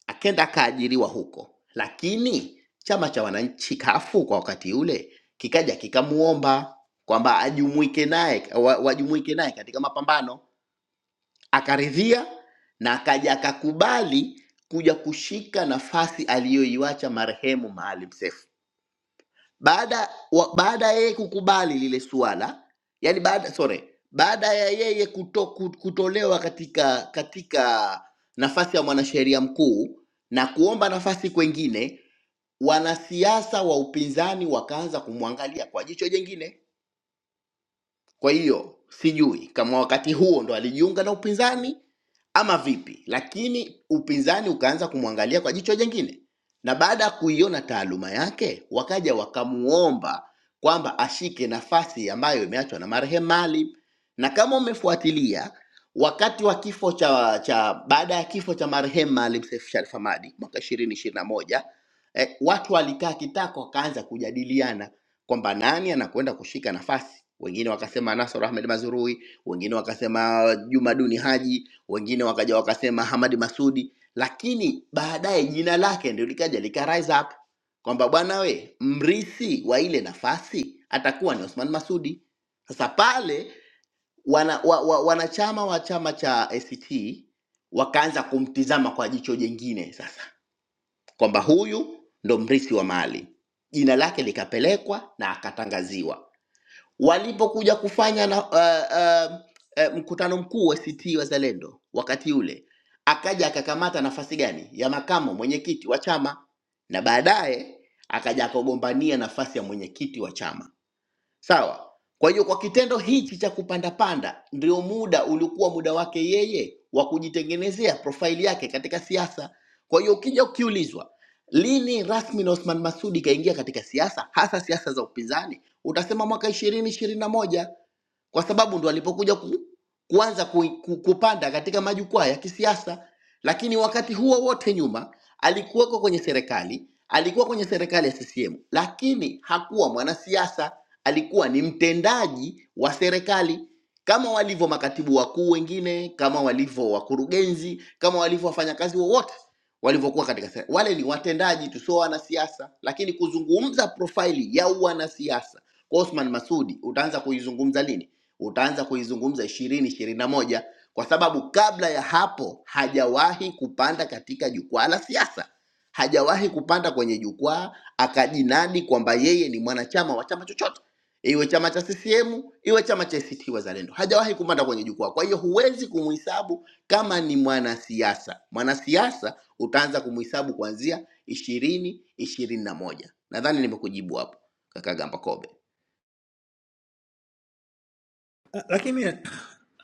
S3: akenda akaajiriwa huko, lakini chama cha wananchi kafu kwa wakati ule kikaja kikamuomba kwamba ajumuike naye wa- wajumuike naye katika mapambano, akaridhia na akaja akakubali kuja kushika nafasi aliyoiwacha marehemu Maalim Seif baada wa, baada ya yeye kukubali lile suala yani baada sorry baada ya yeye kuto, ku- kutolewa katika katika nafasi ya mwanasheria mkuu na kuomba nafasi kwengine wanasiasa wa upinzani wakaanza kumwangalia kwa jicho jengine kwa hiyo sijui kama wakati huo ndo alijiunga na upinzani ama vipi, lakini upinzani ukaanza kumwangalia kwa jicho jingine, na baada ya kuiona taaluma yake wakaja wakamuomba kwamba ashike nafasi ambayo imeachwa na marehemu Maalim. Na kama umefuatilia wakati wa kifo cha, cha baada ya kifo cha marehemu Maalim Seif Sharif Hamad mwaka 2021 eh, watu walikaa kitako wakaanza kujadiliana kwamba nani anakwenda kushika nafasi. Wengine wakasema Nasr Ahmed Mazrui, wengine wakasema Juma Duni Haji, wengine wakaja wakasema Hamadi Masudi, lakini baadaye jina lake ndio likaja lika rise up kwamba bwana we, mrithi wa ile nafasi atakuwa ni Osman Masudi. Sasa pale wana, wa, wa, wanachama wa chama cha ACT wakaanza kumtizama kwa jicho jengine sasa kwamba huyu ndo mrithi wa mali jina lake likapelekwa na akatangaziwa walipokuja kufanya na, uh, uh, uh, mkutano mkuu wa ACT Wazalendo wakati ule, akaja akakamata nafasi gani ya makamo mwenyekiti wa chama, na baadaye akaja akagombania nafasi ya mwenyekiti wa chama Sawa. Kwa hiyo kwa kitendo hichi cha kupanda panda ndio muda ulikuwa muda wake yeye wa kujitengenezea profaili yake katika siasa. Kwa hiyo ukija ukiulizwa lini rasmi na Othman Masudi kaingia katika siasa, hasa siasa za upinzani, utasema mwaka ishirini ishirini na moja kwa sababu ndo alipokuja ku, kuanza ku, ku, kupanda katika majukwaa ya kisiasa, lakini wakati huo wote nyuma alikuweko kwenye serikali, alikuwa kwenye serikali ya CCM, lakini hakuwa mwanasiasa, alikuwa ni mtendaji wa serikali kama walivyo makatibu wakuu wengine, kama walivyo wakurugenzi, kama walivyo wafanyakazi wowote walivyokuwa katika serikali. Wale ni watendaji tu, sio wanasiasa, lakini kuzungumza profaili ya wanasiasa kwa Othman Masudi utaanza kuizungumza lini? utaanza kuizungumza ishirini ishirini na moja kwa sababu kabla ya hapo hajawahi kupanda katika jukwaa la siasa, hajawahi kupanda kwenye jukwaa akajinadi kwamba yeye ni mwanachama wa chama chochote, iwe chama cha CCM iwe chama cha ACT Wazalendo, hajawahi kupanda kwenye jukwaa. Kwa hiyo huwezi kumhesabu kama ni mwanasiasa. Mwanasiasa utaanza kumhesabu kuanzia ishirini ishirini na moja. Nadhani nimekujibu hapo, kaka Gamba Kobe.
S11: Ah, Lakini mimi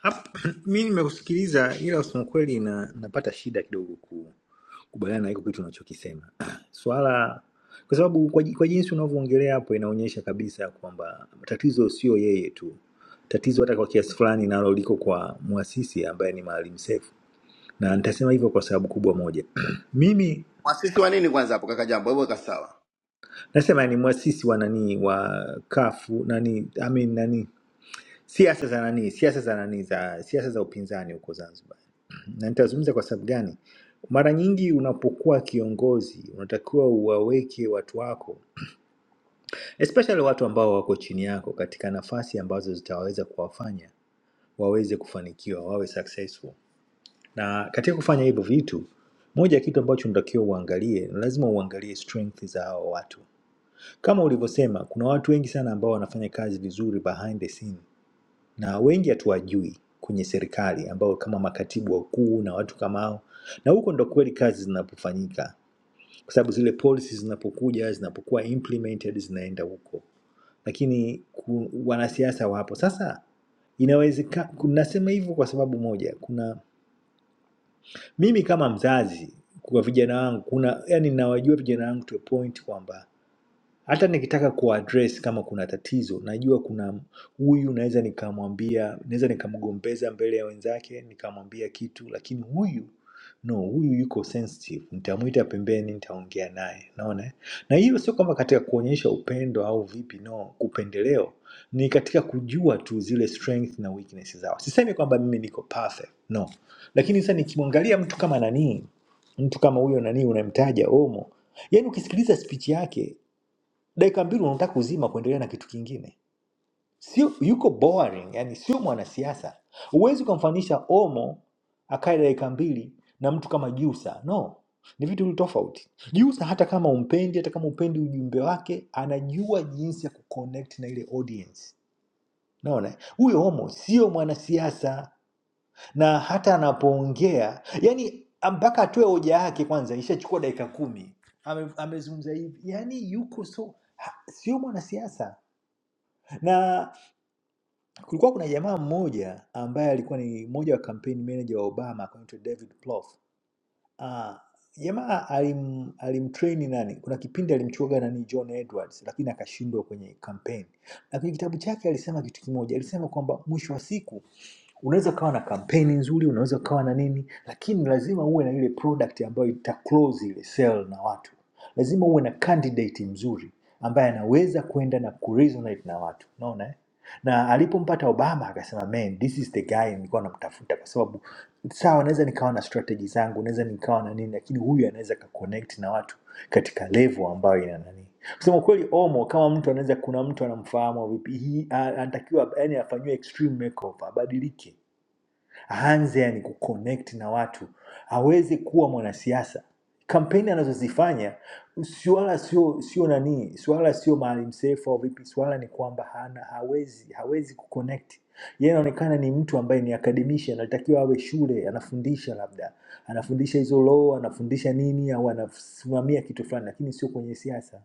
S11: hap- mi nimekusikiliza, ila kusema kweli na, napata shida kidogo ku- kubaliana na hiko kitu unachokisema swala, kwa sababu kwa, ji- kwa jinsi unavyoongelea hapo inaonyesha kabisa kwamba tatizo sio yeye tu, tatizo hata kwa kiasi fulani nalo liko kwa mwasisi ambaye ni Maalim Seif, na nitasema hivyo kwa sababu kubwa moja. Mimi
S3: Mwasisi wa nini kwanza hapo, kaka Jambo, hebu weka sawa.
S11: nasema ni mwasisi wa nani wa kafu nani, I mean, nani siasa za nani siasa za nani za siasa za upinzani huko Zanzibar na nitazungumza kwa sababu gani. Mara nyingi unapokuwa kiongozi unatakiwa uwaweke watu wako, especially watu ambao wako chini yako, katika nafasi ambazo zitawaweza kuwafanya waweze kufanikiwa, wawe successful. Na katika kufanya hivyo vitu, moja ya kitu ambacho unatakiwa uangalie, lazima uangalie strength za hao watu. Kama ulivyosema, kuna watu wengi sana ambao wanafanya kazi vizuri behind the scene, na wengi hatuwajui kwenye serikali ambao kama makatibu wakuu na watu kama hao, na huko ndo kweli kazi zinapofanyika, kwa sababu zile policies zinapokuja zinapokuwa implemented zinaenda huko, lakini ku, wanasiasa wapo. Sasa inawezekana, nasema hivyo kwa sababu moja, kuna mimi kama mzazi kwa vijana wangu, kuna yani nawajua vijana wangu to a point kwamba hata nikitaka kuaddress kama kuna tatizo, najua kuna huyu naweza nikamwambia, naweza nikamgombeza mbele ya wenzake nikamwambia kitu, lakini huyu no, huyu yuko sensitive, nitamwita pembeni, nitaongea naye. Naona eh? na hiyo sio kwamba katika kuonyesha upendo au vipi, no, kupendeleo ni katika kujua tu zile strength na weakness zao. Sisemi kwamba mimi niko perfect, no, lakini sasa nikimwangalia mtu kama nani, mtu kama huyo nani unamtaja Omo, yaani ukisikiliza speech yake dakika mbili unataka kuzima kuendelea na kitu kingine sio yuko boring yani sio mwanasiasa huwezi ukamfanisha omo akae dakika mbili na mtu kama jusa no ni vitu viwili tofauti jusa hata kama umpendi hata kama upendi ujumbe wake anajua jinsi ya kuconnect na ile audience naona huyo omo sio mwanasiasa na hata anapoongea yani mpaka atoe hoja yake kwanza ishachukua dakika kumi Ame- amezungumza hivi yani yuko so ha, sio mwanasiasa na kulikuwa kuna jamaa mmoja ambaye alikuwa ni mmoja wa campaign manager wa Obama anaitwa David Plouffe. Ah, jamaa alim alimtrain nani? Kuna kipindi alimchuaga nani John Edwards lakini akashindwa kwenye campaign. Na kwenye kitabu chake alisema kitu kimoja, alisema kwamba mwisho wa siku unaweza ukawa na kampeni nzuri, unaweza ukawa na nini, lakini lazima uwe na ile product ambayo ita close ile sale na watu. Lazima uwe na candidate mzuri ambaye anaweza kwenda na kuresonate na watu. Unaona eh? na alipompata Obama akasema man, this is the guy nilikuwa namtafuta, kwa sababu sawa, naweza nikawa na strategy zangu, naweza nikawa na nini, lakini huyu anaweza kaconnect na watu katika level ambayo ina nani. Kusema kweli, Omo kama mtu anaweza, kuna mtu anamfahamu au vipi, hii a- anatakiwa yani afanyiwe extreme makeover, abadilike aanze yani kuconnect na watu, aweze kuwa mwanasiasa. Kampeni anazozifanya swala sio sio nani, swala sio Maalim Seif au vipi, swala ni kwamba hana hawezi hawezi kuconnect. Yeye anaonekana ni mtu ambaye ni academician, anatakiwa awe shule, anafundisha labda anafundisha hizo law, anafundisha nini, au anasimamia kitu fulani, lakini sio kwenye siasa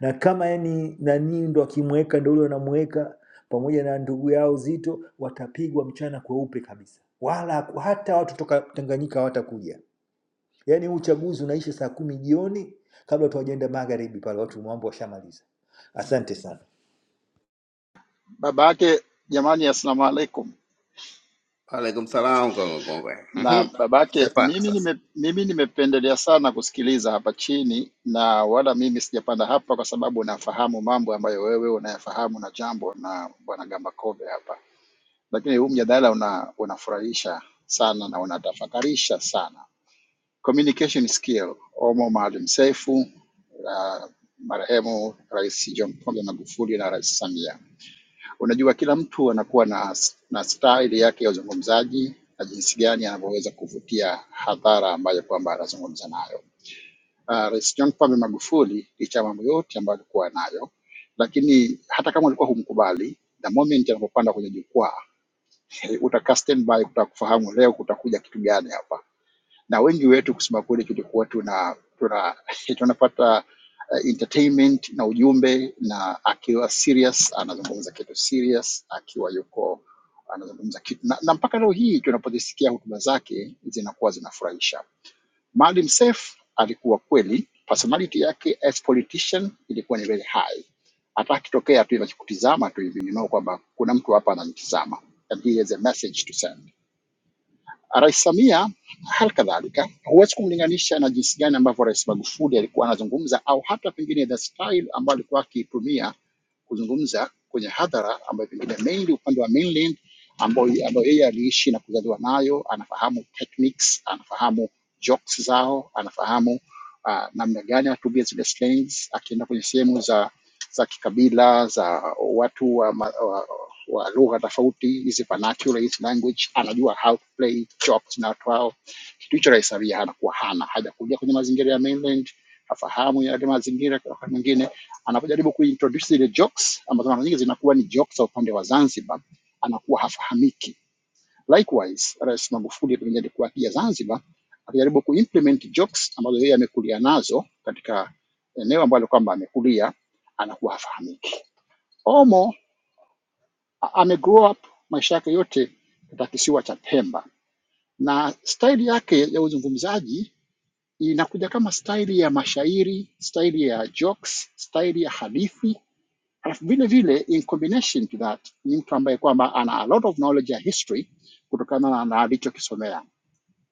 S11: na kama yani nani ndo akimweka ndo ule wanamweka pamoja na ndugu yao Zito, watapigwa mchana kweupe kabisa, wala ku- hata watu toka Tanganyika hawatakuja. Yani huu uchaguzi unaisha saa kumi jioni, kabla watu hawajaenda magharibi pale, watu mambo washamaliza. Asante sana.
S14: baba yake, jamani, assalamu alaikum.
S3: Alaikum salam kaka mkongwe.
S14: Na
S3: Mhm.
S14: baba yake,
S3: Shapana
S14: mimi
S3: sasa.
S14: nime, mimi nimependelea sana kusikiliza hapa chini, na wala mimi sijapanda hapa kwa sababu nafahamu mambo ambayo wewe unayafahamu na jambo na bwana Gambakobe hapa, lakini huu mjadala una, unafurahisha sana na unatafakarisha sana. Communication skill, Omo Maalim Seif, uh, marehemu Rais John Pombe Magufuli na Rais Samia Unajua, kila mtu anakuwa na, na style yake ya uzungumzaji na jinsi gani anavyoweza kuvutia hadhara ambayo kwamba anazungumza nayo. Uh, Rais John Pombe Magufuli licha ya mambo yote ambayo alikuwa nayo, lakini hata kama ulikuwa humkubali, the moment anapopanda kwenye jukwaa utakaa standby kutaka kufahamu leo kutakuja kitu gani hapa na wengi wetu kusema kweli tulikuwa tuna tuna tunapata uh, entertainment na ujumbe na akiwa serious anazungumza kitu serious akiwa yuko anazungumza kitu na, na mpaka leo hii tunapozisikia hotuba zake zinakuwa zinafurahisha Maalim Seif alikuwa kweli personality yake as politician ilikuwa ni very high hata akitokea tu inakutizama tu hivi you know kwamba kuna mtu hapa ananitizama and he has a message to send Rais Samia hali kadhalika, huwezi kumlinganisha na jinsi gani ambavyo Rais Magufuli alikuwa anazungumza au hata pengine the style ambayo alikuwa akiitumia kuzungumza kwenye hadhara, ambayo pengine mainly upande wa mainland ambayo ambayo yeye aliishi na kuzaliwa nayo, anafahamu techniques, anafahamu jokes zao, anafahamu uh, namna gani anatumia zile slangs, akienda kwenye sehemu za za kikabila za watu wa, ma- wa, wa lugha tofauti, hizi vernacular, hizi language, anajua how to play jokes na watu hao. Kitu hicho Rais Samia anakuwa hana, hajakulia kwenye mazingira ya mainland, hafahamu yale mazingira. Kwa wakati mwingine anapojaribu kuintroduce zile jokes ambazo mara nyingi zinakuwa ni jokes za upande wa Zanzibar, anakuwa hafahamiki Likewise, Rais Magufuli pengine alikuwa akija Zanzibar akijaribu kuimplement jokes ambazo yeye amekulia nazo katika eneo ambalo kwamba amekulia, anakuwa hafahamiki. Omo a- ame grow up maisha yake yote katika kisiwa cha Pemba, na staili yake ya uzungumzaji inakuja kama staili ya mashairi, staili ya jokes, staili ya hadithi. Alafu vile vile, in combination to that, ni mtu ambaye kwamba ana a lot of knowledge ya history kutokana na alichokisomea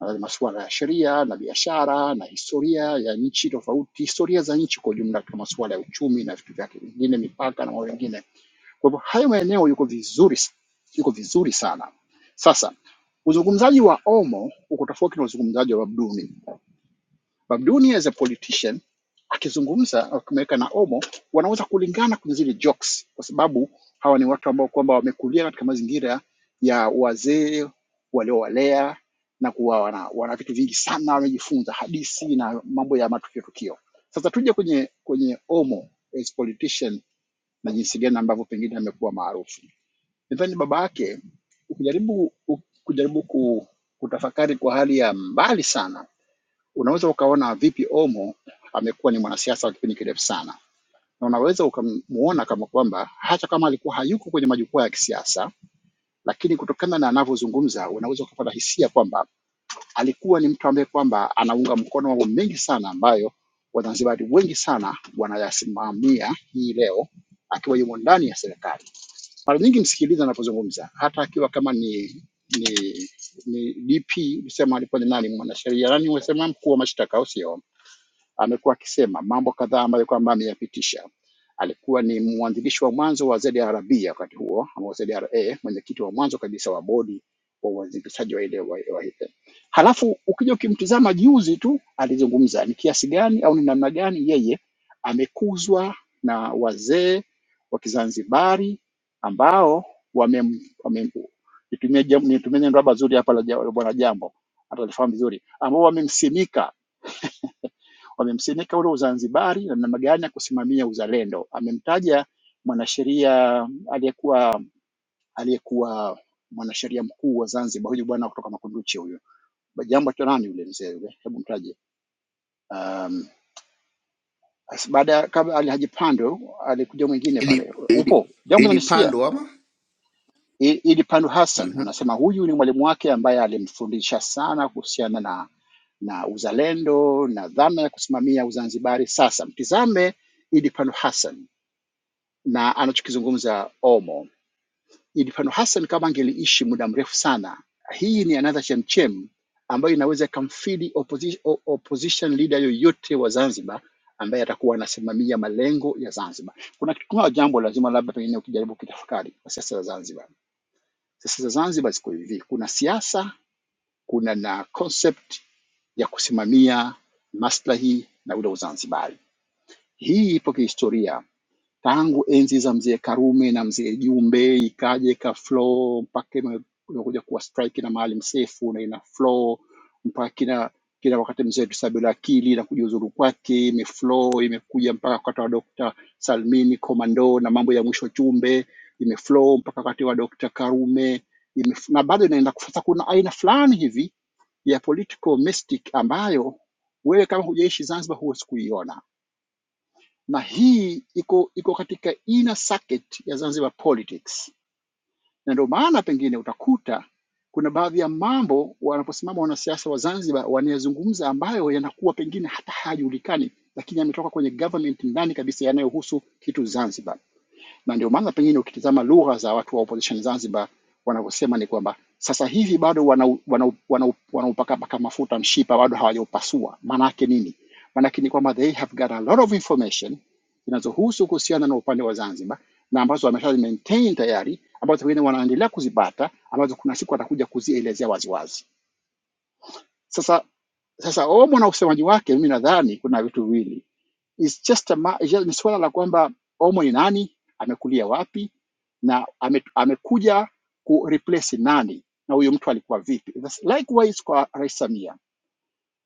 S14: uh, masuala ya sheria na biashara na historia ya nchi tofauti, historia za nchi kwa ujumla katika masuala ya uchumi na vitu vyake vingine, mipaka na mambo mengine. Kwa hivyo hayo maeneo yuko vizuri, yuko vizuri sana. Sasa uzungumzaji wa Omo uko tofauti na uzungumzaji wa Babduni. Babduni as a politician akizungumza akimeweka na Omo wanaweza kulingana kwenye zile jokes, kwa sababu hawa ni watu ambao kwamba wamekulia katika mazingira ya wazee waliowalea na kuwa wana, wana vitu vingi sana wamejifunza, hadithi na mambo ya matukio tukio. Sasa tuje kwenye kwenye Omo as politician na jinsi gani ambavyo pengine amekuwa maarufu. Nadhani baba yake ukijaribu ukijaribu ku, kutafakari kwa hali ya mbali sana Unaweza ukaona vipi Omo amekuwa ni mwanasiasa wa kipindi kirefu sana, na unaweza ukamuona kama kwamba hata kama alikuwa hayuko kwenye majukwaa ya kisiasa, lakini kutokana na anavyozungumza unaweza ukapata hisia kwamba alikuwa ni mtu ambaye kwamba anaunga mkono mambo mengi sana ambayo Wazanzibari wengi sana wanayasimamia hii leo akiwa yumo ndani ya serikali. Mara nyingi msikiliza anapozungumza, hata akiwa kama ni ni ni DP, usema alikuwa ni nani, mwanasheria nani, wasema mkuu wa mashtaka, au sio? amekuwa akisema mambo kadhaa ambayo kwamba ameyapitisha. Alikuwa ni mwanzilishi wa mwanzo wa ZRB wakati huo ama ZRA, mwenyekiti wa mwanzo kabisa wa bodi wa uanzilishaji wa ile wa, wa ile. Halafu ukija ukimtizama juzi tu alizungumza ni kiasi gani au ni namna gani yeye amekuzwa na wazee wa Kizanzibari ambao wamem, wamem, nitumie jam- nitumie neno labda zuri hapa la ja- la bwana Jambo atalifahamu vizuri, ambao wamemsimika wamemsimika ule Uzanzibari na namna gani ya kusimamia uzalendo. Amemtaja mwanasheria aliyekuwa aliyekuwa mwanasheria mkuu wa Zanzibar, huyu bwana kutoka Makunduchi huyu, Ba- jambo cha nani yule mzee yule, hebu mtaje. Um, as- baada ya kabla Ali Haji Pando alikuja mwingine
S3: Ili
S14: pale,
S3: ili
S14: upo jambo nanisikia
S3: ilipandwa ama?
S14: Idi Pando Hassan
S3: Mhm.
S14: anasema huyu ni mwalimu wake ambaye alimfundisha sana kuhusiana na na uzalendo na dhana ya kusimamia Uzanzibari. Sasa mtizame Idi Pando Hassan na anachokizungumza Omo. Ilifano Hassan kama angeliishi muda mrefu sana, hii ni another chemchem ambayo inaweza ikamfidi opposition, opposition leader yoyote wa Zanzibar ambaye atakuwa anasimamia malengo ya Zanzibar. Kuna kitu kuna jambo lazima labda pengine ukijaribu kutafakari kwa siasa za Zanzibar. Siasa za Zanzibar ziko hivi, kuna siasa, kuna na concept ya kusimamia maslahi na ule Uzanzibari. Hii ipo kihistoria tangu enzi za mzee Karume na mzee Jumbe, ikaja ika flow mpaka ime- imekuja kuwa strike na Maalim Seif na ina flow mpaka kila kila wakati mzee Tusabila Akili na kujiuzuru kwake imeflow, imekuja mpaka wakati wa Dr. Salmini Komando na mambo ya mwisho Chumbe imeflow mpaka wakati wa Dr. Karume imef- na bado inaenda. Sasa kuna aina fulani hivi ya political mystic ambayo wewe kama hujaishi Zanzibar huwezi kuiona na hii iko iko katika inner circuit ya Zanzibar politics, na ndio maana pengine utakuta kuna baadhi ya mambo wanaposimama wanasiasa wa Zanzibar wanayazungumza ambayo yanakuwa pengine hata hayajulikani, lakini yametoka kwenye government ndani kabisa yanayohusu kitu Zanzibar na ndio maana pengine ukitizama lugha za watu wa opposition Zanzibar wanavyosema ni kwamba sasa hivi bado wanaupakapaka wana, wana, wana wanaupakapaka mafuta mshipa, bado hawajaupasua. Maana yake nini? Maana yake ni kwamba they have got a lot of information zinazohusu kuhusiana na upande wa Zanzibar na ambazo wamesha maintain tayari, ambazo wengine wanaendelea kuzipata, ambazo kuna siku watakuja kuzielezea waziwazi. Sasa sasa Omo na usemaji wake, mimi nadhani kuna vitu viwili, It's just a ma- ni suala la kwamba Omo ni nani, amekulia wapi na ame, amekuja ku replace nani na huyu mtu alikuwa vipi. That's likewise kwa Rais Samia.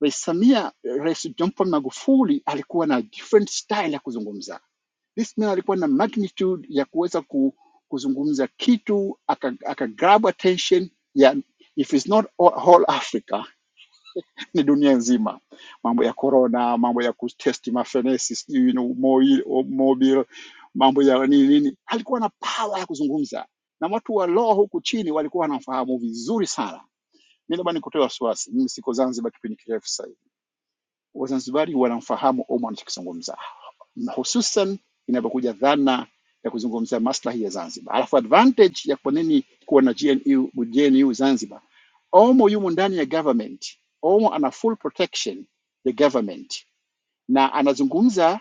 S14: Rais Samia, Rais John Pombe Magufuli alikuwa na different style ya kuzungumza. This man alikuwa na magnitude ya kuweza ku, kuzungumza kitu aka, aka grab attention ya if it's not all, whole Africa ni dunia nzima, mambo ya corona, mambo ya kutesti mafenesi, sijui ni mobile, mobile, mambo ya nini nini. Alikuwa na pawa ya kuzungumza na watu wa law huku chini walikuwa wanamfahamu vizuri sana. Mimi labda nikutoe wasiwasi, mimi siko Zanzibar kipindi kirefu sasa hivi Wazanzibari wanamfahamu Omo anachokizungumza, hususan inapokuja dhana ya kuzungumzia maslahi ya Zanzibar. Alafu advantage ya kwa nini kuwa na GNU, GNU Zanzibar, Omo yumo ndani ya government, Omo ana full protection ya government na anazungumza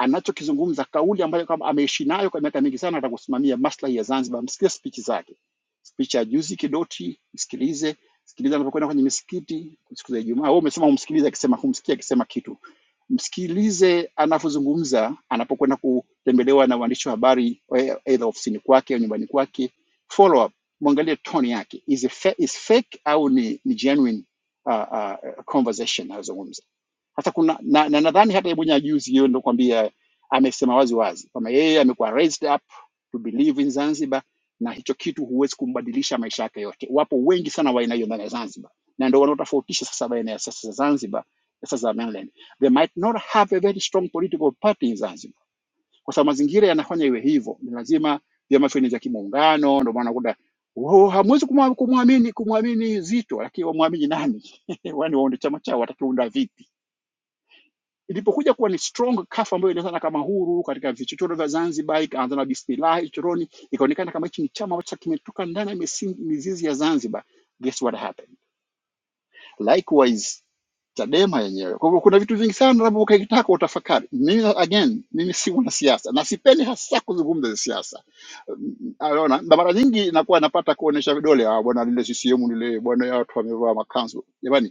S14: anachokizungumza, kauli ambayo kwamba ameishi nayo kwa miaka mingi sana, atakusimamia maslahi ya Zanzibar. Msikie spichi zake, spichi ya juzi Kidoti, msikilize sikiliza anapokwenda kwenye misikiti siku za Ijumaa. Wewe umesema umsikilize akisema, humsikii akisema kitu, msikilize anapozungumza, anapokwenda kutembelewa na waandishi wa habari, eh, either ofisini kwake au nyumbani kwake. Follow up, mwangalie tone yake, is, it fa is fake au ni, ni genuine uh, uh, conversation anazungumza. Sasa kuna na, nadhani na nadhani hata Ibonye juzi yeye ndo kwambia amesema wazi wazi kwamba yeye amekuwa raised up to believe in Zanzibar na hicho kitu huwezi kumbadilisha maisha yake yote. Wapo wengi sana wa aina hiyo ndani ya Zanzibar, na ndio wanaotofautisha sasa baina ya siasa za Zanzibar na siasa za mainland. They might not have a very strong political party in Zanzibar, kwa sababu mazingira yanafanya iwe hivyo. Ni lazima vyama fulani vya kimuungano, ndio maana unakuta "Oh, hamwezi kumwa- kumwamini kumwamini Zito, lakini wamwamini nani? Wani waunde chama chao, watakiunda vipi? ilipokuja kuwa ni strong kafu ambayo ilionekana kama huru katika vichochoro vya Zanzibar, ikaanza na Bismillah chochoroni, ikaonekana kama hichi ni chama ambacho kimetoka ndani ya misingi- mizizi ya Zanzibar. Guess what happened? Likewise Chadema yenyewe. Kwa hivyo kuna vitu vingi sana labda ukitaka utafakari. Mimi again, mimi si mwanasiasa na sipendi hasa kuzungumza siasa. Mm, Unaona, na mara nyingi nakuwa napata kuonesha vidole, ah, bwana lile CCM lile, bwana ya watu wamevaa makanzu. Jamani,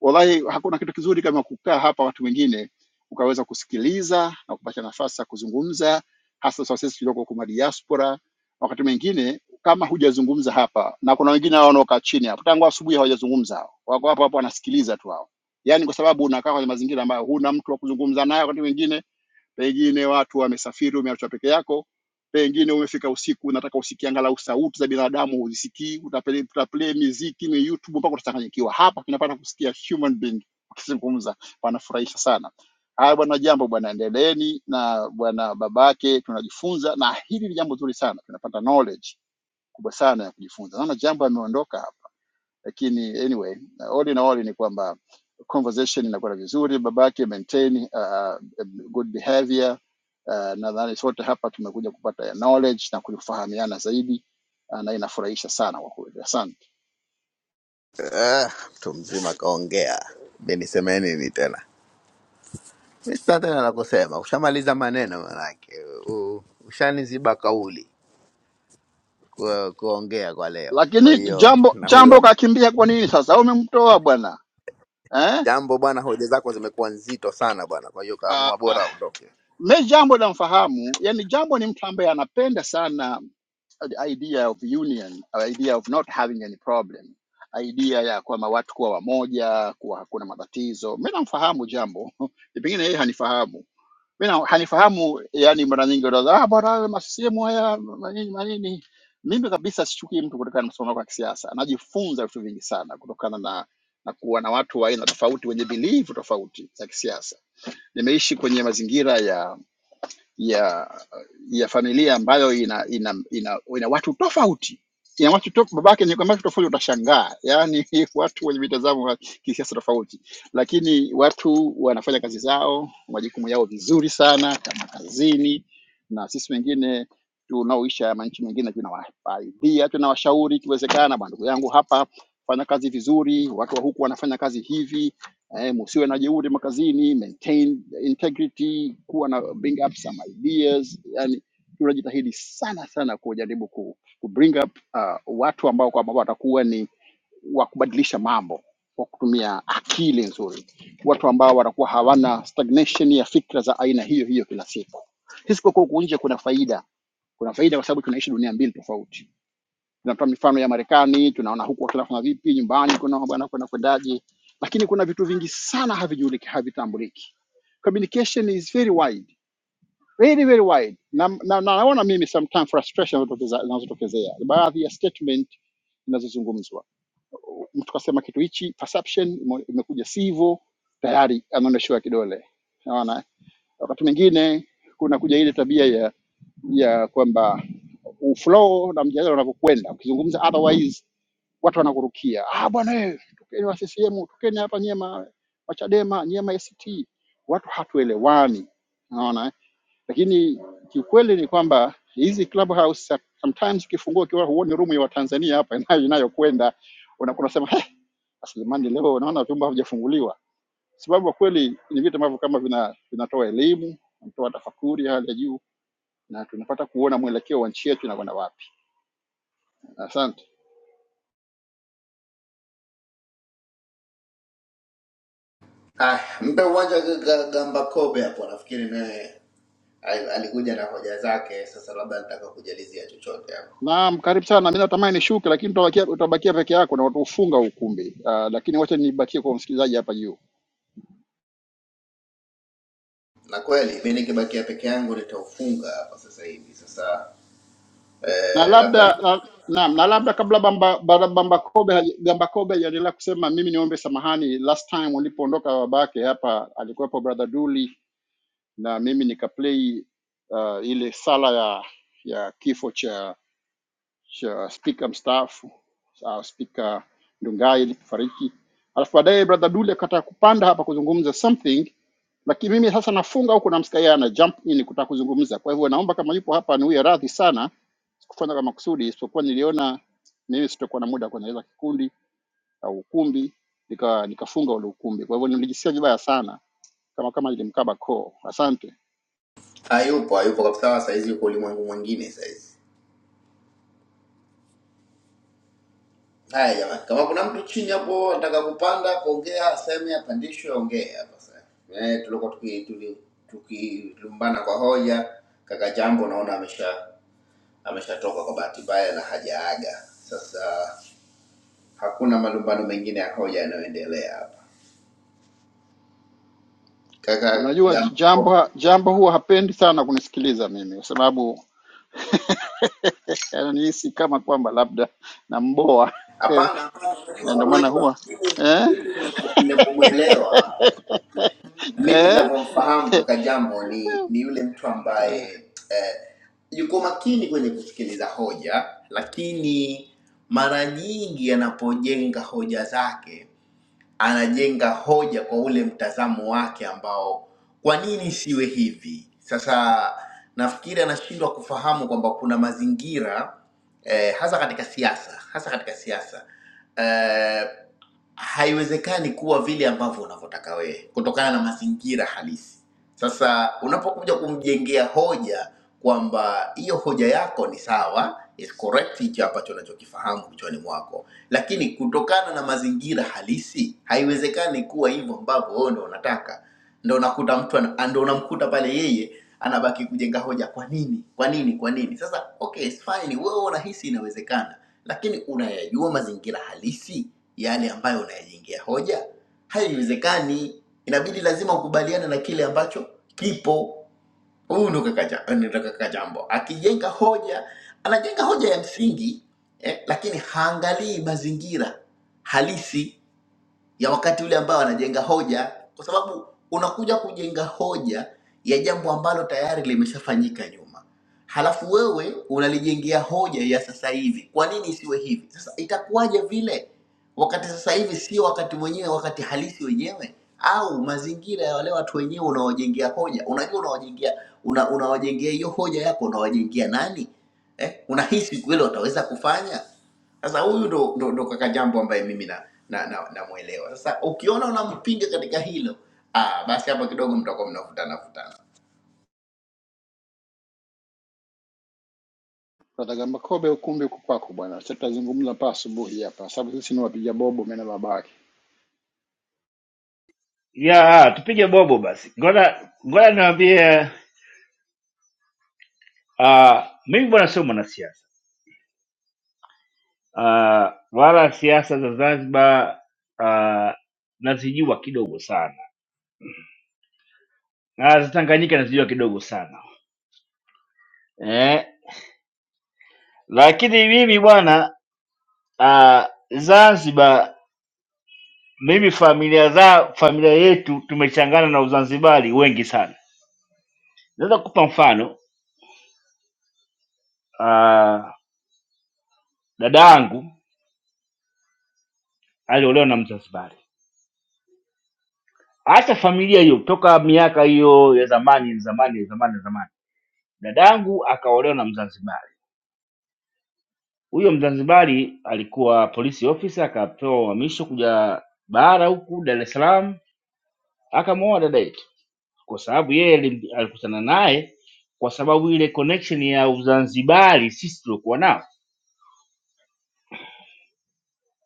S14: Wallahi hakuna kitu kizuri kama kukaa hapa watu wengine ukaweza kusikiliza na kupata nafasi ya kuzungumza, hasa sasa sisi tulioko kwa diaspora. Wakati mwingine kama hujazungumza hapa, na kuna wengine hao wanaokaa chini hapo tangu asubuhi hawajazungumza, hao wako hapo hapo wanasikiliza tu hao, yaani kwa sababu unakaa kwenye mazingira ambayo huna mtu wa kuzungumza naye wakati mwingine pengine watu wamesafiri, umeachwa peke yako, pengine umefika usiku, unataka usikie angalau sauti za binadamu uzisikii, utaplay, utaplay miziki ni YouTube mpaka utachanganyikiwa. Hapa tunapata kusikia human being wakizungumza, wanafurahisha sana. Haya bwana, jambo bwana, endeleeni na bwana babake, tunajifunza na hili ni jambo zuri sana, tunapata knowledge kubwa sana ya kujifunza. Naona jambo ameondoka hapa, lakini anyway, all in all ni kwamba conversation inakwenda vizuri, babake maintain uh, uh, good behavior Uh, nadhani sote hapa tumekuja kupata ya knowledge na kufahamiana zaidi ah, na inafurahisha sana kwa kweli. Asante.
S3: Ah, mtu mzima kaongea, mi niseme nini tena? Mi sina tena la kusema, ushamaliza maneno manake u- ushaniziba kauli ku- kuongea kwa leo. Kwa
S14: Lakini
S3: hiyo
S14: jambo
S3: na
S14: jambo
S3: huyo
S14: kakimbia kwa nini sasa? Umemtoa bwana eh?
S3: jambo bwana, hoja zako zimekuwa nzito sana bwana, kwa hiyo
S14: Ah,
S3: kaamua bora
S14: ah.
S3: aondoke.
S14: Me jambo namfahamu, yani jambo ni mtu ambaye anapenda sana the idea of union, or idea of not having any problem, idea ya kwamba watu kuwa wamoja, kuwa hakuna matatizo. Mi namfahamu jambo, pengine yeye hanifahamu mi na- hanifahamu yani mara nyingi utaza ah, bora masisimu haya manini manini mimi kabisa sichukii mtu kutokana na msimamo wako wa kisiasa najifunza vitu vingi sana kutokana na na kuwa na watu wa aina tofauti wenye bilivu tofauti za kisiasa nimeishi kwenye mazingira ya ya ya familia ambayo ina ina ina, ina watu tofauti ina watu to, babake ni kwamba tofauti, utashangaa yani watu wenye mitazamo ya kisiasa tofauti, lakini watu wanafanya kazi zao majukumu yao vizuri sana kama kazini, na sisi wengine tunaoisha ya manchi mengine tunawasaidia, tunawashauri ikiwezekana, bwana ndugu yangu, hapa fanya kazi vizuri, watu wa huku wanafanya kazi hivi, eh, msiwe na jeuri makazini, maintain integrity, kuwa na bring up some ideas. Yani tunajitahidi sana sana kujaribu ku, ku bring up uh, watu ambao kwamba watakuwa ni wa kubadilisha mambo kwa kutumia akili nzuri, watu ambao watakuwa hawana stagnation ya fikra za aina hiyo hiyo kila siku. Sisi kwa kuwa huku nje kuna faida, kuna faida kwa sababu tunaishi dunia mbili tofauti tunatoa mifano ya Marekani, tunaona huku wakifanya vipi, nyumbani kuna bwana kuna kwendaje, lakini kuna vitu vingi sana havijuliki, havitambuliki. Communication is very wide, very very wide, na naona na- na naona mimi sometimes frustration zinazotokeza- zinazotokezea baadhi ya statement zinazozungumzwa, mtu kasema kitu hichi, perception imo- imekuja sivyo, tayari anaonyeshewa kidole, Naona Wakati mwingine kunakuja ile tabia ya ya kwamba uflow na mjadala unavyokwenda, ukizungumza otherwise watu wanakurukia, ah bwana wewe, tokeni wa CCM, tokeni hapa nyie ma wa Chadema, nyie ma ACT. Watu hatuelewani, unaona. eh? Lakini kiukweli ni kwamba hizi clubhouse sometimes ukifungua ukiwa huoni room ya Watanzania hapa inayo- inayokwenda unakuwa unasema "Heh, sasa jamani, leo naona vyumba havijafunguliwa sababu kwa kweli ni vitu ambavyo kama vina, vinatoa elimu vinatoa tafakuri ya hali ya juu na tunapata kuona mwelekeo wa nchi yetu inakwenda wapi. Asante.
S3: Ah, mpe uwanja Ga- Ga- Gamba Kobe hapo, nafikiri naye Al- alikuja na hoja zake. Sasa labda nataka kujalizia chochote hapo,
S14: Naam, karibu sana. Mimi natamani nishuke, lakini utabakia, utabakia peke yako na utaufunga ukumbi. Uh, lakini wacha nibakie kwa msikilizaji hapa juu,
S3: na kweli mi nikibakia peke yangu nitaufunga hapa sasa hivi. Sasa
S14: na
S3: eh, labda
S14: labda na, naam, na labda kabla bamba, Bamba- bamba kobe haja- bamba kobe hajaendelea kusema, mimi niombe samahani. Last time ulipoondoka babake hapa alikuwepo brother Duli na mimi nikaplay uh, ile sala ya ya kifo cha cha spika mstaafu sawa, spika Ndungai alipofariki, alafu baadaye brother Duli akataka kupanda hapa kuzungumza something, lakini mimi sasa nafunga huku, namsikia yeye ana jump in kutaka kuzungumza. Kwa hivyo naomba kama yupo hapa niwe radhi sana, sikufanya kwa makusudi, isipokuwa niliona mimi sitakuwa na muda wa kuendeleza kikundi au ukumbi, nika nikafunga ule ukumbi. Kwa hivyo nilijisikia vibaya sana, kama kama nilimkaba koo. Asante.
S3: hayupo hayupo kabisa, sahizi yuko ulimwengu mwingine sahizi. Haya jamani, kama kuna mtu chini hapo anataka kupanda kuongea, aseme, apandishwe, ongee hapa sasa. Eh, tulikuwa tuki- tuli- tukilumbana kwa hoja. Kaka Jambo naona amesha ameshatoka kwa bahati mbaya na hajaaga. Sasa hakuna malumbano mengine ya hoja yanayoendelea hapa. kaka
S14: Unajua
S3: Gamko.
S14: jambo jambo huwa hapendi sana kunisikiliza mimi kwa sababu Yaani nihisi kama kwamba labda namboa Eh,
S3: Hapana, hapana, unajua
S14: ndio maana
S3: unajua
S14: huwa
S3: mimi
S14: eh,
S3: mimi ninavyo- ninavyomwelewa mimi
S14: eh,
S3: ninavyomfahamu
S14: eh.
S3: kaka Jambo ni ni yule mtu
S14: Eh,
S3: ambaye eh, yuko makini kwenye kusikiliza hoja, lakini mara nyingi anapojenga hoja zake anajenga hoja kwa ule mtazamo wake ambao kwa nini isiwe hivi. Sasa nafikiri anashindwa kufahamu kwamba kuna mazingira eh, hasa katika siasa, hasa katika siasa eh, haiwezekani kuwa vile ambavyo unavyotaka wewe kutokana na mazingira halisi. Sasa unapokuja kumjengea hoja kwamba hiyo hoja yako ni sawa, is correct hicho ambacho unachokifahamu kichwani mwako lakini kutokana na mazingira halisi haiwezekani kuwa hivyo ambavyo wewe ndo unataka. Ndo unakuta mtu ana- ndo unamkuta pale yeye anabaki kujenga hoja, kwa nini, kwa nini, kwa nini? Sasa okay, it's fine, wewe unahisi inawezekana, lakini unayajua mazingira halisi yale ambayo unayajengea hoja? Haiwezekani, inabidi lazima ukubaliane na kile ambacho kipo. Huyu ndo kaka Ja- eh, ni ndo kaka Jambo, akijenga hoja anajenga hoja ya msingi eh, lakini haangalii mazingira halisi ya wakati ule ambao anajenga hoja, kwa sababu unakuja kujenga hoja ya jambo ambalo tayari limeshafanyika nyuma, halafu wewe unalijengea hoja ya sasa hivi. Kwa nini isiwe hivi? Sasa itakuwaje vile wakati sasa hivi sio wakati mwenyewe, wakati halisi wenyewe, au mazingira ya wale watu wenyewe unaowajengea hoja? Unajua unawajengea una, unawajengea hiyo hoja yako, unawajengea nani eh? Unahisi kweli wataweza kufanya? Sasa huyu ndo, ndo, ndo kaka jambo ambaye mimi na na na, namuelewa. Na Sasa ukiona unampinga katika hilo ah, basi hapo kidogo mtakuwa mnavutana vutana.
S14: Brother Gamba Kobe, ukumbi uko kwako bwana. Sasa tutazungumza mpaka asubuhi hapa, sababu sisi ni wapiga bobo mena babake.
S13: ya tupige bobo basi, ngoja ngoja niwaambie. Uh, mimi bwana sio mwanasiasa uh, wala siasa za Zanzibar uh, nazijua kidogo sana na za Tanganyika nazijua kidogo sana eh, lakini mimi bwana uh, Zanzibar mimi familia za familia yetu tumechangana na Uzanzibari wengi sana. Naweza kukupa mfano uh, dada yangu aliolewa na Mzanzibari. Acha familia hiyo, toka miaka hiyo ya zamani ya zamani ya zamani ya zamani, dada yangu akaolewa na Mzanzibari. Huyo Mzanzibari alikuwa polisi officer, akapewa uhamisho kuja bara huku Dar es Salaam, akamwoa dada yetu, kwa sababu yeye alim- alikutana naye kwa sababu ile connection ya Uzanzibari sisi tuliokuwa nao.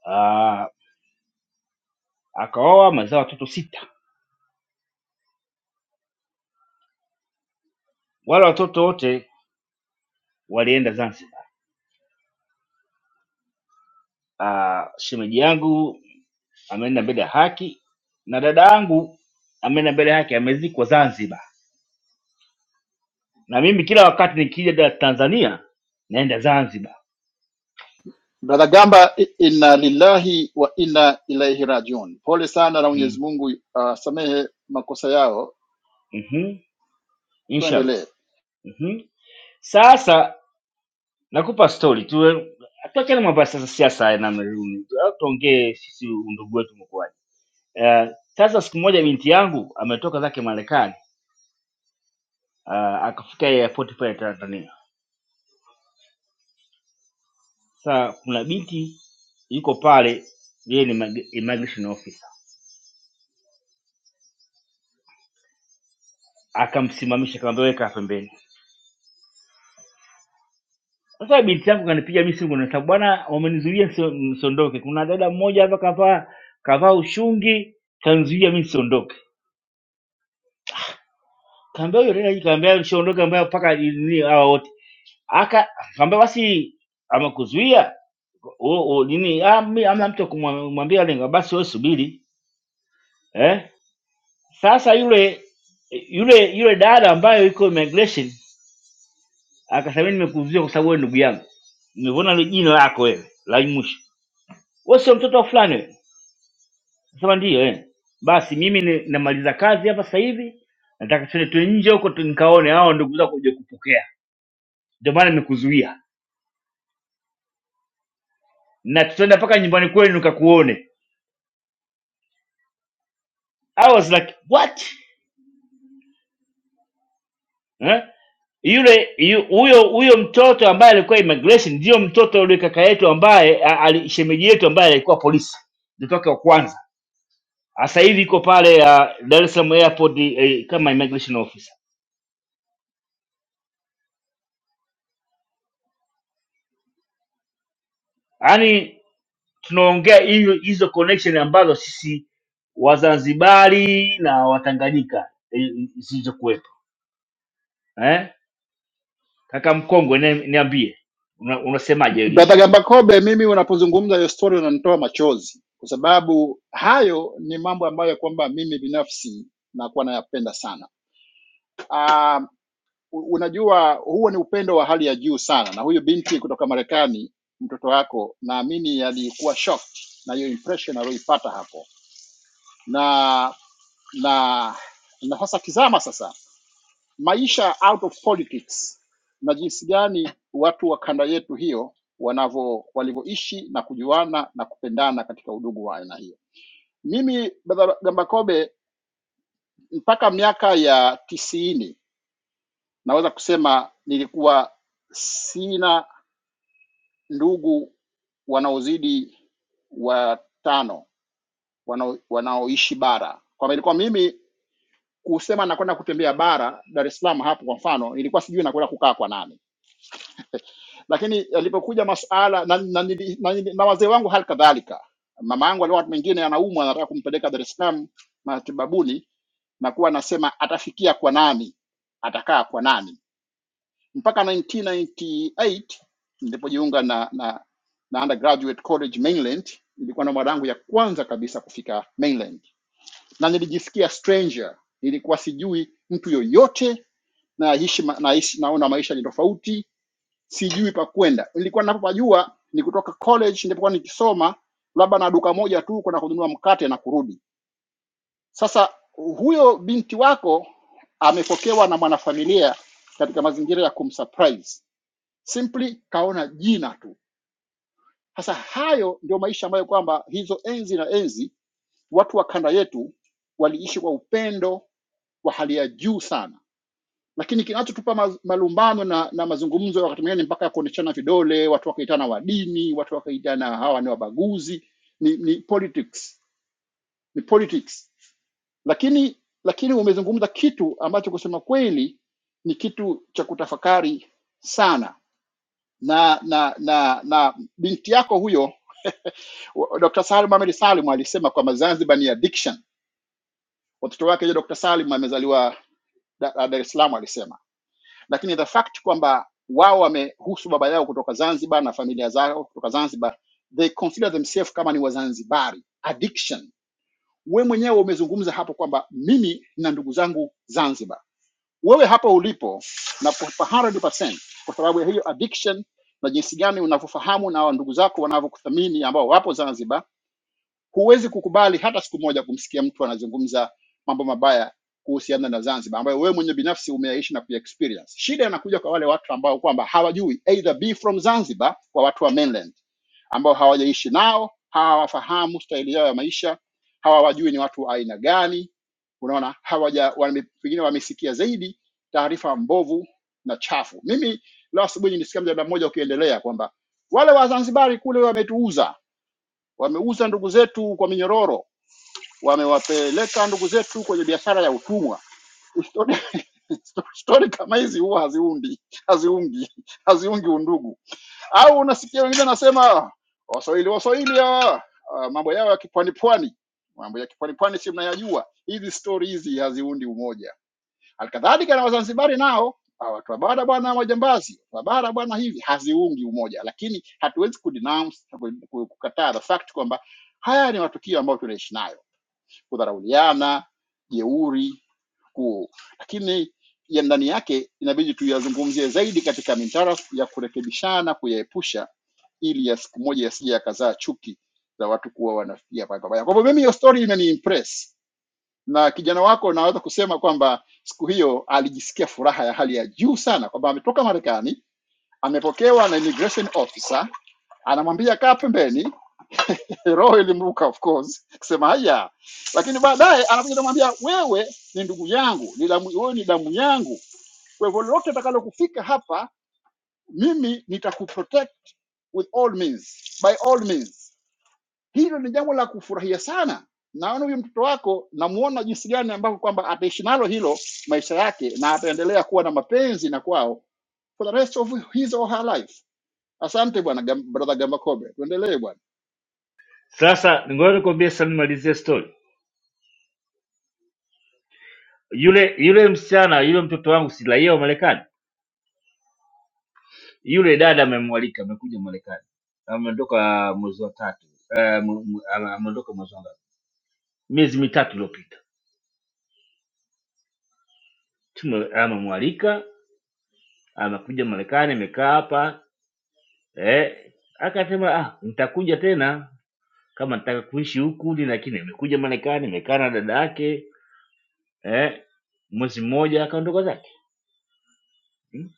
S13: Ah, akaoa, mazao watoto sita, wale watoto wote walienda Zanzibar Uh, shemeji yangu ameenda mbele ya haki na dada yangu ameenda mbele ya haki amezikwa Zanzibar, na mimi kila wakati nikija da- Tanzania naenda Zanzibar.
S14: Brother Gamba, i- inna lillahi wa inna ilaihi rajiun. Pole sana na
S13: Mhm.
S14: Mwenyezi Mungu uh, asamehe makosa yao.
S13: Mhm. Inshallah.
S14: Tuendelee.
S13: Mhm. Sasa nakupa story tu, tuachane mambo ya sasa siasa ya namna hiyo, Au tuongee sisi undugu wetu mkoaji. Uh, sasa siku moja binti yangu ametoka zake Marekani uh, akafika airport pale Tanzania Sasa kuna binti yuko pale, yeye ni imag- immigration officer, akamsimamisha akamwambia, weka hapa pembeni. Sasa binti yangu kanipiga mimi simu, nasema bwana, wamenizuia nisio- nisiondoke. Kuna dada mmoja hapa kavaa kavaa ushungi, kanizuia mimi nisiondoke. Kaambia huyo dada, kaambia usiondoke, ambaye mpaka nini hawa wote aka kaambia basi, amekuzuia o, o, nini ah, mimi hamna mtu wa kumwambia lengo, basi wewe subiri eh. Sasa yule yule yule dada ambayo yuko immigration akasema nimekuuzia kwa sababu wewe ndugu yangu nimeona ile jina lako wewe la mwisho wewe sio mtoto wa fulani wewe sema ndio eh basi mimi ni- namaliza kazi hapa sasa hivi nataka tuende tu nje huko tu nikaone hao ndugu zako kuja kupokea ndio maana nimekuzuia na tutaenda mpaka nyumbani kwenu nikakuone I was like what eh? yule yu- huyo huyo mtoto ambaye alikuwa immigration ndio mtoto yule kaka yetu ambaye a- ali- shemeji yetu ambaye alikuwa polisi mtoto wake wa kwanza sasa hivi iko pale uh, Dar es Salaam airport eh, kama immigration officer. Yaani tunaongea hiyo hizo connection ambazo sisi Wazanzibari na Watanganyika eh, zilizokuwepo eh? Kaka mkongwe ni- niambie una, unasemaje hili
S14: Brother
S13: issue?
S14: Gamba Kobe, mimi unapozungumza hiyo story unanitoa machozi, kwa sababu hayo ni mambo ambayo kwamba mimi binafsi nakuwa nayapenda sana Um, unajua huo ni upendo wa hali ya juu sana, na huyu binti kutoka Marekani, mtoto wako, naamini alikuwa shocked na hiyo impression aliyoipata hapo, na na na sasa tizama sasa maisha out of politics na jinsi gani watu wa kanda yetu hiyo wanavyo walivyoishi na kujuana na kupendana katika udugu wa aina hiyo. Mimi Brother Gambakobe mpaka miaka ya tisini Naweza kusema nilikuwa sina ndugu wanaozidi watano wanao, wanaoishi bara, kwamba ilikuwa mimi kusema nakwenda kutembea bara Dar es Salaam hapo kwa mfano, ilikuwa sijui nakwenda kukaa kwa nani, lakini yalipokuja masuala na, na, na, na, na wazee wangu hali kadhalika, mama yangu alikuwa wakati mwingine anaumwa, anataka kumpeleka Dar es Salaam matibabuni, na kuwa anasema atafikia kwa nani, atakaa kwa nani mpaka 1998 nilipojiunga na, na, na undergraduate college mainland ilikuwa na mara yangu ya kwanza kabisa kufika mainland na nilijisikia stranger nilikuwa sijui mtu yoyote naishi ma- naishi naona maisha ni tofauti sijui pa kwenda nilikuwa napopajua ni kutoka college nilipokuwa nikisoma labda na duka moja tu kwenda kununua mkate na kurudi sasa huyo binti wako amepokewa na mwanafamilia katika mazingira ya kumsurprise simply kaona jina tu. Sasa hayo ndio maisha ambayo kwamba hizo enzi na enzi watu wa kanda yetu waliishi kwa upendo wa hali ya juu sana, lakini kinachotupa ma- malumbano na, na mazungumzo ya wakati mwingine ni mpaka ya kuoneshana vidole, watu wakaitana wa dini, watu wakaitana hawa ni wabaguzi, ni, ni politics, ni politics. Lakini lakini umezungumza kitu ambacho kusema kweli ni kitu cha kutafakari sana na na na na binti yako huyo wa- Dr. Salim Mohamed Salim alisema kwamba Zanzibar ni addiction. Watoto wake yule Dr. Salim amezaliwa Da- Dar es Salaam alisema, lakini the fact kwamba wao wamehusu baba yao kutoka Zanzibar na familia zao kutoka Zanzibar, they consider themselves kama ni Wazanzibari. Addiction. We mwenyewe umezungumza hapo kwamba mimi na ndugu zangu Zanzibar wewe hapo ulipo na kwa kwa 100% kwa sababu ya hiyo addiction na jinsi gani unavyofahamu na hawa ndugu zako wanavyokuthamini ambao wapo Zanzibar, huwezi kukubali hata siku moja kumsikia mtu anazungumza mambo mabaya kuhusiana na Zanzibar ambayo wewe mwenye binafsi umeyaishi na kuexperience. Shida inakuja kwa wale watu ambao kwamba hawajui either be from Zanzibar kwa watu wa mainland ambao hawajaishi nao, hawafahamu staili yao ya maisha, hawawajui ni watu wa aina gani. Unaona, hawaja wame, pengine wamesikia zaidi taarifa mbovu na chafu. Mimi leo asubuhi nilisikia mjadala mmoja ukiendelea kwamba wale Wazanzibari kule wametuuza, wameuza ndugu zetu kwa minyororo, wamewapeleka ndugu zetu kwenye biashara ya utumwa. Stori stori kama hizi huwa haziundi haziungi haziungi undugu au unasikia wengine anasema waswahili waswahili hawa ah, mambo yao ya kipwani pwani mambo ya kipwani pwani si mnayajua hizi stori hizi haziundi umoja halikadhalika na wazanzibari nao ah, watu wa bara bwana majambazi wa bara bwana hivi haziungi umoja lakini hatuwezi kudenounce na ku- ku- kukataa the fact kwamba haya ni matukio ambayo tunaishi nayo kudharauliana, jeuri huo, lakini ya ndani yake inabidi tuyazungumzie zaidi katika mintara ya kurekebishana, kuyaepusha, ili ya siku moja yasije yakazaa chuki za watu kuwa wanafikia paka paka. Kwa hivyo mimi hiyo story imeniimpress, na kijana wako naweza kusema kwamba siku hiyo alijisikia furaha ya hali ya juu sana kwamba ametoka Marekani, amepokewa na immigration officer, anamwambia kaa pembeni, roho ilimruka of course kusema haya, lakini baadaye anakuja kumwambia wewe ni ndugu yangu, ni damu, wewe ni damu yangu, kwa hivyo lolote atakalokufika hapa, mimi nitakuprotect with all means, by all means. Hilo ni jambo la kufurahia sana. Naona huyu mtoto wako, namuona jinsi gani ambavyo kwamba ataishi nalo hilo maisha yake, na ataendelea kuwa na mapenzi na kwao for the rest of his or her life. Asante bwana Gam- brother Gambakobe, tuendelee bwana.
S13: Sasa ngoja nikwambie sasa, nimalizie story. Yule yule msichana yule mtoto wangu si raia wa Marekani, yule dada amemwalika, amekuja Marekani, ameondoka mwezi wa tatu, eh, mu- mu- ama- ameondoka mwezi wa ngapi? miezi mitatu iliyopita tume amemwalika amekuja Marekani, amekaa hapa eh, akasema ah, nitakuja tena kama nataka kuishi huku ni, lakini amekuja Marekani, amekaa na dada yake eh, mwezi mmoja akaondoka zake. Jambo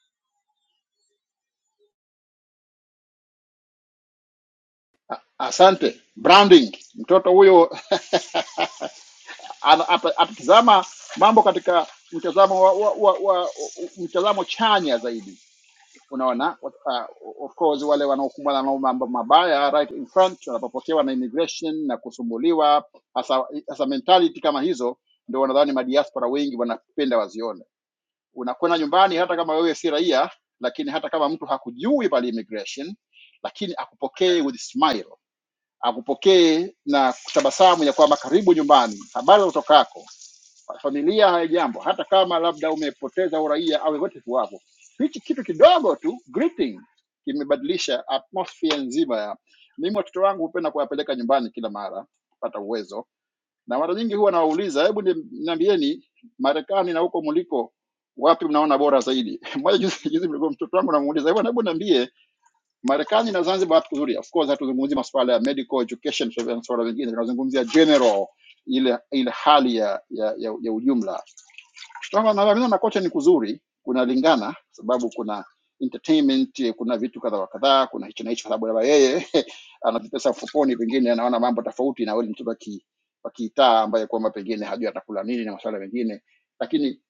S14: Asante branding, mtoto huyo ana- ata- atatizama mambo katika mtazamo wa, wa, wa, wa mtazamo chanya zaidi unaona uh, of course wale wanaokumbana na mambo mabaya right in front wanapopokewa na immigration na kusumbuliwa hasa hasa mentality kama hizo ndio wanadhani madiaspora wengi wanapenda wazione unakwenda nyumbani hata kama wewe si raia lakini hata kama mtu hakujui pale immigration lakini akupokee with smile akupokee na tabasamu ya kwamba karibu nyumbani habari za utokako familia haijambo, hata kama labda umepoteza uraia au yote kuwapo, hichi kitu kidogo tu greeting kimebadilisha atmosphere nzima ya mimi. Watoto wangu hupenda kuwapeleka nyumbani kila mara pata uwezo, na mara nyingi huwa nawauliza, hebu ni- niambieni, Marekani na huko mliko wapi mnaona bora zaidi? Moja juzi juzi mlikuwa mtoto wangu namuuliza, hebu hebu niambie Marekani na Zanzibar wapi kuzuri? Of course hatuzungumzi masuala ya medical education na masuala mengine, tunazungumzia general ile ile hali ya, ya, ya, ya ujumla sasa nadhani na kocha ni kuzuri, kunalingana sababu kuna entertainment, eh, kuna vitu kadha wa kadhaa, kuna hicho na hicho, sababu labda yeye ana pesa mfukoni, pengine anaona mambo tofauti na wewe, ni mtoto wa ki- wa kitaa ambaye kwamba pengine hajui atakula nini na masuala mengine, lakini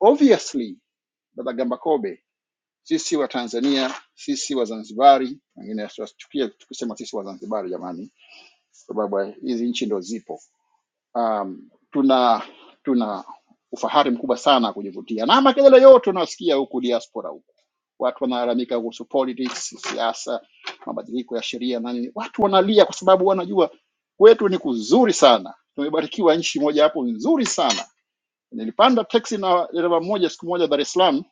S14: obviously Baba Gamba Kobe, sisi wa Tanzania, sisi wa Zanzibari, wengine wasichukie tukisema sisi wa Zanzibari jamani, sababu hizi nchi ndo zipo um, tuna tuna ufahari mkubwa sana kujivutia na makelele yote unayosikia huku diaspora huku watu wanalalamika kuhusu politics siasa mabadiliko ya sheria na nini watu wanalia kwa sababu wanajua kwetu ni kuzuri sana tumebarikiwa nchi moja hapo nzuri sana nilipanda teksi na dereva mmoja siku moja dar es salaam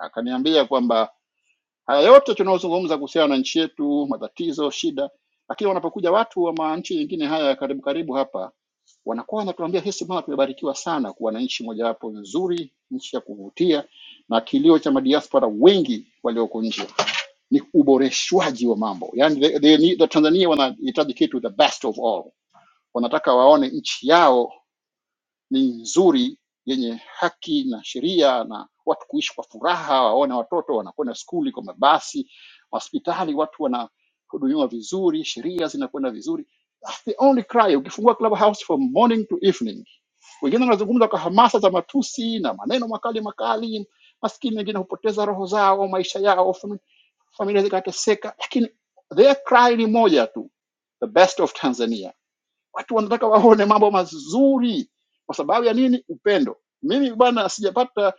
S14: akaniambia kwamba Haya yote tunayozungumza kuhusiana na nchi yetu, matatizo, shida, lakini wanapokuja watu wa ma- nchi nyingine haya ya karibu karibu hapa, wanakuwa wanatuambia hisi, mama, tumebarikiwa sana kuwa na nchi mojawapo nzuri, nchi ya kuvutia, na kilio cha madiaspora wengi walioko nje ni uboreshwaji wa mambo yani, they, they need, the Tanzania wanahitaji kitu the best of all, wanataka waone nchi yao ni nzuri yenye haki na sheria na watu kuishi kwa furaha, waone watoto wanakwenda skuli kwa mabasi, hospitali watu wanahudumiwa vizuri, sheria zinakwenda vizuri. That's the only cry. Ukifungua Clubhouse from morning to evening, wengine wanazungumza kwa hamasa za matusi na maneno makali makali, maskini wengine hupoteza roho zao, maisha yao, fami- familia zikateseka, lakini their cry ni moja tu, the best of Tanzania. Watu wanataka waone mambo mazuri. Kwa sababu ya nini? Upendo. Mimi bwana, sijapata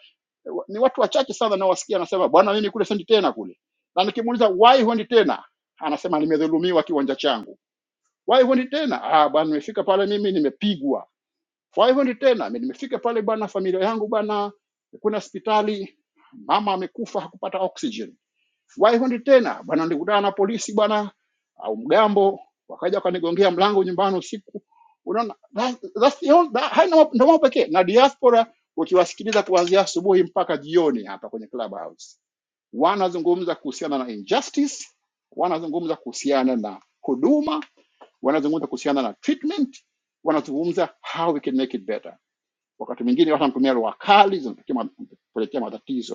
S14: ni watu wachache sana nawasikia anasema bwana, mimi kule sendi tena kule, na nikimuuliza why huendi tena, anasema nimedhulumiwa kiwanja changu. Why huendi tena? Ah bwana, nimefika pale mimi nimepigwa. Why huendi tena? Mimi nimefika pale bwana, familia yangu bwana, kuna hospitali, mama amekufa hakupata oxygen Waihondi tena bwana, nilikutana na polisi bwana au mgambo, wakaja wakanigongea mlango nyumbani usiku. Unaona, that- that's the only- that- hayo ndio mambo pekee. Na diaspora ukiwasikiliza kuanzia asubuhi mpaka jioni hapa kwenye Clubhouse, wanazungumza kuhusiana na injustice, wanazungumza kuhusiana na huduma, wanazungumza kuhusiana na treatment, wanazungumza how we can make it better. Wakati mwingine watu wanatumia lugha kali zinapelekea ma- kupelekea matatizo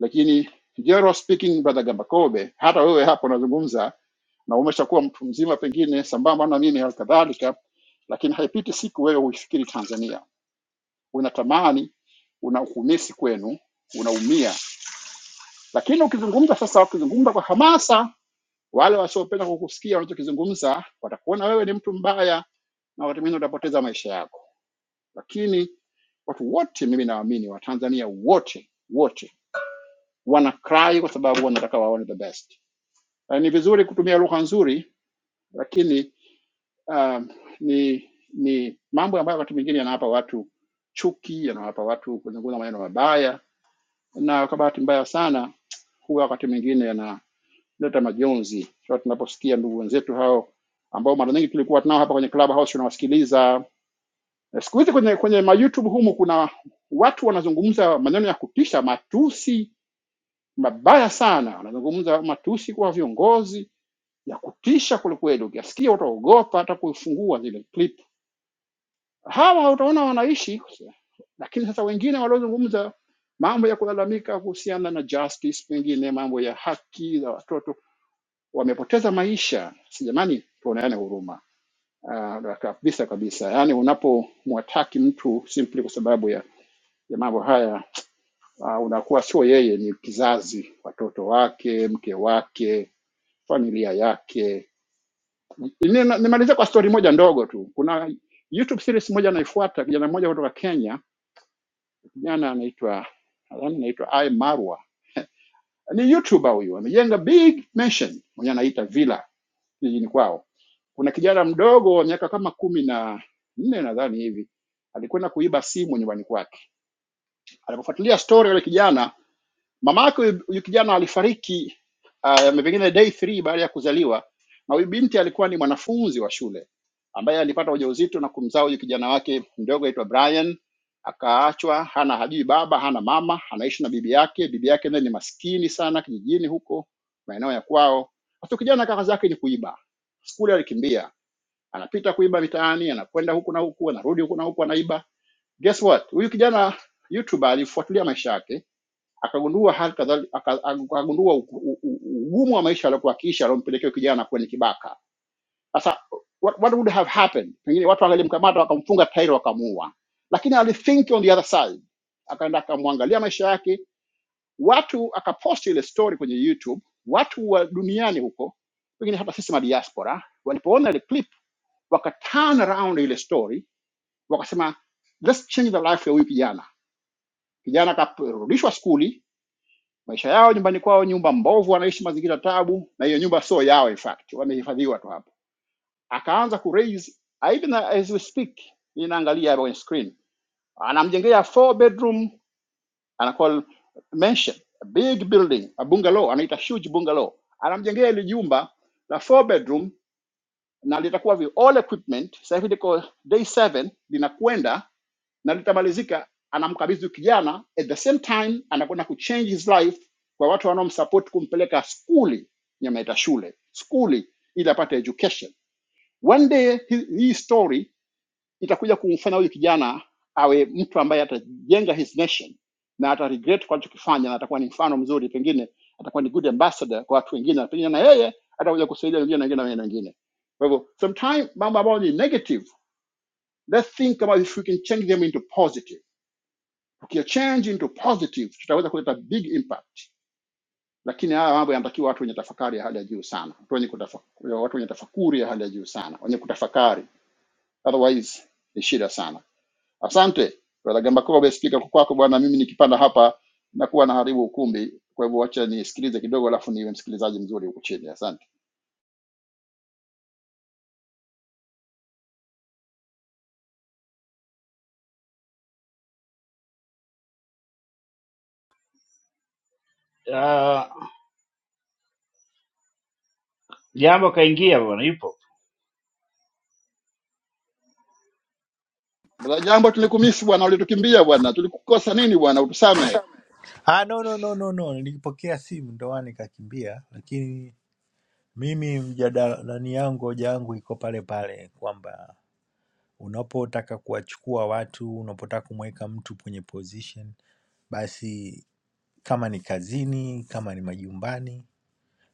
S14: lakini general speaking brother gambakobe hata wewe hapo unazungumza na umeshakuwa mtu mzima pengine sambamba na mimi hali kadhalika lakini haipiti siku wewe huifikiri tanzania unatamani una ukumisi kwenu unaumia lakini ukizungumza sasa ukizungumza kwa hamasa wale wasiopenda kukusikia unachokizungumza watakuona wewe ni mtu mbaya na wakati mwingine utapoteza maisha yako lakini watu wote mimi naamini watanzania wote wote wanafurahi kwa sababu wanataka waone the best Uh, ni vizuri kutumia lugha nzuri, lakini um, ni ni mambo ambayo wakati mwingine yanawapa watu chuki, yanawapa watu kuzungumza maneno mabaya, na kwa bahati mbaya sana huwa wakati mwingine yanaleta majonzi. So, tunaposikia ndugu wenzetu hao ambao mara nyingi tulikuwa tunao hapa kwenye Clubhouse tunawasikiliza. Na Siku hizi kwenye kwenye ma YouTube humu kuna watu wanazungumza maneno ya kutisha, matusi mabaya sana, wanazungumza matusi kwa viongozi ya kutisha kwelikweli, ukiyasikia utaogopa hata kuifungua zile clip. Hawa utaona wanaishi, lakini sasa wengine waliozungumza mambo ya kulalamika kuhusiana na justice, pengine mambo ya haki za watoto, wamepoteza maisha. Si jamani, tuoneane huruma uh, kabisa kabisa. Yaani unapomwataki mtu simply kwa sababu ya, ya mambo haya uh, unakuwa sio yeye, ni kizazi, watoto wake, mke wake, familia yake Nina- Nimalizie kwa stori moja ndogo tu. Kuna YouTube series moja naifuata, kijana mmoja kutoka Kenya, kijana anaitwa nadhani anaitwa I Marwa, ni YouTuber huyu, amejenga big mansion mwenye anaita villa jijini kwao. Kuna kijana mdogo wa miaka kama kumi na nne nadhani hivi alikwenda kuiba simu nyumbani kwake. Alipofuatilia story yule kijana Mama yake huyu huyu kijana alifariki uh, pengine day 3 baada ya kuzaliwa, na huyu binti alikuwa ni mwanafunzi wa shule ambaye alipata ujauzito na kumzaa huyu kijana wake mdogo aitwa Brian. Akaachwa hana hajui baba hana mama, anaishi na bibi yake. Bibi yake naye ni maskini sana kijijini huko maeneo ya kwao. Sasa kijana kaka zake ni kuiba, skuli alikimbia, anapita kuiba mitaani, anakwenda huku na huku, anarudi huku na huku, anaiba. Guess what, huyu kijana YouTuber alifuatilia maisha yake akagundua hali kadhalika aka- akagundua u- u- u- ugumu wa maisha aliokuwa akiishi aliompelekea kijana kuwa ni kibaka. Sasa what, what would have happened? Pengine watu wangelimkamata wakamfunga tairi wakamuua, lakini alithink on the other side, akaenda akamwangalia maisha yake. Watu akaposti ile story kwenye YouTube, watu wa duniani huko, pengine hata sisi madiaspora, walipoona ile clip waka turn around ile story, wakasema let's change the life ya huyu kijana. Kijana akarudishwa skuli, maisha yao nyumbani kwao, nyumba mbovu, wanaishi mazingira tabu, na hiyo nyumba sio yao, in fact wamehifadhiwa tu hapo. Akaanza ku raise ah, even as we speak, mimi naangalia hapa kwenye screen, anamjengea four bedroom, anakuwa mansion, a big building, a bungalow, anaita huge bungalow, anamjengea ile jumba la four bedroom na litakuwa vi all equipment. Sasa hivi liko day 7 linakwenda na litamalizika anamkabidhi kijana at the same time anakwenda kuchange his life kwa watu wanaomsupport kumpeleka skuli nyamaita shule skuli ili apate education one day hi- hii story itakuja kumfanya huyu kijana awe mtu ambaye atajenga his nation na ata regret kwa alichokifanya na atakuwa ni mfano mzuri pengine atakuwa ni good ambassador kwa watu wengine na pengine na yeye atakuja kusaidia wengine na wengine na wengine kwa hivyo sometime mambo ambayo ni negative let's think about if we can change them into positive Tukia change into positive, tutaweza kuleta big impact. Lakini haya mambo yanatakiwa watu wenye tafakari ya hali ya juu sana, watu wenye, kutafa, watu wenye tafakuri ya hali ya juu sana, wenye kutafakari, otherwise ni shida sana. Asante brother Gambakobe, spika kwa kwako bwana. Mimi nikipanda hapa nakuwa naharibu ukumbi, kwa hivyo wacha nisikilize kidogo, alafu niwe msikilizaji mzuri huku chini. Asante
S13: Hmm? Ah, jambo kaingia bwana, yupo
S14: brother Jambo, tulikumisi bwana, ulitukimbia bwana, tulikukosa nini bwana, utusamehe.
S11: Ah, no, no, no, no, no. Nilipokea simu ndo maana nikakimbia, lakini mimi mjadala nani yangu hoja yangu iko pale pale kwamba Unapotaka kuwachukua watu, unapotaka kumweka mtu kwenye position, basi kama ni kazini, kama ni majumbani,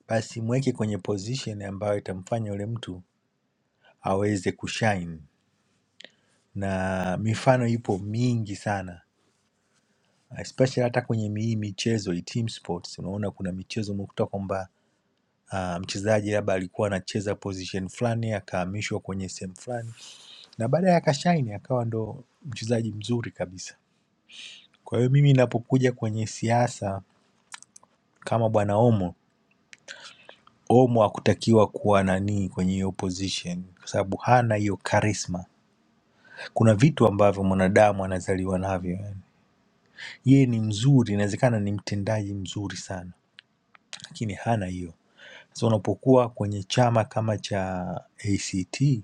S11: basi mweke kwenye position ambayo itamfanya yule mtu aweze kushine. Na mifano ipo mingi sana, especially hata kwenye mi- hii michezo hii team sports. Unaona kuna michezo umekuta kwamba ah, mchezaji labda alikuwa anacheza position fulani akahamishwa kwenye sehemu fulani na baadaye akashine akawa ndo mchezaji mzuri kabisa. Kwa hiyo mimi ninapokuja kwenye siasa kama bwana Omo, Omo hakutakiwa kuwa nani kwenye hiyo position kwa sababu hana hiyo charisma. Kuna vitu ambavyo mwanadamu anazaliwa navyo yani. Yeye ni mzuri, inawezekana ni mtendaji mzuri sana, lakini hana hiyo. Sasa unapokuwa kwenye chama kama cha ACT,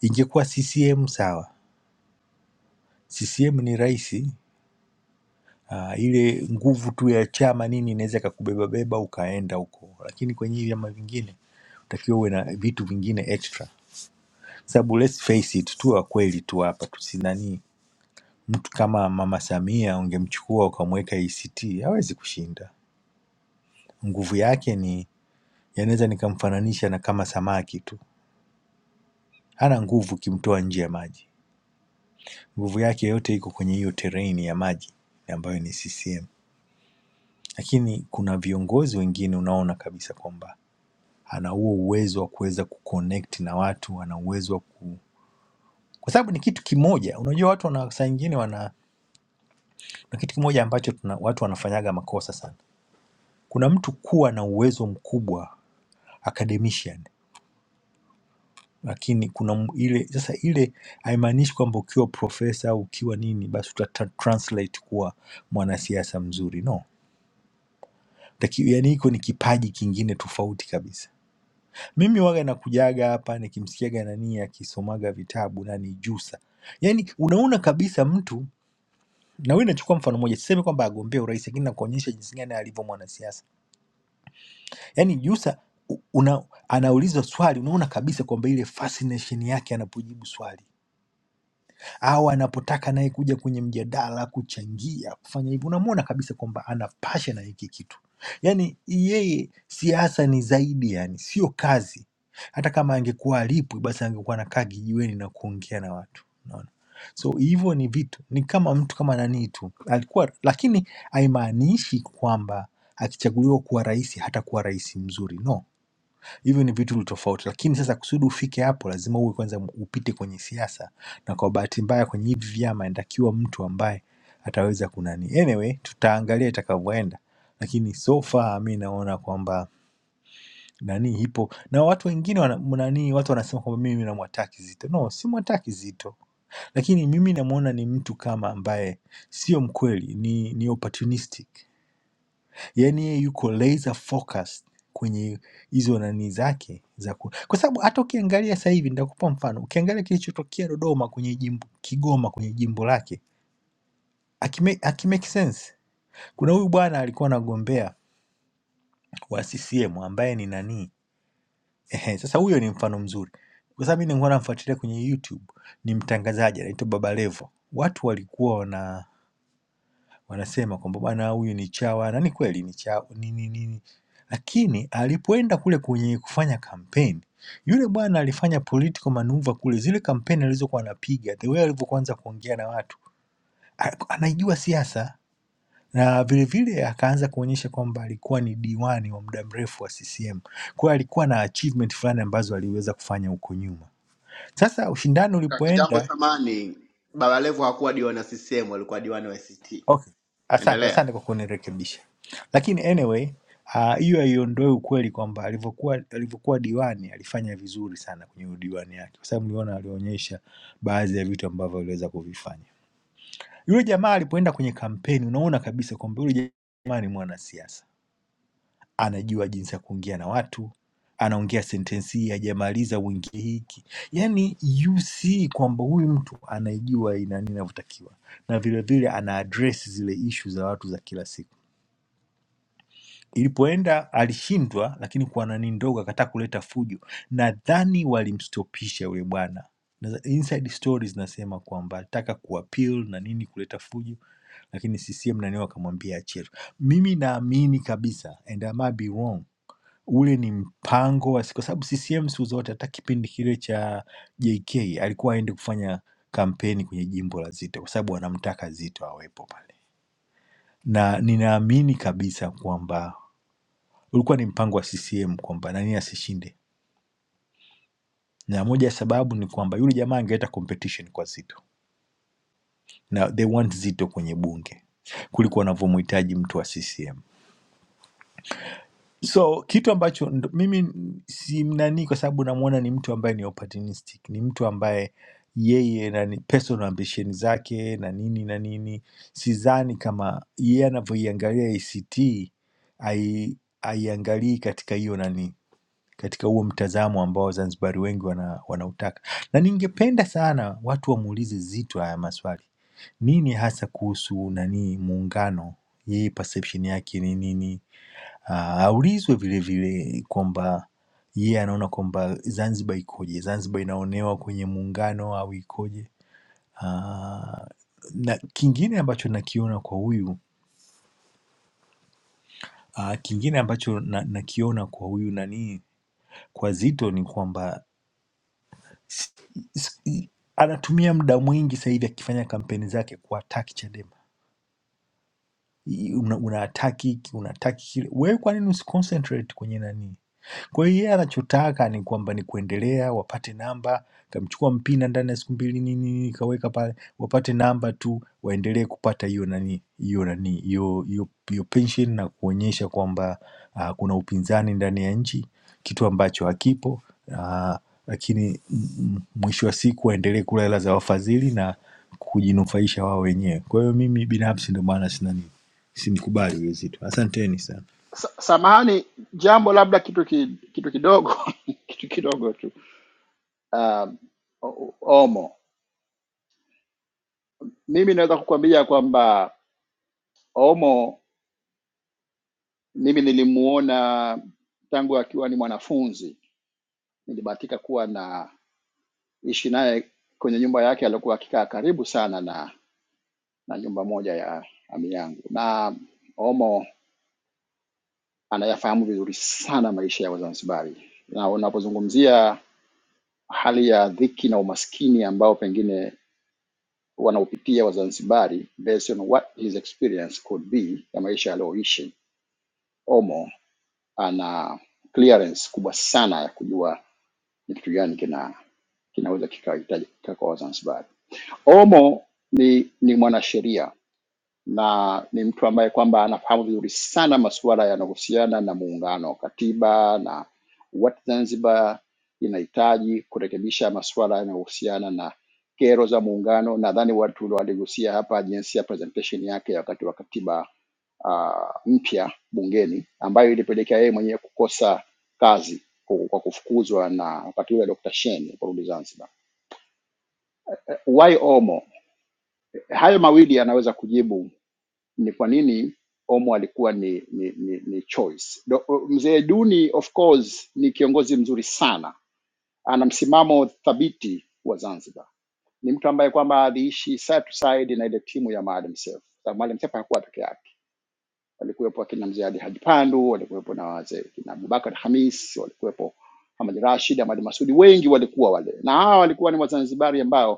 S11: ingekuwa CCM sawa. CCM ni rahisi ah, ile nguvu tu ya chama nini inaweza ikakubeba beba ukaenda huko, lakini kwenye hivi vyama vingine utakiwa uwe na vitu vingine extra, sababu let's face it, tu kweli tu hapa tusinani, mtu kama Mama Samia ungemchukua ukamweka ACT hawezi kushinda. Nguvu yake ni yanaweza nikamfananisha na kama samaki tu, hana nguvu ukimtoa nje ya maji. Nguvu yake yote iko kwenye hiyo terrain ya maji ambayo ni CCM, lakini kuna viongozi wengine unaona kabisa kwamba ana huo uwezo wa kuweza kuconnect na watu, ana uwezo wa ku kwa sababu ni kitu kimoja. Unajua watu wana saa nyingine wana na kitu kimoja ambacho tuna, watu wanafanyaga makosa sana. Kuna mtu kuwa na uwezo mkubwa academician, lakini kuna m- ile sasa, ile haimaanishi kwamba ukiwa profesa au ukiwa nini basi uta tra- translate kuwa mwanasiasa mzuri no. Taki, yani hiko ni kipaji kingine tofauti kabisa Mimi huwaga nakujaga hapa nikimsikiaga nani akisomaga vitabu nani Jusa. Yaani unaona kabisa mtu na wewe nachukua mfano mmoja, sisemi kwamba agombea urais, lakini nakuonyesha jinsi gani alivyo mwanasiasa. Yaani Jusa u- una, anaulizwa swali, unaona kabisa kwamba ile fascination yake anapojibu swali au anapotaka naye kuja kwenye mjadala kuchangia kufanya hivyo, unamwona kabisa kwamba ana passion na hiki kitu. Yani yeye siasa ni zaidi, yani sio kazi. Hata kama angekuwa alipwi, basi angekuwa anakaa kijiweni na kuongea na watu, unaona. So hivyo ni vitu, ni kama mtu kama nani tu alikuwa, lakini haimaanishi kwamba akichaguliwa kuwa rais hatakuwa rais mzuri no Hivyo ni vitu tofauti, lakini sasa kusudi ufike hapo lazima uwe kwanza upite kwenye siasa, na kwa bahati mbaya kwenye hivi vyama inatakiwa mtu ambaye ataweza kunani. Anyway, tutaangalia itakavyoenda, lakini so far mi naona kwamba nani ipo na watu wengine wana, nani watu wanasema kwamba mimi namwataki Zito. No, si mwataki Zito, lakini mimi namwona ni mtu kama ambaye sio mkweli, ni, ni opportunistic Yaani yeye yuko laser focused kwenye hizo nani zake za ku... kwa sababu hata ukiangalia sasa hivi nitakupa mfano, ukiangalia kilichotokea Dodoma kwenye jimbo, Kigoma kwenye jimbo lake akime, akimake sense. Kuna huyu bwana alikuwa anagombea wa CCM ambaye ni nani ehe, sasa huyo ni mfano mzuri kwa sababu mimi nilikuwa namfuatilia kwenye YouTube, ni mtangazaji anaitwa Baba Levo. Watu walikuwa wana wanasema kwamba bwana huyu ni chawa na ni kweli ni chawa nini nini, lakini alipoenda kule kwenye kufanya kampeni yule bwana alifanya political maneuver kule, zile kampeni alizokuwa anapiga, the way alivyoanza kuongea na watu, a- anaijua siasa na vilevile akaanza kuonyesha kwamba alikuwa ni diwani wa muda mrefu wa CCM. Kwa hiyo alikuwa na achievement fulani ambazo aliweza kufanya huko nyuma. Sasa ushindani
S3: Kaka Jambo
S11: ulipoenda
S3: samani, Baba Levo hakuwa diwani wa CCM, alikuwa diwani wa ACT.
S11: Okay, asante
S3: Endelea.
S11: asante kwa kunirekebisha, lakini anyway ah, hiyo haiondoi ukweli kwamba alivyokuwa alivyokuwa diwani alifanya vizuri sana kwenye udiwani yake, kwa sababu niliona alionyesha baadhi ya vitu ambavyo aliweza kuvifanya. Yule jamaa alipoenda kwenye kampeni, unaona kabisa kwamba yule jamaa ni mwanasiasa anajua jinsi ya kuongea na watu, anaongea sentensi hii hajamaliza uingie hiki, yaani you see kwamba huyu mtu anaijua ina nini inavyotakiwa, na vile vile ana address zile ishu za watu za kila siku. Ilipoenda alishindwa, lakini kwa nani ndogo akataka kuleta fujo. Nadhani walimstopisha yule bwana. Na- Inside stories nasema kwamba alitaka kuappeal na nini kuleta fujo, lakini CCM nani wakamwambia achie. Mimi naamini kabisa and I might be wrong Ule ni mpango wa siku kwa sababu CCM siku zote hata kipindi kile cha JK alikuwa haendi kufanya kampeni kwenye jimbo la Zito kwa sababu wanamtaka Zito awepo pale, na ninaamini kabisa kwamba ulikuwa ni mpango wa CCM kwamba nani asishinde, na moja ya sababu ni kwamba yule jamaa angeleta competition kwa Zito na they want Zito kwenye bunge kuliko wanavyomhitaji mtu wa CCM. So kitu ambacho ndo- mimi n- si nani, kwa sababu namwona ni mtu ambaye ni opportunistic, ni mtu ambaye yeye na ni personal ambition zake na nini na nini, sidhani kama yeye anavyoiangalia ACT ai- aiangalii katika hiyo nani, katika huo mtazamo ambao Wazanzibari wengi wana, wanautaka, na ningependa sana watu wamuulize Zito haya maswali, nini hasa kuhusu nani muungano, yeye perception yake ni nini ah, aulizwe vile vile kwamba yeye anaona kwamba Zanzibar ikoje, Zanzibar inaonewa kwenye muungano au ikoje. Ah, na kingine ambacho nakiona kwa huyu ah, kingine ambacho na- nakiona kwa huyu nani, kwa Zito ni kwamba s- s- anatumia muda mwingi sasa hivi akifanya kampeni zake kuwataki Chadema. i- una, unaataki hiki unaataki kile, wewe kwa nini usiconcentrate kwenye nani? Kwa hiyo yeye anachotaka ni kwamba ni kuendelea wapate namba, kamchukua Mpina ndani ya siku mbili nini nini, kaweka pale wapate namba tu, waendelee kupata hiyo nani hiyo nani hiyo hiyo hiyo pension na kuonyesha kwamba uh, kuna upinzani ndani ya nchi, kitu ambacho hakipo ah, lakini mm, mwisho wa siku waendelee kula hela za wafadhili na kujinufaisha wao wenyewe. Kwa hiyo mimi binafsi ndio maana sina nini, simkubali Wizito. Asanteni sana.
S14: Sa- Samahani Jambo, labda kitu ki, kitu kidogo kitu kidogo tu uh, Omo. Mimi naweza kukuambia kwamba Omo mimi nilimuona tangu akiwa ni mwanafunzi, nilibahatika kuwa na ishi naye kwenye nyumba yake, alikuwa akikaa karibu sana na na nyumba moja ya ami yangu, na Omo anayafahamu vizuri sana maisha ya Wazanzibari, na unapozungumzia hali ya dhiki na umaskini ambao pengine wanaopitia Wazanzibari based on what his experience could be ya maisha aliyoishi. Omo ana clearance kubwa sana ya kujua ni kitu gani kina kinaweza kikahitajika kwa Wazanzibari. Omo ni, ni mwanasheria na ni mtu ambaye kwamba anafahamu vizuri sana masuala yanayohusiana na muungano, katiba na what Zanzibar inahitaji kurekebisha masuala yanayohusiana na kero za muungano. Nadhani watu waligusia hapa jinsi ya presentation yake ya wakati wa katiba uh, mpya bungeni ambayo ilipelekea yeye mwenyewe kukosa kazi kwa kwa kufukuzwa na wakati ule Dr. Shein kurudi Zanzibar. Eh, Why Omo? Hayo mawili yanaweza kujibu ni kwa nini Omo alikuwa ni ni, ni, ni choice. Do- Mzee Duni of course ni kiongozi mzuri sana, ana msimamo thabiti wa Zanzibar. Ni mtu ambaye kwamba aliishi side to side na ile timu ya Maalim Seif. Sababu Maalim Seif hakuwa peke yake, walikuwepo akina mzee Ali Haji Pandu, walikuwepo na wazee kina Abubakar Hamis, walikuwepo Hamad Rashid, Hamad Masudi, wengi walikuwa wale, na hawa walikuwa ni Wazanzibari ambao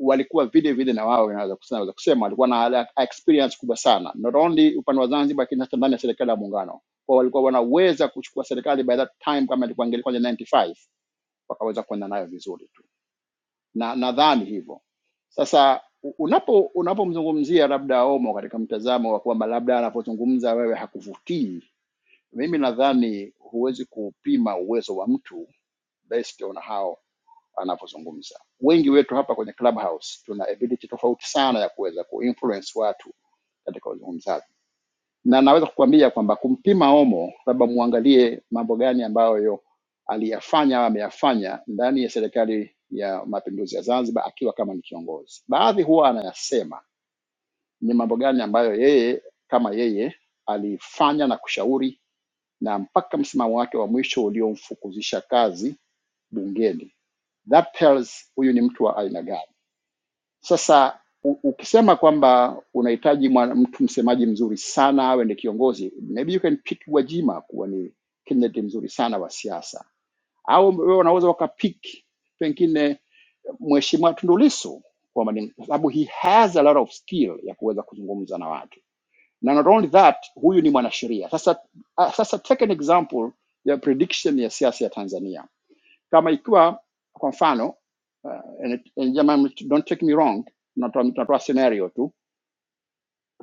S14: walikuwa vile vile na wao naweza kusema, naweza kusema walikuwa na ala- experience kubwa sana, not only upande wa Zanzibar, lakini hata ndani ya serikali ya muungano, kwa walikuwa wanaweza kuchukua serikali by that time, kama ilikuwa angelikuwa ni 95 wakaweza kwenda nayo vizuri tu, na nadhani hivyo. Sasa u- unapo unapomzungumzia labda Omo katika mtazamo wa kwamba labda anapozungumza wewe hakuvutii, mimi nadhani huwezi kupima uwezo wa mtu based on how anavyozungumza. Wengi wetu hapa kwenye Clubhouse tuna ability tofauti sana ya kuweza kuinfluence watu katika uzungumzaji, na naweza kukuambia kwamba kumpima Omo, labda muangalie mambo gani ambayo aliyafanya au ameyafanya ndani ya serikali ya mapinduzi ya Zanzibar akiwa kama ni kiongozi. Baadhi huwa anayasema ni mambo gani ambayo yeye kama yeye alifanya na kushauri, na mpaka msimamo wake wa mwisho uliomfukuzisha kazi bungeni. That tells huyu ni mtu wa aina gani Sasa u- ukisema kwamba unahitaji mwana- mtu msemaji mzuri sana awe ndi kiongozi, maybe you can pick Gwajima kuwa ni candidate mzuri sana wa siasa, au wewe unaweza ukapick pengine mheshimiwa Tundu Lissu kwamba ni sababu he has a lot of skill ya kuweza kuzungumza na watu na not only that, huyu ni mwanasheria. Sasa ah, sasa take an example ya prediction ya siasa ya Tanzania kama ikiwa kwa mfano uh, and it- and jamani, don't take me wrong, natoa natoa scenario tu.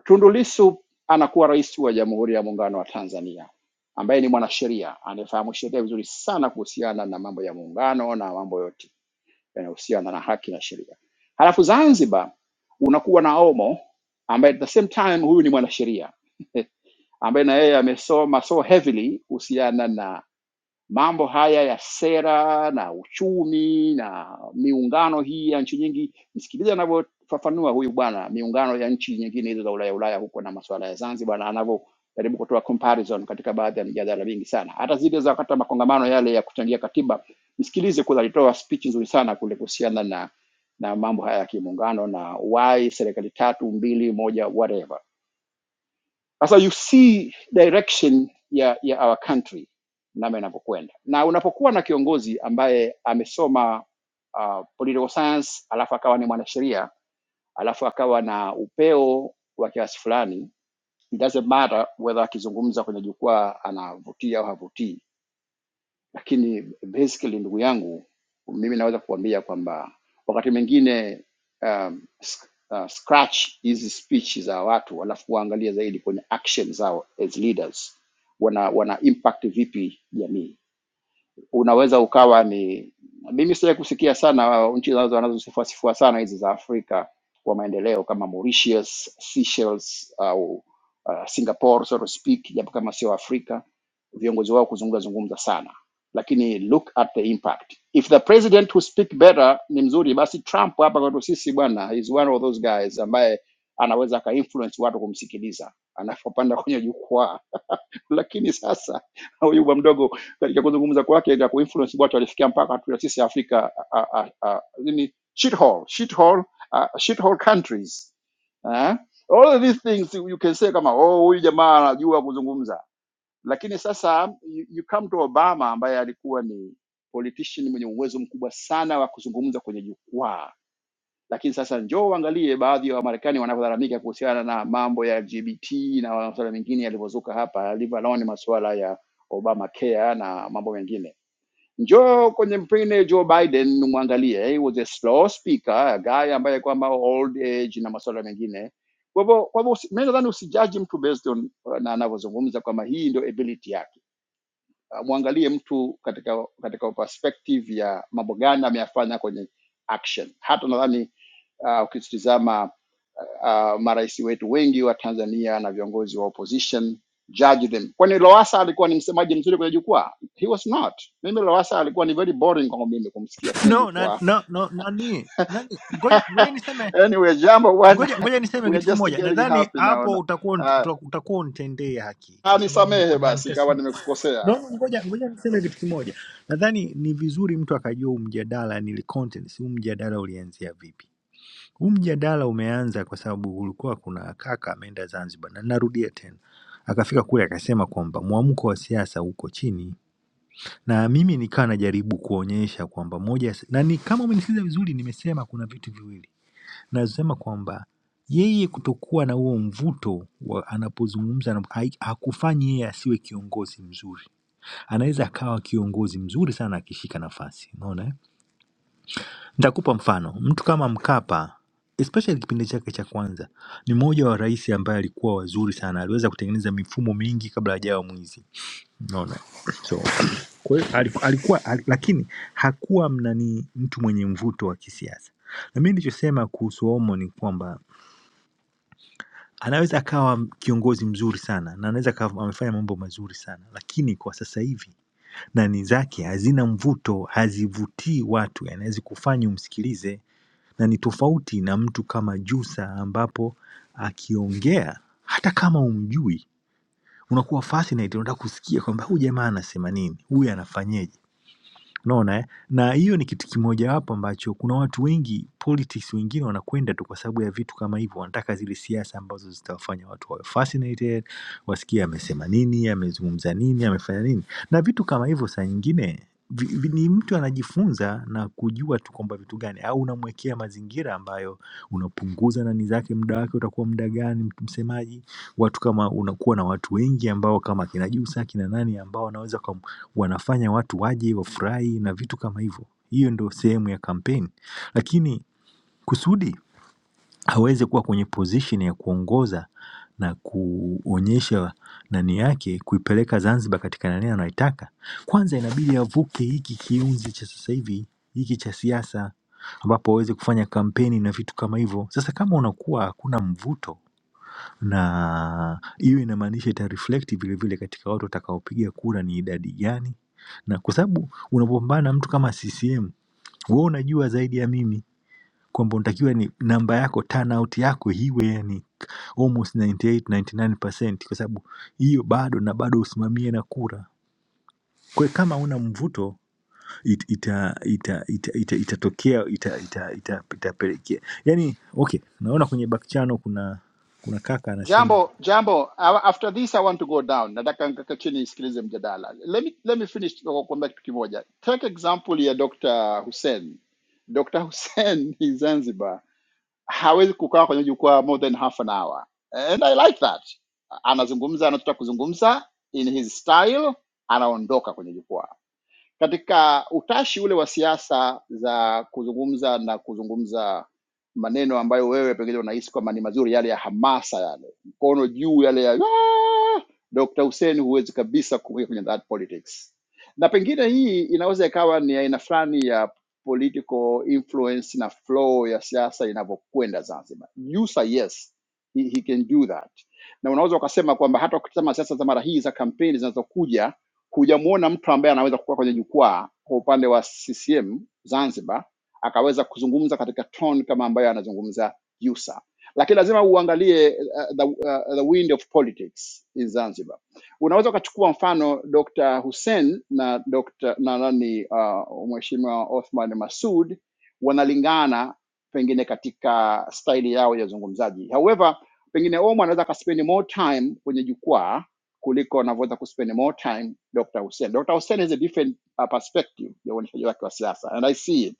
S14: Tundu Lissu anakuwa rais wa Jamhuri ya Muungano wa Tanzania ambaye ni mwanasheria anayefahamu sheria vizuri sana kuhusiana na mambo ya muungano na mambo yote yanayohusiana na haki na sheria. Halafu Zanzibar unakuwa na Omo ambaye at the same time huyu ni mwanasheria ambaye na yeye amesoma so heavily kuhusiana na mambo haya ya sera na uchumi na miungano hii ya nchi nyingi. Msikilize anavyofafanua huyu bwana miungano ya nchi nyingine hizo za Ulaya Ulaya huko na masuala ya Zanzibar, na anavyojaribu kutoa comparison katika baadhi ya mijadala mingi sana, hata zile za wakati wa makongamano yale ya kuchangia katiba. Msikilize kule, alitoa speech nzuri sana kule kuhusiana na na mambo haya ya kimuungano na why serikali tatu mbili moja whatever sasa you see direction ya, ya our country namna inavyokwenda, na unapokuwa na kiongozi ambaye amesoma uh, political science alafu akawa ni mwanasheria alafu akawa na upeo wa kiasi fulani, it doesn't matter whether akizungumza kwenye jukwaa anavutia au havutii, lakini basically ndugu yangu mimi naweza kuambia kwamba wakati mwingine um, sc- uh, scratch hizi speech za watu alafu waangalia zaidi kwenye action zao as leaders wana wana impact vipi jamii unaweza ukawa ni mimi sija kusikia sana uh, nchi zinazo wanazosifua sifua sana hizi za Afrika kwa maendeleo kama Mauritius, Seychelles au uh, Singapore so to speak, japo kama sio Afrika, viongozi wao kuzungumza zungumza sana, lakini look at the impact. If the president who speak better ni mzuri, basi Trump hapa kwetu sisi bwana is one of those guys ambaye anaweza aka influence watu kumsikiliza anapopanda kwenye jukwaa lakini sasa huyu bwa mdogo katika kuzungumza kwake na kuinfluence watu alifikia mpaka hatuya sisi Afrika a- a- a- a- nini shithole shithole ah, shithole countries eh? all of these things you can say kama oh, huyu jamaa anajua kuzungumza, lakini sasa you, you come to Obama ambaye alikuwa ni politician mwenye uwezo mkubwa sana wa kuzungumza kwenye jukwaa lakini sasa njoo uangalie baadhi ya wa Wamarekani wanavyolalamika kuhusiana na mambo ya LGBT na masuala mengine yalivyozuka hapa, leave alone masuala ya Obama care na mambo mengine. Njoo kwenye mpine Joe Biden umwangalie, he was a slow speaker, a guy ambaye kwamba old age na masuala mengine. Kwa hivyo kwa hivyo usi- mimi nadhani usijaji mtu based on uh, na anavyozungumza kwamba hii ndio ability yake. Uh, Mwangalie mtu katika katika perspective ya mambo gani ameyafanya kwenye action. Hata nadhani uh, ukitizama uh, marais wetu wengi wa Tanzania na viongozi wa opposition judge them. Kwani Lowassa alikuwa ni msemaji mzuri kwenye jukwaa? He was not. Mimi Lowassa alikuwa ni very boring kwangu mimi kumsikia kwenye
S11: No, na,
S14: jukwaa.
S11: no, no, nani, nani, ngoja, ngoja niseme,
S14: Anyway, jambo bwana,
S11: ngoja, ngoja niseme
S14: we are
S11: kitu
S14: just
S11: kimoja.
S14: getting
S11: Nadhani
S14: happy
S11: hapo
S14: naona.
S11: utakuwa
S14: Ah,
S11: unt- utakuwa unitendea haki kwa
S14: Uh,
S11: sababu
S14: nisamehe
S11: kuna
S14: basi kama
S11: nitasema. No,
S14: nimekukosea.
S11: no, ngoja ngoja niseme kitu kimoja. Nadhani ni vizuri mtu akajua huu mjadala ni contents, huu mjadala ulianzia vipi. Huu mjadala umeanza kwa sababu ulikuwa kuna kaka ameenda Zanzibar, na narudia tena, akafika kule akasema kwamba mwamko wa siasa uko chini, na mimi nikawa najaribu kuonyesha kwamba moja ya- na ni kama umenisikiza vizuri, nimesema kuna vitu viwili, nasema kwamba yeye kutokuwa na huo mvuto wa anapozungumza anap- hai- hakufanyi yeye asiwe kiongozi mzuri anaweza akawa kiongozi mzuri sana akishika nafasi. Unaona, eh? nitakupa mfano. Mtu kama Mkapa especially kipindi chake cha kwanza ni mmoja wa rais ambaye alikuwa wazuri sana, aliweza kutengeneza mifumo mingi kabla hajawa mwizi. Unaona, so kwa hiyo aliku- alikuwa, al- lakini hakuwa mnani mtu mwenye mvuto wa kisiasa. Na mimi nilichosema kuhusu Omo ni kwamba anaweza akawa kiongozi mzuri sana na anaweza akawa amefanya mambo mazuri sana, lakini kwa sasa hivi nani zake hazina mvuto, hazivutii watu yani hazikufanya umsikilize na ni tofauti na mtu kama Jusa ambapo akiongea hata kama humjui unakuwa fascinated, unataka kusikia kwamba huyu jamaa anasema nini, huyu anafanyeje. Unaona eh? Na hiyo ni kitu kimojawapo ambacho kuna watu wengi politics wengine wanakwenda tu kwa sababu ya vitu kama hivyo, wanataka zile siasa ambazo zitawafanya watu wawe fascinated, wasikie amesema nini, amezungumza nini, amefanya nini. Na vitu kama hivyo saa nyingine vi- vi- ni mtu anajifunza na kujua tu kwamba vitu gani, au unamwekea mazingira ambayo unapunguza nani zake, muda wake utakuwa muda gani, mtu msemaji, watu kama unakuwa na watu wengi ambao kama kina Jusa, kina nani ambao wanaweza wanafanya watu waje wafurahi na vitu kama hivyo. Hiyo ndo sehemu ya kampeni. Lakini kusudi aweze kuwa kwenye position ya kuongoza na kuonyesha nani yake kuipeleka Zanzibar katika nani anaitaka. Kwanza inabidi avuke hiki kiunzi cha sasa hivi hiki cha siasa ambapo aweze kufanya kampeni na vitu kama hivyo. Sasa kama unakuwa hakuna mvuto na hiyo inamaanisha itareflect vile vile katika watu watakaopiga kura ni idadi gani, na kwa sababu unapopambana na mtu kama CCM wewe unajua zaidi ya mimi kwamba unatakiwa ni namba yako turnout yako iwe yani almost 98 99% kwa sababu hiyo bado na bado usimamie na kura. Kwa hiyo kama una mvuto it, ita ita ita ita itatokea ita, ita, ita, itapelekea yani okay, naona kwenye back channel kuna kuna kaka anasema
S14: Jambo, jambo. a- After this I want to go down. Nataka nikaka chini nisikilize mjadala. Let me, let me finish kwa kuambia kitu kimoja. Take example ya Dr. Hussein. Dr. Hussein in Zanzibar hawezi kukaa kwenye jukwaa more than half an hour. And I like that. Anazungumza anataka kuzungumza in his style, anaondoka kwenye jukwaa. Katika utashi ule wa siasa za kuzungumza na kuzungumza maneno ambayo wewe pengine unahisi kwamba ni mazuri, yale ya hamasa, yale mkono juu, yale ya "Ah!" Dr. Hussein, huwezi kabisa kuweka kwenye that politics. Na pengine hii inaweza ikawa ni aina fulani ya political influence na flow ya siasa inavyokwenda Zanzibar. Yusa, yes he, he can do that, na unaweza ukasema kwamba hata ukitazama siasa za mara hii za kampeni zinazokuja, hujamuona mtu ambaye anaweza kukaa kwenye jukwaa kwa upande wa CCM Zanzibar akaweza kuzungumza katika tone kama ambayo anazungumza Yusa. Lakini lazima uangalie uh, the, uh, the wind of politics in Zanzibar. Unaweza ukachukua mfano Dr. Hussein na Dr. na nani uh, Mheshimiwa Othman Masud wanalingana pengine katika staili yao ya uzungumzaji. However, pengine Omo anaweza akaspend more time kwenye jukwaa kuliko anavyoweza kuspend more time Dr. Hussein. Dr. Hussein has a different uh, perspective ya uonyeshaji wake wa siasa and I see it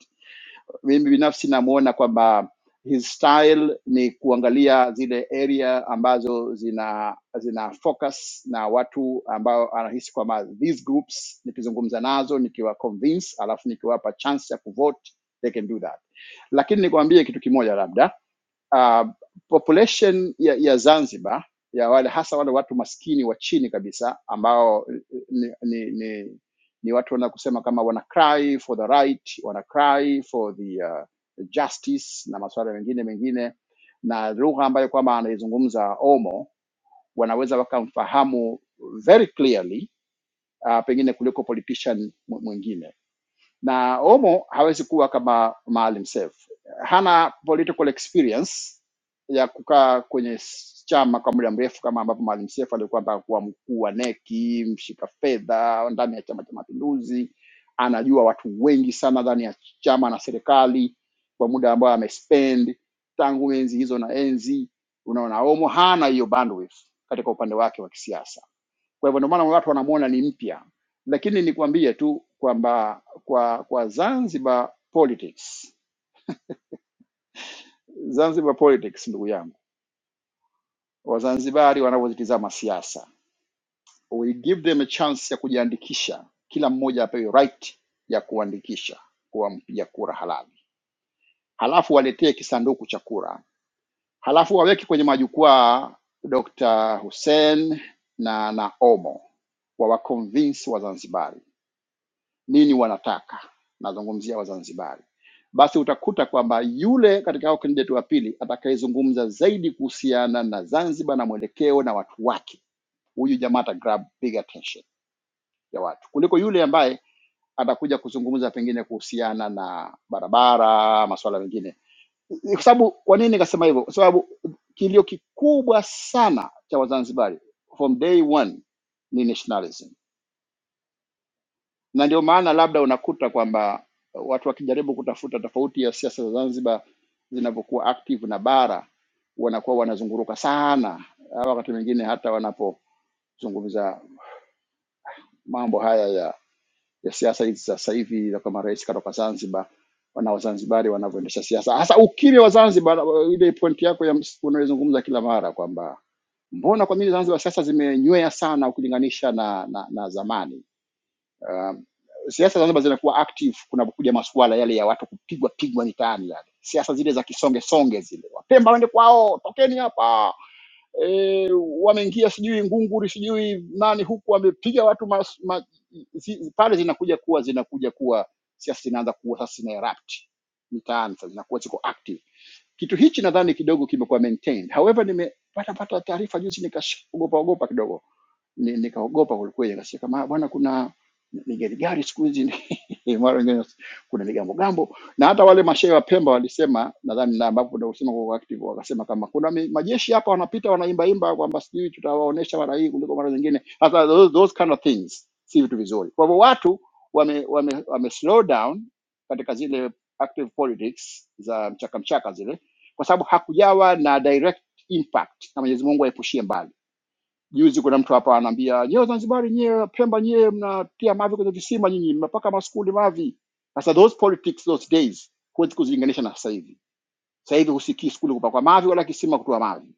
S14: mimi binafsi namuona kwamba his style ni kuangalia zile area ambazo zina zina focus na watu ambao anahisi kwamba these groups nikizungumza nazo nikiwa convince alafu nikiwapa chance ya kuvote they can do that lakini nikwambie kitu kimoja labda uh, population ya, ya Zanzibar ya wale hasa wale watu maskini wa chini kabisa ambao ni, ni, ni, ni watu wana kusema kama wana cry for the right, wana cry for the uh, justice na masuala mengine mengine, na lugha ambayo kwamba anaizungumza Omo wanaweza wakamfahamu very clearly uh, pengine kuliko politician mw- mwingine na Omo hawezi kuwa kama Maalim Seif, hana political experience ya kukaa kwenye s- chama kwa muda mrefu kama ambavyo Maalim Seif alikuwa mpaka kuwa mkuu wa NEC, mshika fedha ndani ya Chama cha Mapinduzi, anajua watu wengi sana ndani ya chama na serikali kwa muda ambao amespend tangu enzi hizo na enzi. Unaona, Omo hana hiyo bandwidth katika upande wake wa kisiasa kwa hivyo ndio maana watu wanamuona ni mpya, lakini nikwambie tu kwamba kwa kwa Zanzibar politics, Zanzibar politics, ndugu yangu, Wazanzibari wanavyozitizama siasa, we give them a chance ya kujiandikisha, kila mmoja apewe right ya kuandikisha kuwa mpiga kura halali, halafu waletee kisanduku cha kura, halafu waweke kwenye majukwaa Dr. Hussein na na Omo wawaconvince Wazanzibari nini wanataka, nazungumzia Wazanzibari, basi utakuta kwamba yule katika hao kandidati wa pili atakayezungumza zaidi kuhusiana na Zanzibar na mwelekeo na watu wake, huyu jamaa ata grab big attention ya watu kuliko yule ambaye atakuja kuzungumza pengine kuhusiana na barabara, masuala mengine. Kwa sababu kwa nini nikasema hivyo? Kwa sababu kilio kikubwa sana cha Wazanzibari from day one ni nationalism na ndio maana labda unakuta kwamba uh, watu wakijaribu kutafuta tofauti ya siasa za Zanzibar zinavyokuwa active na bara, wanakuwa wanazunguruka sana, au wakati mwingine hata wanapozungumza mambo haya ya, ya siasa hizi za sasa hivi, za kama rais katoka Zanzibar na Wazanzibari wanavyoendesha siasa, hasa ukimya wa Zanzibar. uh, Ile pointi yako ya ms- unayozungumza kila mara kwamba mbona kwa nini Zanzibar siasa zimenywea sana ukilinganisha na, na, na zamani Um, siasa za Zanzibar zinakuwa active kunapokuja masuala yale ya watu kupigwa pigwa mitaani, yale siasa zile za kisonge songe zile, Wapemba waende kwao, tokeni hapa wameingia sijui ngunguri sijui nani huku wamepiga watu mas, ma, zi, pale zinakuja kuwa zinakuja kuwa siasa zinaanza kuwa sasa zina erupt mitaani sasa zinakuwa ziko active kitu hichi nadhani kidogo kimekuwa maintained however nimepata pata taarifa juzi nikaogopa ogopa kidogo Ni- nikaogopa kwelikweli nikasikia kama "Ah, bwana kuna ni gari gari siku hizi ni- mara nyingine kuna migambo gambo na hata wale mashehe wa Pemba walisema, nadhani na ambapo ndio usema kwa active, wakasema kama kuna mi- majeshi hapa wanapita wanaimba imba kwamba sijui tutawaonesha mara hii kuliko mara zingine. Sasa those, those kind of things si vitu vizuri. Kwa hivyo watu wame, wame, wame slow down katika zile active politics za mchaka mchaka zile, kwa sababu hakujawa na direct impact, na Mwenyezi Mungu aepushie mbali Juzi kuna mtu hapa anaambia nyewe Zanzibari, nyewe Pemba, nyewe mnatia mavi kwenye visima, nyinyi mnapaka maskuli mavi. Sasa those politics those days huwezi kuzilinganisha na sasa hivi. Sasa hivi husikii skuli kupakwa mavi wala kisima kutoa mavi,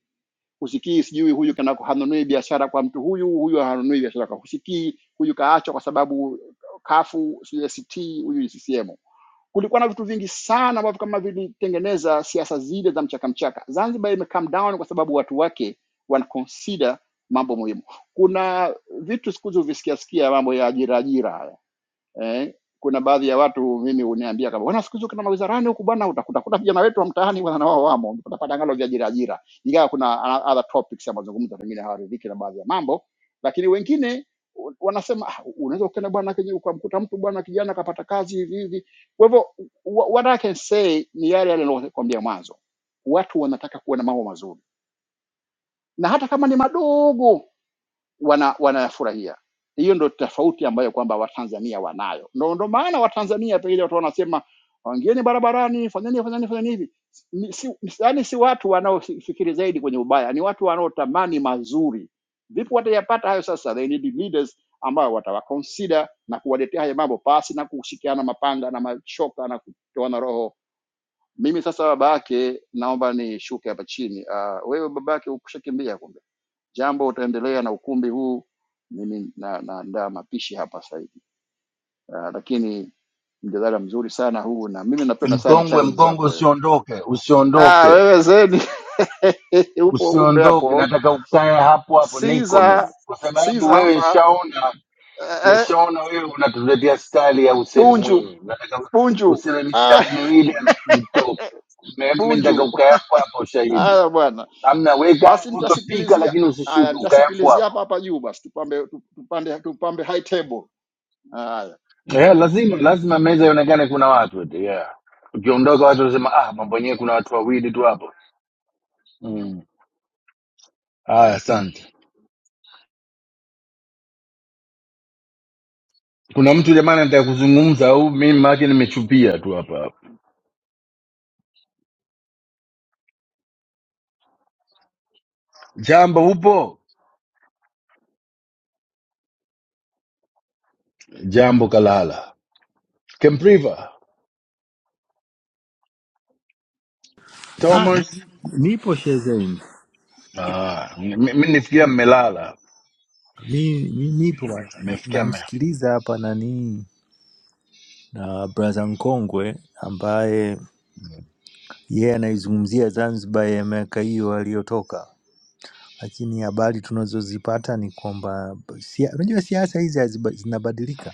S14: husikii sijui huyu kana hanunui biashara kwa mtu huyu, huyu hanunui biashara kwa, husikii huyu kaachwa kwa sababu kafu sijui ACT, huyu ni CCM kulikuwa na vitu vingi sana ambavyo kama vilitengeneza siasa zile za mchaka mchaka. Zanzibar ime come down kwa sababu watu wake wana consider mambo muhimu. Kuna vitu siku hizi huvisikia sikia mambo ya ajira ajira haya eh, kuna baadhi ya watu mimi huniambia kama bwana, siku hizi ukienda mawizarani huku bwana, utakuta kuta vijana wetu wa mtaani bwana, na wao wamo, utapata angalo vya ajira ajira, ingawa kuna o- other topics ya mazungumzo, pengine hawaridhiki na baadhi ya mambo, lakini wengine u- wanasema "Ah, unaweza ukaenda bwana kiji- ukamkuta mtu bwana kijana kapata kazi hivi hivi. Kwa hivyo wha- what I can say ni yale yale niliyokuambia mwanzo, watu wanataka kuona mambo mazuri na hata kama ni madogo wana wanayafurahia. Hiyo ndo tofauti ambayo kwamba Watanzania wanayo. Ndo, ndo maana Watanzania pengine watu wanasema waingieni barabarani, fanyeni fanyeni fanyeni hivi. Ni- Si, yani si watu wanaofikiri zaidi kwenye ubaya, ni watu wanaotamani mazuri. Vipi watayapata hayo sasa? They need leaders ambao watawaconsider na kuwaletea haya mambo pasi na kushikiana mapanga na machoka na kutoana roho. Mimi sasa babake, naomba nishuke hapa chini. Uh, wewe babake ukushakimbia kwa Jambo, utaendelea na ukumbi huu, mimi na- naandaa na mapishi hapa sasa hivi. Ah, Lakini mjadala mzuri sana huu, na mimi napenda sana
S2: Mkongwe,
S14: challenge
S2: mkongwe,
S14: zako wewe.
S2: usiondoke,
S14: Ah,
S2: usiondoke,
S14: wewe Zeni upo kumbe
S2: usiondoke.
S14: hapo.
S2: Nataka ukae hapo hapo, niko
S14: Siza
S2: mimi, kwa sababu
S14: Siza
S2: wewe
S14: hapa
S2: nishaona,
S14: eh, eh,
S2: nishaona wewe unatia stali ya Hussein
S14: Bunju
S2: Mwinyi. Nataka
S14: Bunju
S2: useme
S14: ah,
S2: mistari miwili alafu utoke. Mimi mimi nataka
S14: Bunju.
S2: ukae hapo hapo, shahidi.
S14: Haya bwana,
S2: Amna, weka
S14: basi
S2: utapika,
S14: nitasikilizia
S2: lakini usishuke,
S14: haya,
S2: ukae hapo
S14: nitasikilizia
S2: hapo.
S14: hapa hapa juu basi, tupambe tupande tupambe high table haya.
S2: Yeah, lazima lazima meza ionekane kuna watu eti, yeah. Ukiondoka watu wanasema ah, mambo yenyewe kuna watu wawili tu hapo. Haya, asante. Kuna mtu jamani anataka kuzungumza au mimi maake nimechupia tu hapa? Jambo, upo? Jambo kalala. Kempriva,
S11: Ah,
S2: Thomas.
S11: nipo shezeni
S2: Ah, mi mi nifikia mmelala.
S11: mi, mi nipo bwana.
S2: Nimefikia mme.
S11: namsikiliza hapa nani na braha mkongwe ambaye yeye anaizungumzia Zanzibar ya miaka hiyo aliyotoka, lakini habari tunazozipata ni kwamba sia- unajua siasa hizi haziba- zinabadilika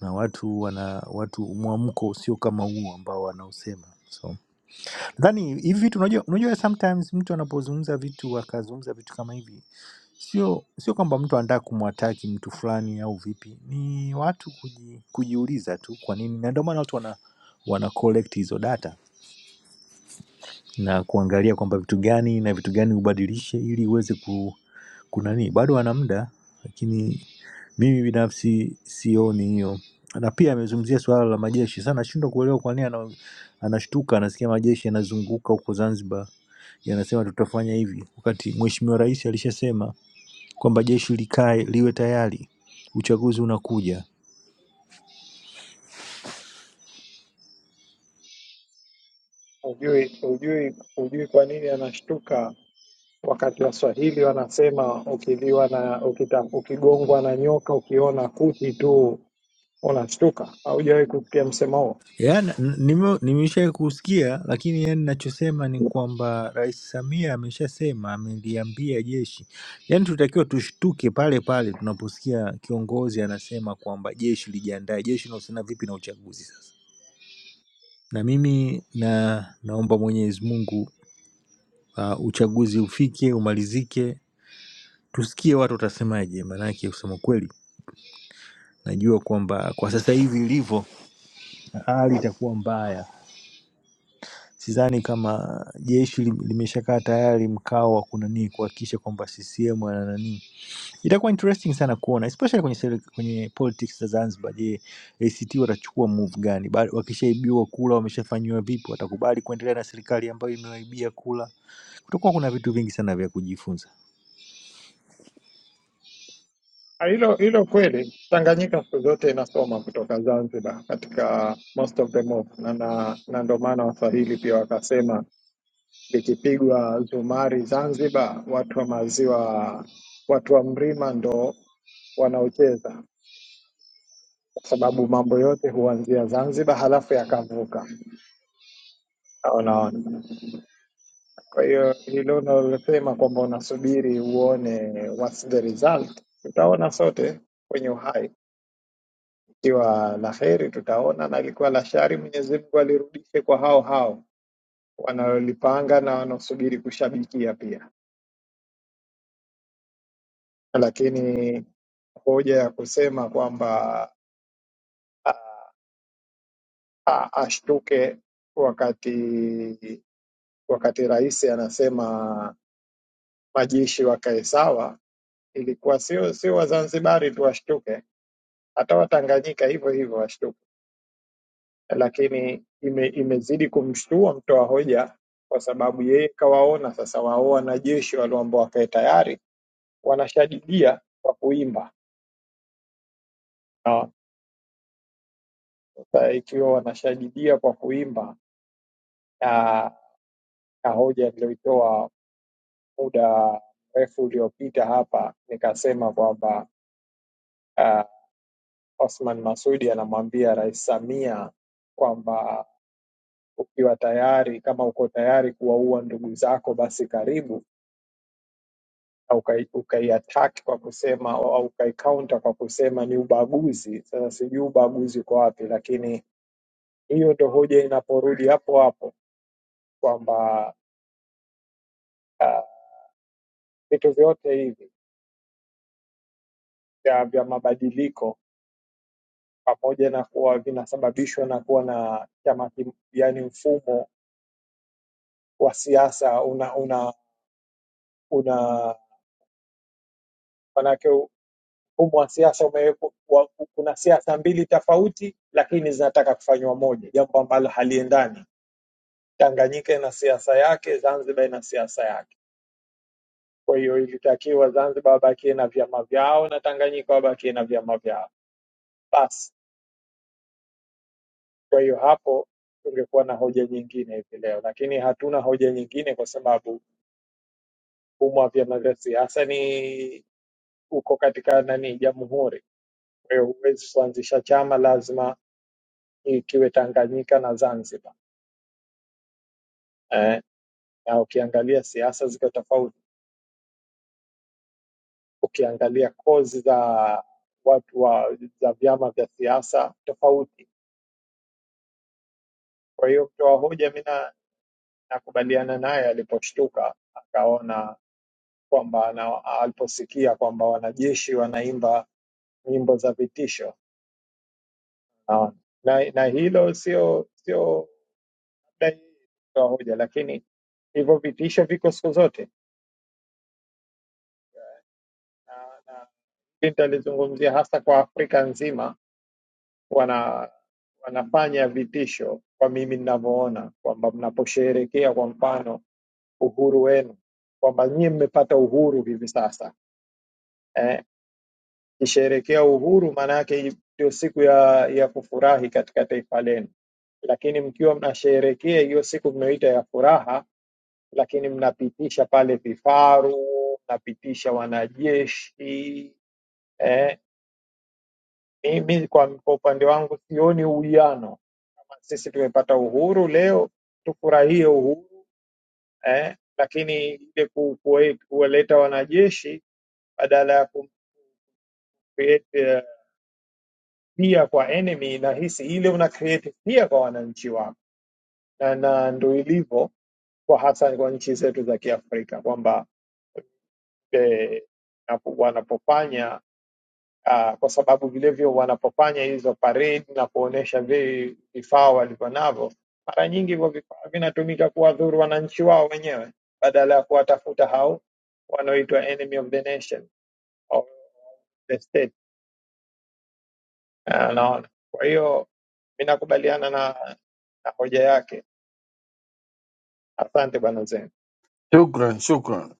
S11: na watu wana watu mwamko sio kama huo ambao wanaosema So, Nadhani hivi vitu unajua, unajua sometimes mtu anapozungumza vitu akazungumza vitu kama hivi, sio sio kwamba mtu anataka kumwataki mtu fulani au vipi, ni watu kuji, kujiuliza tu kwa nini, na ndio maana watu wana, wana collect hizo data na kuangalia kwamba vitu gani na vitu gani ubadilishe ili uweze ku, kunani bado ana muda lakini mimi binafsi sioni hiyo na pia amezungumzia suala la majeshi sana nashindwa kuelewa kwa nini ana, anashtuka anasikia majeshi yanazunguka huko zanzibar yanasema tutafanya hivi wakati mheshimiwa rais alishasema kwamba jeshi likae liwe tayari uchaguzi unakuja
S4: Hujui, hujui, hujui kwa nini anashtuka wakati Waswahili wanasema ukiliwa na ukita, ukigongwa na nyoka ukiona kuti tu unashtuka. Haujawahi kusikia msemo huo?
S11: Yani, nimesha kusikia lakini, yani nachosema ni kwamba Rais Samia ameshasema, ameliambia jeshi, yani tutakiwa tushtuke pale pale tunaposikia kiongozi anasema kwamba jeshi lijiandae. Jeshi linahusiana vipi na uchaguzi sasa? Na mimi na naomba Mwenyezi Mungu uh, uchaguzi ufike umalizike, tusikie watu watasemaje, maanake kusema kweli najua kwamba kwa sasa hivi ilivyo hali itakuwa mbaya sidhani kama jeshi lim- limeshakaa tayari mkao wa kunanii kuhakikisha kwamba CCM ana nani. Itakuwa interesting sana kuona especially kwenye sele- kwenye politics za Zanzibar. Je, ACT watachukua move gani? Ba- Wakishaibiwa kula, wameshafanyiwa vipi? Watakubali kuendelea na serikali ambayo imewaibia kula? Kutakuwa kuna vitu vingi sana vya kujifunza.
S4: Ah, Hilo hilo kweli. Tanganyika siku zote inasoma kutoka Zanzibar katika most of the move, na, na, na ndo maana Waswahili pia wakasema likipigwa zumari Zanzibar, watu wa maziwa, watu wa mrima ndo wanaocheza. sababu mambo yote huanzia Zanzibar halafu yakavuka. Unaona, kwa hiyo hilo unalosema kwamba unasubiri uone what's the result, tutaona sote kwenye uhai, ikiwa la heri tutaona, na ilikuwa la shari, Mwenyezi Mungu alirudishe kwa hao hao wanaolipanga na wanaosubiri kushabikia pia. Lakini hoja ya kusema kwamba a- a- ashtuke wakati wakati rais anasema majeshi wakae sawa ilikuwa sio sio Wazanzibari tu washtuke, hata Watanganyika hivyo hivyo washtuke, lakini ime, imezidi kumshtua mtoa hoja kwa sababu yeye kawaona sasa wao wanajeshi walioambao wakae tayari wanashadidia kwa kuimba. Na Sasa ikiwa wanashadidia kwa kuimba na, na hoja niliyoitoa muda mrefu uliopita hapa nikasema kwamba uh, Othman Masudi anamwambia Rais Samia kwamba ukiwa tayari, kama uko tayari kuwaua ndugu zako, basi karibu na ukai- ukaiattack kwa kusema au ukaikaunta kwa kusema ni ubaguzi. Sasa sijui ubaguzi uko wapi, lakini hiyo ndo hoja inaporudi hapo hapo kwamba ah, vitu uh, vyote hivi vya, vya mabadiliko pamoja na kuwa vinasababishwa na kuwa na chama, kim- yaani mfumo wa siasa una una una manake mfumo wa siasa umewekwa, wa- kuna siasa mbili tofauti, lakini zinataka kufanywa moja, jambo ambalo haliendani. Tanganyika ina siasa yake, Zanzibar ina siasa yake. Kwa hiyo ilitakiwa Zanzibar wabakie na vyama vyao na Tanganyika wabakie na vyama vyao basi. Kwa hiyo hapo tungekuwa na hoja nyingine hivi leo, lakini hatuna hoja nyingine kwa sababu mfumo wa vyama vya siasa ni uko katika nani, jamhuri. Kwa hiyo huwezi kuanzisha chama, lazima ikiwe Tanganyika na Zanzibar. Eh, na ukiangalia siasa ziko tofauti, ukiangalia kozi za watu wa za vyama vya siasa tofauti. Kwa hiyo mtoa hoja, mi na- nakubaliana naye aliposhtuka akaona kwamba na aliposikia kwamba wanajeshi wanaimba nyimbo za vitisho naona. na, na hilo sio sio labda yeye mtoa hoja, lakini hivyo vitisho viko siku zote. Clinton alizungumzia hasa kwa Afrika nzima wana wanafanya vitisho kwa mimi ninavyoona kwamba mnaposherehekea kwa mfano uhuru wenu kwamba nyie mmepata uhuru hivi sasa eh, kisherehekea uhuru maana yake ndio siku ya, ya kufurahi katika taifa lenu, lakini mkiwa mnasherehekea hiyo siku mnayoita ya furaha, lakini mnapitisha pale vifaru, mnapitisha wanajeshi eh, mimi kwa, kwa upande wangu sioni uwiano sisi tumepata uhuru leo tufurahie uhuru eh, lakini ile ku- kuwe- kuwaleta wanajeshi badala ya ku create eh, pia kwa enemy, nahisi ile una create pia kwa wananchi wako, na, na ndo ilivyo kwa hasa kwa nchi zetu za Kiafrika kwamba eh, napo- wanapofanya uh, kwa sababu vilevile wanapofanya hizo parade na kuonyesha vi- vifaa walivyo navyo, mara nyingi hivyo vifaa vinatumika kuwadhuru wananchi wao wenyewe badala ya kuwatafuta hao wanaoitwa enemy of the nation of the state. Ah, Naona kwa hiyo ninakubaliana na, na hoja yake. Asante bwana Zen.
S2: Shukran, shukran.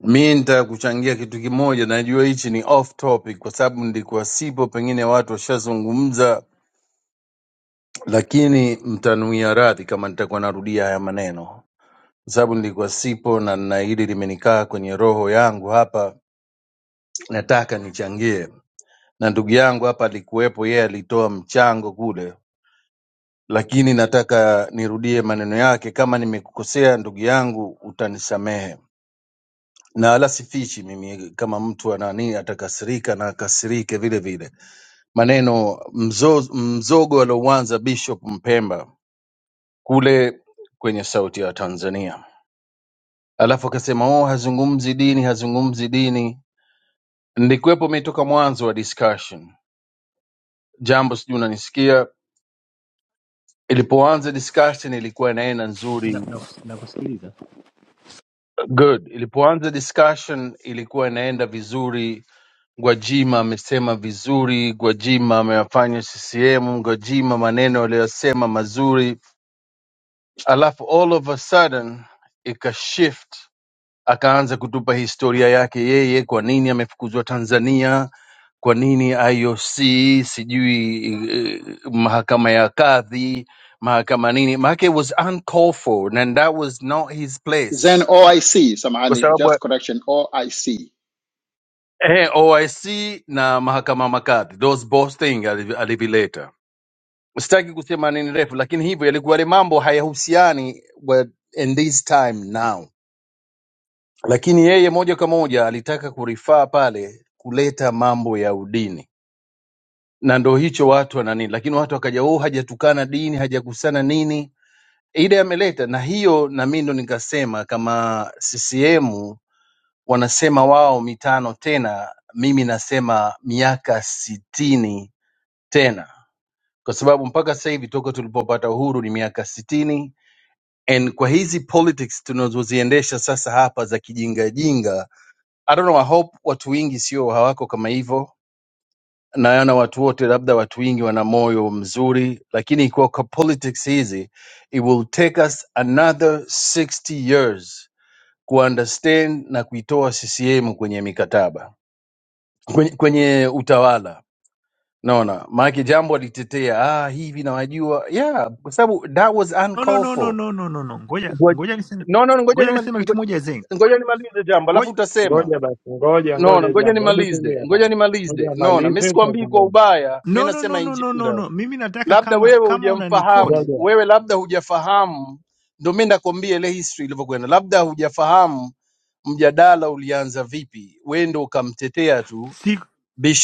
S2: Mi nitaka kuchangia kitu kimoja. Najua hichi ni off topic kwa sababu ndikuwa sipo, pengine watu washazungumza, lakini mtanuia radhi kama nitakuwa narudia haya maneno, kwa sababu nilikuwa sipo na na hili limenikaa kwenye roho yangu hapa nataka nichangie na ndugu yangu hapa alikuwepo, yeye alitoa mchango kule, lakini nataka nirudie maneno yake. Kama nimekukosea ndugu yangu, utanisamehe na wala sifichi mimi kama mtu anani atakasirika na akasirike vile vile. Maneno mzozo, mzogo aliouanza Bishop Mpemba kule kwenye Sauti ya Tanzania, alafu akasema oh, hazungumzi dini, hazungumzi dini. Nilikuwepo mimi toka mwanzo wa discussion, jambo sijui unanisikia ilipoanza discussion ilikuwa inaenda
S11: Na,
S2: nzuri
S11: na, na kusikiliza.
S2: good ilipoanza discussion ilikuwa inaenda vizuri gwajima amesema vizuri gwajima amewafanya ccm gwajima maneno aliyosema mazuri alafu all of a sudden ikashift akaanza kutupa historia yake yeye, kwa nini amefukuzwa Tanzania, kwa nini IOC, sijui eh, mahakama ya kadhi, mahakama nini, maanake it was uncalled for and that was not his
S14: Zen
S2: place,
S14: OIC,
S2: kwa
S14: samahani,
S2: sababu
S14: just correction OIC.
S2: eh, OIC na mahakama makadhi, those both thing alivi- alivileta. Sitaki kusema nini refu, lakini hivyo yalikuwa yale mambo hayahusiani wa- in this time now lakini yeye moja kwa moja alitaka kurifaa pale kuleta mambo ya udini na ndo hicho watu wana nini lakini watu wakaja oh hajatukana dini hajakusana nini ile ameleta na hiyo na mi ndo nikasema kama ccm wanasema wao mitano tena mimi nasema miaka sitini tena kwa sababu mpaka sasa hivi toka tulipopata uhuru ni miaka sitini and kwa hizi politics tunazoziendesha sasa hapa za kijingajinga I don't know, I hope watu wengi sio hawako kama hivyo. Naona watu wote, labda watu wengi wana moyo mzuri, lakini kwa kwa politics hizi it will take us another 60 years kuunderstand na kuitoa CCM kwenye mikataba, kwenye, kwenye utawala. Naona maanake jambo alitetea ah, hivi nawajua, yeah, kwa sababu that was
S11: No, no,
S2: uncalled
S11: no, no,
S2: for.
S11: no, no, no, no. Ngoja
S2: Ngo-
S11: ngoja niseme,
S2: No, no, ngoja
S11: ngoja
S2: nimali-
S11: niseme kitu
S2: ngo-
S11: moja Zain.
S2: ngoja nimalize jambo, alafu
S11: Ngoja
S2: utasema
S4: Ngoja basi, ngoja
S2: Naona
S4: ngoja,
S2: ngoja
S4: jambo, hebu
S2: nimalize,
S4: tulia kwanza,
S2: ngoja
S4: ngoja
S2: nimalize. Naona mimi
S4: amalize,
S2: sikwambii kwa
S4: tutazungumza.
S2: ubaya, mimi
S11: No, no, no,
S2: nasema in
S11: no, no, no,
S2: general.
S11: no. Mimi nataka
S2: Labda
S11: kama
S2: wewe
S11: kama
S4: Ngoja
S11: unanikoti
S2: hujamfahamu,
S4: ngoja.
S2: wewe labda hujafahamu, ndio mimi nakwambia ile history ilivyokwenda. Labda hujafahamu mjadala ulianza vipi, wewe ndio ukamtetea tu
S11: si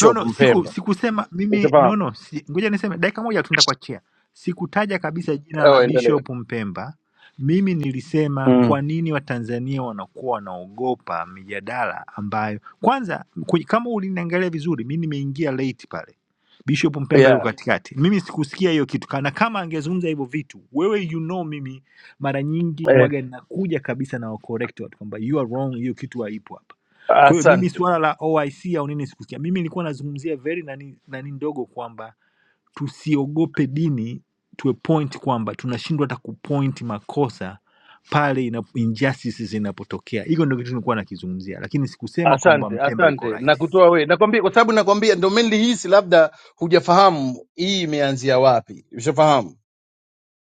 S11: no, no, siku
S2: Mpemba,
S11: sikusema mimi no,
S2: ushafahamu?
S11: no, si, ngoja niseme dakika moja tu nitakuachia. Sikutaja kabisa jina la
S2: Ewa, endelea.
S11: Bishop Mpemba. Mimi nilisema
S2: Mm.
S11: kwa nini Watanzania wanakuwa wanaogopa mijadala ambayo kwanza, kwe- kama uliniangalia vizuri, mi nimeingia late pale. Bishop Mpemba yuko
S2: Yeah.
S11: katikati, mimi sikusikia hiyo kitu, kana kama angezungumza hivyo vitu. Wewe you know, mimi mara nyingi
S2: Eh,
S11: huwaga nakuja kabisa na wa correct watu kwamba you are wrong, hiyo kitu haipo hapa kwa hiyo mimi
S2: asante.
S11: suala la OIC au nini sikusikia. Mimi nilikuwa nazungumzia very nani, nani ndogo kwamba tusiogope dini tuwe point kwamba tunashindwa hata kupoint makosa pale ina, injustices zinapotokea. Hiyo ndio kitu nilikuwa nakizungumzia, lakini sikusema kwamba
S2: Asante,
S11: Mpemba yuko
S2: asante.
S11: right.
S2: Nakutoa wewe. Nakwambia kwa sababu nakwambia ndio mimi nilihisi labda hujafahamu hii imeanzia wapi. Ushafahamu?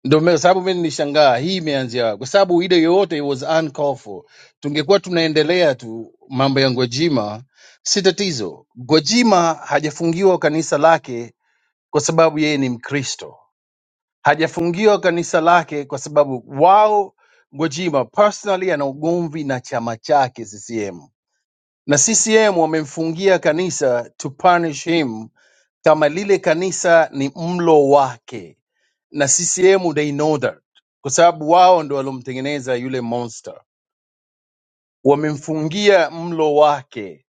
S2: Ndio maana- sababu mimi nilishangaa hii imeanzia wapi? kwa sababu ile yoyote it was uncalled for. Tungekuwa tunaendelea tu mambo ya Gwajima, si tatizo. Gwajima hajafungiwa kanisa lake kwa sababu yeye ni Mkristo, hajafungiwa kanisa lake kwa sababu wao, Gwajima personally ana ugomvi na chama chake CCM, na CCM wamemfungia kanisa to punish him kama lile kanisa ni mlo wake, na CCM they know that, kwa sababu wao ndo walomtengeneza yule monster, wamemfungia mlo wake.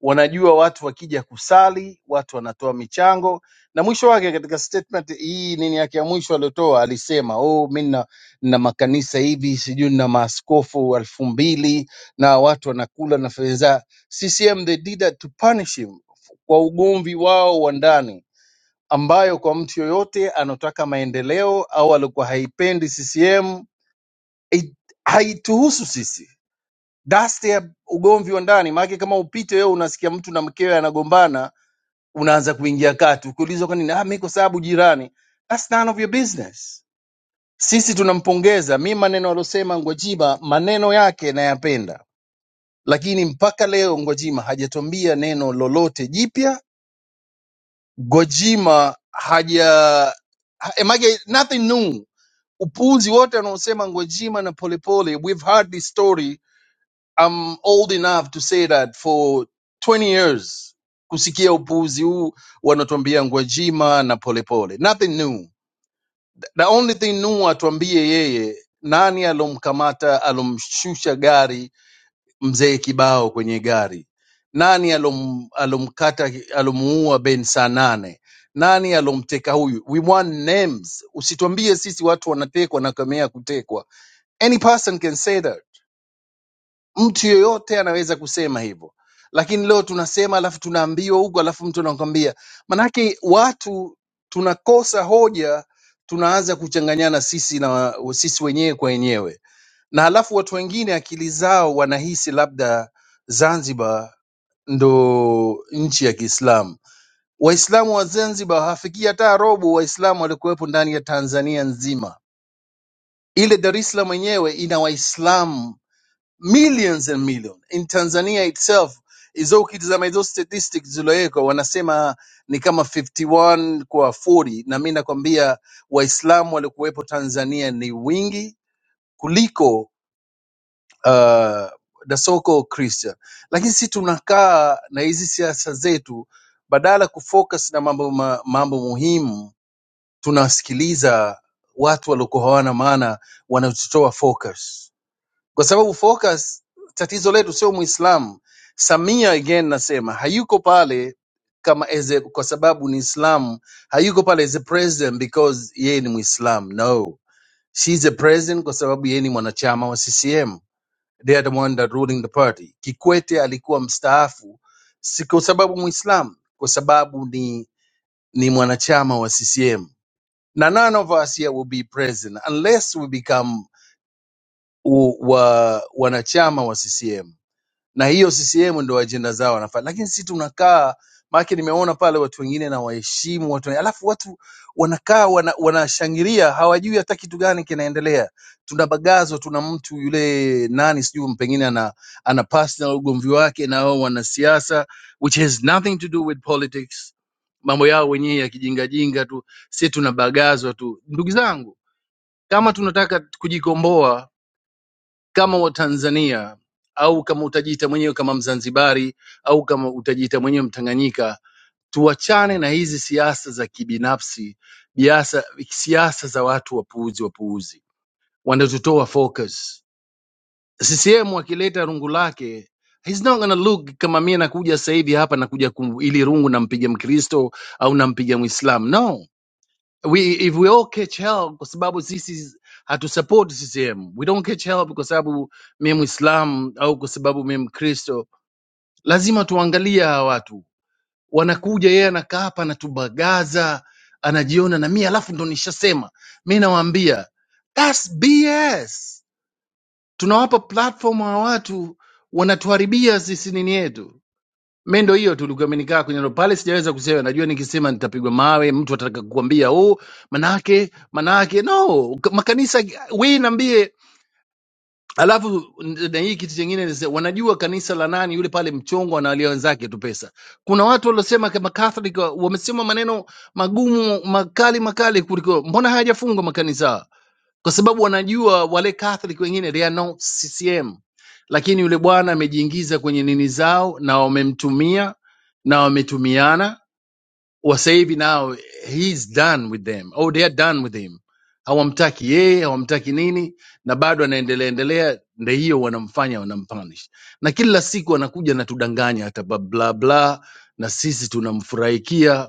S2: Wanajua watu wakija kusali, watu wanatoa michango, na mwisho wake katika statement hii nini yake ya mwisho aliotoa alisema, oh, mi na, na makanisa hivi sijui na maaskofu elfu mbili na watu wanakula na fedha. za-" CCM they did that to punish him kwa ugomvi wao wa ndani ambayo kwa mtu yoyote anaotaka maendeleo au alikuwa haipendi CCM it- haituhusu sisi. Dasti ya ugomvi wa ndani, maana kama upite wewe unasikia mtu na mkewe anagombana, unaanza kuingia kati, ukiulizwa kwa nini, ah, mimi kwa sababu jirani. That's none of your business. Sisi tunampongeza. Mi maneno alosema Ngwajima, maneno yake nayapenda, lakini mpaka leo Ngwajima hajatuambia neno lolote jipya. Gwajima haja ha- emage nothing new upuuzi wote wanaosema Gwajima na Polepole. We've heard this story. I'm old enough to say that for 20 years kusikia upuuzi huu wanatuambia Gwajima na Polepole. Nothing new. The only thing new atuambie yeye nani alomkamata alomshusha gari mzee Kibao kwenye gari? Nani alom, alomkata alomuua Ben saa nane? Nani alomteka huyu? We want names. Usituambie sisi watu wanatekwa na kamea kutekwa any person can say that mtu yoyote anaweza kusema hivyo lakini leo tunasema alafu tunaambiwa huko alafu mtu anakwambia manake watu tunakosa hoja tunaanza kuchanganyana sisi na sisi wenyewe kwa wenyewe na alafu watu wengine akili zao wanahisi labda zanzibar ndo nchi ya kiislamu waislamu wa zanzibar hawafikii hata robo waislamu walikuwepo ndani ya tanzania nzima ile dar es salaam yenyewe ina waislamu millions and millions in tanzania itself hizo ukitizama hizo statistics zilowekwa wanasema ni kama 51 kwa 40 na mi nakwambia waislamu waliokuwepo tanzania ni wingi kuliko uh, dasoko christian lakini si tunakaa na hizi siasa zetu badala kufocus na mambo ma, mambo muhimu tunasikiliza watu waliokuwa hawana maana wanatutoa focus kwa sababu focus, tatizo letu sio Muislamu. Samia again nasema hayuko pale kama as a, kwa sababu ni Islam, hayuko pale as a president because yeye ni Muislam. No, she's a president kwa sababu yeye ni mwanachama wa CCM, they are the one that ruling the party. Kikwete alikuwa mstaafu si kwa sababu Muislam, kwa sababu ni ni mwanachama wa CCM na none of us here will be president unless we become u, wa, wanachama wa CCM na hiyo CCM ndio ajenda zao wanafanya, lakini sisi tunakaa maake, nimeona pale watu wengine na waheshimu watu, alafu watu wanakaa wana, wanashangilia hawajui hata kitu gani kinaendelea. Tunabagazwa, tuna mtu yule nani sijui pengine ana, ana personal ugomvi wake na hao wanasiasa which has nothing to do with politics, mambo yao wenyewe ya kijingajinga tu. Sisi tunabagazwa tu, ndugu zangu, kama tunataka kujikomboa kama Watanzania au kama utajiita mwenyewe kama Mzanzibari au kama utajiita mwenyewe Mtanganyika, tuachane na hizi siasa za kibinafsi, biasa, siasa za watu wapuuzi wapuuzi wanatutoa focus. CCM akileta rungu lake He's not gonna look kama mie nakuja sasa hivi hapa nakuja kum, ili rungu nampiga Mkristo au nampiga Mwislamu. No, we if we all catch hell kwa sababu sisi hatusupport CCM. We don't catch hell kwa sababu mimi Muislam au kwa sababu mimi Mkristo. Lazima tuangalie hawa watu. Wanakuja yeye anakaa hapa anatubagaza, anajiona na mimi alafu ndo nishasema. Mimi nawaambia that's BS. Tunawapa platform hawa watu wanatuharibia sisi nini yetu mi ndo hiyo tulikuwa imenikaa kwenye hilo pale, sijaweza kusema. Najua nikisema nitapigwa mawe, mtu atataka kukwambia oh, manake manake no K- makanisa we niambie. Alafu n- na hii kitu chingine ni se- wanajua kanisa la nani yule pale mchongo analia wenzake tu pesa. Kuna watu waliosema kama Catholic wa- wamesema maneno magumu makali makali kuliko mbona hayajafungwa makanisa kwa sababu wanajua wale Catholic wengine they are not CCM, lakini yule bwana amejiingiza kwenye nini zao na wamemtumia na wametumiana. Wasa hivi now he is done with them or they are done with him, hawamtaki yeye, hawamtaki nini, na bado anaendelea endelea, ndio hiyo wanamfanya wanampunish, na kila siku anakuja na tudanganya hata bla bla bla, na sisi tunamfurahikia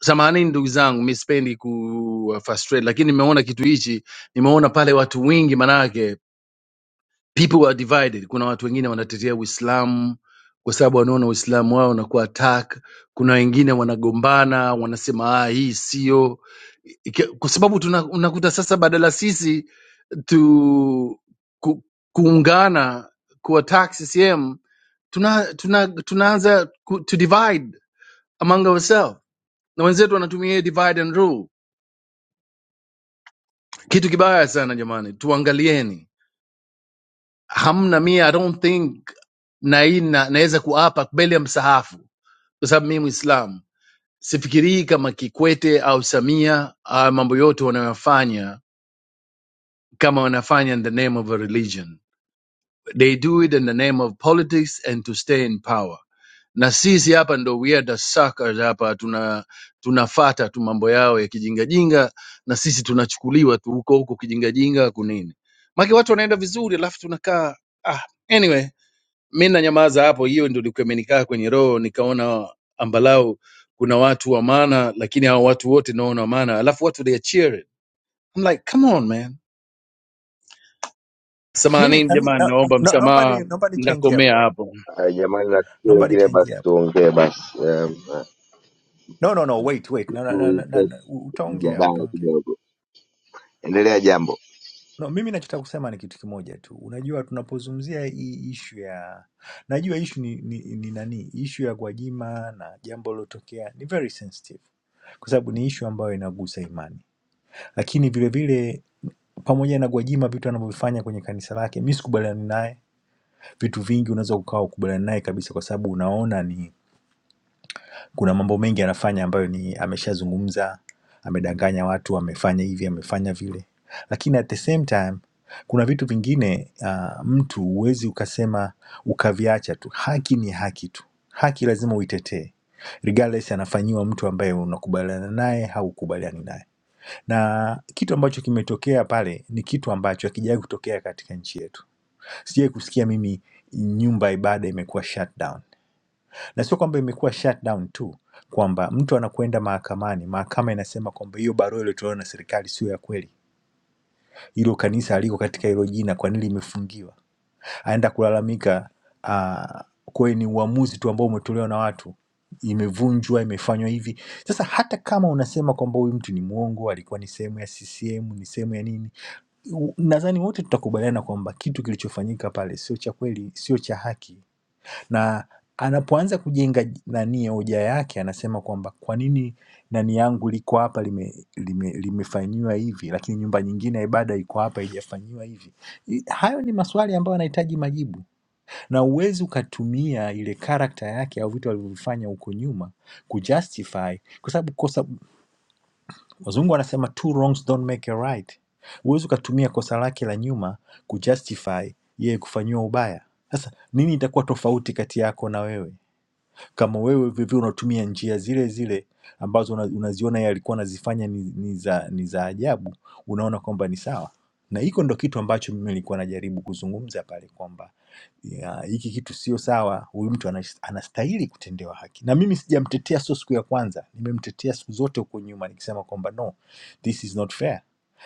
S2: Samanini ndugu zangu, mi sipendi ku uh, frustrate, lakini nimeona kitu hichi, nimeona pale watu wengi, manake people are divided. Kuna watu wengine wanatetea Uislamu kwa sababu wanaona Uislamu wao unakuwa attack. Kuna wengine wanagombana, wanasema ah, hii sio Ike- kwa sababu tuna, unakuta sasa badala sisi tu ku, kuungana kuattack CCM tuna, tuna, tunaanza ku, to divide among ourselves na wenzetu wanatumia hiyo divide and rule kitu kibaya sana jamani tuangalieni hamna mie i don't think na hii na- naweza kuapa mbele ya msahafu kwa sababu mimi mwislamu sifikirii kama kikwete au samia uh, mambo yote wanayofanya kama wanafanya in the name of a religion they do it in the name of politics and to stay in power na sisi hapa ndo weird suckers hapa tuna tunafata tu mambo yao ya kijingajinga na sisi tunachukuliwa tu huko huko kijingajinga kunini make watu wanaenda vizuri alafu tunakaa ah, anyway mi nanyamaza hapo hiyo ndo ilikuwa imenikaa kwenye roho nikaona ambalau kuna watu wa maana lakini hao watu wote naona wa maana alafu watu they are cheering. I'm like come on man
S11: mimi
S2: samahanini
S11: nami-
S2: jamani
S11: na-
S2: naomba
S11: na- naomba
S2: msamaha
S11: ni naomba nichangie hapo
S2: ndakomea
S11: hapo
S2: hapo
S15: Ah, Jamani, na tukio
S11: naomba
S15: wengine basi
S11: nichangie hapo
S15: tuongee basi, Em, ah,
S11: no no no wait wait na,
S15: tu
S11: na, na, na,
S15: refresh
S11: na, utaongea
S15: mjadala
S11: utaongea
S15: kidogo. Endelea jambo.
S11: No, mimi nachotaka kusema ni kitu kimoja tu. Unajua, tunapozungumzia hii ishu ya, najua ishu ni, ni, ni nani, ishu ya Gwajima na jambo lilotokea ni very sensitive, kwa sababu ni ishu ambayo inagusa imani, lakini vilevile pamoja na Gwajima vitu anavyovifanya kwenye kanisa lake, mi sikubaliani naye. Vitu vingi unaweza ukawa ukubaliani naye kabisa, kwa sababu unaona ni kuna mambo mengi anafanya ambayo ni ameshazungumza, amedanganya watu, amefanya hivi, amefanya vile. Lakini at the same time kuna vitu vingine uh, mtu huwezi ukasema ukaviacha tu. Haki ni haki tu, haki lazima uitetee regardless anafanyiwa mtu ambaye unakubaliana naye haukubaliani naye, na kitu ambacho kimetokea pale ni kitu ambacho hakijawahi kutokea katika nchi yetu. Sijawahi kusikia mimi nyumba ya ibada imekuwa shutdown na sio kwamba imekuwa shutdown tu kwamba mtu anakwenda mahakamani, mahakama inasema kwamba hiyo barua iliyotolewa na serikali sio ya kweli, hilo kanisa aliko katika hilo jina, kwa nini limefungiwa? Aenda kulalamika uh, kweli ni uamuzi tu ambao umetolewa na watu, imevunjwa, imefanywa hivi. Sasa hata kama unasema kwamba huyu mtu ni mwongo, alikuwa ni sehemu ya CCM, ni sehemu ya nini, u- nadhani wote tutakubaliana kwamba kitu kilichofanyika pale sio cha kweli, sio cha haki na anapoanza kujenga nani hoja yake anasema kwamba kwa nini nani yangu liko hapa lime, lime, limefanyiwa hivi lakini nyumba nyingine ya ibada iko hapa haijafanyiwa hivi. I- Hayo ni maswali ambayo yanahitaji majibu, na uwezi ukatumia ile karakta yake au vitu alivyovifanya huko nyuma kujustify, kwa sababu kosa, wazungu wanasema two wrongs don't make a right. Huwezi ukatumia kosa lake la nyuma kujustify yeye kufanyiwa ubaya. Sasa nini itakuwa tofauti kati yako na wewe? kama wewe vivyo unatumia njia zile zile ambazo una- unaziona yeye alikuwa anazifanya ni, ni, za, ni za ajabu, unaona kwamba ni sawa. Na hiko ndo kitu ambacho mimi nilikuwa najaribu kuzungumza pale kwamba ya, hiki kitu sio sawa, huyu mtu anas- anastahili kutendewa haki. Na mimi sijamtetea, sio siku ya kwanza, nimemtetea siku zote huko nyuma nikisema kwamba no, this is not fair.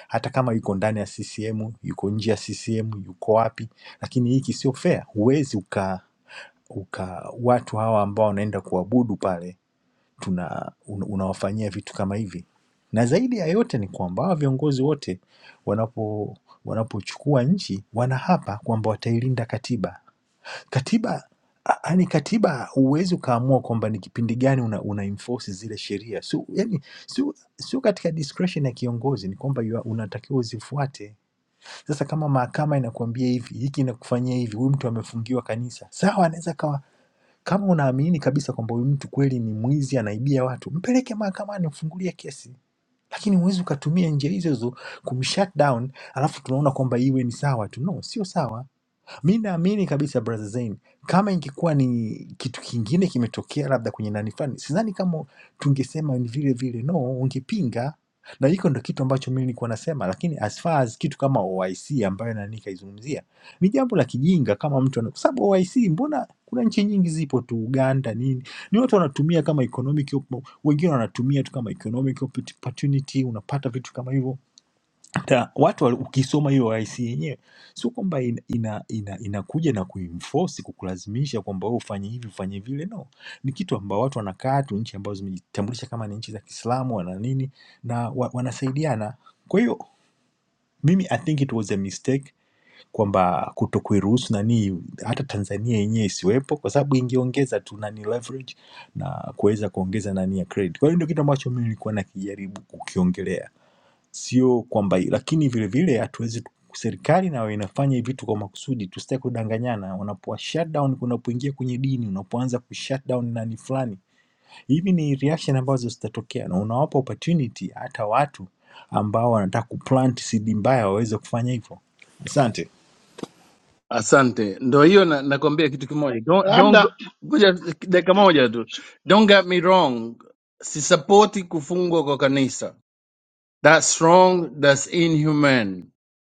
S11: Hata kama yuko ndani ya CCM, yuko nje ya CCM, yuko wapi, lakini hiki sio fair, huwezi uka, uka watu hawa ambao wanaenda kuabudu pale tuna un, unawafanyia vitu kama hivi. Na zaidi ya yote ni kwamba hawa viongozi wote wanapo wanapochukua nchi wanaapa kwamba watailinda katiba. Katiba yani katiba huwezi ukaamua kwamba ni kipindi gani una, una enforce zile sheria sio, yani sio sio katika discretion ya kiongozi, ni kwamba you are- unatakiwa uzifuate. Sasa kama mahakama inakuambia hivi, hiki inakufanyia hivi, huyu mtu amefungiwa kanisa, sawa, anaweza kawa kama unaamini kabisa kwamba huyu mtu kweli ni mwizi, anaibia watu, mpeleke mahakamani, mfungulia kesi, lakini huwezi ukatumia njia hizo hizo kumshut down, alafu tunaona kwamba iwe ni sawa tu. No, sio sawa. Mi naamini kabisa brother Zain, kama ingekuwa ni kitu kingine kimetokea labda kwenye nani fulani, sidhani kama tungesema ni vile vile, no, ungepinga na hiko ndo kitu ambacho mimi nilikuwa nasema, lakini as far as kitu kama OIC ambayo nani kaizungumzia ni jambo la kijinga, kama mtu ana kwa sababu OIC, mbona kuna nchi nyingi zipo tu, Uganda nini, ni watu wanatumia kama economic, op- wengine wanatumia tu kama economic opportunity, unapata vitu kama hivyo Ta, watu wali- ukisoma hiyo IC yenyewe sio kwamba inakuja ina, ina, inakuja na kuinforce kukulazimisha kwamba wewe ufanye hivi ufanye vile, no. Ni kitu ambao watu wanakaa tu, nchi ambazo zimejitambulisha kama ni nchi za Kiislamu wana nini na wa, wanasaidiana. Kwa hiyo mimi I think it was a mistake kwamba kuto kuiruhusu nani hata Tanzania yenyewe isiwepo, kwa sababu ingeongeza tu nani leverage na kuweza kuongeza nani ya credit. Kwa hiyo ndio kitu ambacho mimi nilikuwa nakijaribu kukiongelea sio kwamba, lakini vile vile hatuwezi serikali nayo inafanya vitu kwa makusudi, tusitaki kudanganyana. Unapoa shutdown, unapoingia kwenye dini, unapoanza kushutdown nani fulani, hivi ni reaction ambazo zitatokea, na unawapa opportunity hata watu ambao wanataka kuplant seed mbaya waweze kufanya hivyo. Asante.
S2: Asante, ndo hiyo na, nakwambia kitu kimoja. Don't, don't,
S14: Labda
S2: go- ngoja dakika moja tu. Don't get me wrong, sisapoti kufungwa kwa kanisa. That's wrong, that's inhumane.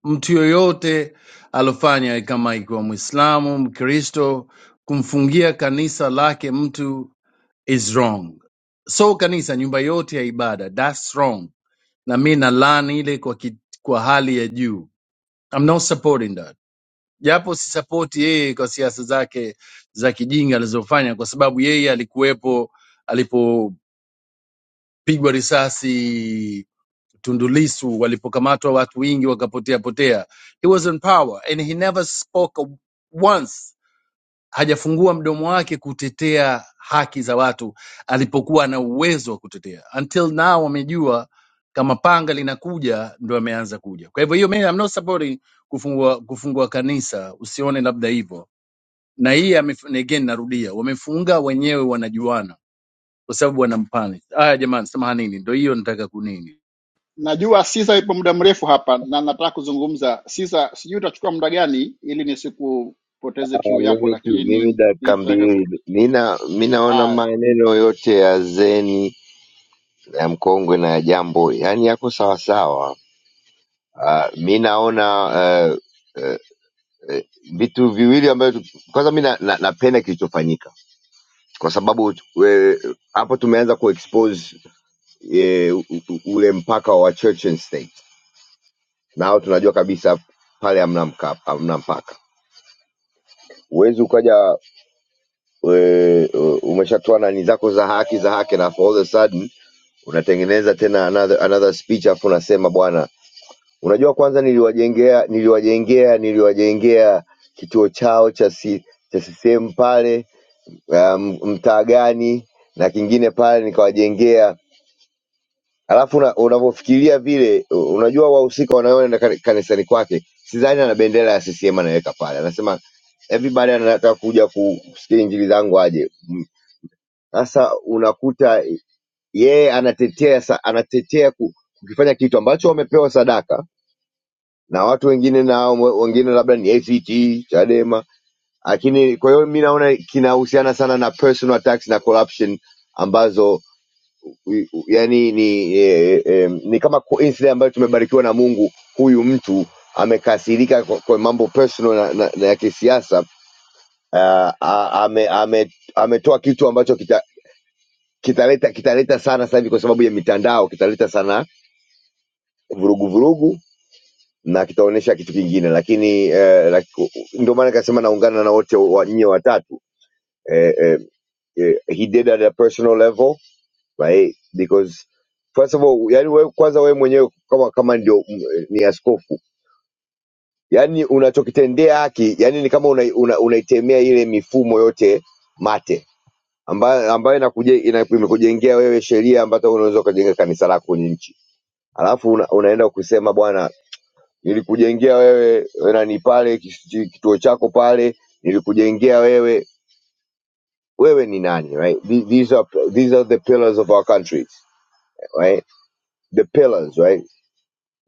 S2: Mtu yoyote alofanya kama ikiwa Mwislamu, Mkristo, kumfungia kanisa lake mtu is wrong. So kanisa, nyumba yote ya ibada, that's wrong. Na mi nalaani ile kwa, ki, kwa hali ya juu. I'm not supporting that japo sisapoti yeye kwa siasa zake za kijinga alizofanya, kwa sababu yeye alikuwepo alipopigwa risasi Tundu Lissu, walipokamatwa watu wengi wakapotea potea. He was in power and he never spoke a- once, hajafungua mdomo wake kutetea haki za watu alipokuwa na uwezo wa kutetea. Until now amejua kama panga linakuja ndo ameanza kuja. Kwa hivyo hiyo, mimi I'm not supporting kufungua kufungua kanisa, usione labda hivyo na hii amef- na again narudia wamefunga wenyewe wanajuana kwa sababu wanampani haya jamani samahanini ndo hiyo nataka kunini
S14: najua Sisa ipo muda mrefu hapa na nataka kuzungumza. Sisa, sijui utachukua muda gani ili nisikupoteze
S15: Ah,
S14: kiu yako,
S15: Mimi tu
S14: lakini
S15: mimi
S14: ni-
S15: dakika
S14: nitaka ku-
S15: mbili. Mina mi naona
S14: haya.
S15: maneno yote ya Zeni ya mkongwe na ya jambo yaani yako sawasawa. Ah, Mi naona eh, eh, eh, vitu viwili ambavyo tu- kwanza mi na- na- napenda kilichofanyika kwa sababu eh, hapo tumeanza kuexpose eh, u- u- ule mpaka wa church and state na hao tunajua kabisa pale hamna mka- hamna mpaka. Huwezi ukaja we- u- umeshatoa nani zako za haki za haki, na for all of a sudden unatengeneza tena another, another speech afu unasema bwana, unajua kwanza niliwajengea niliwajengea niliwajengea kituo chao cha si, cha CCM pale um, mtaa gani na kingine pale nikawajengea Alafu una- unavyofikiria vile, u- unajua wahusika wanaoenda kani- kanisani kwake, sidhani ana bendera ya CCM anaweka pale. Anasema everybody anataka kuja ku- kusikia injili zangu aje. Mm. Sasa unakuta yeye anatetea sa- anatetea ku- kukifanya kitu ambacho wamepewa sadaka na watu wengine, nao mwe- wengine labda ni ACT Chadema, lakini kwa hiyo mi naona kinahusiana sana na personal attacks na corruption ambazo u- u- yani ni eh, eh, ni kama coincidence ambayo tumebarikiwa na Mungu. Huyu mtu amekasirika kwa, kwa mambo personal na, na, na ya kisiasa uh, ame, ame, ametoa kitu ambacho kita, kitaleta kitaleta sana sasa hivi kwa sababu ya mitandao, kitaleta sana vurugu vurugu na kitaonyesha kitu kingine, lakini eh, laki, ndio maana nikasema naungana na wote wa nyie watatu eh, eh, eh, he did at a personal level right because first of all yani wewe kwanza wewe mwenyewe kama kama ndio m- ni askofu yani unachokitendea haki yani ni kama unaitemea una, una unaitemea ile mifumo yote mate ambayo ambayo inakuje, ina- imekujengea wewe sheria ambazo unaweza ukajenga kanisa lako kwenye nchi alafu una, unaenda kusema bwana nilikujengea wewe nani pale kis- kituo chako pale nilikujengea wewe wewe ni nani right? The- these are these are the pillars of our country right the pillars right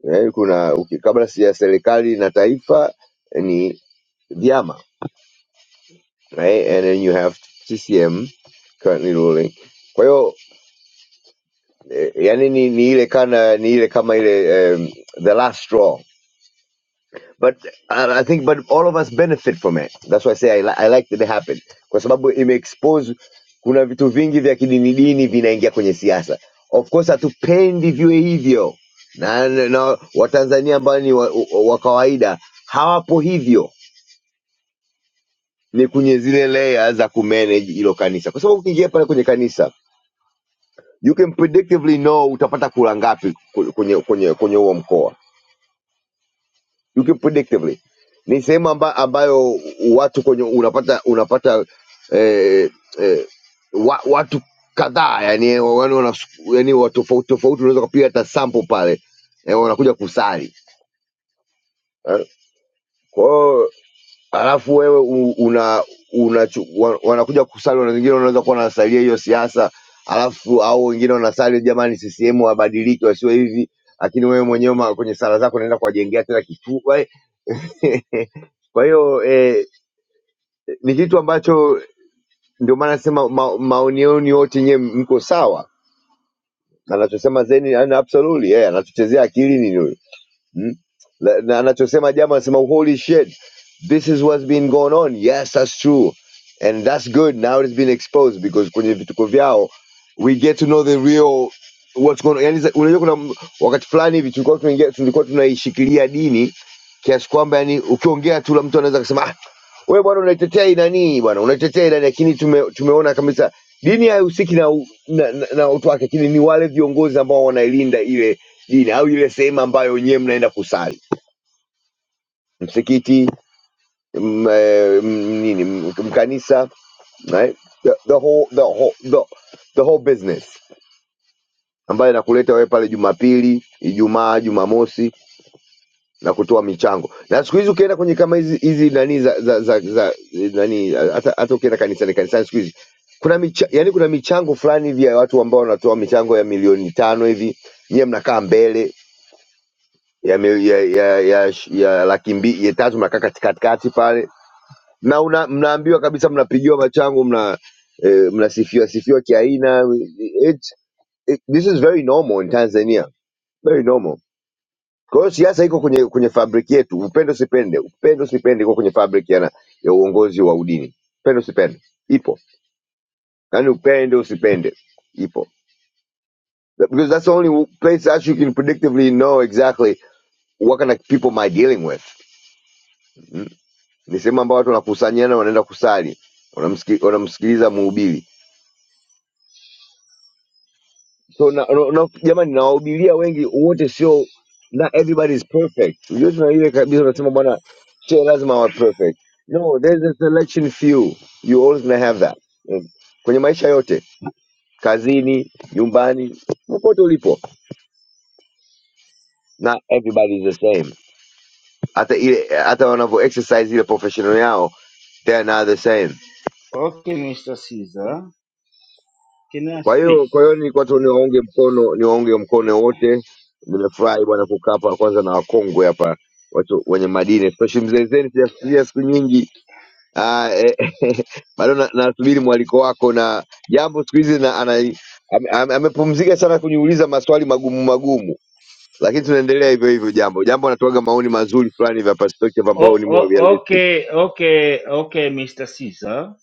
S15: eh, kuna uki- kabla si ya serikali na taifa eh, ni vyama right? and then you have CCM currently ruling. Kwa hiyo eh, yani ni, ni ile kana ni ile kama ile um, the last straw but I, I think but all of us benefit from it. That's why I say I, li I like that it happened kwa sababu imeexpose kuna vitu vingi vya kidini dini vinaingia kwenye siasa. Of course hatupendi viwe hivyo na, na, na Watanzania ambao ni wa, wa wa kawaida hawapo hivyo ni kwenye zile layer za kumanage hilo kanisa, kwa sababu ukiingia pale kwenye kanisa you can predictively know utapata kura ngapi ku- kwenye kwenye kwenye huo mkoa you can predictively. Ni sehemu amba, ambayo watu kwenye unapata unapata eh, eh, wa, watu kadhaa yani, yani, yani watu tofauti tofauti, unaweza kupiga hata sample pale eh, wanakuja kusali Kwa hiyo halafu wewe u- una, una wanakuja kusali, na wengine wanaweza kuwa wanasalia hiyo siasa, halafu au wengine wanasali jamani, CCM wabadilike wasiwe hivi, lakini wewe mwenyewe ma- kwenye sala zako unaenda kuwajengea tena kifua kwa hiyo eh, ni kitu ambacho ndio maana nasema ma, maoni yenu yote nyewe mko sawa, anachosema Zeni yani absolutely yeye anatuchezea akili ni Mm? Na na anachosema jamaa anasema holy shit this is what's been going on yes that's true and that's good now it's been exposed because kwenye vituko vyao we get to know the real what's going on yani za- unajua kuna m- wakati fulani hivi tulikuwa tunaingia tulikuwa tunaishikilia dini kiasi kwamba yani ukiongea tu la mtu anaweza kusema ah wewe bwana unaitetea inani bwana unaitetea inani lakini tume, tumeona kabisa dini haihusiki na, u- na, na, na utu wake lakini ni wale viongozi ambao wanailinda ile jina au ile sehemu ambayo wenyewe mnaenda kusali msikiti m, eh, m, nini m- mkanisa right? the, the, whole, the, whole, the, the whole business ambayo inakuleta wewe pale jumapili ijumaa jumamosi na kutoa michango na siku hizi ukienda kwenye kama hizi hizi nani za, za, za, za nani hata hata ukienda kanisani kanisani siku hizi kuna micha, yani kuna michango fulani hivi ya watu ambao wanatoa michango ya milioni tano hivi nyiwe mnakaa mbele ya, mil- ya, ya, ya, ya laki mbili ya tatu mnakaa kati- katikati pale na una, mnaambiwa kabisa mnapigiwa machango mna eh, mnasifiwa sifiwa kiaina It- it- this is very normal in Tanzania very normal kwa hiyo siasa iko kwenye kwenye fabriki yetu upendo sipende upendo sipende iko kwenye fabriki ya, na- ya uongozi wa udini upendo sipende ipo yaani upende usipende ipo because that's the only place that you can predictively know exactly what kind of people am I dealing with Hmm? ni sehemu ambayo watu wanakusanyana wanaenda kusali wanamsiki, wanamsikiliza mhubiri so na, na, na, jamani nawahubiria wengi wote sio not everybody is perfect yote na ile kabisa unasema bwana sio lazima wa perfect no there's a selection few you always gonna have that Mm. kwenye maisha yote kazini nyumbani popote ulipo not everybody is the same hata ile hata wanavyo exercise ile professional yao they are not the same
S13: okay, Mr. Caesar. Can I
S15: Kwa
S13: speak?
S15: hiyo kwa hiyo nilikuwa tu niwaunge mkono niwaunge mkono wote. Nimefurahi bwana kukaa hapa kwanza na wakongwe hapa watu wenye madini, especially mzee Zeni, sijafikiria siku nyingi Ah, eh, bado na- nasubiri mwaliko wako na jambo siku hizi na ana- ame- ame- amepumzika sana kuniuliza maswali magumu magumu, lakini tunaendelea hivyo hivyo. Jambo jambo anatoaga maoni mazuri fulani vya perspective ambayo
S13: Oh,
S15: ni more
S13: oh,
S15: realistic.
S13: okay, okay, okay, Mr. Caesar.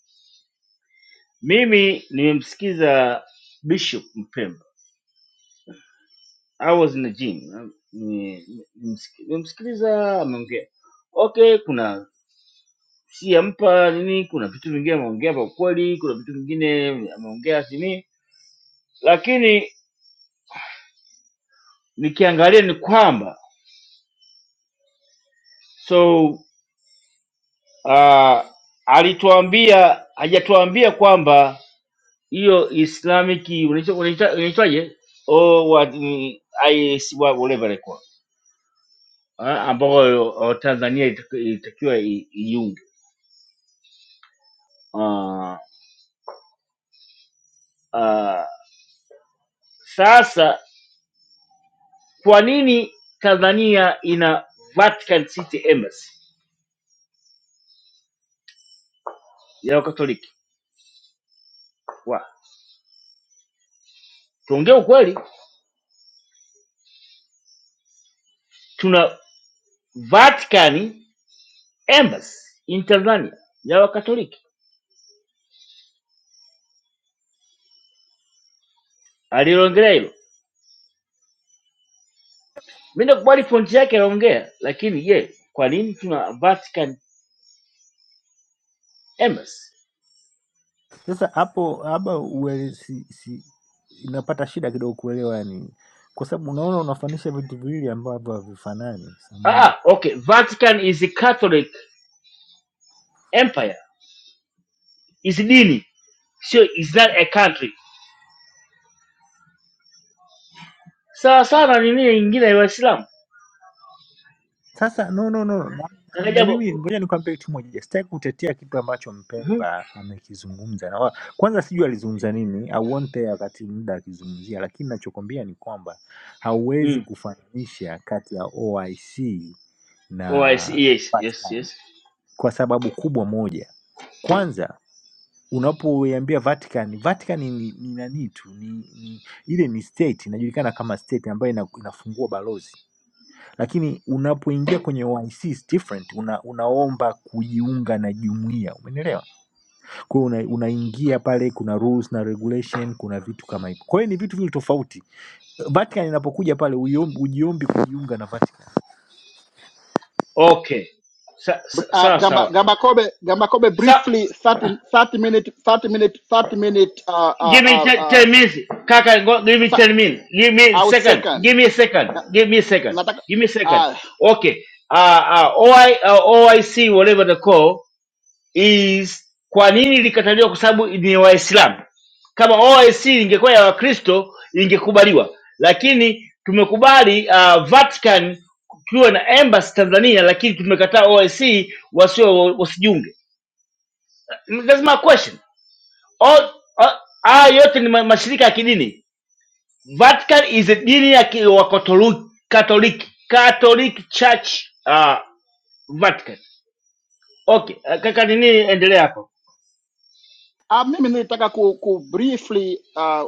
S13: Mimi nimemsikiza Bishop Mpemba I was in the gym. Ni- nimsiki- Nimsikiliza ameongea, okay, kuna siyampa nini, kuna vitu vingine ameongea kwa kweli, kuna vitu vingine ameongea sini, lakini nikiangalia ni kwamba so uh, alituambia hajatuambia kwamba hiyo Islamic unaitwa- unaitwa- unaitwaje Oh, what, mm, I- S- wa- whatever ilikuwa ambayo oh, Tanzania itaki- ilitakiwa i- iunge uh, uh, Sasa kwa nini Tanzania ina Vatican City Embassy ya Wakatoliki? Wa- Tuongee ukweli, tuna Vatican Embassy in Tanzania ya Wakatoliki. Alilongelea hilo, mimi nakubali pointi yake anaongea, lakini je, kwa nini tuna Vatican Embassy?
S11: Sasa hapo hapa uele, si, si, inapata shida kidogo kuelewa, yani kwa sababu unaona unafanisha vitu viwili ambavyo havifanani.
S13: Ah,
S11: samani.
S13: ah, okay, Vatican is a Catholic empire, is dini, sio is not a country. Sawa sawa na nini nyingine ya Waislamu.
S11: Sasa no, no, no. Na,
S13: Kaka
S11: na
S13: jambo,
S11: mimi ngoja nikwambie kitu moja, sitaki kutetea kitu ambacho
S13: Mhm.
S11: Mpemba amekizungumza na wa, kwanza sijui alizungumza nini, I want there wakati muda akizungumzia, lakini nachokwambia ni kwamba
S13: Mm.
S11: hauwezi kufananisha kati ya OIC
S13: Oh, I
S11: na
S13: see. Yes, yes,
S11: Vatican
S13: yes.
S11: kwa sababu kubwa moja. Kwanza unapoiambia Vatican, Vatican ni, ni ni nani tu ni, ni ile ni state inajulikana kama state ambayo ina, inafungua balozi lakini unapoingia kwenye OIC is different. Una, unaomba kujiunga na jumuiya, umeelewa? Kwa hiyo una, unaingia pale, kuna rules na regulation, kuna vitu kama hivyo. Kwa hiyo ni vitu vile tofauti. Vatican inapokuja pale ujiombi, ujiombi kujiunga na Vatican.
S13: Okay. so so so
S14: Ah,
S13: so
S14: Gamba Gamba Kobe, Gamba Kobe briefly 30 30 minute 30 minute 30 minute uh, uh,
S13: give me
S14: uh,
S13: te-
S14: uh,
S13: ten minutes. Kaka, go, give me
S14: sa-
S13: ten minutes. Give me a
S14: au
S13: second.
S14: second.
S13: Give me a second.
S14: Na-
S13: Give me a second.
S14: Nataka
S13: Give me a second.
S14: ah,
S13: Okay. Uh, uh, OI, uh, OIC, whatever the call. is kwa nini ilikataliwa? Kwa sababu ni Waislamu. Kama OIC ingekuwa ya Wakristo ingekubaliwa, lakini tumekubali uh, Vatican kukiwa na embassy Tanzania, lakini tumekataa OIC wasio wasijiunge. That's my question. All, all, haya yote ni ma- mashirika ya kidini. Vatican is a dini ya ki- wa Katoliki, Katoliki, Catholic Church uh, Vatican. Okay, uh, kaka nini, endelea hapo.
S14: Ah, mimi nilitaka ku, ku briefly uh,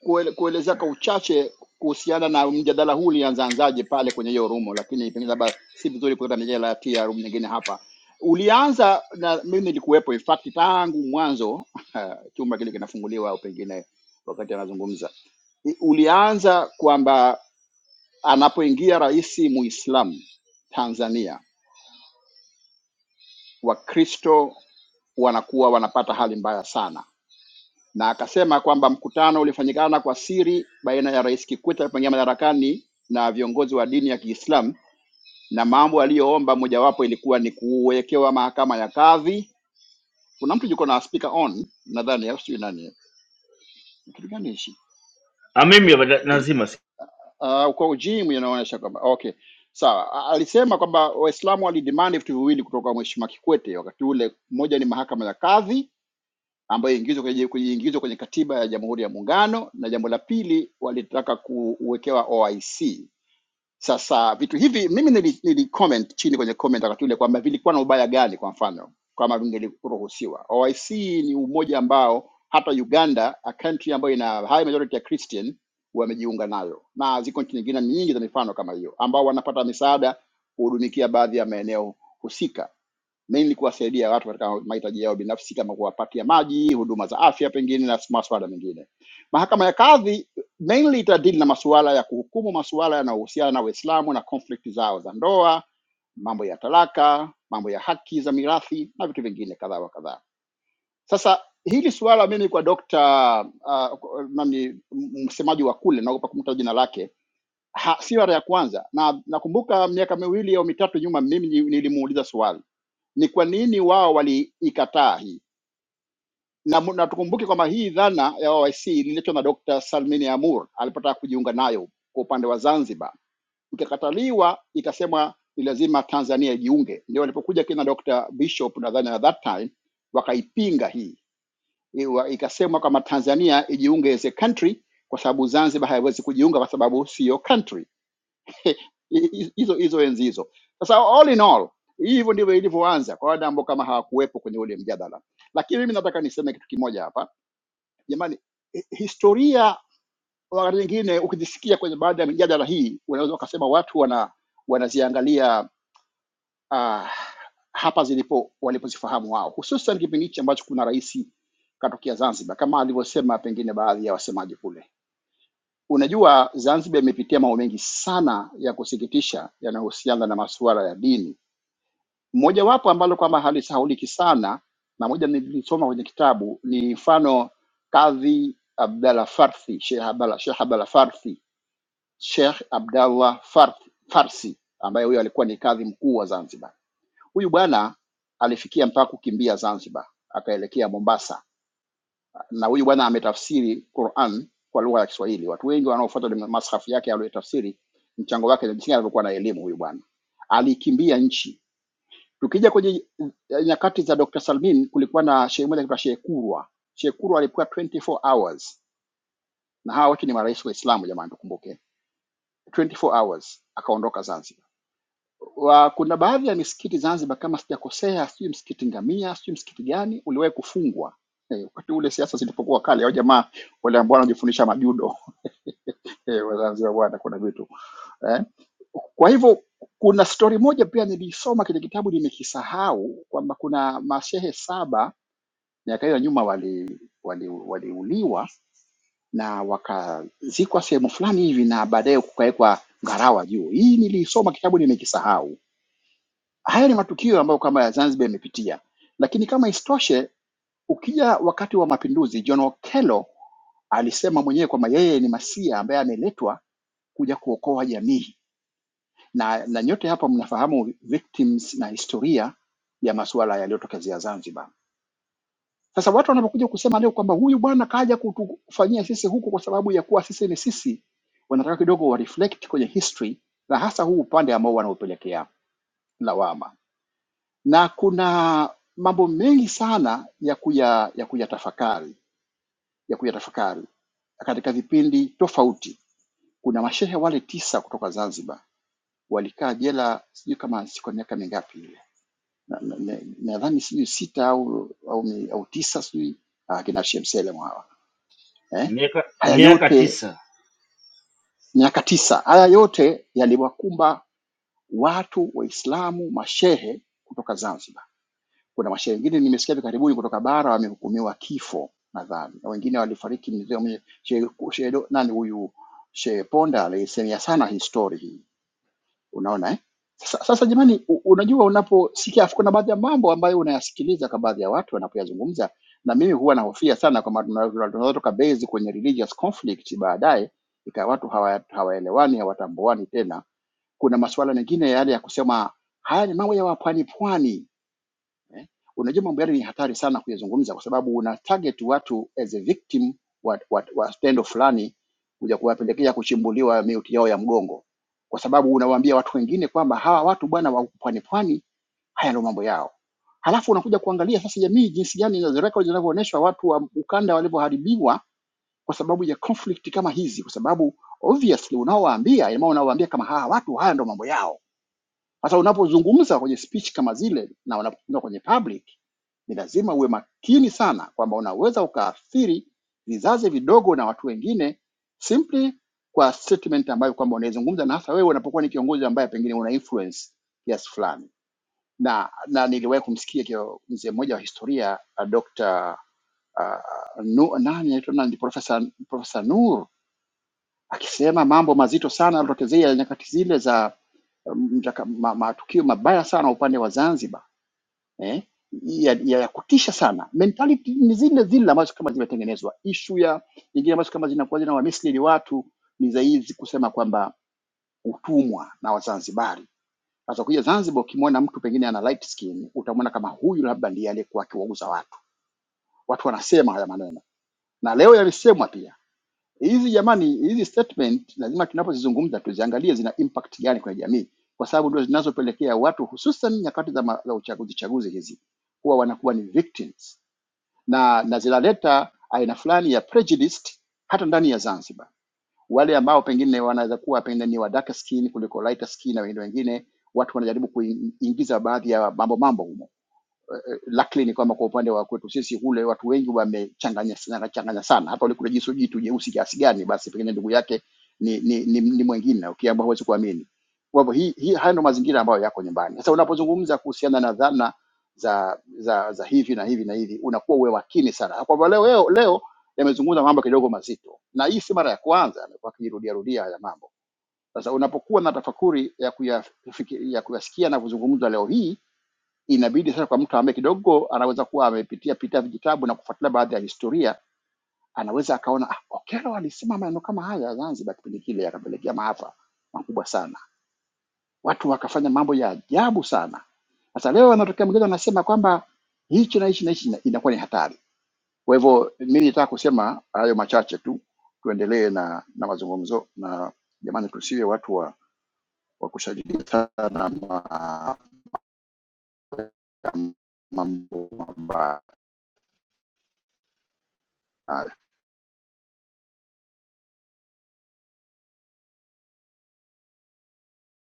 S14: kuele, kuelezea kwa uchache kuhusiana na mjadala huu ulianzaanzaje pale kwenye hiyo rumo, lakini pengine labda si vizuri kuleta mijadala ya room nyingine hapa. Ulianza na mimi nilikuwepo, in fact tangu mwanzo chumba kile kinafunguliwa au pengine wakati anazungumza, I- ulianza kwamba anapoingia rais Muislamu Tanzania, Wakristo wanakuwa wanapata hali mbaya sana na akasema kwamba mkutano ulifanyikana kwa siri baina ya Rais Kikwete alipoingia madarakani na viongozi wa dini ya Kiislamu, na mambo aliyoomba mojawapo ilikuwa ni kuwekewa mahakama ya kadhi. Kuna mtu yuko na speaker on nadhani, au sijui nani, kitu gani hichi? Ah
S13: Ah, mimi hapa na- nazima
S14: Uh, kwa ujimu inaonyesha kwamba okay, sawa. A- Alisema kwamba Waislamu walidemand vitu viwili kutoka kwa Mheshimiwa Kikwete wakati ule, moja ni mahakama ya kadhi ambayo iingizwe kwenye, kujiingizwa kwenye katiba ya Jamhuri ya Muungano, na jambo la pili walitaka kuwekewa OIC. Sasa vitu hivi mimi nili, nili comment chini kwenye comment wakati ule kwamba vilikuwa na ubaya gani, kwa mfano kama vingeruhusiwa. OIC ni umoja ambao hata Uganda, a country ambayo ina high majority ya Christian, wamejiunga nayo, na ziko nchi nyingine nyingi za mifano kama hiyo, ambao wanapata misaada kuhudumikia baadhi ya maeneo husika mainly kuwasaidia watu katika mahitaji yao binafsi kama kuwapatia maji, huduma za afya pengine na masuala mengine. Mahakama ya kadhi mainly itadili na masuala ya kuhukumu masuala yanayohusiana na Uislamu na conflict zao za ndoa, mambo ya talaka, mambo ya haki za mirathi na vitu vingine kadhaa wa kadhaa. Sasa hili suala mimi kwa dokta uh, nani msemaji wa kule naogopa kumtaja jina lake ha, si mara ya kwanza na nakumbuka miaka miwili au mitatu nyuma mimi ni- nilimuuliza swali ni kwa nini wao waliikataa hii na, mu- na tukumbuke kwamba hii dhana ya OIC ililetwa na Dr. Salmini Amur alipotaka kujiunga nayo kwa upande wa Zanzibar, ikakataliwa, ikasemwa ni lazima Tanzania ijiunge. Ndio walipokuja kina Dr. Bishop nadhani at that time wakaipinga hii, Iwa- ikasemwa kama Tanzania ijiunge as a country kwa sababu Zanzibar haiwezi kujiunga kwa sababu siyo country hizo hizo enzi hizo. Sasa all in all, hivyo ndivyo ilivyoanza kwa wale ambao kama hawakuwepo kwenye ule mjadala. Lakini mimi nataka niseme kitu kimoja hapa, jamani, hi- historia wakati mwingine ukijisikia kwenye baadhi ya mijadala hii, unaweza ukasema watu wana wanaziangalia ah, hapa zilipo walipozifahamu wao, hususan kipindi hichi ambacho kuna rais katokea Zanzibar, kama alivyosema pengine baadhi ya wasemaji kule Unajua, Zanzibar imepitia mambo mengi sana ya kusikitisha yanayohusiana na masuala ya dini. Mojawapo ambalo kwamba halisahauliki sana na moja nilisoma kwenye kitabu ni mfano Kadhi Abdalla Farsi, Sheikh Abdalla Sheikh Abdalla Farsi, Sheikh Abdallah Farsi, Farsi ambaye huyo alikuwa ni kadhi mkuu wa Zanzibar. Huyu bwana alifikia mpaka kukimbia Zanzibar akaelekea Mombasa na huyu bwana ametafsiri Quran kwa lugha ya Kiswahili. Watu wengi wanaofuata ni masahafu yake aliyotafsiri, mchango wake ni jinsi gani alivyokuwa na elimu huyu bwana. Alikimbia nchi. Tukija kwenye eh, nyakati za Dr. Salmin, kulikuwa na shehe mmoja anaitwa Shehe Kurwa. Shehe Kurwa alikuwa 24 hours, na hawa wote ni marais wa Islamu, jamani, tukumbuke 24 hours, akaondoka Zanzibar wa, kuna baadhi ya misikiti Zanzibar kama sijakosea, sijui msikiti Ngamia, sijui msikiti gani uliwahi kufungwa eh, wakati ule siasa zilipokuwa kali, hao jamaa wale ambao wanajifundisha majudo eh, wa Zanzibar bwana, kuna vitu eh. Kwa hivyo kuna stori moja pia nilisoma kile kitabu nimekisahau, kwamba kuna mashehe saba miaka hiyo ya nyuma wali waliuliwa wali waliuliwa na wakazikwa sehemu fulani hivi, na baadaye kukawekwa ngarawa juu. Hii nilisoma kitabu nimekisahau Haya ni matukio ambayo kwamba ya Zanzibar imepitia, lakini kama isitoshe, ukija wakati wa mapinduzi, John Okello alisema mwenyewe kwamba yeye ni masia ambaye ameletwa kuja kuokoa jamii, na, na nyote hapa mnafahamu victims na historia ya masuala yaliyotokezea Zanzibar. Sasa watu wanapokuja kusema leo kwamba huyu bwana kaja kutufanyia sisi huku kwa sababu ya kuwa sisi ni sisi, wanataka kidogo wa reflect kwenye history na hasa huu upande ambao wanaopelekea lawama. na kuna mambo mengi sana ya kuya ya kuyatafakari ya kuyatafakari katika vipindi tofauti. Kuna mashehe wale tisa kutoka Zanzibar walikaa jela sijui kama siko miaka mingapi ile, nadhani na, na, na- nadhani sijui sita au au, ni- au tisa sijui ah, kina Shemselem hawa eh?
S13: miaka
S14: Haya
S13: miaka
S14: yote
S13: tisa
S14: miaka tisa, haya yote yaliwakumba watu Waislamu mashehe kutoka Zanzibar Kuna mashahidi wengine nimesikia hivi karibuni kutoka bara wamehukumiwa kifo nadhani, na wengine walifariki. Mzee mwenye shehe shehe do- nani huyu shehe Ponda alisemia sana hii story hii, unaona eh? Sasa, sasa jamani, u- unajua unaposikia, afu kuna baadhi ya mambo ambayo unayasikiliza kwa baadhi ya watu wanapoyazungumza, na mimi huwa nahofia sana kwamba tuna- tuna- tunaweza tukabase kwenye religious conflict baadaye, ikawa watu hawa- hawaelewani, hawatambuani tena. Kuna masuala mengine yale ya kusema haya ni mambo ya wapwani pwani Unajua mambo yale ni hatari sana kuyazungumza, kwa sababu una target watu as a victim wa, wa, wa tendo fulani, kuja kuwapelekea kuchimbuliwa miuti yao ya mgongo, kwa sababu unawaambia watu wengine kwamba hawa watu bwana wa pwani pwani, haya ndio mambo yao. Halafu unakuja kuangalia sasa jamii jinsi gani na records zinavyoonyesha watu wa ukanda walivyoharibiwa kwa sababu ya conflict kama hizi, kwa sababu obviously unaowaambia, ina maana unawaambia kama hawa watu haya ndio mambo yao sasa unapozungumza kwenye speech kama zile na unapozungumza kwenye public, ni lazima uwe makini sana kwamba unaweza ukaathiri vizazi vidogo na watu wengine simply kwa statement ambayo kwamba unaizungumza, na hasa wewe unapokuwa ni kiongozi ambaye pengine una influence kiasi yes, fulani. Na, na niliwahi kumsikia kio- mzee mmoja wa historia uh, Dr. Nu, nani anaitwa nani, Profesa Profesa Nur akisema mambo mazito sana yalotokezea nyakati zile za um, mtaka- ma- matukio mabaya sana upande wa Zanzibar eh, ya, ya, ya kutisha sana. Mentality ni zile zile ambazo kama zimetengenezwa. Ishu ya nyingine ambazo kama zinakuwa zina wamisili watu ni za hizi kusema kwamba utumwa na Wazanzibari. Sasa kuja Zanzibar, ukimwona mtu pengine ana light skin, utamwona kama huyu labda ndiye aliyekuwa akiwauza watu. Watu wanasema haya maneno na leo yalisemwa pia. Hizi jamani, hizi statement lazima tunapozizungumza tuziangalie zina impact gani kwenye jamii, kwa sababu ndio zinazopelekea watu hususan nyakati za, ma- za uchaguzi chaguzi hizi kuwa wanakuwa ni victims na, na zinaleta aina fulani ya prejudice hata ndani ya Zanzibar. Wale ambao pengine wanaweza kuwa pengine ni wa darker skin kuliko lighter skin na wengine wengine, watu wanajaribu kuingiza baadhi ya mambo mambo humo eh, luckily ni kwamba kwa upande wa kwetu sisi kule watu wengi wamechanganya sana- changanya sana. Hata ulikula jisu jitu jeusi kiasi gani, basi pengine ndugu yake ni ni, ni, ni mwingine ukiambao huwezi kuamini. Kwa hivyo hii, hii haya ndio mazingira ambayo yako nyumbani. Sasa unapozungumza kuhusiana na dhana za za za hivi na hivi na hivi, unakuwa uwe makini sana. Kwa hivyo leo leo, leo yamezungumza mambo kidogo mazito, na hii si mara ya kwanza, amekuwa akijirudia rudia haya mambo. Sasa unapokuwa na tafakuri ya kuyafiki- ya kuyasikia na kuzungumzwa leo hii inabidi sasa kwa mtu ambaye kidogo anaweza kuwa amepitia pitia vijitabu na kufuatilia baadhi ya historia, anaweza akaona ah, Okello alisema maneno kama haya Zanzibar kipindi kile, yakapelekea maafa makubwa sana, watu wakafanya mambo ya ajabu sana. Sasa leo anatokea mwingine anasema kwamba hichi na hichi na hichi, na- inakuwa ni hatari. Kwa hivyo mimi nitaka kusema hayo machache tu, tuendelee na, na mazungumzo na jamani, tusiwe watu wa, wa kushangilia sana ma, ya mambo mabaya.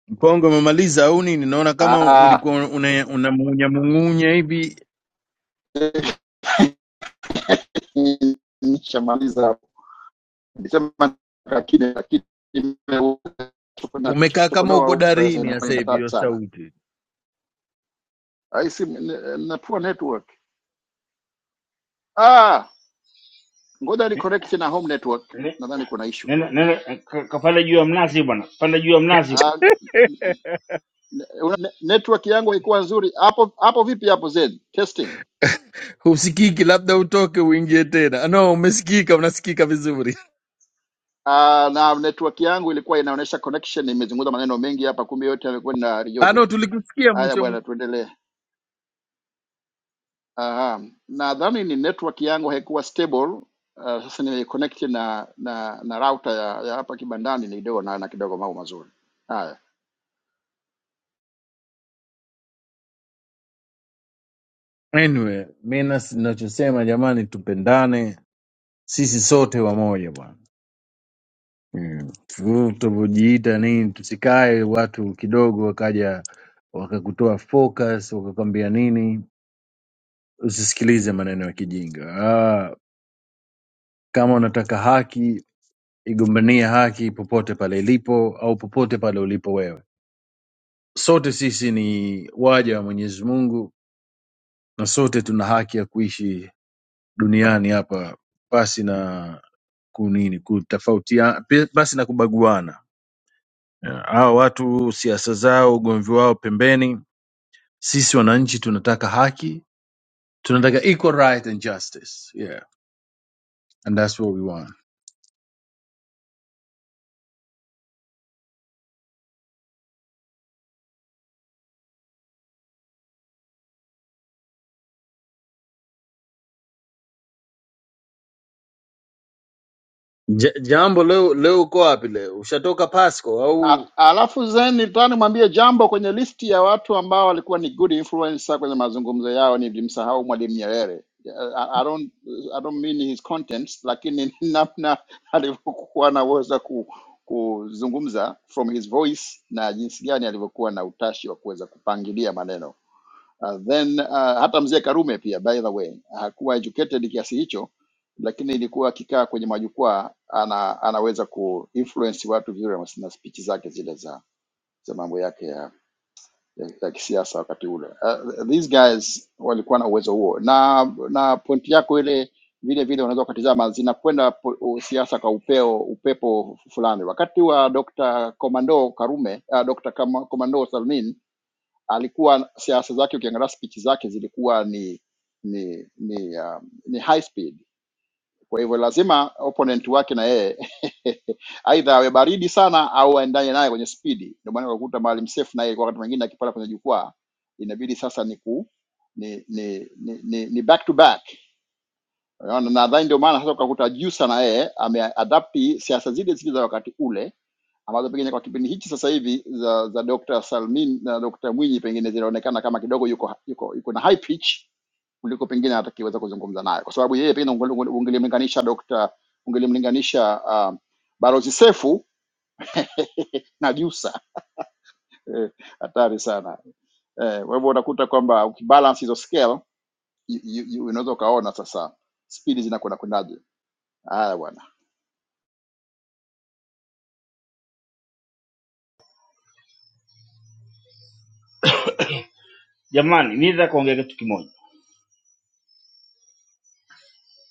S2: mkongo umemaliza au nini naona kama
S14: Ah,
S2: ulikuwa una- unamung'unyamung'unya hivi
S14: nishamaliza hapo. Nilisema lakini lakini nimeweza na
S2: umekaa kama
S14: chokonoa
S2: uko
S14: huko sasa
S2: darini
S14: inakuwa
S2: hasa
S14: ni
S2: hivi
S14: hatari
S2: hiyo
S14: sana.
S2: sauti
S14: Ai simu ni- na poor network. Ah, ngoja ni
S13: Ne-
S14: connect na home network.
S13: ne-
S14: Nadhani kuna issue
S13: nenda
S14: kidogo.
S13: nenda ka- kapanda juu ya mnazi bwana panda juu ya mnazi
S14: Ah,
S13: huko
S14: ne- una- network yangu haikuwa nzuri. Hapo hapo vipi hapo Zen? Testing.
S2: husikiki labda utoke uingie tena Ah, no umesikika unasikika vizuri
S14: Ah, na network yangu ilikuwa inaonyesha connection imezungumza maneno mengi hapa kumbe yote yamekuwa na
S2: Ah, no
S14: rijojo.
S2: tulikusikia
S14: Haya
S2: mwisho
S14: bwana tuendelee. Uh, nadhani ni network yangu haikuwa stable. Uh, sasa nimeconnect na na na router ya, ya hapa kibandani ndio naona kidogo mambo mazuri. Haya.
S2: anyway mi nas- nachosema jamani tupendane sisi sote wamoja bwana Mm. Wewe Utavyojiita nini, tusikae watu kidogo wakaja wakakutoa focus wakakwambia nini. Usisikilize maneno ya kijinga. Ah, kama unataka haki, igombania haki popote pale ilipo au popote pale ulipo wewe. Sote sisi ni waja wa Mwenyezi Mungu na sote tuna haki ya kuishi duniani hapa pasi na kunini kutofautia pasi na kubaguana. Yeah, Hawa watu siasa zao, ugomvi wao pembeni Sisi wananchi tunataka haki, tunataka equal right and justice. Yeah. And that's what we want. Ja- jambo leo leo uko wapi leo? Ushatoka Pasco
S14: A-
S2: au
S14: Alafu Zen nilitaka nimwambie jambo kwenye listi ya watu ambao walikuwa ni good influencer kwenye mazungumzo yao, nilimsahau Mwalimu Nyerere. I, I don't I don't mean his contents, lakini namna alivyokuwa anaweza ku, kuzungumza from his voice na jinsi gani alivyokuwa na utashi wa kuweza kupangilia maneno Uh, then uh, hata mzee Karume pia by the way hakuwa educated kiasi hicho, lakini ilikuwa akikaa kwenye majukwaa ana, anaweza kuinfluence watu vizuri na spichi zake zile za, za mambo yake ya, ya, ya kisiasa wakati ule. Uh, these guys walikuwa na uwezo huo, na na point yako ile vile vile unaweza ukatizama zinakwenda po- u- siasa kwa upeo upepo fulani. Wakati wa Dr. Komando Karume, uh, Dr. Kama- Komando Salmin alikuwa siasa zake, ukiangalia spichi zake zilikuwa ni ni ni, um, ni high speed. Kwa hivyo lazima opponent wake na yeye aidha awe baridi sana au aendane naye kwenye spidi. Ndio maana ukakuta Maalim Seif naye kwa wakati mwingine akipanda kwenye jukwaa inabidi sasa ni ku ni ni ni, ni, ni back to back Unaona, nadhani ndio maana sasa ukakuta Jussa na yeye ameadapti siasa zile zile za wakati ule ambazo pengine kwa kipindi hichi sasa hivi za za Dr. Salmin na Dr. Mwinyi pengine zinaonekana kama kidogo yuko yuko yuko na high pitch kuliko pengine hata kiweza kuzungumza naye, kwa sababu yeye pengine unge- unge- ungelimlinganisha Dr. ungelimlinganisha uh, Balozi Sefu na Jusa eh, hatari eh, sana eh. Kwa hivyo unakuta kwamba ukibalance hizo scale you- you- you- unaweza ukaona sasa spidi zinakwenda kwendaje. Haya bwana.
S13: jamani mi nataka kuongea kitu kimoja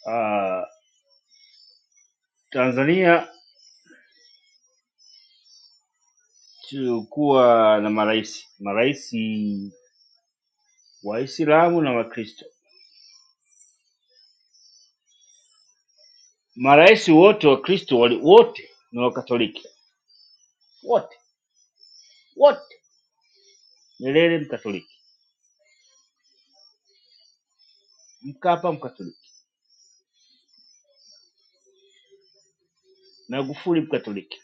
S13: Ah, tanzania tulikuwa na marais marais waislamu na wakristo marais wote wakristo wali- wote ni wakatoliki wote wote nyerere mkatoliki mkapa mkatoliki magufuli mkatoliki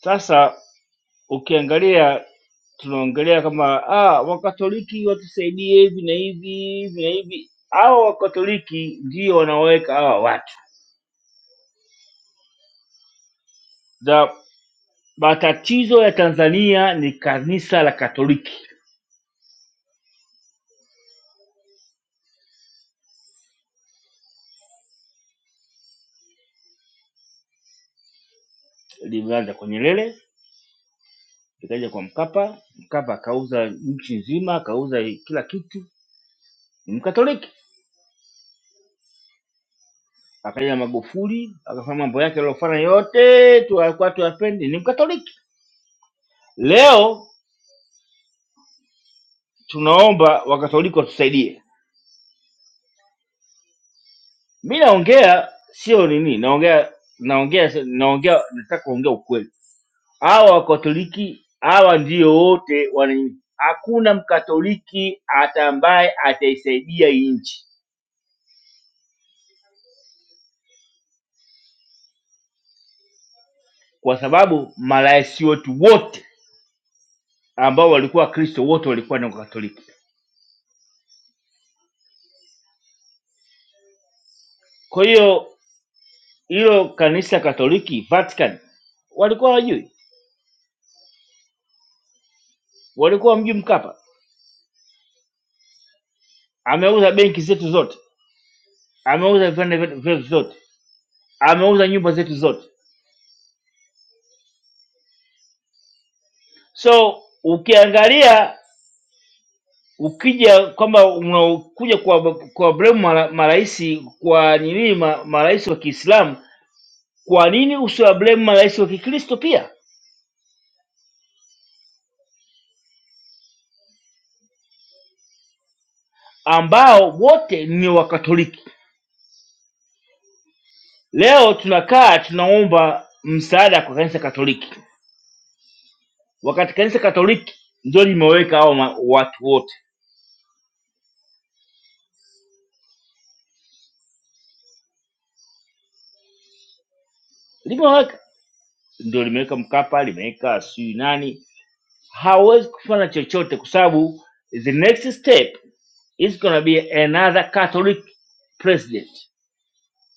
S13: sasa ukiangalia tunaongelea kama ah, Wakatoliki watusaidie hivi na hivi hivi na hivi. Hawa Wakatoliki ndio wanaoweka hawa watu za matatizo ya Tanzania ni kanisa la Katoliki, limeanza kwa Nyerere, likaja kwa Mkapa. Mkapa akauza nchi nzima, akauza kila kitu, ni Mkatoliki. Akaja Magufuli akafanya mambo yake aliyofanya yote, tu alikuwa tuyapendi, ni Mkatoliki. Leo tunaomba Wakatoliki watusaidie mi naongea sio nini naongea naongea naongea nataka kuongea ukweli hawa wakatoliki hawa ndio wote wana nini hakuna mkatoliki hata ambaye ataisaidia hii nchi kwa sababu marais wetu wote ambao walikuwa kristo wote walikuwa ni wakatoliki kwa hiyo hilo kanisa katoliki vatican walikuwa wajui walikuwa mji mkapa ameuza benki zetu zote ameuza viwanda vyetu vyetu zote ameuza nyumba zetu zote So ukiangalia ukija kwamba unakuja kwa kwa blame mara- marais kwa nini ma- marais wa Kiislamu, kwa nini usiwa blame marais wa Kikristo pia ambao wote ni Wakatoliki? Leo tunakaa tunaomba msaada kwa kanisa Katoliki, wakati kanisa Katoliki ndio limeweka hao ma- watu wote, limeweka ndio limeweka Mkapa, limeweka sijui nani, hawezi kufanya chochote kwa sababu the next step It's gonna be another Catholic president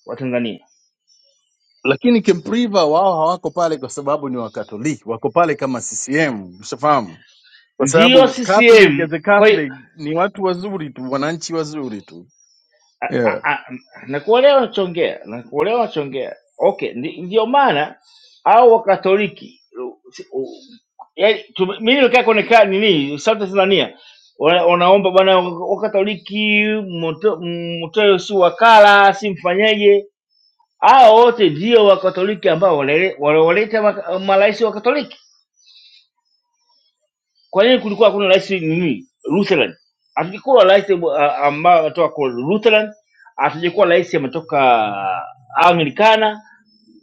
S13: wa Tanzania,
S2: Lakini Kempriva wao hawako pale kwa sababu ni Wakatoliki, wako pale kama CCM, ushafahamu? Kwa
S13: ndiyo
S2: sababu Catholic
S13: CCM.
S2: as a
S13: Kwa hiyo
S2: Catholic ni watu wazuri tu, wananchi wazuri tu.
S13: a-
S2: Yeah.
S13: a- a- nakuelewa nachongea, nakuelewa nachongea. Okay, ndi- ndiyo maana au Wakatoliki u- si- u- yaani tume- mimi nimekaa kwenye kaa nini South Tanzania wana- wanaomba bwana Wakatoliki mto- mtoe si wakala si mfanyeje. Hao wote ndio Wakatoliki ambao wanaele- wanaoleta maka- marais wa Katoliki Kwa nini kulikuwa hakuna rais nini Lutheran? Hatujakuwa rais uh, ambao ametoka kwa Lutheran, hatujakuwa rais ametoka Anglikana,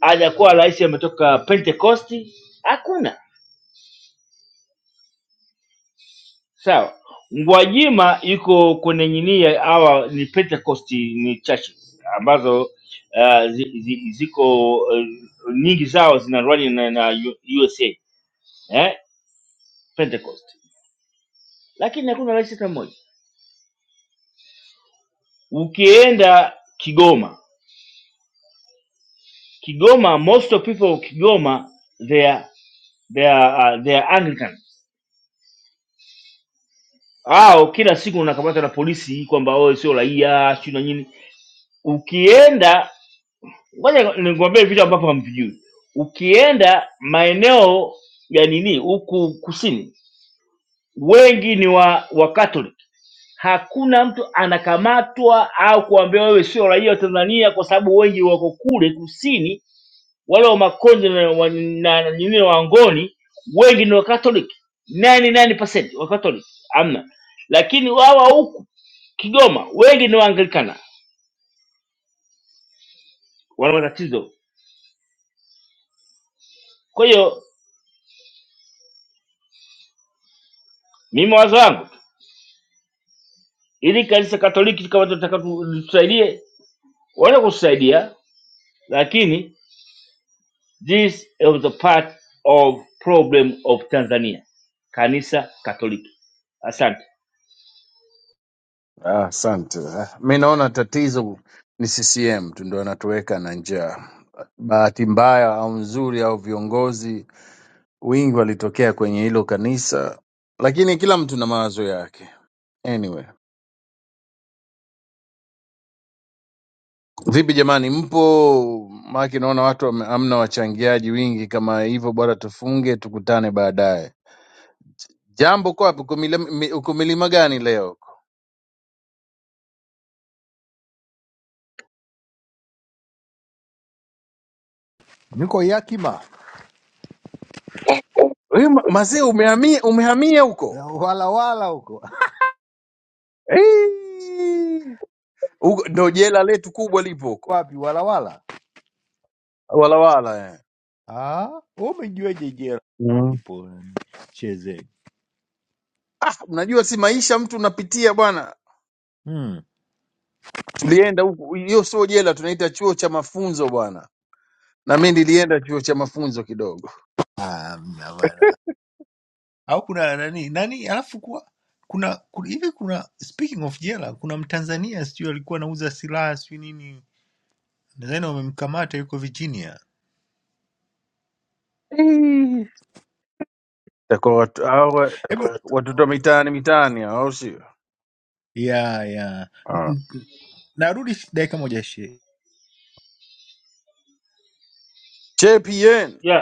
S13: hajakuwa rais ametoka Pentecosti, hakuna. Sawa, Gwajima yuko kwenye nini ya- hawa ni Pentecost ni churches ambazo uh, zi, zi, ziko uh, nyingi zao zinarani na, na U- USA eh? Pentecost, lakini hakuna rais hata mmoja. Ukienda Kigoma Kigoma, most of people of Kigoma they are, they are, uh, they are Anglican. Hao kila siku unakamatwa na polisi kwamba wewe sio raia sio na nini. Ukienda, ngoja nikwambie vitu ambavyo hamvijui. Ukienda maeneo ya nini huku kusini, wengi ni wa wa Catholic. Hakuna mtu anakamatwa au kuambiwa wewe sio raia wa Tanzania kwa sababu wengi wako kule kusini wale wa Makonde na wa- na- na nyingine Wangoni wengi ni Wakatoliki, 99% Wakatoliki amna, lakini wawa huku Kigoma wengi ni Waanglikana, wana matatizo. Kwa hiyo mimi wazo wangu ili kanisa Katoliki kama tunataka tu- litusaidie, wana kutusaidia, lakini this is the part of problem of Tanzania, kanisa Katoliki. Asante.
S2: Ah, asante. Ah, Mi naona tatizo ni CCM tu ndio anatuweka na njaa. Bahati mbaya au nzuri au viongozi wengi walitokea kwenye hilo kanisa, lakini kila mtu na mawazo yake. Anyway, vipi jamani, mpo? Maake naona watu wame- hamna wachangiaji wingi kama hivyo, bora tufunge tukutane baadaye. Jambo kwa wapi? Uko milima mi- uko milima gani leo?
S11: niko yakima
S2: Wewe ma- Mazee, umehamia umehamia huko
S11: wala wala huko
S2: Eee! Huko ndo jela letu kubwa lipo huko
S11: wapi wala wala
S2: Walawala eh.
S11: ah wewe umejuaje jela
S2: mm.
S11: ipo cheze
S2: Ah, unajua si maisha mtu unapitia bwana.
S11: Hmm.
S2: Tulienda huku, hiyo sio jela, tunaita chuo cha mafunzo bwana na mi nilienda chuo cha mafunzo kidogo
S11: Ah, au kuna nani nani alafu kuwa kuna kuna- hivi kuna speaking of jela kuna mtanzania sijui alikuwa anauza silaha sijui nini nadhani wamemkamata yuko virginia
S2: Itakuwa watu hao wa-
S11: hebu Kwa-
S2: watoto wa mitaani mitaani hao, au sio?
S11: ya ya
S2: Ah.
S11: N- n- narudi dakika moja she
S2: JPN
S13: Yeah.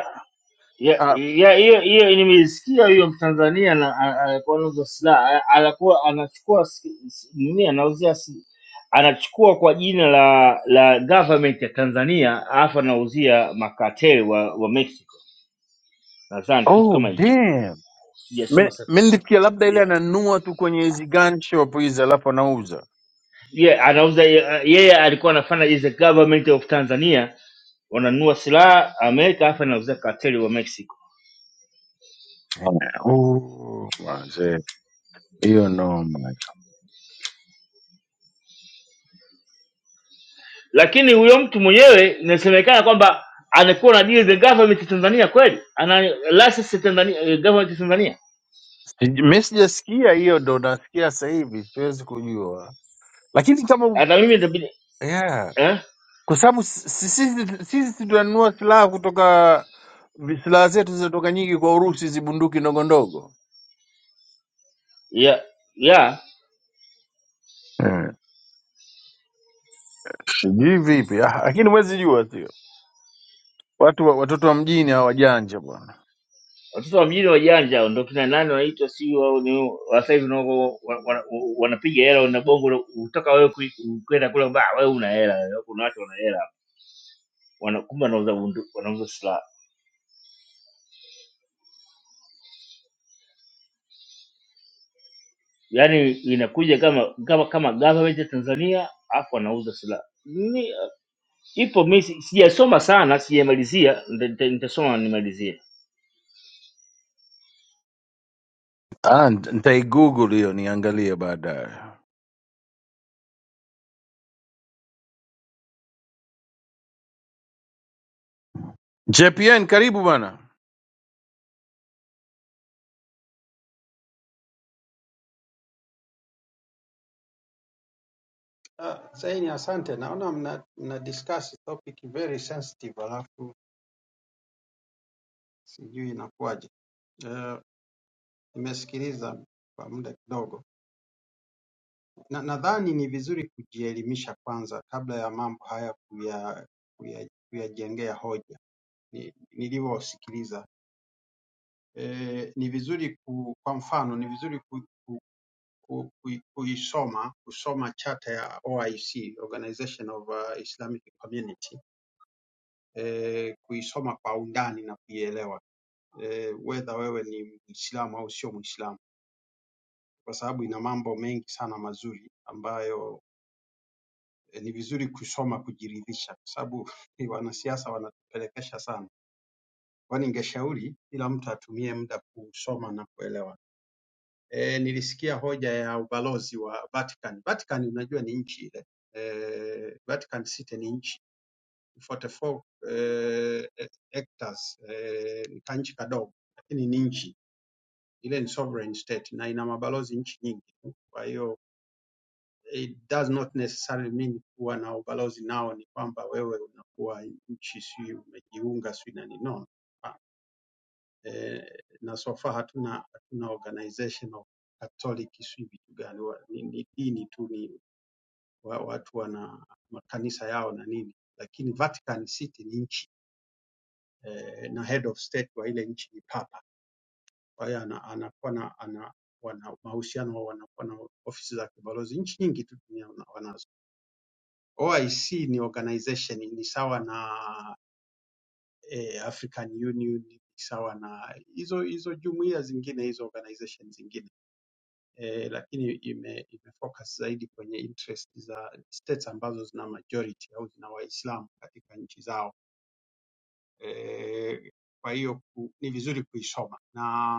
S13: ya
S2: ah,
S13: ya hiyo hiyo nimeisikia hiyo Mtanzania na- a- alikuwa anauza silaha a- alikuwa anachukua si- si- nini anauzia si- anachukua kwa jina la la government ya Tanzania alafu anauzia makateli wa, wa Mexico nadhani kitu
S2: oh
S13: kama hicho
S2: damn, mi
S13: sijasoma sana
S2: mi nilifikia labda ile
S13: yeah.
S2: ananunua tu kwenye hizi gun shop hizi alafu anauza
S13: yeah, anauza yeye yeye alikuwa anafanya is the government of Tanzania wananunua silaha Amerika alafu anauzia kateli wa Mexico
S2: Ah, oh, manze, hiyo noma.
S13: lakini huyo mtu mwenyewe inasemekana kwamba anakuwa na deal the government ya Tanzania kweli, ana license ya Tanzania, eh, government ya Tanzania.
S2: Sij- Mi sijasikia hiyo, ndo nasikia sasa hivi, siwezi kujua, lakini kama
S13: Hata mimi nitabidi
S2: yeah.
S13: eh,
S2: kwa sababu si- sisi sisi tunanunua silaha kutoka silaha zetu zinatoka nyingi kwa Urusi, hizi bunduki ndogo ndogo,
S13: ya ya
S2: mm. sijui vipi ah, lakini mwezi jua, sio watu wa- watoto wa mjini hawa wajanja bwana.
S13: watoto wa mjini wajanja hao, ndio kina nani wanaitwa, si wao ni wa sasa hivi nao wa- wa- wa- wanapiga hela na bongo, na utaka wewe kui- kwenda kule ba wewe una hela, wewe kuna watu wana hela, wana kumbe wanauza bundu- wanauza silaha, yaani inakuja kama kama kama government ya Tanzania afu wanauza silaha Ipo mi si- sijasoma sana, sijamalizia, nita- nita- nitasoma nimalizie.
S2: Ah, nita- nitaigugle hiyo niangalie baadaye. JPN, karibu bwana.
S16: Ah, Saini, asante. Naona mna, mna discuss topic very sensitive, alafu sijui inakuwaje. Uh, nimesikiliza kwa muda kidogo, na nadhani ni vizuri kujielimisha kwanza kabla ya mambo haya kuya, kuya, kuyajengea hoja. Ni, nilivyosikiliza eh, ni vizuri ku, kwa mfano ni vizuri ku, ku, ku, ku, kuisoma kusoma chata ya OIC, Organization of uh, Islamic Community eh, kuisoma kwa undani na kuielewa eh, whether wewe ni Muislamu au sio Muislamu, kwa sababu ina mambo mengi sana mazuri ambayo eh, ni vizuri kusoma kujiridhisha, kwa sababu eh, wanasiasa wanatupelekesha sana. Kwa ningeshauri kila mtu atumie muda kusoma na kuelewa. E, nilisikia hoja ya ubalozi wa Vatican. Vatican unajua ni nchi ile. E, Vatican City ni nchi 44 eh, eh, hectares eh, ni kanchi kadogo, lakini ni nchi ile, ni sovereign state na ina mabalozi nchi nyingi tu. Kwa hiyo it does not necessarily mean kuwa na ubalozi nao ni kwamba wewe unakuwa nchi si umejiunga si na nini. No. Ah, Eh, na so far hatuna hatuna organization of Catholic si vitu gani wa- ni ni dini tu ni wa, watu wana makanisa yao na nini, lakini Vatican City ni nchi eh, na head of state wa ile nchi ni papa. Kwa hiyo ana- anakuwa na ana, wana mahusiano wanakuwa na ofisi za kibalozi nchi nyingi tu dunia wana- wanazo. OIC ni organization, ni sawa na eh, African Union, ni sawa na hizo hizo jumuiya zingine, hizo organization zingine eh, lakini ime, imefocus zaidi kwenye interest za states ambazo zina majority au zina Waislamu katika nchi zao eh, kwa hiyo ku- ni vizuri kuisoma na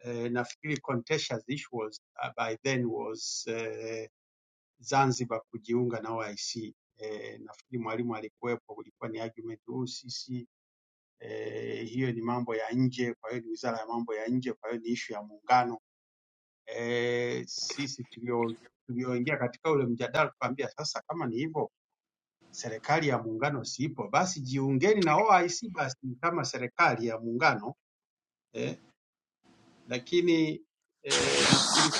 S16: eh, nafikiri contentious issue was uh, by then was eh, Zanzibar kujiunga na OIC. Eh, nafikiri mwalimu alikuwepo, kulikuwa ni argument huu sisi eh, hiyo ni mambo ya nje, kwa hiyo ni wizara ya mambo ya nje, kwa hiyo ni issue ya muungano. Eh, sisi tulio tulioingia katika ule mjadala tukaambia, sasa kama ni hivyo serikali ya muungano siipo, basi jiungeni na OIC basi kama serikali ya muungano eh, lakini eh, nafikiri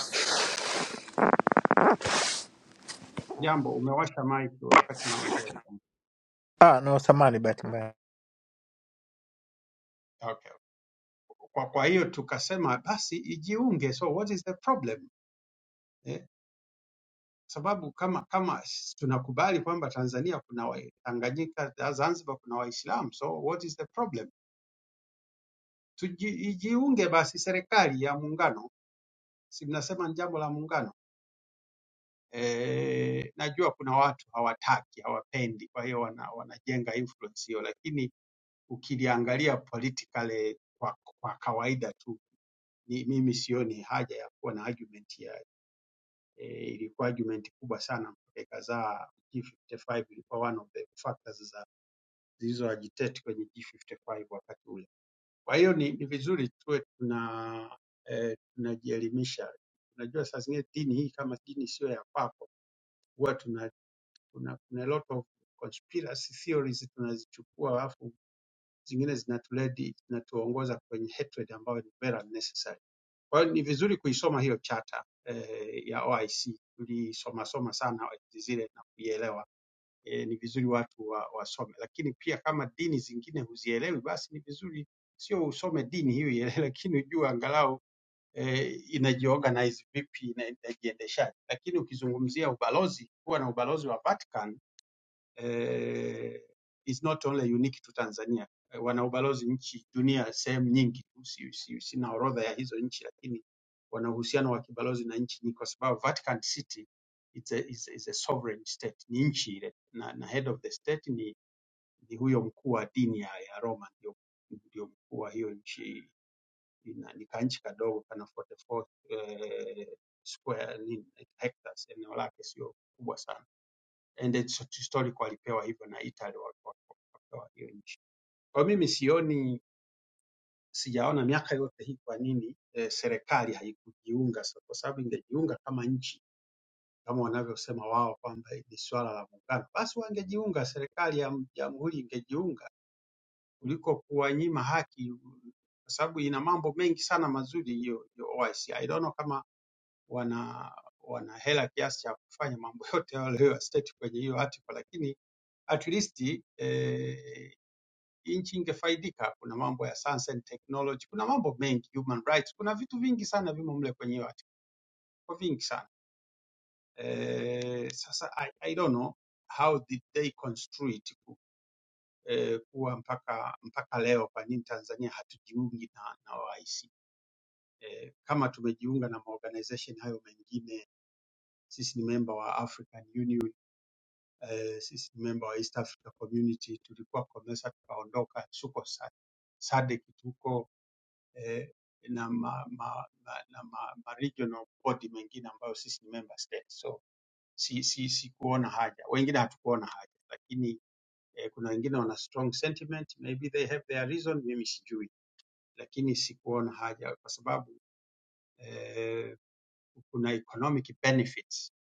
S16: Jambo, umewasha mic wakati naongea.
S11: Ah, no, samani bahati mbaya.
S16: Okay. Kwa, kwa hiyo tukasema basi ijiunge. So what is the problem? Eh, sababu kama kama s- tunakubali kwamba Tanzania kuna wa- Tanganyika, za- Zanzibar kuna Waislamu, so what is the problem? Tuji, ijiunge basi serikali ya muungano, si mnasema ni jambo la muungano. E, najua kuna watu hawataki hawapendi, kwa hiyo wana, wanajenga influence hiyo, lakini ukiliangalia politically kwa, kwa kawaida tu ni, mimi sioni haja ya kuwa na argument ya e, ilikuwa argument kubwa sana mpaka ikazaa G55 ilikuwa one of the factors za zilizo agitate kwenye G55 wakati ule. Kwa hiyo ni, ni vizuri tuwe tuna eh, tunajielimisha. Unajua saa zingine dini hii kama dini sio ya kwako, huwa tuna kuna, kuna lot of conspiracy theories tunazichukua, alafu zingine zinatuledi zinatuongoza kwenye hatred ambayo ni very unnecessary. Kwa hiyo ni vizuri kuisoma hiyo chata eh, ya OIC. Tulisoma soma sana zile na kuielewa. Eh, ni vizuri watu wa, wasome, lakini pia kama dini zingine huzielewi, basi ni vizuri sio usome dini hiyo ile, lakini ujue angalau eh, inajiorganize vipi, ina- inajiendeshaje. Lakini ukizungumzia ubalozi, kuwa na ubalozi wa Vatican eh, is not only unique to Tanzania. Eh, Wana ubalozi nchi dunia sehemu nyingi tu, si, si, sina orodha ya hizo nchi, lakini wana uhusiano wa kibalozi na nchi nyingi, kwa sababu Vatican City it's a, it's, a- it's a sovereign state, ni nchi ile na, na head of the state ni, ni huyo mkuu wa dini ya, ya Roma ndio, ndio mkuu wa hiyo nchi ina, ni kanchi kadogo kana 44 eh, square nini, hectares, eneo lake sio kubwa sana and it's historically walipewa hivyo na Italy wa- wa- wa- wakapewa hiyo nchi. Kwa mimi sioni, sijaona miaka yote hii kwa nini eh, serikali haikujiunga, sa- kwa sababu ingejiunga kama nchi kama wanavyosema wao kwamba ni swala la muungano, basi wangejiunga, serikali ya m- jamhuri ingejiunga kuliko kuwanyima haki, kwa sababu ina mambo mengi sana mazuri hiyo hiyo OIC. I C. I don't know kama wana wana hela kiasi cha kufanya mambo yote hayo state kwenye hiyo article, lakini at least eh, nchi ingefaidika. Kuna mambo ya science and technology, kuna mambo mengi, human rights, kuna vitu vingi sana vimo mle kwenye hiyo article, kwa vingi sana eh, sasa I, I don't know how did they construe it ku- eh, kuwa mpaka mpaka leo, kwa nini Tanzania hatujiungi na, na OIC eh, kama tumejiunga na maorganization hayo mengine, sisi ni member wa African Union eh, sisi ni member wa East Africa Community tulikuwa COMESA tukaondoka, tuko sa- SADC tuko eh, na ma, ma, ma, na ma, ma regional body mengine ambayo sisi ni member state. So si, si, si kuona haja, wengine hatukuona haja, lakini eh, kuna wengine wana strong sentiment, maybe they have their reason, mimi sijui, lakini sikuona haja kwa sababu eh, kuna economic benefits,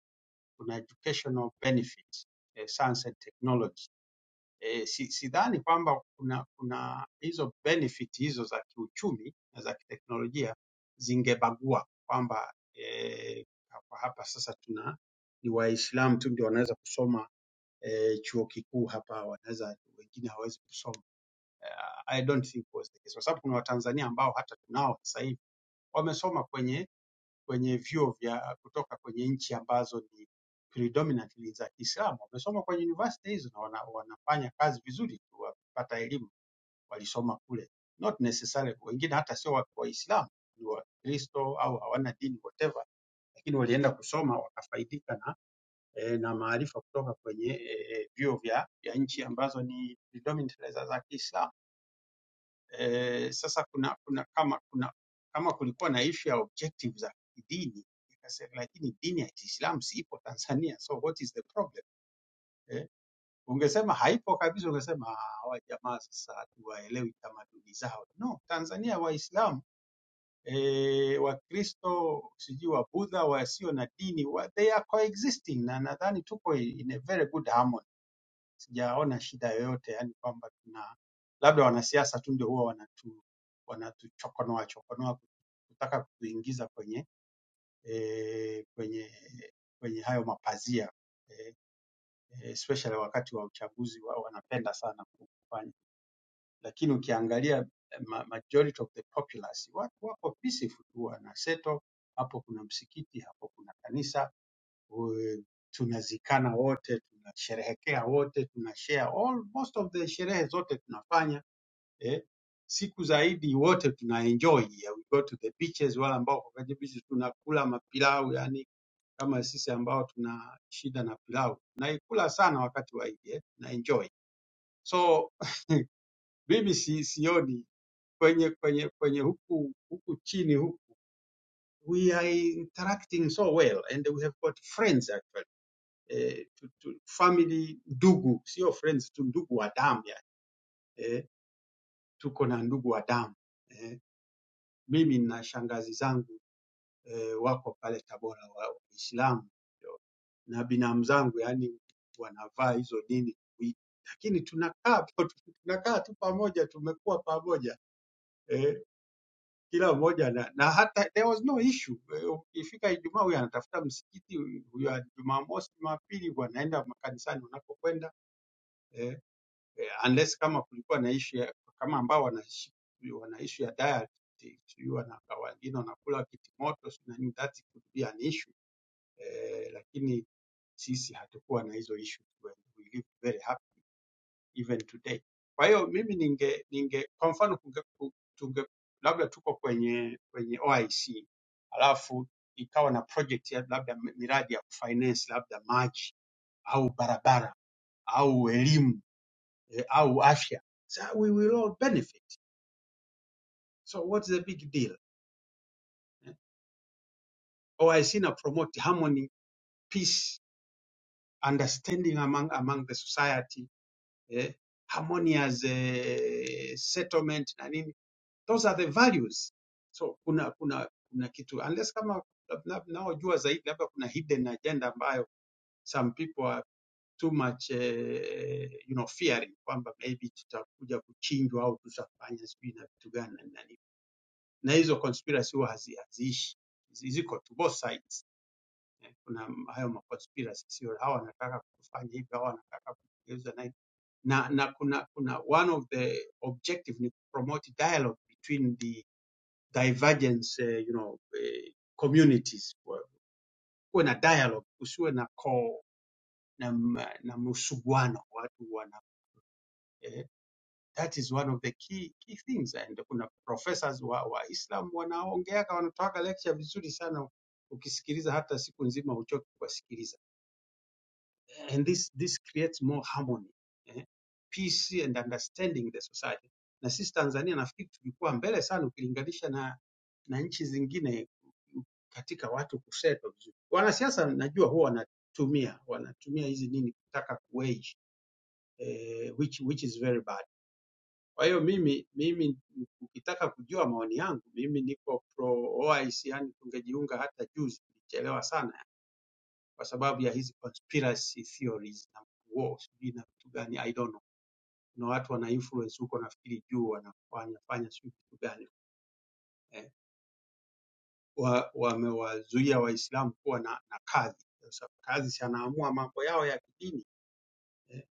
S16: kuna educational benefits, eh, science and technology e, si, sidhani kwamba kuna, kuna hizo benefit hizo za kiuchumi na za kiteknolojia zingebagua kwamba e, hapa, hapa sasa tuna ni Waislamu tu ndio wanaweza kusoma e, chuo kikuu hapa, wanaweza wengine hawawezi kusoma. Eh, I don't think was the case kwa sababu kuna Watanzania ambao hata tunao sasa hivi wamesoma kwenye kwenye vyuo vya kutoka kwenye nchi ambazo ni predominantly za Kiislamu. Wamesoma kwenye university hizo na wana, wanafanya kazi vizuri tu, wakipata elimu walisoma kule, not necessarily wengine hata sio wa- Waislamu, ni Wakristo au hawana dini whatever, lakini walienda kusoma wakafaidika na eh, na maarifa kutoka kwenye eh, eh, vyuo vya, vya nchi ambazo ni predominantly za za Kiislamu. Eh, sasa kuna kuna kama kuna kama kulikuwa na issue ya objective za kidini, nikasema lakini dini ya Kiislamu siipo Tanzania, so what is the problem? Eh, ungesema haipo kabisa, ungesema "Ah, hawa jamaa sasa hatuwaelewi tamaduni zao. No, Tanzania Waislamu eh, Wakristo sijui Wabudha wasio na dini wa, they are coexisting na nadhani tuko in a very good harmony sijaona shida yoyote, yani kwamba tuna labda wanasiasa tu ndio huwa wanatu wanatuchokonoa chokonoa kutaka kutuingiza kwenye eh, kwenye kwenye hayo mapazia eh, eh, especially wakati wa uchaguzi wa, wanapenda sana kufanya, lakini ukiangalia eh, ma, majority of the populace watu wako peaceful tu, wana settle hapo kuna msikiti, hapo kuna kanisa We- tunazikana wote, tunasherehekea wote, tunashare all most of the sherehe zote tunafanya eh. Siku zaidi wote tuna enjoy, eh, we go to the beaches, wale ambao kwa kwenye beaches tunakula mapilau, yani kama sisi ambao tuna shida na pilau tunaikula sana wakati wa Eid eh, na enjoy. So mimi si, sioni kwenye kwenye kwenye huku huku chini huku we are interacting so well and we have got friends actually eh, tu, tu, family ndugu, sio friends tu, ndugu wa damu yani. Eh, tuko na ndugu wa damu eh, mimi na shangazi zangu eh, wako pale Tabora wa wa Waislamu ndio. na binamu zangu yani wanavaa hizo dini kuishi. lakini tunakaa po- tunakaa tu pamoja, tumekuwa pamoja eh, kila mmoja na, na hata there was no issue. Eh, Ukifika Ijumaa huyu anatafuta msikiti, huyu Jumamosi, Jumapili wanaenda makanisani wanapokwenda eh, eh, unless kama kulikuwa na issue ya- kama ambao wanaishi wana issue ya diet sijui wana- wengine wanakula kitimoto sijui na nini, that could be an issue eh, lakini sisi hatukuwa na hizo issue we we live very happy even today. Kwa hiyo mimi ninge ninge kwa mfano kunge, ku- tunge labda tuko kwenye kwenye OIC alafu ikawa na project ya labda miradi ya kufinance labda maji au barabara au elimu eh, au afya so we will all benefit so what's the big deal eh? OIC na promote harmony peace understanding among among the society eh? harmonious eh, settlement na nini those are the values so kuna kuna kuna kitu unless kama mnaojua zaidi labda kuna hidden agenda ambayo some people are too much eh, you know fearing kwamba maybe tutakuja kuchinjwa au tutafanya sijui na vitu gani na nini na hizo conspiracy huwa hazi- haziishi, Zi- ziko tu both sides. Eh, Kuna m- hayo ma conspiracy, sio hawa wanataka kufanya hivi, hawa wanataka kugeuza na hivi. na na kuna kuna one of the objective ni promote dialogue between the divergence eh, you know eh, communities, Kwa- kuwe na dialogue, kusiwe na co na, m- na msuguano watu wana eh, That is one of the key, key things and kuna professors wa, Waislam wanaongeaga wanatoaga lecture vizuri sana, ukisikiliza hata siku nzima huchoki kuwasikiliza. And this, this creates more harmony eh? peace and understanding the society. Na sisi Tanzania nafikiri tulikuwa mbele sana ukilinganisha na, na nchi zingine katika watu kusettle vizuri. Wanasiasa najua huwa wanatumia wanatumia hizi nini kutaka kuwage eh, which, which is very bad kwa hiyo mimi mimi ukitaka kujua maoni yangu mimi niko pro OIC, yani tungejiunga hata juzi, tulichelewa sana kwa sababu ya hizi conspiracy theories na war sijui na vitu gani, I don't know. Kuna watu wana influence huko, nafikiri juu wana- wanafanya sijui vitu gani eh, wa- wamewazuia Waislamu kuwa na, na kadhi. Sasa kadhi si anaamua mambo yao ya kidini eh.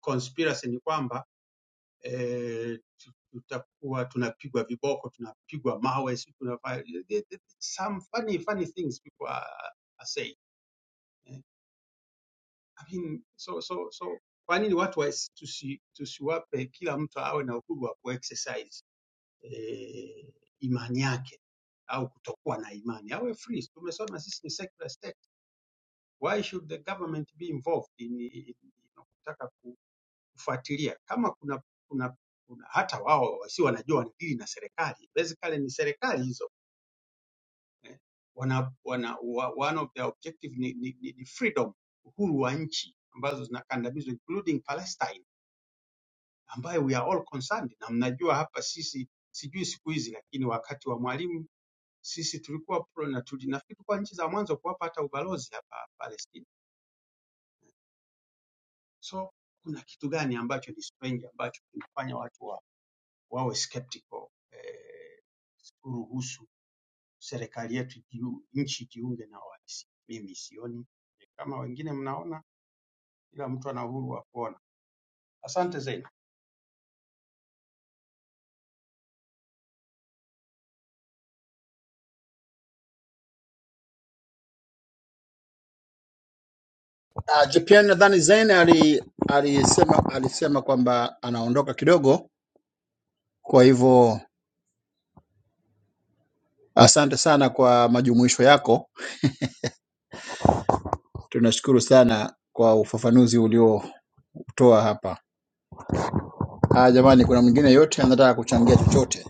S16: Conspiracy ni kwamba eh, tu- tutakuwa tunapigwa viboko, tunapigwa mawe, si tunafanya the- the- some funny funny things people are, are saying. eh. I mean, so so so kwa nini watu wasi- tusi, tusiwape kila mtu awe na uhuru wa kuexercise eh, imani yake au kutokuwa na imani, awe free. Tumesoma sisi ni secular state, why should the government be involved in, in, in, in kutaka kufuatilia kama kuna, kuna, kuna hata wao wasio wanajua wanadili na serikali basically ni serikali hizo eh, wana, wana, wa, one of their objective ni, ni, ni, ni freedom uhuru wa nchi ambazo zinakandamizwa including Palestine ambayo we are all concerned na mnajua hapa sisi sijui siku hizi lakini wakati wa Mwalimu sisi tulikuwa pro na tuli, nafikiri kwa nchi za mwanzo kuwapa hata ubalozi hapa Palestina so kuna kitu gani ambacho ni strange ambacho kinafanya watu wa, wawe skeptical eh, kuruhusu serikali yetu jiu- nchi jiunge na OIC. Mimi sioni kama wengine mnaona, ila mtu ana uhuru wa kuona. Asante Zaina.
S14: Alisema alisema kwamba anaondoka kidogo. Asante sana kwa maoni yako, tunashukuru. Toa. Ah, jamani, kuna mwingine yote anataka kuchangia chochote?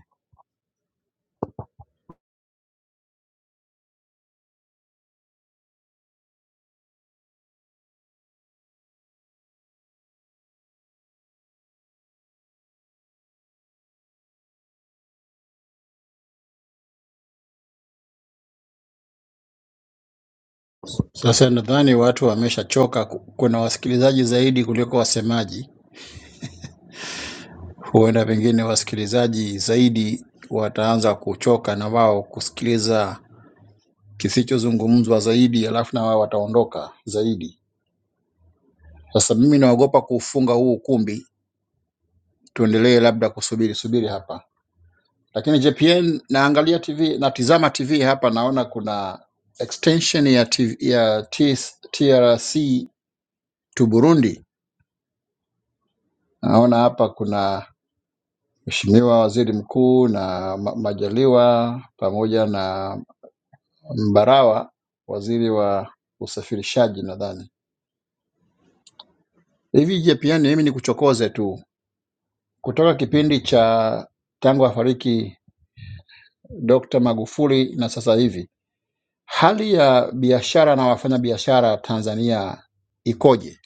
S14: Sasa nadhani watu wameshachoka. ku- Kuna wasikilizaji zaidi kuliko wasemaji. Huenda pengine wasikilizaji zaidi wataanza kuchoka na wao kusikiliza kisichozungumzwa zaidi, alafu na wao wataondoka zaidi. Sasa mimi naogopa kuufunga huu ukumbi, tuendelee labda kusubiri subiri hapa. Lakini JPN, naangalia TV, natizama TV hapa, naona kuna extension ya, TV, ya T- TRC to Burundi. Naona hapa kuna Mheshimiwa Waziri Mkuu na Ma- Majaliwa pamoja na Mbarawa, waziri wa usafirishaji nadhani. Hivi JPN, mimi ni kuchokoze tu kutoka kipindi cha tangu afariki Dr. Magufuli na sasa hivi, hali ya biashara na wafanyabiashara Tanzania ikoje?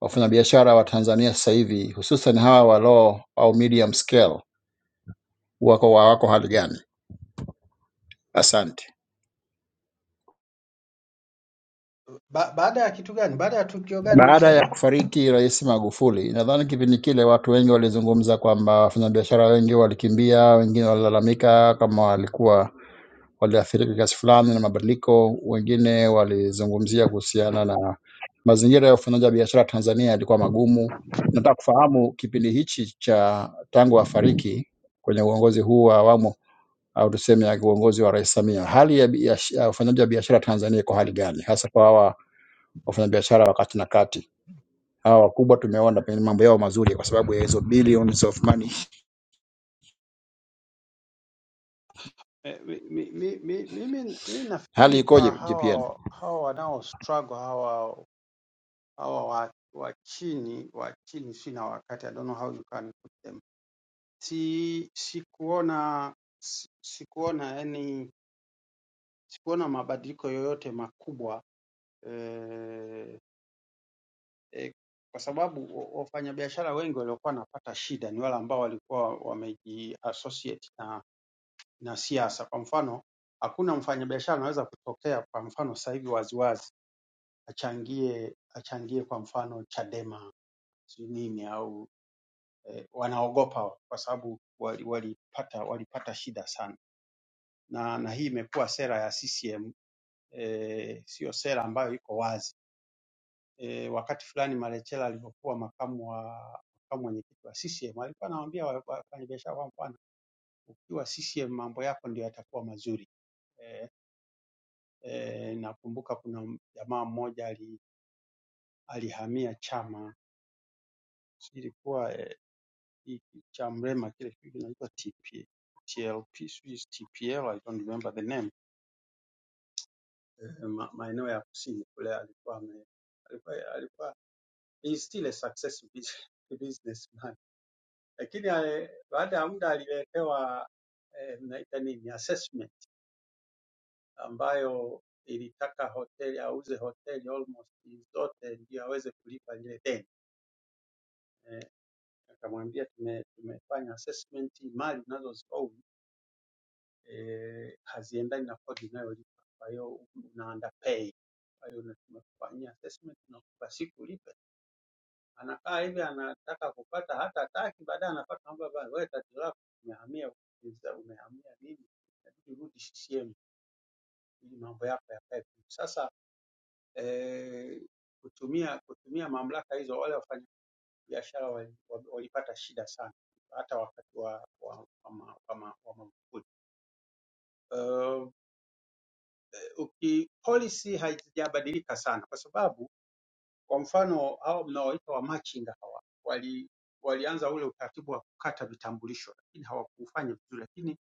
S14: Wafanyabiashara wa Tanzania sasa hivi hususan hawa wa low au medium scale wako wako hali gani? Asante.
S16: Ba baada ya kitu gani? Baada ya tukio gani
S14: Baada ya
S16: unasema?
S14: kufariki Rais Magufuli, nadhani kipindi kile watu wengi walizungumza kwamba wafanyabiashara wengi walikimbia, wengine walilalamika kama walikuwa waliathirika kiasi fulani na mabadiliko, wengine walizungumzia kuhusiana na mazingira ya ufanyaji wa biashara Tanzania yalikuwa magumu. Nataka kufahamu kipindi hichi cha tangu afariki kwenye uongozi huu wa awamu au tuseme ya uongozi wa Rais Samia, hali ya biash- ya ufanyaji wa biashara Tanzania iko hali gani, hasa kwa hawa wafanyabiashara wa kati na kati? hawa wakubwa tumeona pengine mambo yao mazuri kwa sababu ya hizo billions of money.
S16: Eh, mi- mi- mi- mi- Mimi mimi
S14: Hali
S16: nafikiri
S14: ikoje
S16: kwa
S14: JPN?
S16: hawa hawa wanao struggle hawa hawa wa, wa chini wa chini, sina wakati, I don't know how you can put them. Si sikuona si- sikuona yani sikuona mabadiliko yoyote makubwa eh, eh, kwa sababu wa- wafanyabiashara wengi waliokuwa wanapata shida ni wale ambao walikuwa wamejiassociate na, na siasa. Kwa mfano, hakuna mfanyabiashara anaweza kutokea kwa mfano sasa hivi waziwazi achangie achangie kwa mfano Chadema sijui nini au eh, wanaogopa kwa sababu wali- walipata walipata shida sana, na na hii imekuwa sera ya CCM eh, siyo sera ambayo iko wazi e, wakati fulani Malecela alivyokuwa makamu wa makamu mwenyekiti wa CCM alikuwa anawaambia wa- wafanyabiashara kwamba bwana, ukiwa CCM mambo yako ndio yatakuwa mazuri. E, e, nakumbuka kuna m- jamaa mmoja ali, alihamia chama sijui ilikuwa e, hiki cha Mrema kile kitu kinaitwa TP TLP sijui is TPL I don't remember the name e, ma, maeneo ya kusini kule alikuwa ame, alikuwa alikuwa he is still a successful business- businessman lakini ale- baada ya muda aliletewa eh, mnaita nini assessment ambayo ilitaka hoteli auze hoteli almost zote ndio aweze kulipa lile deni. Eh, akamwambia tume, tumefanya assessment, mali unazoziown eh, haziendani na kodi unayolipa, kwa hiyo una underpay. Kwa hiyo na- tumekufanyia assessment, nakupa siku ulipe anakaa hivi anataka kupata hata ataki, baadaye anapata kwamba bana, wewe tatizo lako umehamia upinzani, umehamia nini, inabidi rudi CCM ili mambo yako yakae vizuri. Sasa eh, kutumia kutumia mamlaka hizo, wale wafanyabiashara wali- wali- walipata shida sana, hata wakati wa wa, wa, ma- wa, ma- wa Magufuli. Eh, uki- Policy hazijabadilika sana kwa sababu Kwa mfano hao mnaowaita wamachinga hawa wali, walianza ule utaratibu wa kukata vitambulisho, lakini hawakuufanya vizuri, lakini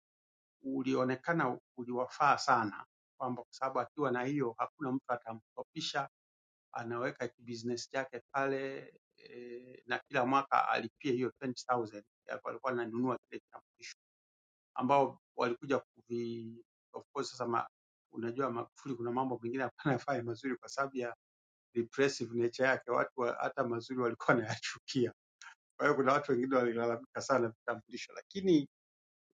S16: ulionekana uliwafaa sana, kwamba kwa sababu akiwa na hiyo hakuna mtu atamkopisha, anaweka kibusiness chake pale e, na kila mwaka alipie hiyo 20,000 ya kwa- alikuwa ananunua kile kitambulisho, ambao walikuja kuvi of course sasa ma, unajua Magufuli kuna mambo mengine hapana fanya mazuri kwa sababu ya repressive nature yake, watu wa, hata mazuri walikuwa wanayachukia. Kwa hiyo kuna watu wengine walilalamika sana vitambulisho, lakini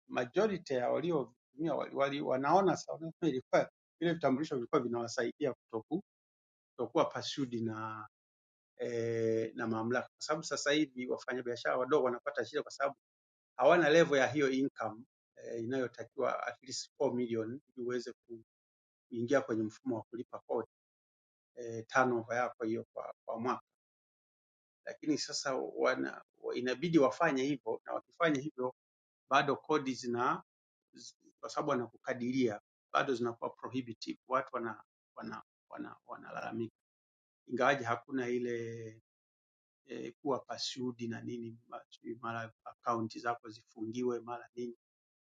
S16: majority ya waliovitumia wali, wali, wanaona sa- wanaona ilikuwa vile vitambulisho vilikuwa vinawasaidia kutoku, kutokuwa pursued na eh, na mamlaka, kwa sababu sasa hivi wafanyabiashara wadogo wanapata shida kwa sababu hawana level ya hiyo income eh, inayotakiwa at least 4 million ili uweze kuingia kwenye mfumo wa kulipa kodi eh, turnover yako hiyo kwa, kwa mwaka lakini sasa wana, inabidi wafanye hivyo, na wakifanya hivyo bado kodi zina z- kwa sababu wanakukadiria bado zinakuwa prohibitive, watu wana wana wana wanalalamika, ingawaje hakuna ile e, kuwa pursued na nini, ma- sijui mara akaunti zako zifungiwe mara nini,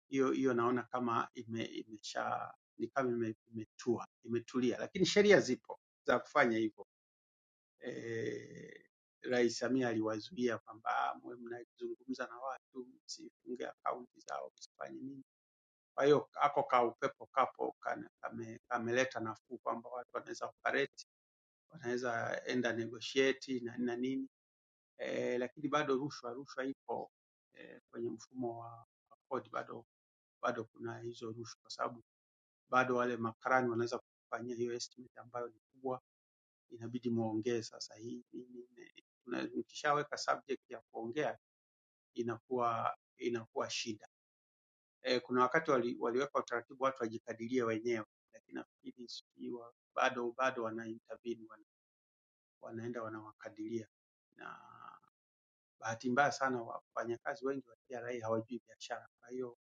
S16: hiyo hiyo naona kama ime, imesha ni kama ime- imetua imetulia, lakini sheria zipo za kufanya hivyo eh, Rais Samia aliwazuia kwamba "Ah, mwe mnazungumza na watu msifunge akaunti zao msifanye nini. Kwa hiyo ako ka upepo kapo kana- kame- kameleta nafuu kwamba watu wanaweza operate, wanaweza enda negotiate na, na nini eh, lakini bado rushwa rushwa ipo eh, kwenye mfumo wa wa kodi bado bado kuna hizo rushwa, kwa sababu bado wale makarani wanaweza kufanyia hiyo estimate ambayo ni kubwa inabidi muongee sasa hivi. Na Mkishaweka subject ya kuongea inakuwa inakuwa shida. E, kuna wakati wali, waliweka utaratibu watu wajikadirie wenyewe, lakini nafikiri sijui wa- bado bado wana intervene wana, wanaenda wanawakadiria, na bahati mbaya sana wafanyakazi wengi wa TRA hawajui biashara. Kwa hiyo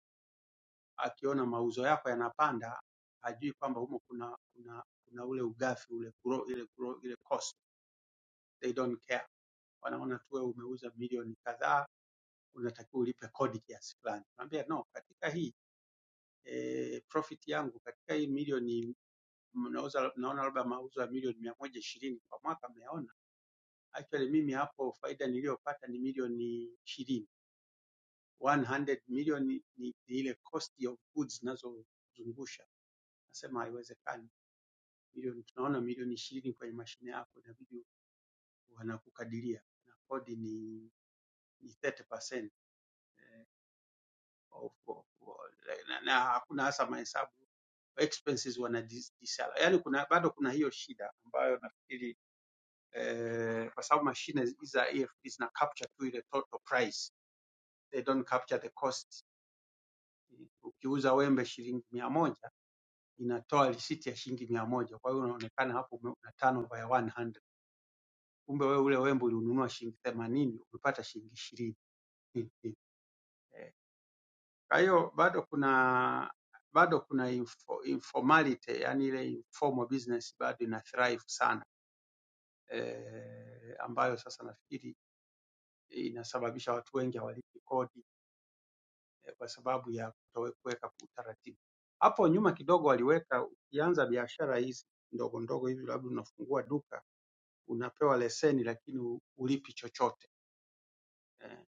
S16: akiona mauzo yako yanapanda, hajui kwamba humo kuna kuna kuna ule ugafi ule grow, ile grow, ile cost they don't care wanaona tu wewe umeuza milioni kadhaa, unatakiwa ulipe kodi kiasi fulani. Naambia no, katika hii e, profit yangu katika hii milioni mnauza, naona labda mauzo ya milioni mia moja ishirini kwa mwaka, mmeona actually mimi hapo faida niliyopata ni milioni ishirini 100 million ni, ni ile cost of goods zinazozungusha. Nasema haiwezekani, milioni tunaona milioni ishirini kwenye mashine yako inabidi wanakukadiria na kodi ni, ni 30%. of, of, na, na hakuna hasa mahesabu expenses wanajisala, yaani kuna bado kuna hiyo shida ambayo nafikiri eh, kwa sababu mashine hizi za EFD zina capture tu ile total price, they don't capture the cost. Ukiuza wembe shilingi mia moja inatoa risiti ya shilingi mia moja kwa hiyo unaonekana hapo ume- una turnover ya 100. Kumbe wewe ule wembe uliununua shilingi themanini umepata shilingi ishirini Kwa hiyo bado kuna bado kuna info, informality yani ile informal business bado ina thrive sana eh, ambayo sasa nafikiri inasababisha watu wengi hawalipi kodi eh, kwa sababu ya kutowe- kuweka utaratibu. Hapo nyuma kidogo waliweka, ukianza biashara hizi ndogo ndogo hivi, labda unafungua duka, unapewa leseni lakini hu- hulipi chochote eh,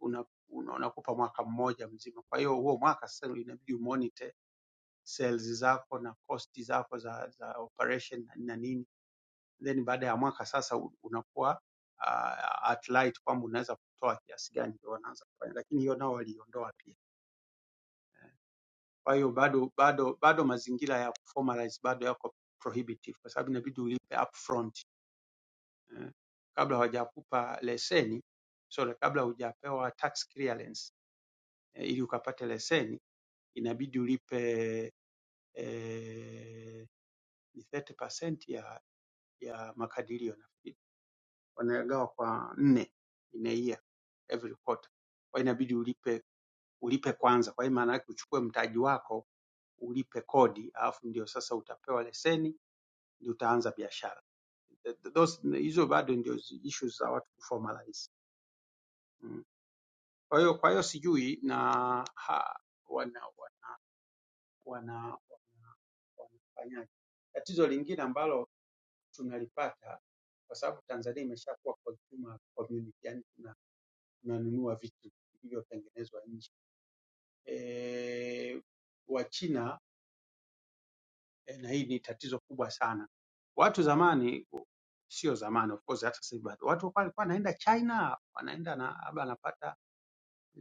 S16: una, una, unakupa mwaka mmoja mzima. Kwa hiyo huo mwaka sasa inabidi umonitor sales zako na cost zako za, za operation na nini then baada ya mwaka sasa u- unakuwa uh, at light kwamba unaweza kutoa kiasi gani ndio wanaanza kufanya lakini hiyo nao waliondoa pia kwa hiyo bado bado bado mazingira ya formalize bado yako prohibitive kwa sababu inabidi ulipe upfront eh, kabla hawajakupa leseni sorry kabla hujapewa tax clearance eh, ili ukapate leseni inabidi ulipe eh, ni 30% ya ya makadirio nafikiri, wanagawa kwa nne in a year every quarter. Kwa hiyo inabidi ulipe ulipe kwanza. Kwa hiyo maana yake uchukue mtaji wako ulipe kodi, alafu ndio sasa utapewa leseni, ndio utaanza biashara. Th- th- those- Hizo bado ndio zi- issues za watu kuformalize. Mm. Kwa hiyo kwa hiyo sijui na ha, wana wana wana- wanafanyaje. Tatizo lingine ambalo tunalipata kwa sababu Tanzania imeshakuwa consumer community, yani tunanunua vitu vilivyotengenezwa nje. E, Wachina e, na hii ni tatizo kubwa sana. Watu zamani, sio zamani of course, hata sasa hivi bado, watu walikuwa wanaenda China, wanaenda na labda anapata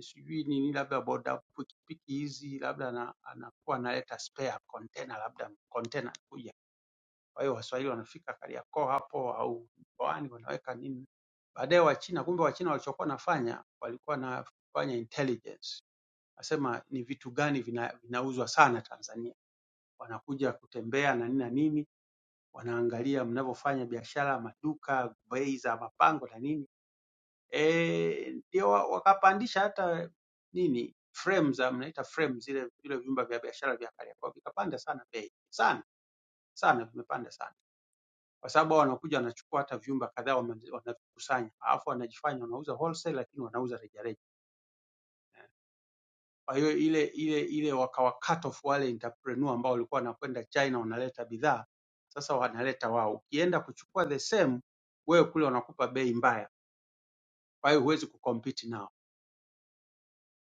S16: sijui nini, labda boda pikipiki hizi, labda ana- anakuwa analeta spare container, labda container kuja. Kwa hiyo Waswahili wanafika Kariakoo hapo au mkoani wanaweka nini baadaye Wachina, kumbe Wachina walichokuwa wanafanya walikuwa wanafanya intelligence asema ni vitu gani vina, vinauzwa sana Tanzania. Wanakuja kutembea na nini na nini, wanaangalia mnavyofanya biashara, maduka, bei za mapango na nini eh, ndio wa- wakapandisha hata nini frame za mnaita frame zile vile vyumba vya biashara vya Kariakoo vikapanda sana bei sana sana, vimepanda sana kwa sababu hao wanakuja wanachukua hata vyumba kadhaa wame- wanavikusanya, alafu wanajifanya wanauza wholesale, lakini wanauza rejareja Kwa hiyo ile ile ile wakawa cut off wale entrepreneur ambao walikuwa wanakwenda China wanaleta bidhaa, sasa wanaleta wao. Ukienda kuchukua the same, wewe kule wanakupa bei mbaya, kwa hiyo huwezi kucompete nao.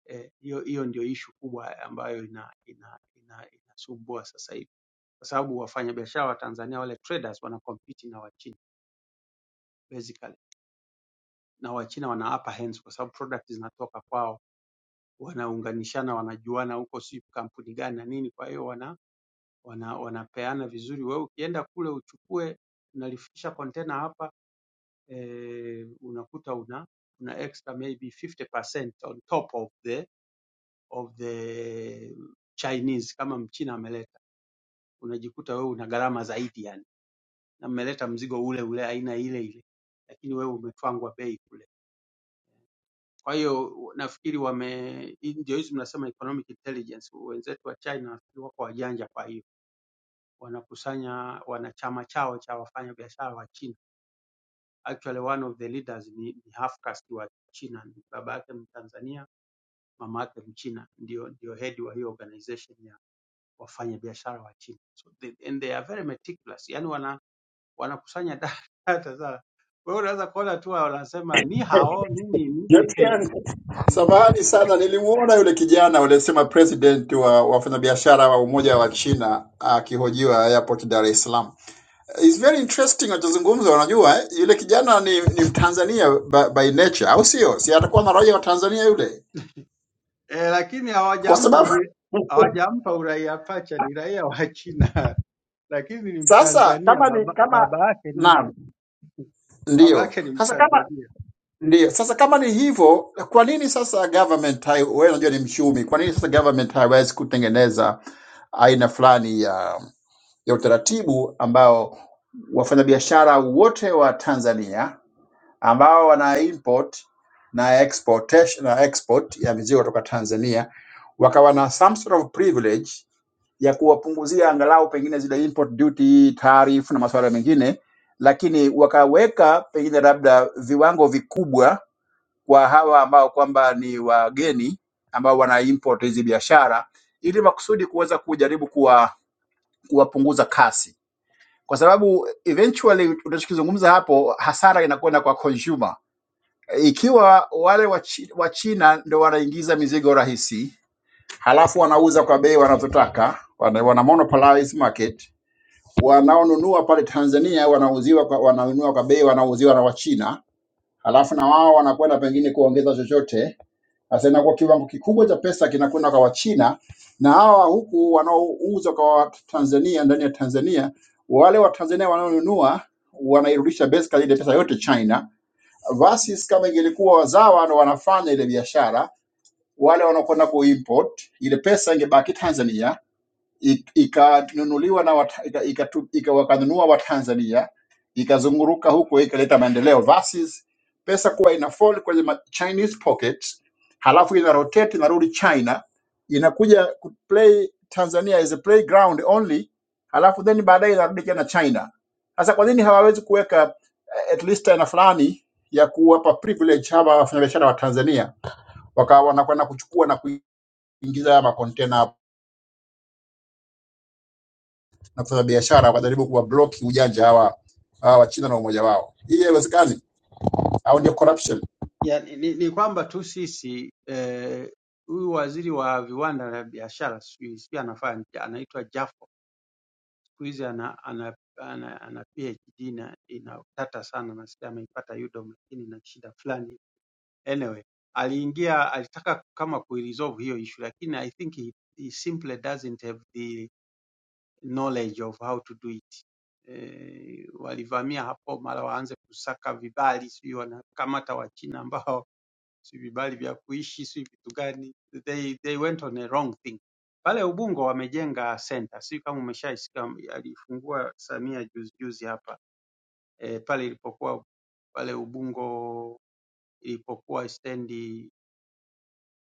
S16: Eh, Hiyo eh, hiyo ndio issue kubwa ambayo ina ina ina inasumbua sasa hivi, kwa sababu wafanyabiashara wa Tanzania wale traders wanacompete na Wachina basically, na Wachina wana upper hands kwa sababu product zinatoka kwao, wanaunganishana, wanajuana huko, si kampuni gani na nini, kwa hiyo wana wana, wanapeana vizuri. Wewe ukienda kule uchukue unalifikisha container hapa eh, unakuta una una extra maybe 50% on top of the of the Chinese kama mchina ameleta, unajikuta wewe una gharama zaidi yani, na mmeleta mzigo ule ule aina ile ile, lakini wewe umetwangwa bei kule. Kwa hiyo nafikiri wame, hii ndio hizi mnasema economic intelligence. Wenzetu wa China nafikiri wako wajanja, kwa hiyo wanakusanya wanachama chao cha wafanya biashara wa China Actually one of the leaders ni, ni half caste wa China, baba yake Mtanzania, mama yake Mchina, ndio ndio head wa hiyo organization ya wafanya biashara wa China. So they, and they are very meticulous, yani wana wanakusanya data za wewe unaweza kuona tu wanasema ni hao nini nini eh,
S14: Jamani sana, nilimuona yule kijana walisema president wa wafanyabiashara wa umoja wa China akihojiwa airport Dar es Salaam. It's very interesting anachozungumza. Unajua eh, yule kijana ni, ni Mtanzania by, by nature, au sio? Si atakuwa na raia wa Tanzania yule,
S16: lakini
S14: kwa
S16: hawajampa
S14: sababu
S16: ni hawajampa uraia pacha, ni raia wa China lakini ni
S14: sasa
S16: Mtanzania,
S14: kama ni
S16: baba
S14: kama
S16: baba yake ni Mta-
S14: naam,
S16: baba
S14: ndio
S16: yake ni
S14: sasa kama
S16: Mtanzania.
S14: Ndiyo, sasa kama ni hivyo, kwa nini sasa government hai, wewe unajua ni mchumi, kwa nini sasa government haiwezi kutengeneza aina fulani ya ya utaratibu ambao wafanyabiashara wote wa Tanzania ambao wana import na exportation na export ya mizigo kutoka Tanzania wakawa na some sort of privilege ya kuwapunguzia angalau pengine zile import duty, tarifu na masuala mengine, lakini wakaweka pengine labda viwango vikubwa kwa hawa ambao kwamba ni wageni ambao wana import hizi biashara ili makusudi kuweza kujaribu kuwa kuwapunguza kasi, kwa sababu eventually unachokizungumza hapo, hasara inakwenda kwa consumer. Ikiwa wale wa Chi- wa China ndio wanaingiza mizigo rahisi, halafu wanauza kwa bei wanazotaka, wana, wana monopolize market. Wanaonunua pale Tanzania wanauziwa kwa, wananunua kwa bei wanauziwa na Wachina, halafu na wao wanakwenda pengine kuongeza chochote Sasa inakuwa kiwango kikubwa cha pesa kinakwenda kwa Wachina na hawa huku wanaouza kwa Tanzania ndani ya Tanzania, wale Watanzania wanaonunua wanairudisha basically ile pesa yote China, versus kama ingelikuwa wazawa ndo wanafanya ile biashara, wale wanaokwenda kuimport ile pesa ingebaki Tanzania I- ikanunuliwa na wata- ika- ikatu- ika- wakanunua Watanzania, ikazunguruka huko, ikaleta maendeleo versus pesa kuwa ina fall kwenye ma- Chinese pockets, halafu ina rotate inarudi China, inakuja ku play Tanzania as a playground only, halafu then baadaye inarudi tena China. Sasa kwa nini hawawezi kuweka eh, at least aina fulani ya kuwapa privilege hawa wafanyabiashara wa Tanzania, wakawa wanakwenda kuchukua na kuingiza haya makontena na kufanya biashara wakajaribu kuwabloki ujanja hawa hawa Wachina na umoja wao. Hii haiwezekani, au ndio corruption.
S16: yani, ni, ni kwamba tu sisi eh, huyu waziri wa viwanda na biashara sijui sijui anafanya anaitwa Jafo siku hizi ana, ana, ana, ana PhD na ina tata sana, nasikia ameipata UDOM lakini na shida fulani. Anyway, aliingia alitaka kama kuiresolve hiyo issue, lakini I think he, he simply doesn't have the knowledge of how to do it. Eh, walivamia hapo mara waanze kusaka vibali, sijui wanakamata Wachina ambao si vibali vya kuishi, si vitu gani, they, they went on a wrong thing. Pale Ubungo wamejenga center, si kama umeshaisikia, alifungua Samia juzi juzi hapa e, pale ilipokuwa pale Ubungo ilipokuwa stendi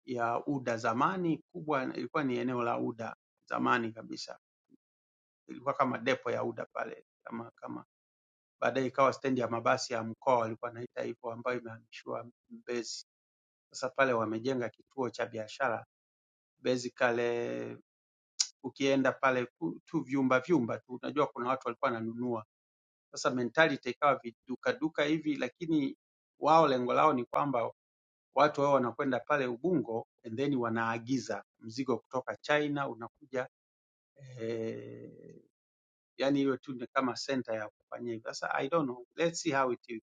S16: ya UDA zamani kubwa, ilikuwa ni eneo la UDA zamani kabisa, ilikuwa kama depo ya UDA pale kama kama baadaye ikawa stendi ya mabasi ya mkoa walikuwa wanaita hivyo, ambayo imehamishiwa Mbezi. Sasa pale wamejenga kituo cha biashara basically ukienda pale ku- tu vyumba vyumba tu, unajua kuna watu walikuwa wananunua. Sasa mentality ikawa viduka duka hivi, lakini wao lengo lao ni kwamba watu wao wanakwenda pale Ubungo and then wanaagiza mzigo kutoka China unakuja eh, yani hiyo tu ni kama center ya kufanyia hivyo. Sasa I don't know, let's see how it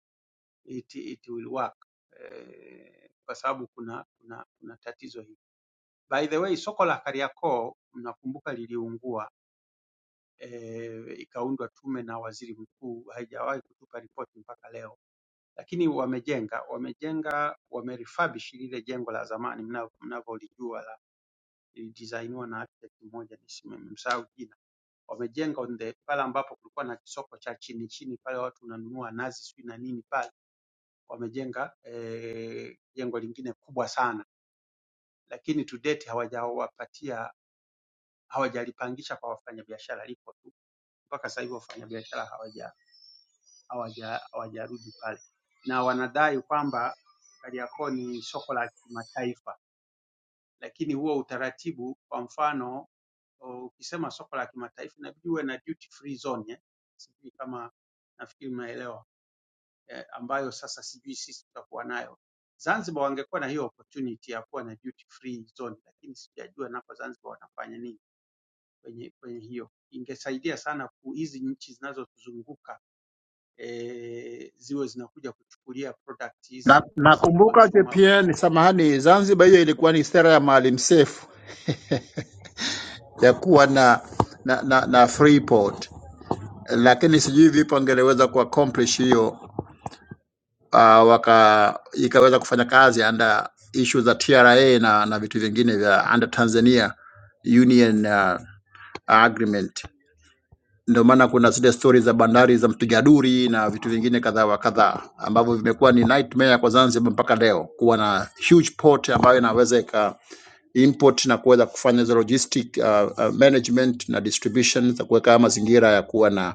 S16: it, it will work eh, kwa sababu kuna kuna kuna tatizo hili. By the way, soko la Kariakoo mnakumbuka liliungua eh, ikaundwa tume na waziri mkuu, haijawahi kutupa ripoti mpaka leo, lakini wamejenga wamejenga wamerefurbish lile jengo la zamani mna- mnavyolijua la lilidesigniwa na architect mmoja nisi- nimemsahau jina. Wamejenga on the pale ambapo kulikuwa na kisoko cha chini chini pale watu wananunua nazi sijui na nini pale, wamejenga eh, jengo lingine kubwa sana, lakini to date hawajawapatia hawajalipangisha kwa wafanyabiashara, lipo tu mpaka sasa hivi wafanyabiashara hawaja hawaja- hawajarudi pale, na wanadai kwamba Kariakoo ni soko la kimataifa, lakini huo utaratibu, kwa mfano o, ukisema soko la kimataifa inabidi uwe na duty free zone eh? Sijui kama nafikiri umeelewa eh, ambayo sasa sijui sisi tutakuwa nayo. Zanzibar wangekuwa na hiyo opportunity ya kuwa na duty free zone, lakini sijajua nako Zanzibar wanafanya nini kwenye kwenye hiyo. Ingesaidia sana ku- hizi nchi zinazotuzunguka eh, ziwe zinakuja kuchukulia product
S14: Na
S16: hizi hizi
S14: nakumbuka
S16: consumer
S14: JPN, samahani, Zanzibar hiyo ilikuwa ni sera ya Maalim Seif ya kuwa na na, na, na free port, lakini sijui vipi angeleweza ku accomplish hiyo uh, waka ikaweza kufanya kazi under issue za TRA na na vitu vingine vya under Tanzania Union uh, agreement. ndio maana kuna zile stori za bandari za mpiga duri na vitu vingine kadha wa kadhaa ambavyo vimekuwa ni nightmare kwa Zanzibar mpaka leo, kuwa na huge port ambayo inaweza ika import na kuweza kufanya hizo logistic uh, uh, management na distribution za kuweka haya mazingira ya kuwa na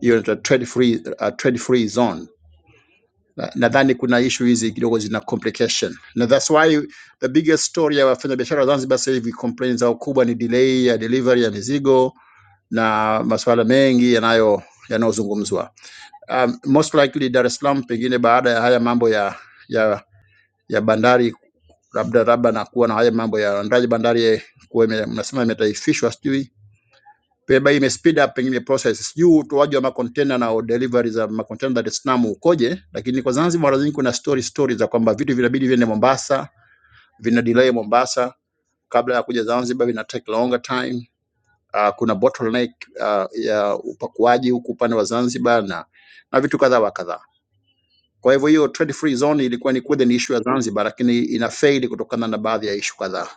S14: hiyo inaitwa trade free, uh, trade free zone. Na- Nadhani kuna issue hizi kidogo zina complication, na that's why the biggest story ya wafanyabiashara wa Zanzibar sasa hivi complaints zao kubwa ni delay ya delivery ya mizigo na masuala mengi yanayo yanayozungumzwa. Um, most likely Dar es Salaam pengine baada ya haya mambo ya ya ya bandari labda labda na kuwa na haya mambo ya uandaaji bandari kuwa ime- mnasema imetaifishwa, sijui peba ime speed up pengine process, sijui utoaji wa makontena na delivery za makontena Dar es Salaam ukoje. Lakini kwa Zanzibar mara nyingi kuna story story za kwamba vitu vinabidi viende Mombasa, vina delay Mombasa kabla ya kuja Zanzibar, vina take longer time uh, kuna bottleneck uh, ya upakuaji huku upande wa Zanzibar na, na vitu kadhaa wa kadhaa. Kwa hivyo hiyo trade free zone ilikuwa ni kweli ni issue ya Zanzibar, lakini ina fail kutokana na baadhi ya issue kadhaa.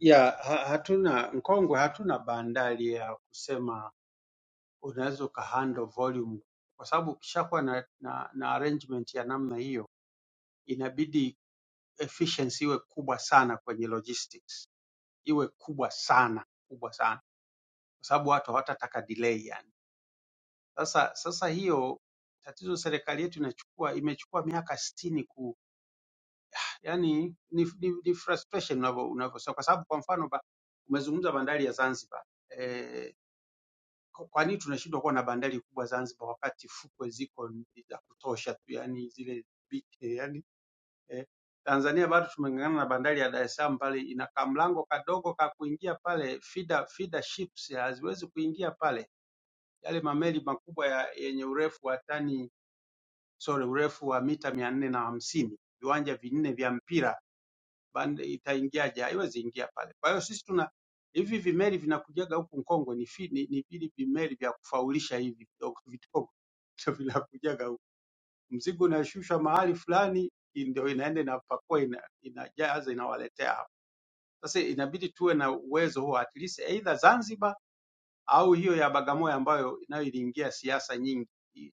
S16: ya ha, hatuna Nkongwe, hatuna bandari ya kusema unaweza ukahandle volume, kwa sababu ukishakuwa na, na, na arrangement ya namna hiyo inabidi efficiency iwe kubwa sana kwenye logistics, iwe kubwa sana kubwa sana, kwa sababu watu hawatataka delay yani. Sasa sasa hiyo tatizo serikali yetu inachukua imechukua miaka sitini yani ni, ni, ni frustration unavyo- unavyosema, kwa sababu kwa mfano ba, umezungumza bandari ya Zanzibar eh, kwa kwa nini tunashindwa kuwa na bandari kubwa Zanzibar wakati fukwe ziko ni za kutosha tu, yani zile bi- eh, yani eh, Tanzania bado tumeng'ang'ana na bandari ya Dar es Salaam pale, ina kamlango kadogo ka kuingia pale, feeder, feeder ships ya haziwezi kuingia pale, yale mameli makubwa ya, yenye urefu wa tani sorry, urefu wa mita mia nne na hamsini viwanja vinne vya mpira band- itaingiaje? Haiwezi ingia pale. Kwa hiyo sisi tuna hivi vimeli vinakujaga huku Nkongwe ni fi, ni, ni vile vimeli vya kufaulisha hivi vidogo vidogo ndio vinakujaga huku. Mzigo unashushwa mahali fulani ndio inaenda inapakua ina, inajaza inawaletea hapa. Sasa inabidi tuwe na uwezo huo at least either Zanzibar au hiyo ya Bagamoyo ambayo nayo iliingia siasa nyingi.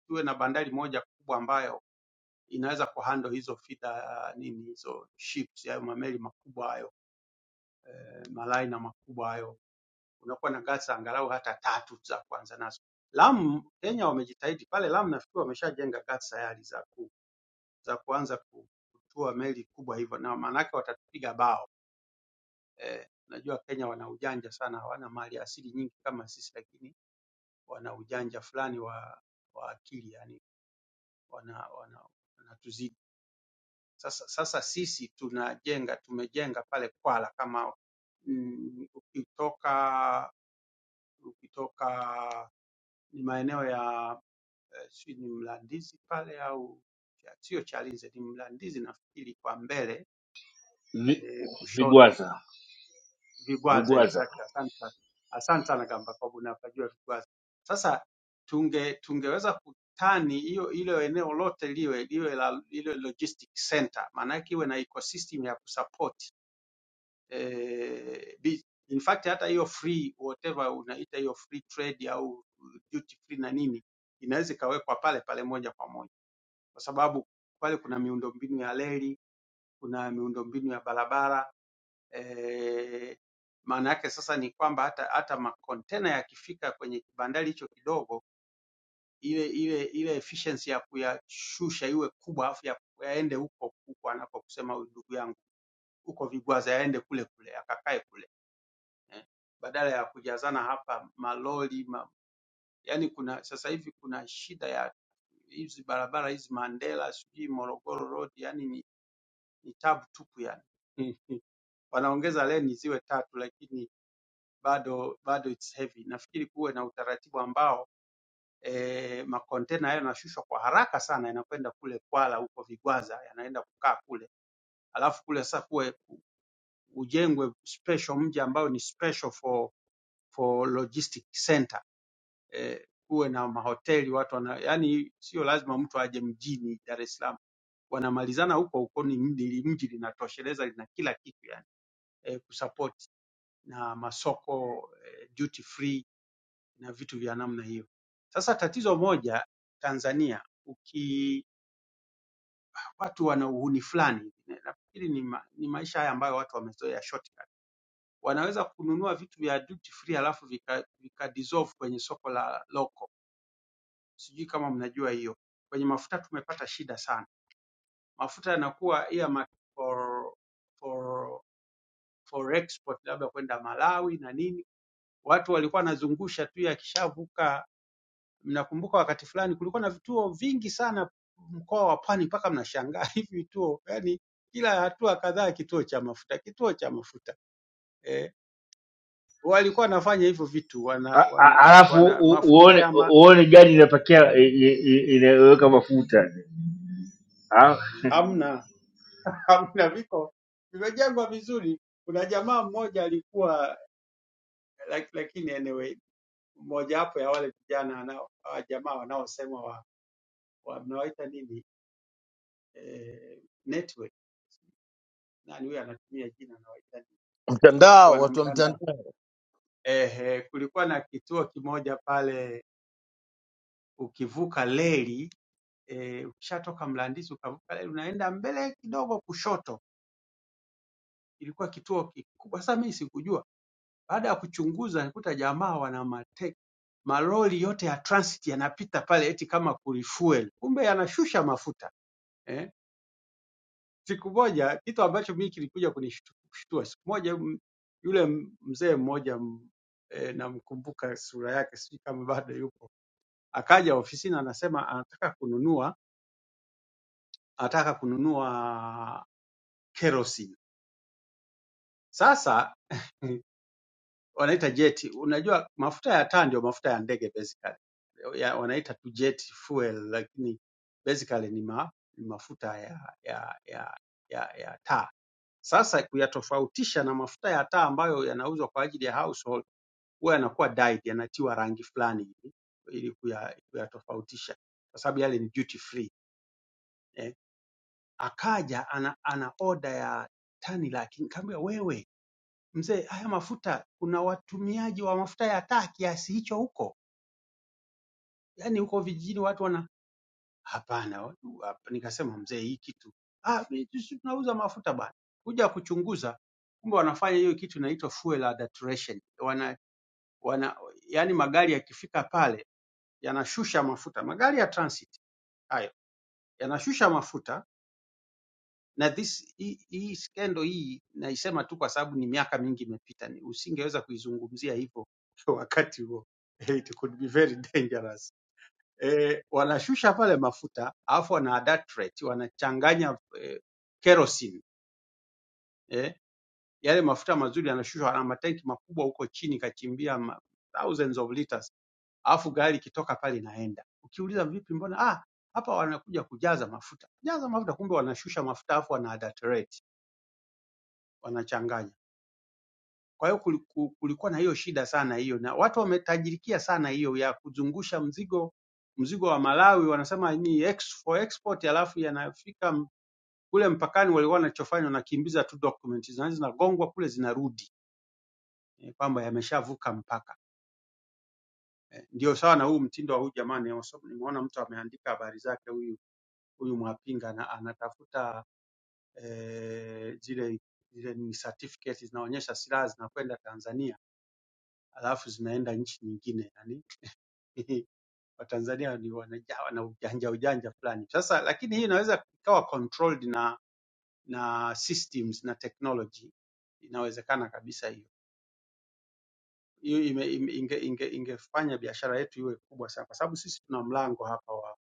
S16: Tuwe na bandari moja kubwa ambayo inaweza kuhandle hizo feeder nini hizo ships hayo mameli makubwa hayo eh, malaina makubwa hayo, unakuwa na gasi angalau hata tatu za kuanza nazo. Lamu Kenya wamejitahidi pale Lamu, nafikiri wameshajenga gati tayari za ku, za kuanza ku- kutua meli kubwa hivyo, na maana yake watatupiga bao eh. Najua Kenya wana ujanja sana, hawana mali asili nyingi kama sisi, lakini wana ujanja fulani wa wa akili, yani wana wana wanatuzidi. Sasa sasa sisi tunajenga tumejenga pale Kwala kama mm, ukitoka ukitoka ni maeneo ya eh, sijui ni Mlandizi pale au sio Chalinze, ni Mlandizi nafikiri kwa mbele
S13: Vi-
S16: eh, kushoto
S13: Vigwaza,
S16: Vigwaza,
S13: vigwaza.
S16: exactly. Asante sana, asante sana Gamba, kwa unapajua Vigwaza. Sasa tunge tungeweza kutani hiyo hilo eneo lote liwe liwe la liwe logistic center, maana yake iwe na ecosystem ya kusupport eh, bi- in fact hata hiyo free whatever unaita hiyo free trade au duty free na nini inaweza ikawekwa pale pale moja kwa moja, kwa sababu pale kuna miundombinu ya reli, kuna miundombinu ya barabara eh, maana yake sasa ni kwamba hata hata makontena yakifika kwenye kibandari hicho kidogo, ile ile ile efficiency ya kuyashusha iwe kubwa, afu ya- yaende huko huko anapokusema huyu ndugu yangu, huko Vigwaza, yaende kule kule akakae kule eh, badala ya kujazana hapa malori ma, yani kuna sasa hivi kuna shida ya hizi barabara hizi Mandela sijui Morogoro Road, yani ni, ni tabu tupu yani wanaongeza leni ziwe tatu, lakini bado bado it's heavy. Nafikiri kuwe na utaratibu ambao eh, makontena hayo yanashushwa kwa haraka sana, yanakwenda kule Kwala huko Vigwaza, yanaenda kukaa kule, alafu kule sasa kuwe ujengwe special mji ambao ni special for for logistic center eh, kuwe na mahoteli watu wana, yani sio lazima mtu aje mjini Dar es Salaam, wanamalizana huko huko, ni mji mji linatosheleza lina kila kitu yani eh, kusupport na masoko eh, duty free na vitu vya namna hiyo. Sasa tatizo moja Tanzania, uki watu wana uhuni fulani, nafikiri ni, ma, ni maisha haya ambayo watu wamezoea shortcut, wanaweza kununua vitu vya duty free alafu vika, vika dissolve kwenye soko la local Sijui kama mnajua hiyo. Kwenye mafuta tumepata shida sana. Mafuta yanakuwa ya ma- for, for, for export labda kwenda Malawi na nini. Watu walikuwa wanazungusha tu yakishavuka. Mnakumbuka wakati fulani kulikuwa na vituo vingi sana mkoa wa Pwani, mpaka mnashangaa hivi vituo, yani kila hatua kadhaa kituo cha mafuta, kituo cha mafuta eh, walikuwa wanafanya hivyo vitu wana,
S13: A- a-
S16: wana,
S13: Alafu
S16: wana
S13: u-
S16: mafuta
S13: uone
S16: ya ma,
S13: uone gani inapakia i- i- i- inaweka mafuta Ah,
S16: hamna hamna viko vimejengwa vizuri. Kuna jamaa mmoja alikuwa lak- lakini anyway, mojawapo ya wale vijana wanao hawa jamaa wanaosema wa, wa mnawaita nini eh, network nani huyo anatumia jina anawaita nini
S2: mtandao, watu wa
S16: wanamtandao.
S2: mtandao.
S16: Ehe, kulikuwa na kituo kimoja pale, ukivuka reli eh, ukishatoka Mlandizi ukavuka reli unaenda mbele kidogo kushoto, ilikuwa kituo kikubwa. Sasa mimi sikujua Baada ya kuchunguza alikuta jamaa wana mateke malori yote ya transit yanapita pale eti kama kulifuel, kumbe yanashusha mafuta eh. Siku moja kitu ambacho mimi kilikuja kunishtua, siku moja m- yule m- mzee mmoja m- eh, namkumbuka sura yake, sijui kama bado yupo, akaja ofisini anasema anataka kununua anataka kununua kerosene. Sasa wanaita jeti. Unajua mafuta ya taa ndio mafuta ya ndege basically. Ya, wanaita tu jet fuel lakini basically ni, ma, ni mafuta ya ya ya ya, ya taa. Sasa kuyatofautisha na mafuta ya taa ambayo yanauzwa kwa ajili ya household huwa yanakuwa dyed, yanatiwa rangi fulani hivi ili kuya- kuyatofautisha, kwa sababu yale ni duty free eh. Akaja ana, ana oda ya tani laki, nikamwambia wewe mzee, haya mafuta kuna watumiaji wa mafuta ya taa kiasi hicho huko, yaani huko vijijini watu wana hapana. watu- hap- Nikasema mzee, hii kitu ah, mimi si tunauza mafuta bana. Kuja kuchunguza, kumbe wanafanya hiyo kitu inaitwa fuel adulteration. Wana, wana yaani magari yakifika pale yanashusha mafuta, magari ya transit hayo yanashusha mafuta na this hii hii skendo hii naisema tu kwa sababu ni miaka mingi imepita, ni- usingeweza kuizungumzia hivyo wakati huo Hey, it could be very dangerous. E, wanashusha pale mafuta alafu wana adulterate wanachanganya e, kerosene e, yale mafuta mazuri yanashushwa na matanki makubwa huko chini kachimbia ma, thousands of liters, alafu gari ikitoka pale inaenda. Ukiuliza vipi, mbona ah, hapa wanakuja kujaza mafuta, jaza mafuta, kumbe wanashusha mafuta alafu wana adulterate wanachanganya. Kwa hiyo kuliku- kulikuwa na hiyo shida sana hiyo, na watu wametajirikia sana hiyo ya kuzungusha mzigo mzigo wa Malawi, wanasema ni ex, for export, alafu yanafika m- kule mpakani, walikuwa wanachofanya wanakimbiza tu document zina- zinagongwa kule zinarudi eh, kwamba yameshavuka mpaka eh, ndio sawa na huu mtindo wa huyu jamaa nimesoma- nimeona mtu ameandika habari zake huyu huyu Mwapinga na anatafuta eh, zile zile ni certificate zinaonyesha silaha zinakwenda Tanzania alafu zinaenda nchi nyingine yani Watanzania ni wanajawa na ujanja ujanja fulani. Sasa lakini hii inaweza ikawa controlled na na systems na technology, inawezekana kabisa hiyo. Hiyo ime, ime, inge, inge, ingefanya biashara yetu iwe kubwa sana, kwa sababu sisi tuna mlango hapa wa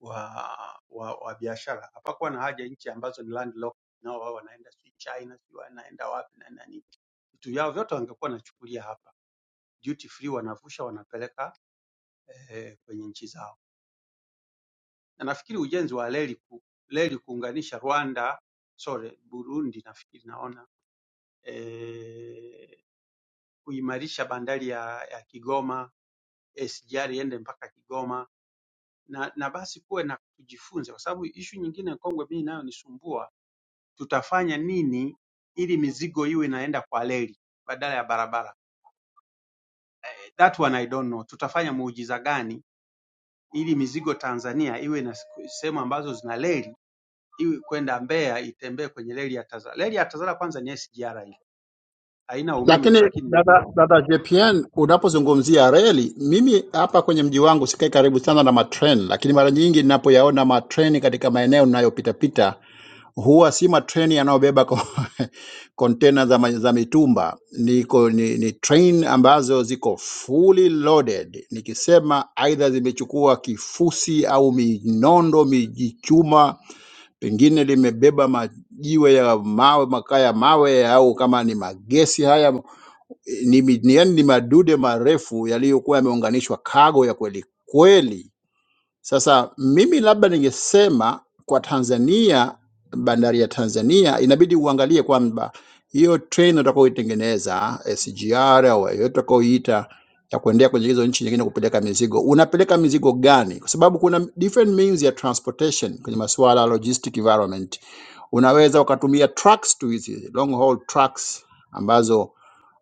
S16: wa wa, wa biashara. Hapakuwa na haja nchi ambazo ni landlocked, nao wao wanaenda sijui China, sijui wanaenda wapi na nani, vitu vyao vyote wangekuwa wanachukulia hapa duty free, wanavusha wanapeleka eh, kwenye nchi zao. na nafikiri ujenzi wa reli ku, reli kuunganisha Rwanda sorry, Burundi nafikiri naona eh, kuimarisha bandari ya, ya Kigoma SGR iende mpaka Kigoma na, na basi kuwe na tujifunze, kwa sababu ishu nyingine kongwe mimi inayonisumbua tutafanya nini ili mizigo iwe inaenda kwa reli badala ya barabara. That one I don't know, tutafanya muujiza gani ili mizigo Tanzania iwe na siku- sehemu ambazo zina reli iwe kwenda Mbeya itembee kwenye reli ya TAZARA. Reli ya TAZARA kwanza ni SGR hiyo, haina umeme tu,
S14: Lakini
S16: lakini ni
S14: dada, dada JPN, unapozungumzia reli, mimi hapa kwenye mji wangu sikai karibu sana na matreni, lakini mara nyingi ninapoyaona matreni katika maeneo ninayopitapita huwa si matreni yanayobeba ko- container za, ma- za mitumba niko ni, ni train ambazo ziko fully loaded. Nikisema aidha zimechukua kifusi au minondo mijichuma, pengine limebeba majiwe ya mawe, makaa ya mawe, au kama ni magesi haya ni, mi- ni, yani ni madude marefu yaliyokuwa yameunganishwa kago ya kweli kweli sasa mimi labda ningesema kwa Tanzania, bandari ya Tanzania inabidi uangalie kwamba hiyo train utakaoitengeneza SGR au yoyote utakaoiita ya kuendea kwenye hizo nchi nyingine kupeleka mizigo, unapeleka mizigo gani? Kwa sababu kuna different means ya transportation kwenye masuala ya logistic environment. Unaweza ukatumia trucks tu hizi long haul trucks ambazo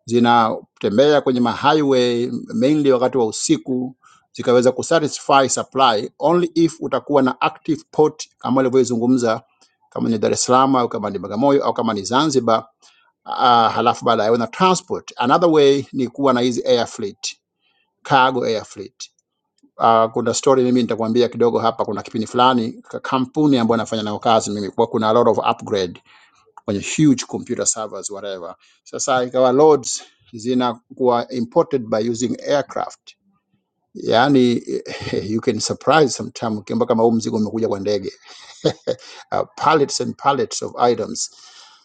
S14: zinatembea kwenye ma highway mainly wakati wa usiku zikaweza kusatisfy supply only if utakuwa na active port kama alivyoizungumza, kama ni Dar es Salaam au kama ni Bagamoyo au kama ni Zanzibar. Uh, halafu baadaye una transport. Another way ni kuwa na hizi air fleet, cargo air fleet. Uh, kuna story mimi nitakwambia kidogo hapa. Kuna kipindi fulani ka- kampuni ambayo nafanya nayo kazi mimi, kwa kuna a lot of upgrade kwenye huge computer servers whatever. Sasa ikawa loads zinakuwa imported by using aircraft, yaani you can surprise sometime, ukiamba kama huu mzigo umekuja kwa ndege uh, pallets and pallets of items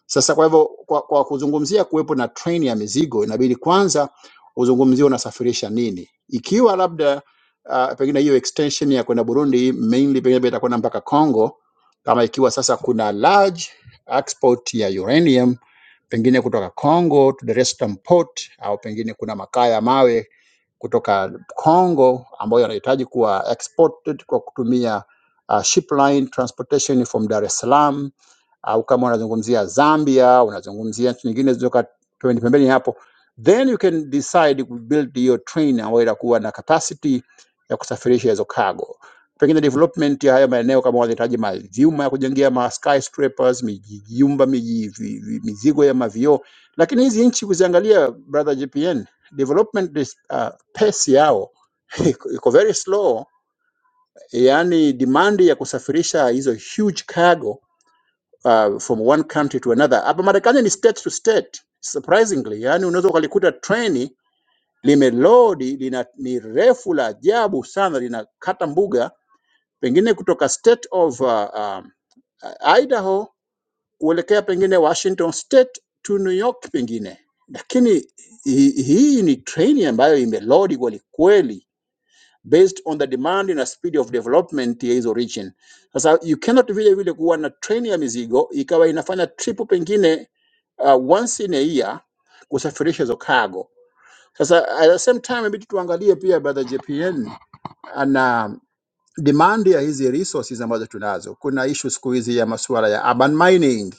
S14: sasa kwa hivyo kwa, kwa kuzungumzia kuwepo na train ya mizigo, inabidi kwanza uzungumzie unasafirisha nini. Ikiwa labda uh, pengine hiyo extension ya kwenda Burundi mainly pengine itakwenda mpaka Congo, kama ikiwa sasa kuna large export ya uranium pengine kutoka Congo to Dar es Salaam port, au pengine kuna makaa ya mawe kutoka Congo ambayo yanahitaji kuwa exported kwa kutumia uh, ship line transportation from Dar es Salaam au kama unazungumzia Zambia, unazungumzia nchi nyingine zilizoka pembeni pembeni hapo, then you can decide to build hiyo train ambayo itakuwa na capacity ya kusafirisha hizo cargo. Pengine development ya haya maeneo kama wanahitaji mavyuma ya kujengea ma skyscrapers, mijijumba, miji, vi- vi- mizigo ya mavioo. Lakini hizi nchi kuziangalia, brother GPN, development is, uh, pace yao iko iko very slow, yani demand ya kusafirisha hizo huge cargo uh, from one country to another. Hapa Marekani ni state to state surprisingly, yani unaweza ukalikuta treni limelodi lina, ni refu la ajabu sana, linakata mbuga pengine kutoka state of uh, um, Idaho kuelekea pengine Washington state to New York pengine, lakini hii hi- hii ni treni ambayo imelodi kwelikweli based on the demand na speed of development ya hizo region. Sasa you cannot vile vile kuwa na train ya mizigo ikawa inafanya trip pengine uh, once in a year kusafirisha hizo cargo. Sasa at the same time inabidi tuangalie pia brother JPN ana demand ya hizi resources ambazo tunazo. Kuna issue siku hizi ya masuala ya urban mining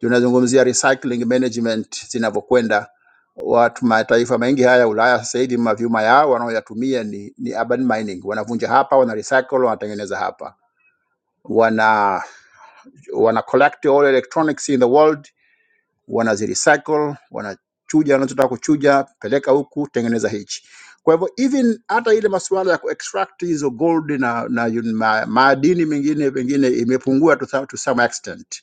S14: tunazungumzia recycling management zinavyokwenda. Watu mataifa mengi haya Ulaya sasa hivi mavyuma yao wanaoyatumia ni, ni urban mining, wanavunja hapa, wana recycle, wanatengeneza hapa, wana wana collect all electronics in the world, wanazirecycle, wanachuja wanachotaka kuchuja, peleka huku, tengeneza hichi. Kwa hivyo even hata ile masuala ya kuextract hizo gold na, na yun- ma, madini mengine pengine imepungua to, some- to some extent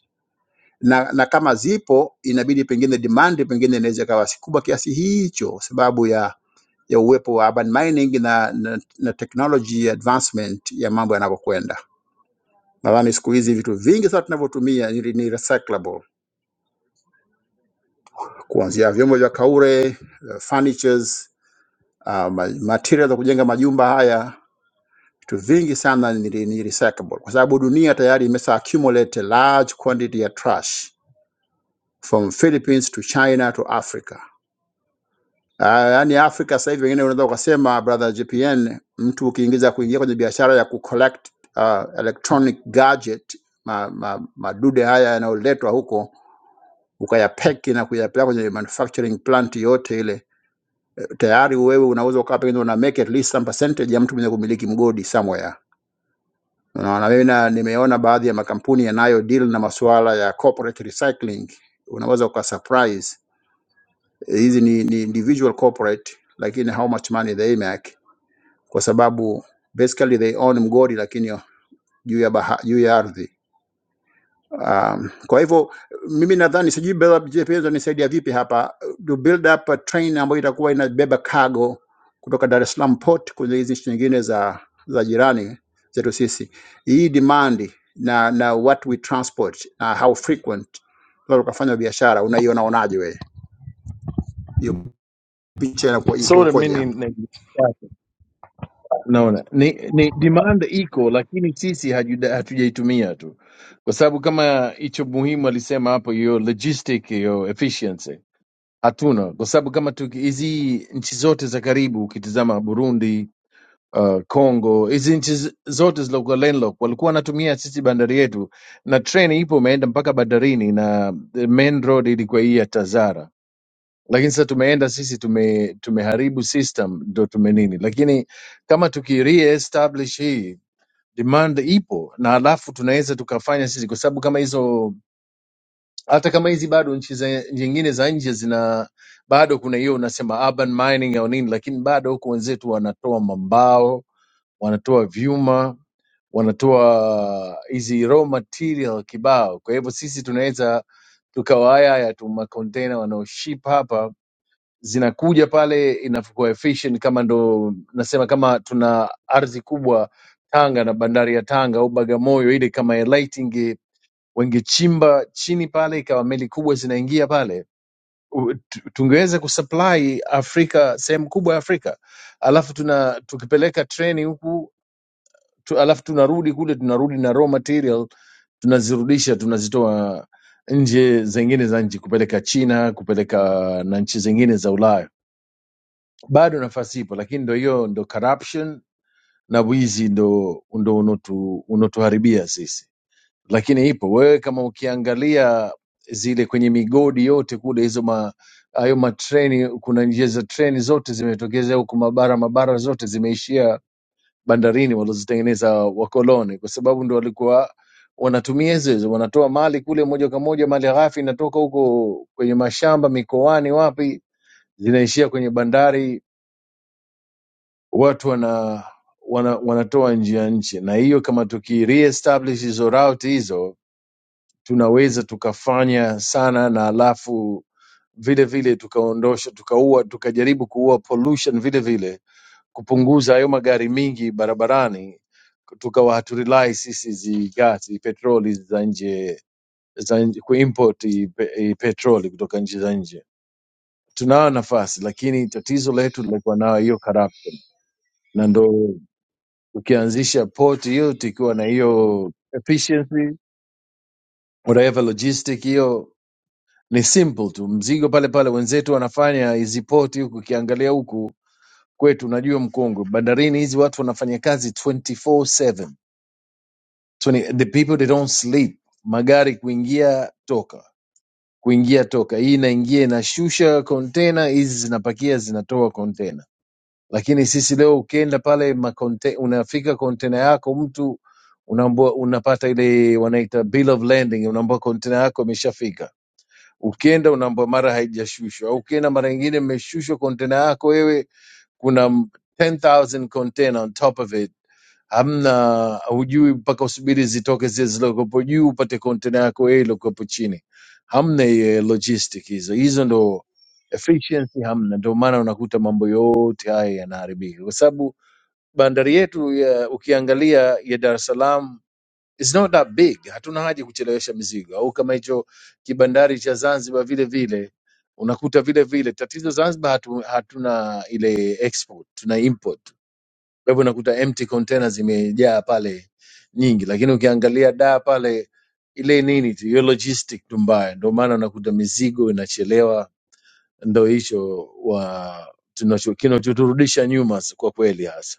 S14: na, na kama zipo inabidi pengine demand pengine inaweza ikawa si kubwa kiasi hicho, sababu ya ya uwepo wa urban mining na, na, na technology advancement ya mambo yanavyokwenda. Nadhani siku hizi vitu vingi sana tunavyotumia ni, ni recyclable, kuanzia vyombo vya kaure, eh, furnitures, uh, ma- material za kujenga majumba haya, vitu vingi sana ni, ni ni recyclable, kwa sababu dunia tayari imesha accumulate a large quantity ya trash from Philippines to China to Africa Ah, yaani Afrika sasa hivi wengine unaweza ukasema brother JPN, mtu ukiingiza kuingia kwenye biashara ya kucollect uh, electronic gadget ma, ma, madude haya yanayoletwa huko ukayapeki na kuyapeleka kwenye manufacturing plant yote ile, tayari wewe unaweza ukawa pengine una make at least some percentage ya mtu mwenye kumiliki mgodi somewhere. Unaona, mimi na nimeona baadhi ya makampuni yanayo deal na masuala ya corporate recycling, unaweza uka surprise hizi ni, ni individual corporate, lakini how much money they make kwa sababu basically they own mgodi lakini juu ya baha, juu ya ardhi um, kwa hivyo mimi nadhani sijui Bella JP nisaidia vipi hapa to build up a train ambayo itakuwa inabeba cargo kutoka Dar es Salaam port kwenye hizi nchi nyingine za za jirani zetu sisi, hii demand na na what we transport na how frequent tunaweza tukafanya biashara, unaiona onaje wewe hiyo picha inakuwa iko-
S2: Sorry,
S14: ikoje?
S2: mi ni Unaona, ni, ni demand iko, lakini sisi hajuda- hatujaitumia tu, kwa sababu kama hicho muhimu alisema hapo, hiyo logistic, hiyo efficiency hatuna, kwa sababu kama tuki- hizi nchi zote za karibu ukitizama Burundi, uh, Congo, hizi nchi z- zote zilizokuwa landlocked walikuwa wanatumia sisi bandari yetu, na treni ipo imeenda mpaka bandarini, na the main road ilikuwa hii ya Tazara lakini sasa tumeenda sisi tume, tumeharibu system ndo tumenini, lakini kama tuki reestablish hii demand ipo na alafu tunaweza tukafanya sisi, kwa sababu kama hizo hata kama hizi bado nchi za- nyingine za nje zina bado kuna hiyo unasema urban mining au nini, lakini bado huko wenzetu wanatoa mambao, wanatoa vyuma, wanatoa hizi raw material kibao. Kwa hivyo sisi tunaweza tukawahaya tu makontena wanaoship hapa zinakuja pale inavyokuwa efficient kama ndo nasema kama tuna ardhi kubwa Tanga na bandari ya Tanga au Bagamoyo ile kama ya light inge wangechimba chini pale ikawa meli kubwa zinaingia pale u- tu- tungeweza kusupply Afrika sehemu kubwa ya Afrika alafu tuna tukipeleka treni huku tu, alafu tunarudi kule tunarudi na raw material tunazirudisha tunazitoa nje zingine za nchi kupeleka China kupeleka na nchi zingine za Ulaya bado nafasi ipo lakini ndo hiyo ndo corruption na wizi ndo ndo unotu, unotuharibia sisi lakini ipo wewe kama ukiangalia zile kwenye migodi yote kule hizo ma hayo matreni kuna njia za treni zote zimetokeza huku mabara mabara zote zimeishia bandarini walozitengeneza wakoloni kwa sababu ndo walikuwa wanatumia hizo hizo wanatoa mali kule moja kwa moja mali ghafi inatoka huko kwenye mashamba mikoani wapi zinaishia kwenye bandari watu wana, wana wanatoa nje ya nchi, na hiyo kama tuki reestablish hizo route hizo tunaweza tukafanya sana, na alafu vile vile tukaondosha tukaua tukajaribu kuua pollution vile vile, kupunguza hayo magari mingi barabarani, tukawa haturely sisi hizi gasi petroli za nje za nje, kuimport hii pe- hii petroli kutoka nchi za nje. Tunayo nafasi, lakini tatizo letu lilikuwa nayo hiyo corruption, na ndo ukianzisha port yote ikiwa na hiyo efficiency whatever logistic hiyo ni simple tu mzigo pale pale wenzetu wanafanya hizi port huku ukiangalia huku kwetu unajua mkongwe bandarini hizi watu wanafanya kazi 24/7 20 the people they don't sleep magari kuingia toka kuingia toka hii inaingia inashusha container hizi zinapakia zinatoa container lakini sisi leo ukienda pale makonte, unafika kontena yako mtu unaambua, unapata ile wanaita bill of landing, unaambua kontena yako imeshafika. Ukienda unaambua mara haijashushwa, au ukienda mara nyingine imeshushwa kontena yako wewe, kuna m- 10,000 container on top of it hamna hujui mpaka usubiri zitoke zile zilizokuwepo juu upate kontena yako wewe iliyokuwepo chini hamna hiyo logistic hizo hizo ndo efficiency hamna ndio maana unakuta mambo yote haya yanaharibika kwa sababu bandari yetu ya, ukiangalia ya dar es salaam is not that big hatuna haja kuchelewesha mizigo au kama hicho kibandari cha zanzibar vile vile unakuta vile vile tatizo zanzibar hatu, hatuna ile export tuna import kwa hivyo unakuta empty container zimejaa pale nyingi, lakini ukiangalia da pale ile nini tu hiyo logistic tu mbaya, ndio maana unakuta mizigo inachelewa. Ndo hicho wa tunacho- kinachoturudisha nyuma s- kwa kweli hasa.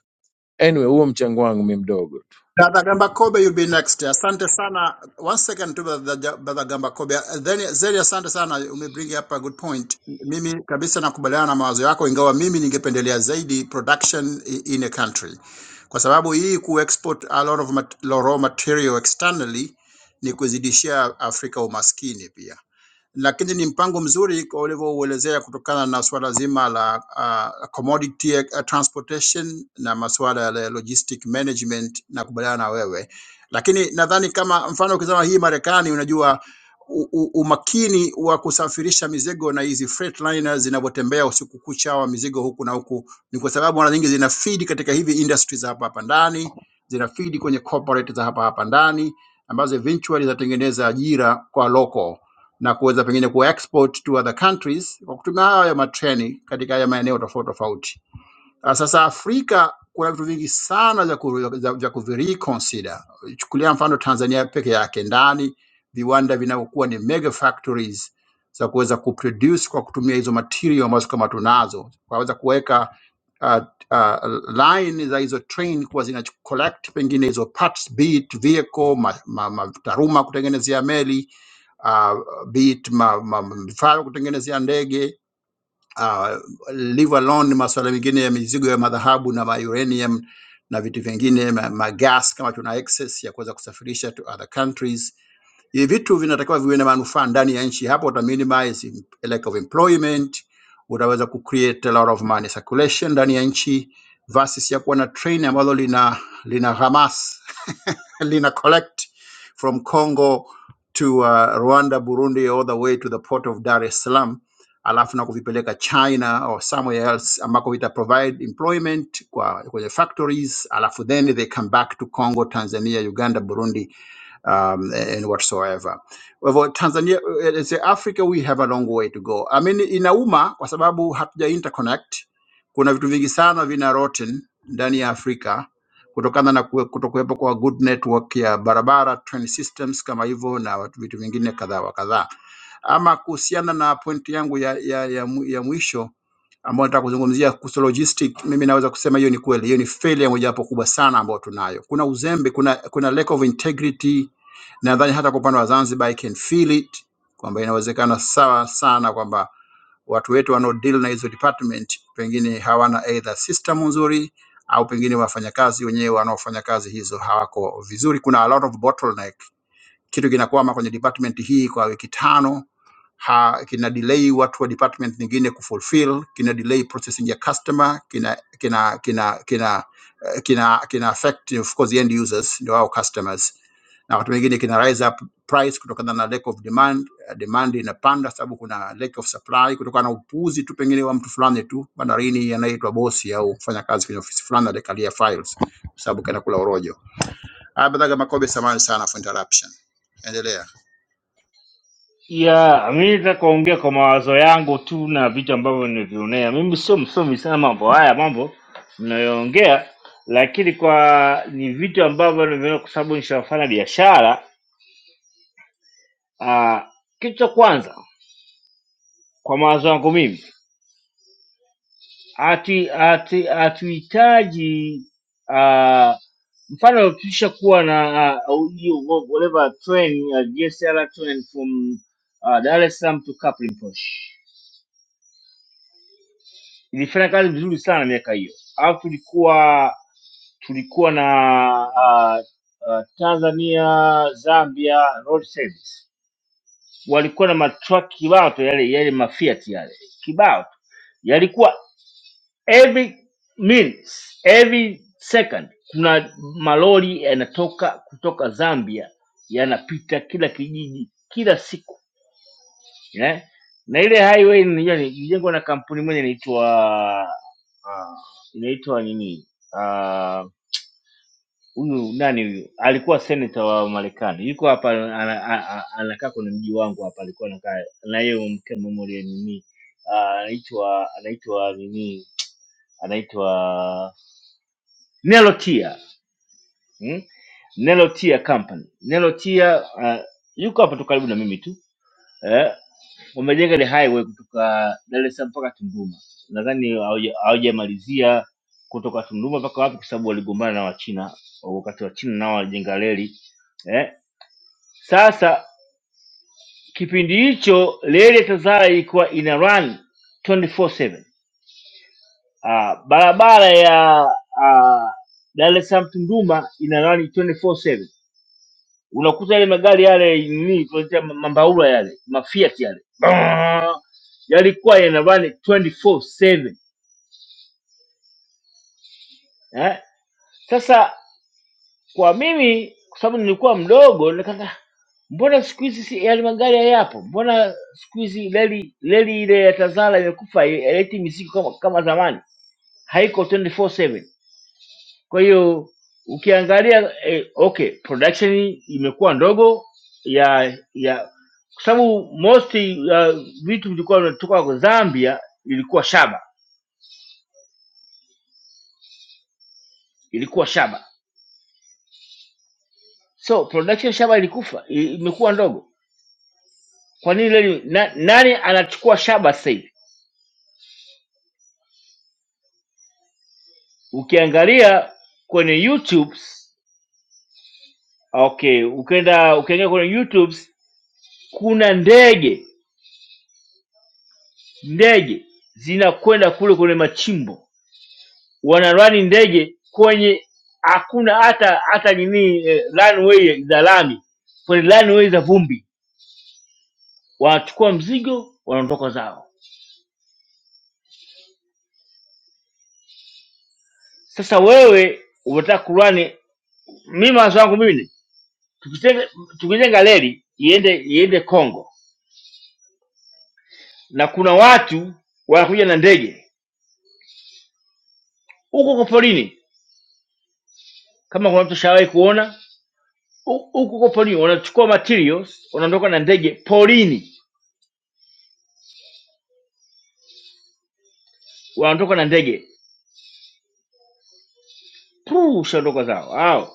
S2: Anyway, huo mchango wangu mi mdogo tu.
S14: Brother Gamba Kobe, you'll be next. Asante sana. One second to Brother Ja-, Brother Gamba Kobe. Then Zeri, asante sana, umebring up a good point. Mimi kabisa nakubaliana na mawazo yako, ingawa mimi ningependelea zaidi production i- in a country, kwa sababu hii kuexport a lot of mat raw material externally ni kuzidishia Afrika umaskini pia lakini ni mpango mzuri kwa ulivyouelezea kutokana na suala zima la uh, commodity uh, transportation na masuala ya logistic management na kubaliana na wewe, lakini nadhani kama mfano ukizama hii Marekani, unajua u, u, umakini wa kusafirisha mizigo na hizi freight liners zinavyotembea usiku kucha wa mizigo huku na huku, ni kwa sababu mara nyingi zina feed katika hivi industries za hapa hapa ndani, zina feed kwenye corporate za hapa hapa ndani ambazo eventually zinatengeneza ajira kwa local na kuweza pengine ku export to other countries kwa kutumia haya matreni katika haya maeneo tofauti tofauti. Ah, Sasa Afrika kuna vitu vingi sana vya ku- vya- vya kuvireconsider. Chukulia mfano Tanzania peke yake, ndani viwanda vinavyokuwa ni mega factories za kuweza kuproduce kwa kutumia hizo material ambazo kama tunazo, kwaweza kuweka uh, uh, line za hizo train kuwa zina collect pengine hizo parts, be it vehicle, ma, ma, ma, taruma kutengenezea meli uh, bit ma, ma, vifaa vya kutengenezea ndege uh, leave alone masuala mengine ya mizigo ya madhahabu na ma uranium na vitu vingine ma, ma gas kama tuna excess ya kuweza kusafirisha to other countries. Hivi vitu vinatakiwa viwe na manufaa ndani ya nchi, hapo uta minimize im- lack of employment, utaweza ku create a lot of money circulation ndani ya nchi versus ya kuwa na train ambalo lina lina ghamas lina collect from Congo to uh, Rwanda, Burundi, all the way to the port of Dar es Salaam, alafu na kuvipeleka China or somewhere else ambako vita provide employment kwa kwenye factories, alafu then they come back to Congo, Tanzania, Uganda, Burundi um, and whatsoever. Kwa hivyo Tanzania, eh, as a Africa we have a long way to go. I mean, inauma kwa sababu hatuja interconnect. Kuna vitu vingi sana vina rotten ndani ya Afrika kutokana na kuwe- kutokuwepo kwa good network ya barabara train systems kama hivyo na watu- vitu vingine kadhaa wa kadhaa. Ama kuhusiana na pointi yangu ya, ya, ya, mu- ya mwisho ambayo nataka kuzungumzia kuhusu logistic, mimi naweza kusema hiyo ni kweli, hiyo ni failure mojawapo kubwa sana ambayo tunayo. Kuna uzembe, kuna, kuna lack of integrity. Nadhani hata kwa upande wa Zanzibar I can feel it kwamba inawezekana sawa sana kwamba watu wetu wanaodeal na hizo department pengine hawana either system nzuri au pengine wafanyakazi wenyewe wanaofanya kazi hizo hawako vizuri. Kuna a lot of bottleneck. Kitu kinakwama kwenye department hii kwa wiki tano ha, kina delay watu wa department nyingine kufulfill, kina delay processing ya customer, kina kina kina kina eh, kina, kina affect of course the end users ndio wao customers, na wakati mwingine kina rise up price kutokana na lack of demand. eh, Demand inapanda sababu kuna lack of supply kutokana na upuuzi tu pengine wa mtu fulani tu bandarini anaitwa bosi au mfanya kazi kwenye ofisi fulani alikalia files sababu kana kula orojo. Ah, Badhaga Makobe, samahani sana for interruption, endelea.
S13: ya mi nataka kuongea kwa mawazo yangu tu na vitu ambavyo nimevionea. Mimi sio msomi sana mambo haya mambo mnayoongea, lakini kwa ni vitu ambavyo nimeona kwa sababu nishafanya biashara. Ah, Kitu cha kwanza kwa mawazo yangu mimi hatu- hatu- hatuhitaji ah, mfano tusha kuwa na uh, whatever train uh, GSR train from uh, Dar es Salaam to Kaplimposh ilifanya kazi vizuri sana miaka hiyo, alafu tulikuwa tulikuwa na uh, uh, Tanzania Zambia road service walikuwa na matraki kibao tu, yale yale mafiat yale kibao tu yalikuwa every minutes, every second kuna malori yanatoka kutoka Zambia yanapita kila kijiji kila siku eh? na ile highway nilijua ni- ilijengwa na kampuni moja inaitwa ah, inaitwa nini Ah, huyu uh, nani huyu alikuwa senator wa Marekani yuko hapa ana- a- a- anakaa kwenye mji wangu hapa alikuwa anakaa na yeye mke mmoja nini Ah, anaitwa anaitwa nini anaitwa Nelotia mm? Nelotia Company. Nelotia uh, yuko hapa tu karibu na mimi tu eh, wamejenga ile highway kutoka Dar es Salaam mpaka Tunduma, nadhani hauja- hawajamalizia kutoka Tunduma mpaka wapi, kwa sababu waligombana na Wachina wakati wa China nao walijenga reli eh. Sasa kipindi hicho reli ya TAZARA ilikuwa ina run 24/7. Ah, barabara ya ah, Dar es Salaam Tunduma ina run 24/7 unakuta yale magari yale nini tunaita ma- mambaula yale mafiat yale Brrrr. yalikuwa yanavani 24/7 eh? Sasa kwa mimi kwa sababu nilikuwa mdogo nikaka mbona siku hizi si- yale magari hayapo, mbona siku hizi reli reli ile ya Tazara imekufa haileti mizigo kama, kama zamani, haiko 24/7 Kwa hiyo ukiangalia eh, okay, production imekuwa ndogo ya ya kwa sababu most ya vitu vilikuwa vinatoka kwa Zambia ilikuwa shaba, ilikuwa shaba. So production shaba ilikufa, i- imekuwa ndogo. Kwa nini leo na, nani anachukua shaba sasa hivi? Ukiangalia kwenye YouTube, okay, ukienda ukiangalia kwenye YouTube kuna ndege ndege zinakwenda kule kwenye machimbo wanarani ndege kwenye hakuna hata hata nini eh, runway za lami, kwenye runway za vumbi, wanachukua mzigo wanaondoka zao. Sasa wewe unataka kurani, mimi mawazo wangu mimi ni, tukitenge- tukijenga reli iende iende Kongo na kuna watu wanakuja na ndege huko kwa porini, kama kuna mtu shawahi kuona hu- huko kwa porini, wanachukua materials wanaondoka na ndege porini, wanaondoka na ndege puu, shaondoka zao hao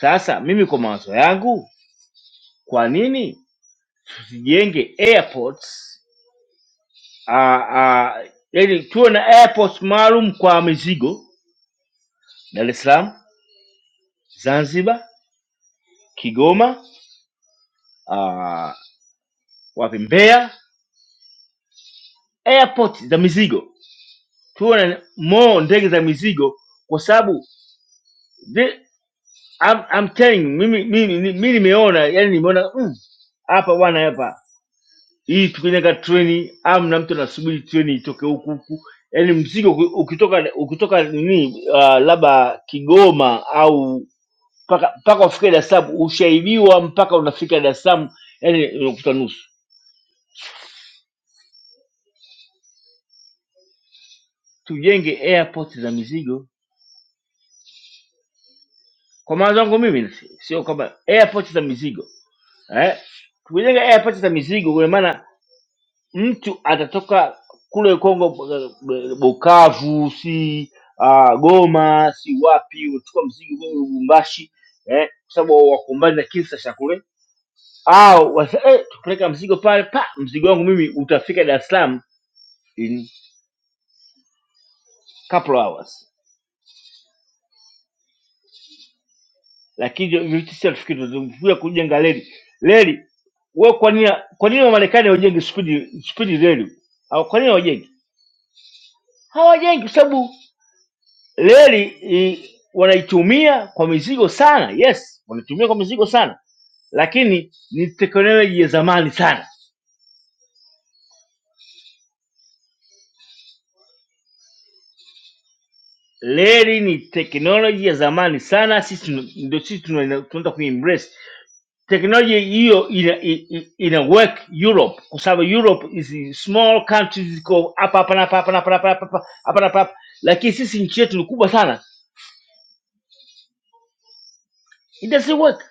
S13: Sasa mimi kwa mawazo yangu, kwa nini tusijenge airports ah, ah, yani tuwe na airports maalum kwa mizigo, Dar es Salaam, Zanzibar, Kigoma, ah, wapi, Mbeya, airport za mizigo, tuwe na more ndege za mizigo, kwa sababu the- I'm, I'm telling you, mimi mimi mimi nimeona yani nimeona mm, hapa mm, bwana hapa hii tukinyaga treni amna mtu anasubiri treni itoke huku huku yaani mzigo uki- ukitoka ukitoka nini uh, labda kigoma au mpaka mpaka ufike dar es salaam ushaibiwa mpaka unafika dar es salaam yaani unakuta nusu tujenge airport za mizigo kwa maana zangu mimi sio kwamba airport za mizigo eh? tujenge airport za mizigo kwa maana mtu atatoka kule Kongo, eh, Bukavu, si ah, Goma, si wapi, utachukua mzigo kule Lubumbashi eh, kwa sababu wakumbani na kisa cha kule, au wasa- eh, tupeleka mzigo pale pa mzigo wangu mimi utafika Dar es Salaam in couple of hours, lakini hivyo vitu si hatufikiri, tunakuja kujenga reli reli. Wewe kwa nini kwa nini Wamarekani hawajengi spidi spidi reli au kwa nini hawajengi? Hawajengi kwa sababu Reli i- wanaitumia kwa mizigo sana, yes, wanaitumia kwa mizigo sana, lakini ni teknoloji ya zamani sana. Reli ni teknoloji ya zamani sana, sisi tuna- ndio sisi tuna- tunaenda kuembrace teknoloji hiyo ina, ina, ina work Europe kwa sababu Europe is small countries ziko hapa hapa na hapa hapa na hapa na hapa hapa hapa na hapa hapa, lakini sisi nchi yetu ni kubwa sana, it doesn't work.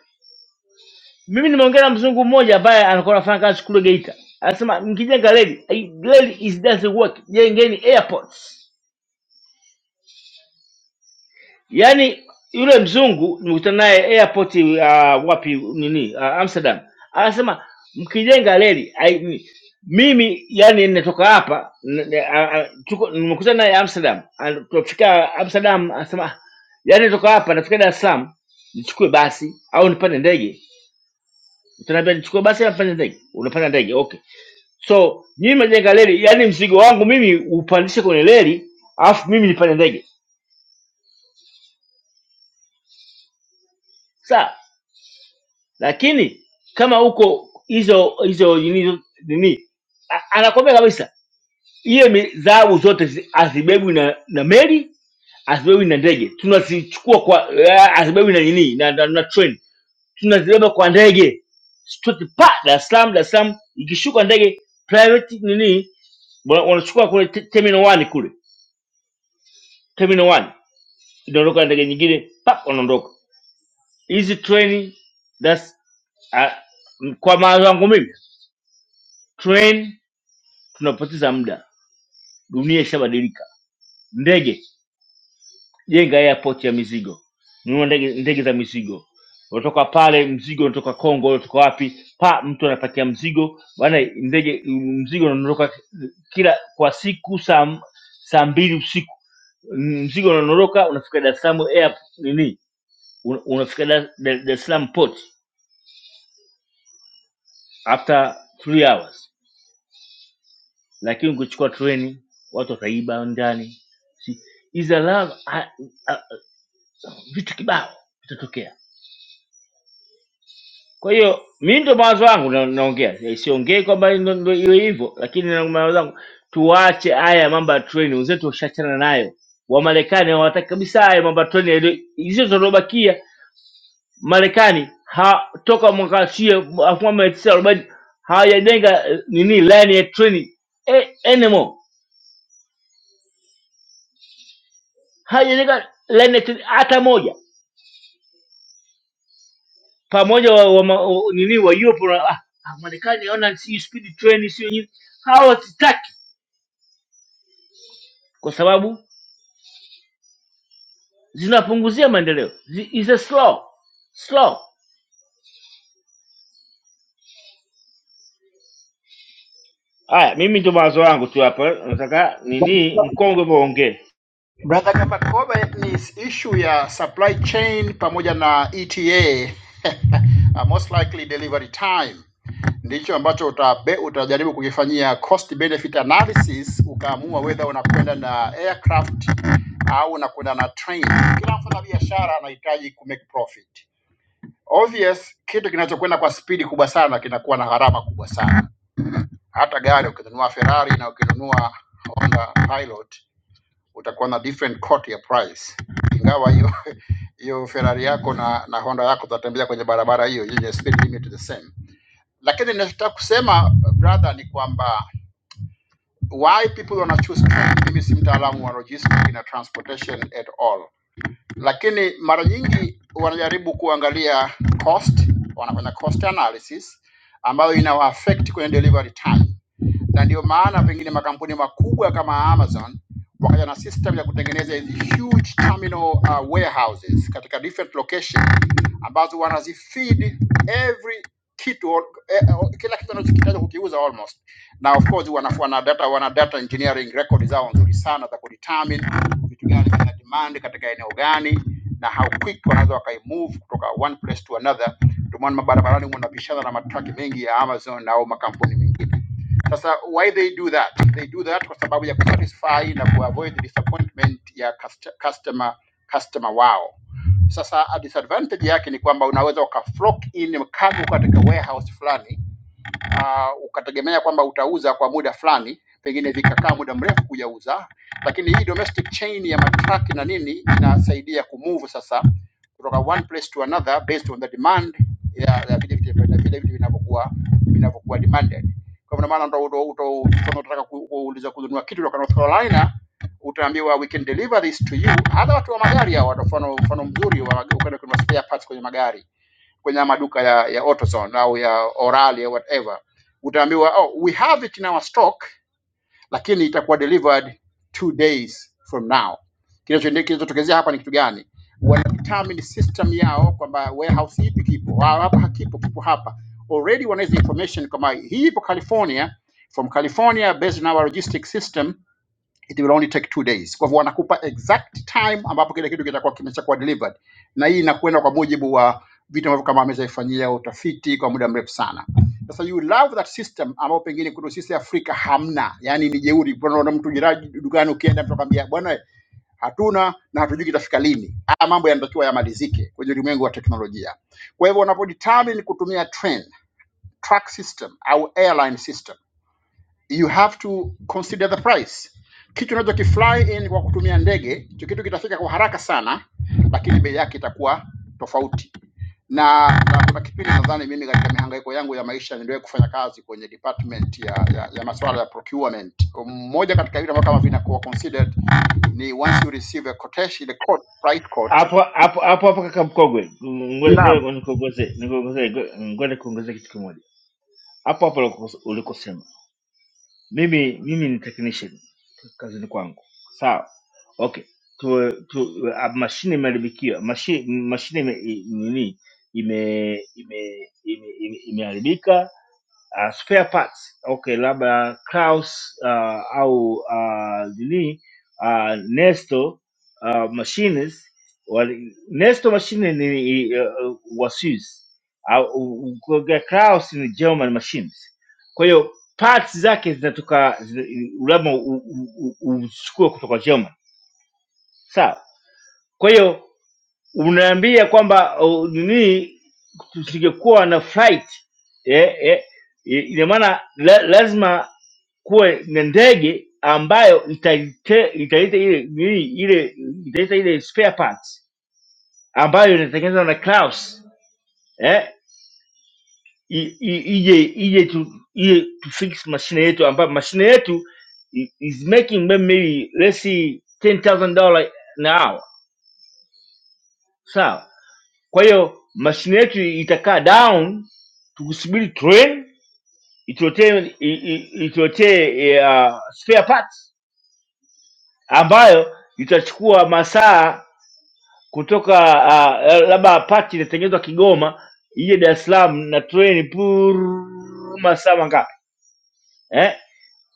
S13: Mimi nimeongea na mzungu mmoja ambaye anakuwa anafanya kazi kule Geita, anasema mkijenga reli, hii reli is doesn't work, jengeni airports. Yaani yule mzungu nimekutana naye airport uh, wapi nini uh, Amsterdam, anasema mkijenga reli hai- mimi yani ninatoka hapa n- n- a- a- tuko- nimekutana naye Amsterdam, An- tunafika Amsterdam anasema "Ah, yani natoka hapa nafika Dar es Salaam nichukue basi au nipande ndege. Utaniambia nichukue basi au nipande ndege? Unapanda ndege, okay so nyinyi mnajenga reli yani mzigo wangu mimi upandishe kwenye reli alafu mimi nipande ndege sawa lakini kama huko hizo hizo nini nini a- anakwambia kabisa hiyo mi- dhahabu zote zi- hazibebwi na, na meli hazibebwi na ndege tunazichukua kwa eh, hazibebwi na nini na, na, na train tunazibeba kwa ndege Straight pa Dar es Salaam Dar es Salaam ikishuka ndege private nini wana- wanachukua kule te- terminal 1 kule terminal 1 kidondoka na ndege nyingine pap wanaondoka hizi treni that's ah, m- kwa mawazo yangu mimi train tunapoteza muda dunia ishabadilika ndege jenga airport ya mizigo nunua ndege, ndege za mizigo unatoka pale mzigo unatoka kongo unatoka wapi pa mtu anapakia mzigo bana ndege mzigo unaondoka kila kwa siku saa m- saa mbili usiku mzigo unaondoka unafika dar es salaam air nini una- unafika dar Dar- Dar es salaam port after three hours lakini ukichukua treni watu wataiba ndani Si- is allowed- a- a- vitu kibao vitatokea kwa hiyo mi ndo mawazo wangu na- naongea Eh, siongei kwamba ndo ndo iwe hivyo lakini na mawazo wangu tuwache haya mambo ya treni wenzetu washachana nayo wamarekani hawataki kabisa haya mambo ya treni yaliyo- hizo zilizobakia marekani ha- toka mwaka sie elfu moja mia tisa arobaini hawajajenga eh, nini line ya treni eh, anymore haijajenga laineti hata moja pamoja wa, wa, ma- wa, nini wa Europe na ah, ah, Marekani naona si speed train sio nini, hao wasitaki kwa sababu zinapunguzia maendeleo, Zi- is a slow slow. Haya, mimi ndio mawazo yangu tu hapa, nataka nini mkongwe muongee
S14: Brother Kapakobe, ni issue ya supply chain pamoja na ETA uh, most likely delivery time ndicho ambacho utabe, utajaribu kukifanyia cost benefit analysis, ukaamua whether unakwenda na aircraft au unakwenda na train. Kila mfanya biashara anahitaji ku make profit. Obvious, kitu kinachokwenda kwa spidi kubwa sana kinakuwa na gharama kubwa sana. Hata gari ukinunua Ferrari na ukinunua Honda Pilot utakuwa na different court ya price, ingawa hiyo hiyo Ferrari yako na, na Honda yako tatembea kwenye barabara hiyo yenye speed limit the same. Lakini ninachotaka kusema brother ni kwamba why people wana choose truck. Mimi si mtaalamu wa logistics na transportation at all, lakini mara nyingi wanajaribu kuangalia cost, wanafanya cost analysis ambayo inawa affect kwenye delivery time na ndio maana pengine makampuni makubwa kama Amazon wakaja na system ya kutengeneza hizi huge terminal uh, warehouses katika different location ambazo wanazifeed every kitu eh, eh, kila kitu wanachokitaja kukiuza almost na of course wana, wana data wana data engineering record zao nzuri sana za kudetermine vitu gani vina demand katika eneo gani na how quick wanaweza wakaimove kutoka one place to another. Ndio maana mabarabarani mnapishana na matraki mengi ya Amazon au makampuni mengine. Sasa why they do that? They do that kwa sababu ya kusatisfy na kuavoid disappointment ya cust- customer customer wao. Sasa a disadvantage yake ni kwamba unaweza ukaflock in kama uko katika warehouse fulani uh, ukategemea kwamba utauza kwa muda fulani, pengine vikakaa muda mrefu kujauza, lakini hii domestic chain ya matraki na nini inasaidia kumove sasa kutoka one place to another based on the demand ya ya vile vitu vile vile vitu vinavyokuwa vinavyokuwa demanded. Kwa hivyo, ndio maana ndo ndo- ndo- kama unataka ku- kuuliza kununua kitu kutoka North Carolina utaambiwa we can deliver this to you. Hata watu wa magari hao, wata- mfano mfano mzuri wa ukwenda kununua spare parts kwenye magari kwenye maduka ya, ya AutoZone au ya Orali au whatever, utaambiwa oh, we have it in our stock, lakini itakuwa delivered two days from now. Kinachoende- Kinachotokezea hapa ni kitu gani? Wana determine system yao kwamba warehouse ipi kipo Ah, hapa, hakipo kipo hapa. Already wanaweza information kama hii ipo California, from California based on our logistic system it will only take two days. Kwa hivyo wanakupa exact time ambapo kile kitu kitakuwa kimeshakuwa delivered, na hii inakwenda kwa mujibu wa vitu ambavyo kama ameshaifanyia utafiti kwa muda mrefu sana. Sasa you love that system ambao pengine kwetu sisi Afrika hamna, yani ni jeuri. Unaona mtu jirani dukani, ukienda mtu akwambia bwana, hatuna na hatujui kitafika lini. Haya mambo yanatakiwa yamalizike kwenye ulimwengu wa teknolojia. Kwa hivyo unapodetermine kutumia train, track system au airline system you have to consider the price. Kitu unaweza kifly in kwa kutumia ndege, hicho kitu kitafika kwa haraka sana, lakini bei yake itakuwa tofauti. Na, na kuna kipindi nadhani mimi katika mihangaiko yangu ya maisha niliwahi kufanya kazi kwenye department ya, ya, ya masuala ya procurement. Mmoja katika vitu ambavyo kama vinakuwa considered ni once you receive a quotation, the quote, price quote,
S13: hapo hapo hapo hapo. Kaka mkongwe, ngoja
S14: Na
S13: ngoja nikuongezee nikuongezee ngoja nikuongezee kitu kimoja hapo hapo uliko- ulikosema mimi mimi ni technician kazini kwangu sawa okay tu, tu, uh, mashine imeharibikiwa mashine mashine ime, i- nini ime ime imeharibika ime, ime imeharibika, uh, spare parts okay labda Kraus uh, au uh, nini uh, Nesto uh, machines wali, Nesto machine ni uh, Waswisi au uh, Kraus ni German machines. Kwa hiyo parts zake zinatoka zina- labda u- u- u- uchukue kutoka German, sawa. Kwa hiyo Unaniambia kwamba uh, nini tusingekuwa na flight eh, eh, i- ina maana la, lazima kuwe na ndege ambayo italite- italeta ile nini ile italeta ile spare parts ambayo inatengenezwa na Klaus eh, i- i- ije ije tu ije tu fix mashine yetu ambayo mashine yetu i- is making maybe let's see $10,000 an hour sawa Kwa hiyo mashine yetu itakaa down, tukusubiri train ituletee i- i- ituletee uh, spare parts ambayo itachukua masaa kutoka uh, uh, labda pati inatengenezwa Kigoma ije Dar es Salaam na train pur masaa mangapi eh?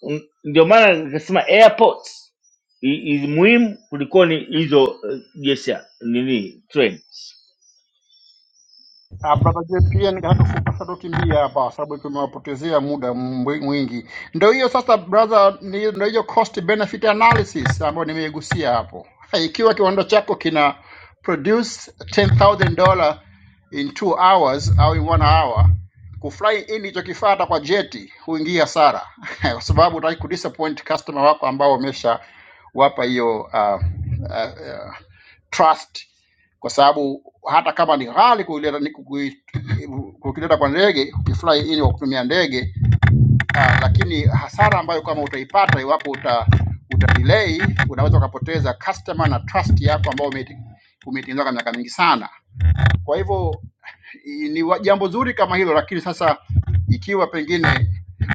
S13: N- Ndio maana nikasema airports i- i- muhimu kuliko ni hizo uh, yes, nini trains.
S14: Ah, Brother JPN nataka kupasa tukimbia hapa sababu tumewapotezea muda mwi- mwingi. Ndio hiyo sasa brother, ni- ndio hiyo cost benefit analysis ambayo nimeigusia hapo. Ha, Ikiwa kiwanda chako kina produce $10,000 in 2 hours au in 1 hour, kufly in hicho kifaa hata kwa jeti huingia hasara kwa sababu utaki kudisappoint customer wako ambao wamesha wapa hiyo uh, uh, trust kwa sababu hata kama ni ghali kuileta ni kukui- kukileta kwa ndege ukifly in kwa kutumia ndege ah, lakini hasara ambayo kama utaipata iwapo uta, uta delay unaweza ukapoteza customer na trust yako ambayo umeiti- umeitengeneza kwa miaka mingi sana. Kwa hivyo i- ni wa- jambo zuri kama hilo, lakini sasa ikiwa pengine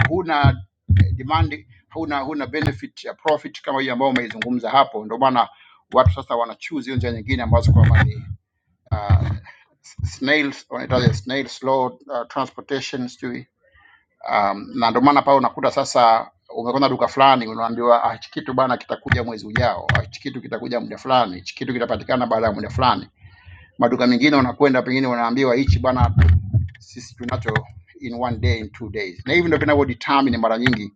S14: huna eh, demand, huna huna benefit ya profit kama hiyo ambayo umeizungumza hapo, ndio maana watu sasa wana choose hiyo njia nyingine ambazo kwamba uh, snails wanaitaje snail slow uh, transportation sijui um, na ndio maana pale unakuta sasa umekwenda duka fulani unaambiwa ah, hichi kitu bana kitakuja mwezi ujao ah, hichi kitu kitakuja muda fulani hichi kitu kitapatikana baada ya muda fulani maduka mengine unakwenda pengine unaambiwa hichi bana sisi tunacho in one day in two days na hivi ndio vinavyo determine mara nyingi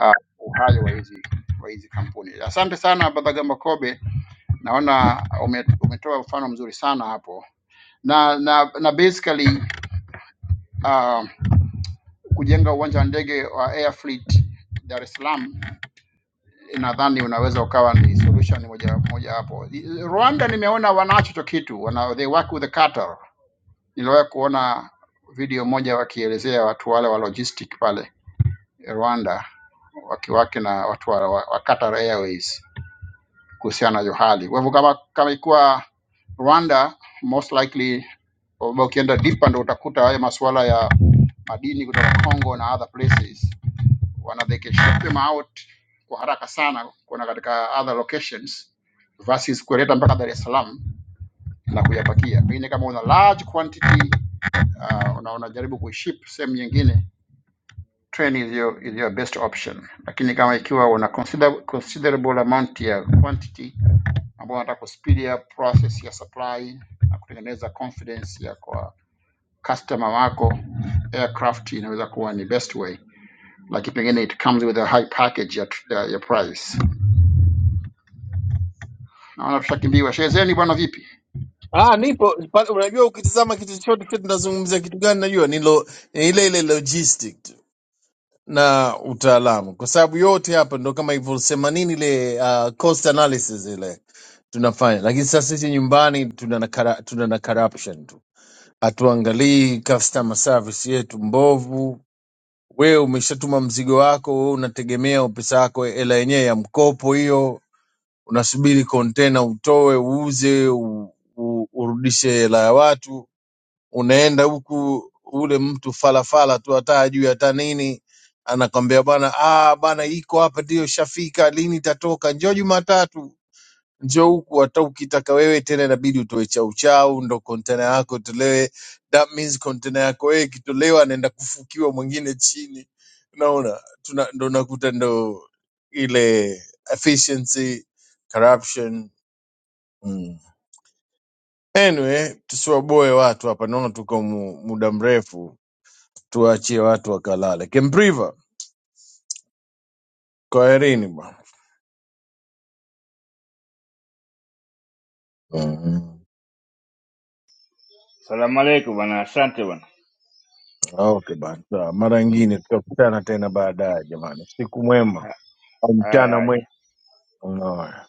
S14: uh, uhai wa hizi wa hizi kampuni asante sana brother gamba kobe naona ume- umetoa mfano mzuri sana hapo na na na basically uh, kujenga uwanja wa ndege wa Air Fleet Dar es Salaam nadhani unaweza ukawa ni solution moja moja hapo. I- Rwanda nimeona wanacho hicho kitu, wana they work with the Qatar. Niliwahi kuona video moja wakielezea watu wale wa logistic pale Rwanda wakiwake na watu wa, wa wa Qatar Airways. kuhusiana na hiyo hali. Kwa hivyo kama kama ikuwa Rwanda, most likely kwamba ukienda deeper ndo utakuta haya masuala ya madini kutoka Congo na other places wana they can ship them out kwa haraka sana kuna katika other locations versus kuleta mpaka Dar es Salaam na kuyapakia. Pengine kama una large quantity uh, una unajaribu kuiship sehemu nyingine train iliyo iliyo best option, lakini kama ikiwa una consider, considerable amount ya quantity ambao wanataka kuspeed up process ya supply na kutengeneza confidence ya kwa customer wako, aircraft inaweza kuwa ni best way, lakini pengine it comes with a high package ya, ya, ya price. Naona tushakimbiwa. Shezeni bwana, vipi?
S2: Ah, nipo pa, unajua ukitizama kitu chochote chote tunazungumzia kitu gani, najua ni lo, ni ile ile logistic tu. na utaalamu, kwa sababu yote hapa ndo kama ilivyosema nini ile uh, cost analysis ile tunafanya, lakini sasa sisi nyumbani tuna na kara- tuna na corruption tu, hatuangalii customer service yetu mbovu. Wewe umeshatuma mzigo wako, wewe unategemea pesa yako, hela yenyewe ya mkopo hiyo, unasubiri container utoe, uuze, u, u, urudishe hela ya watu unaenda huku ule mtu falafala tu hata ajui hata nini anakwambia bwana ah bwana iko hapa ndio shafika lini itatoka njoo jumatatu njoo huku hata ukitaka wewe tena inabidi utoe chau chau ndo kontena yako itolewe that means kontena yako wewe ikitolewa anaenda kufukiwa mwingine chini unaona tuna, ndo nakuta ndo ile efficiency corruption mm. anyway tusiwaboe watu hapa naona tuko mu, muda mrefu tuachie watu wakalale. Kimpriva, kwaherini bwana. Mm.
S13: Salamu alaikum bwana, asante bwana.
S2: Okay bana, sawa. Mara
S13: Mm.
S2: ingine tutakutana tena baadaye jamani. Siku mwema au
S13: Haya,
S2: mchana
S13: haya.
S2: mwema. Unaona.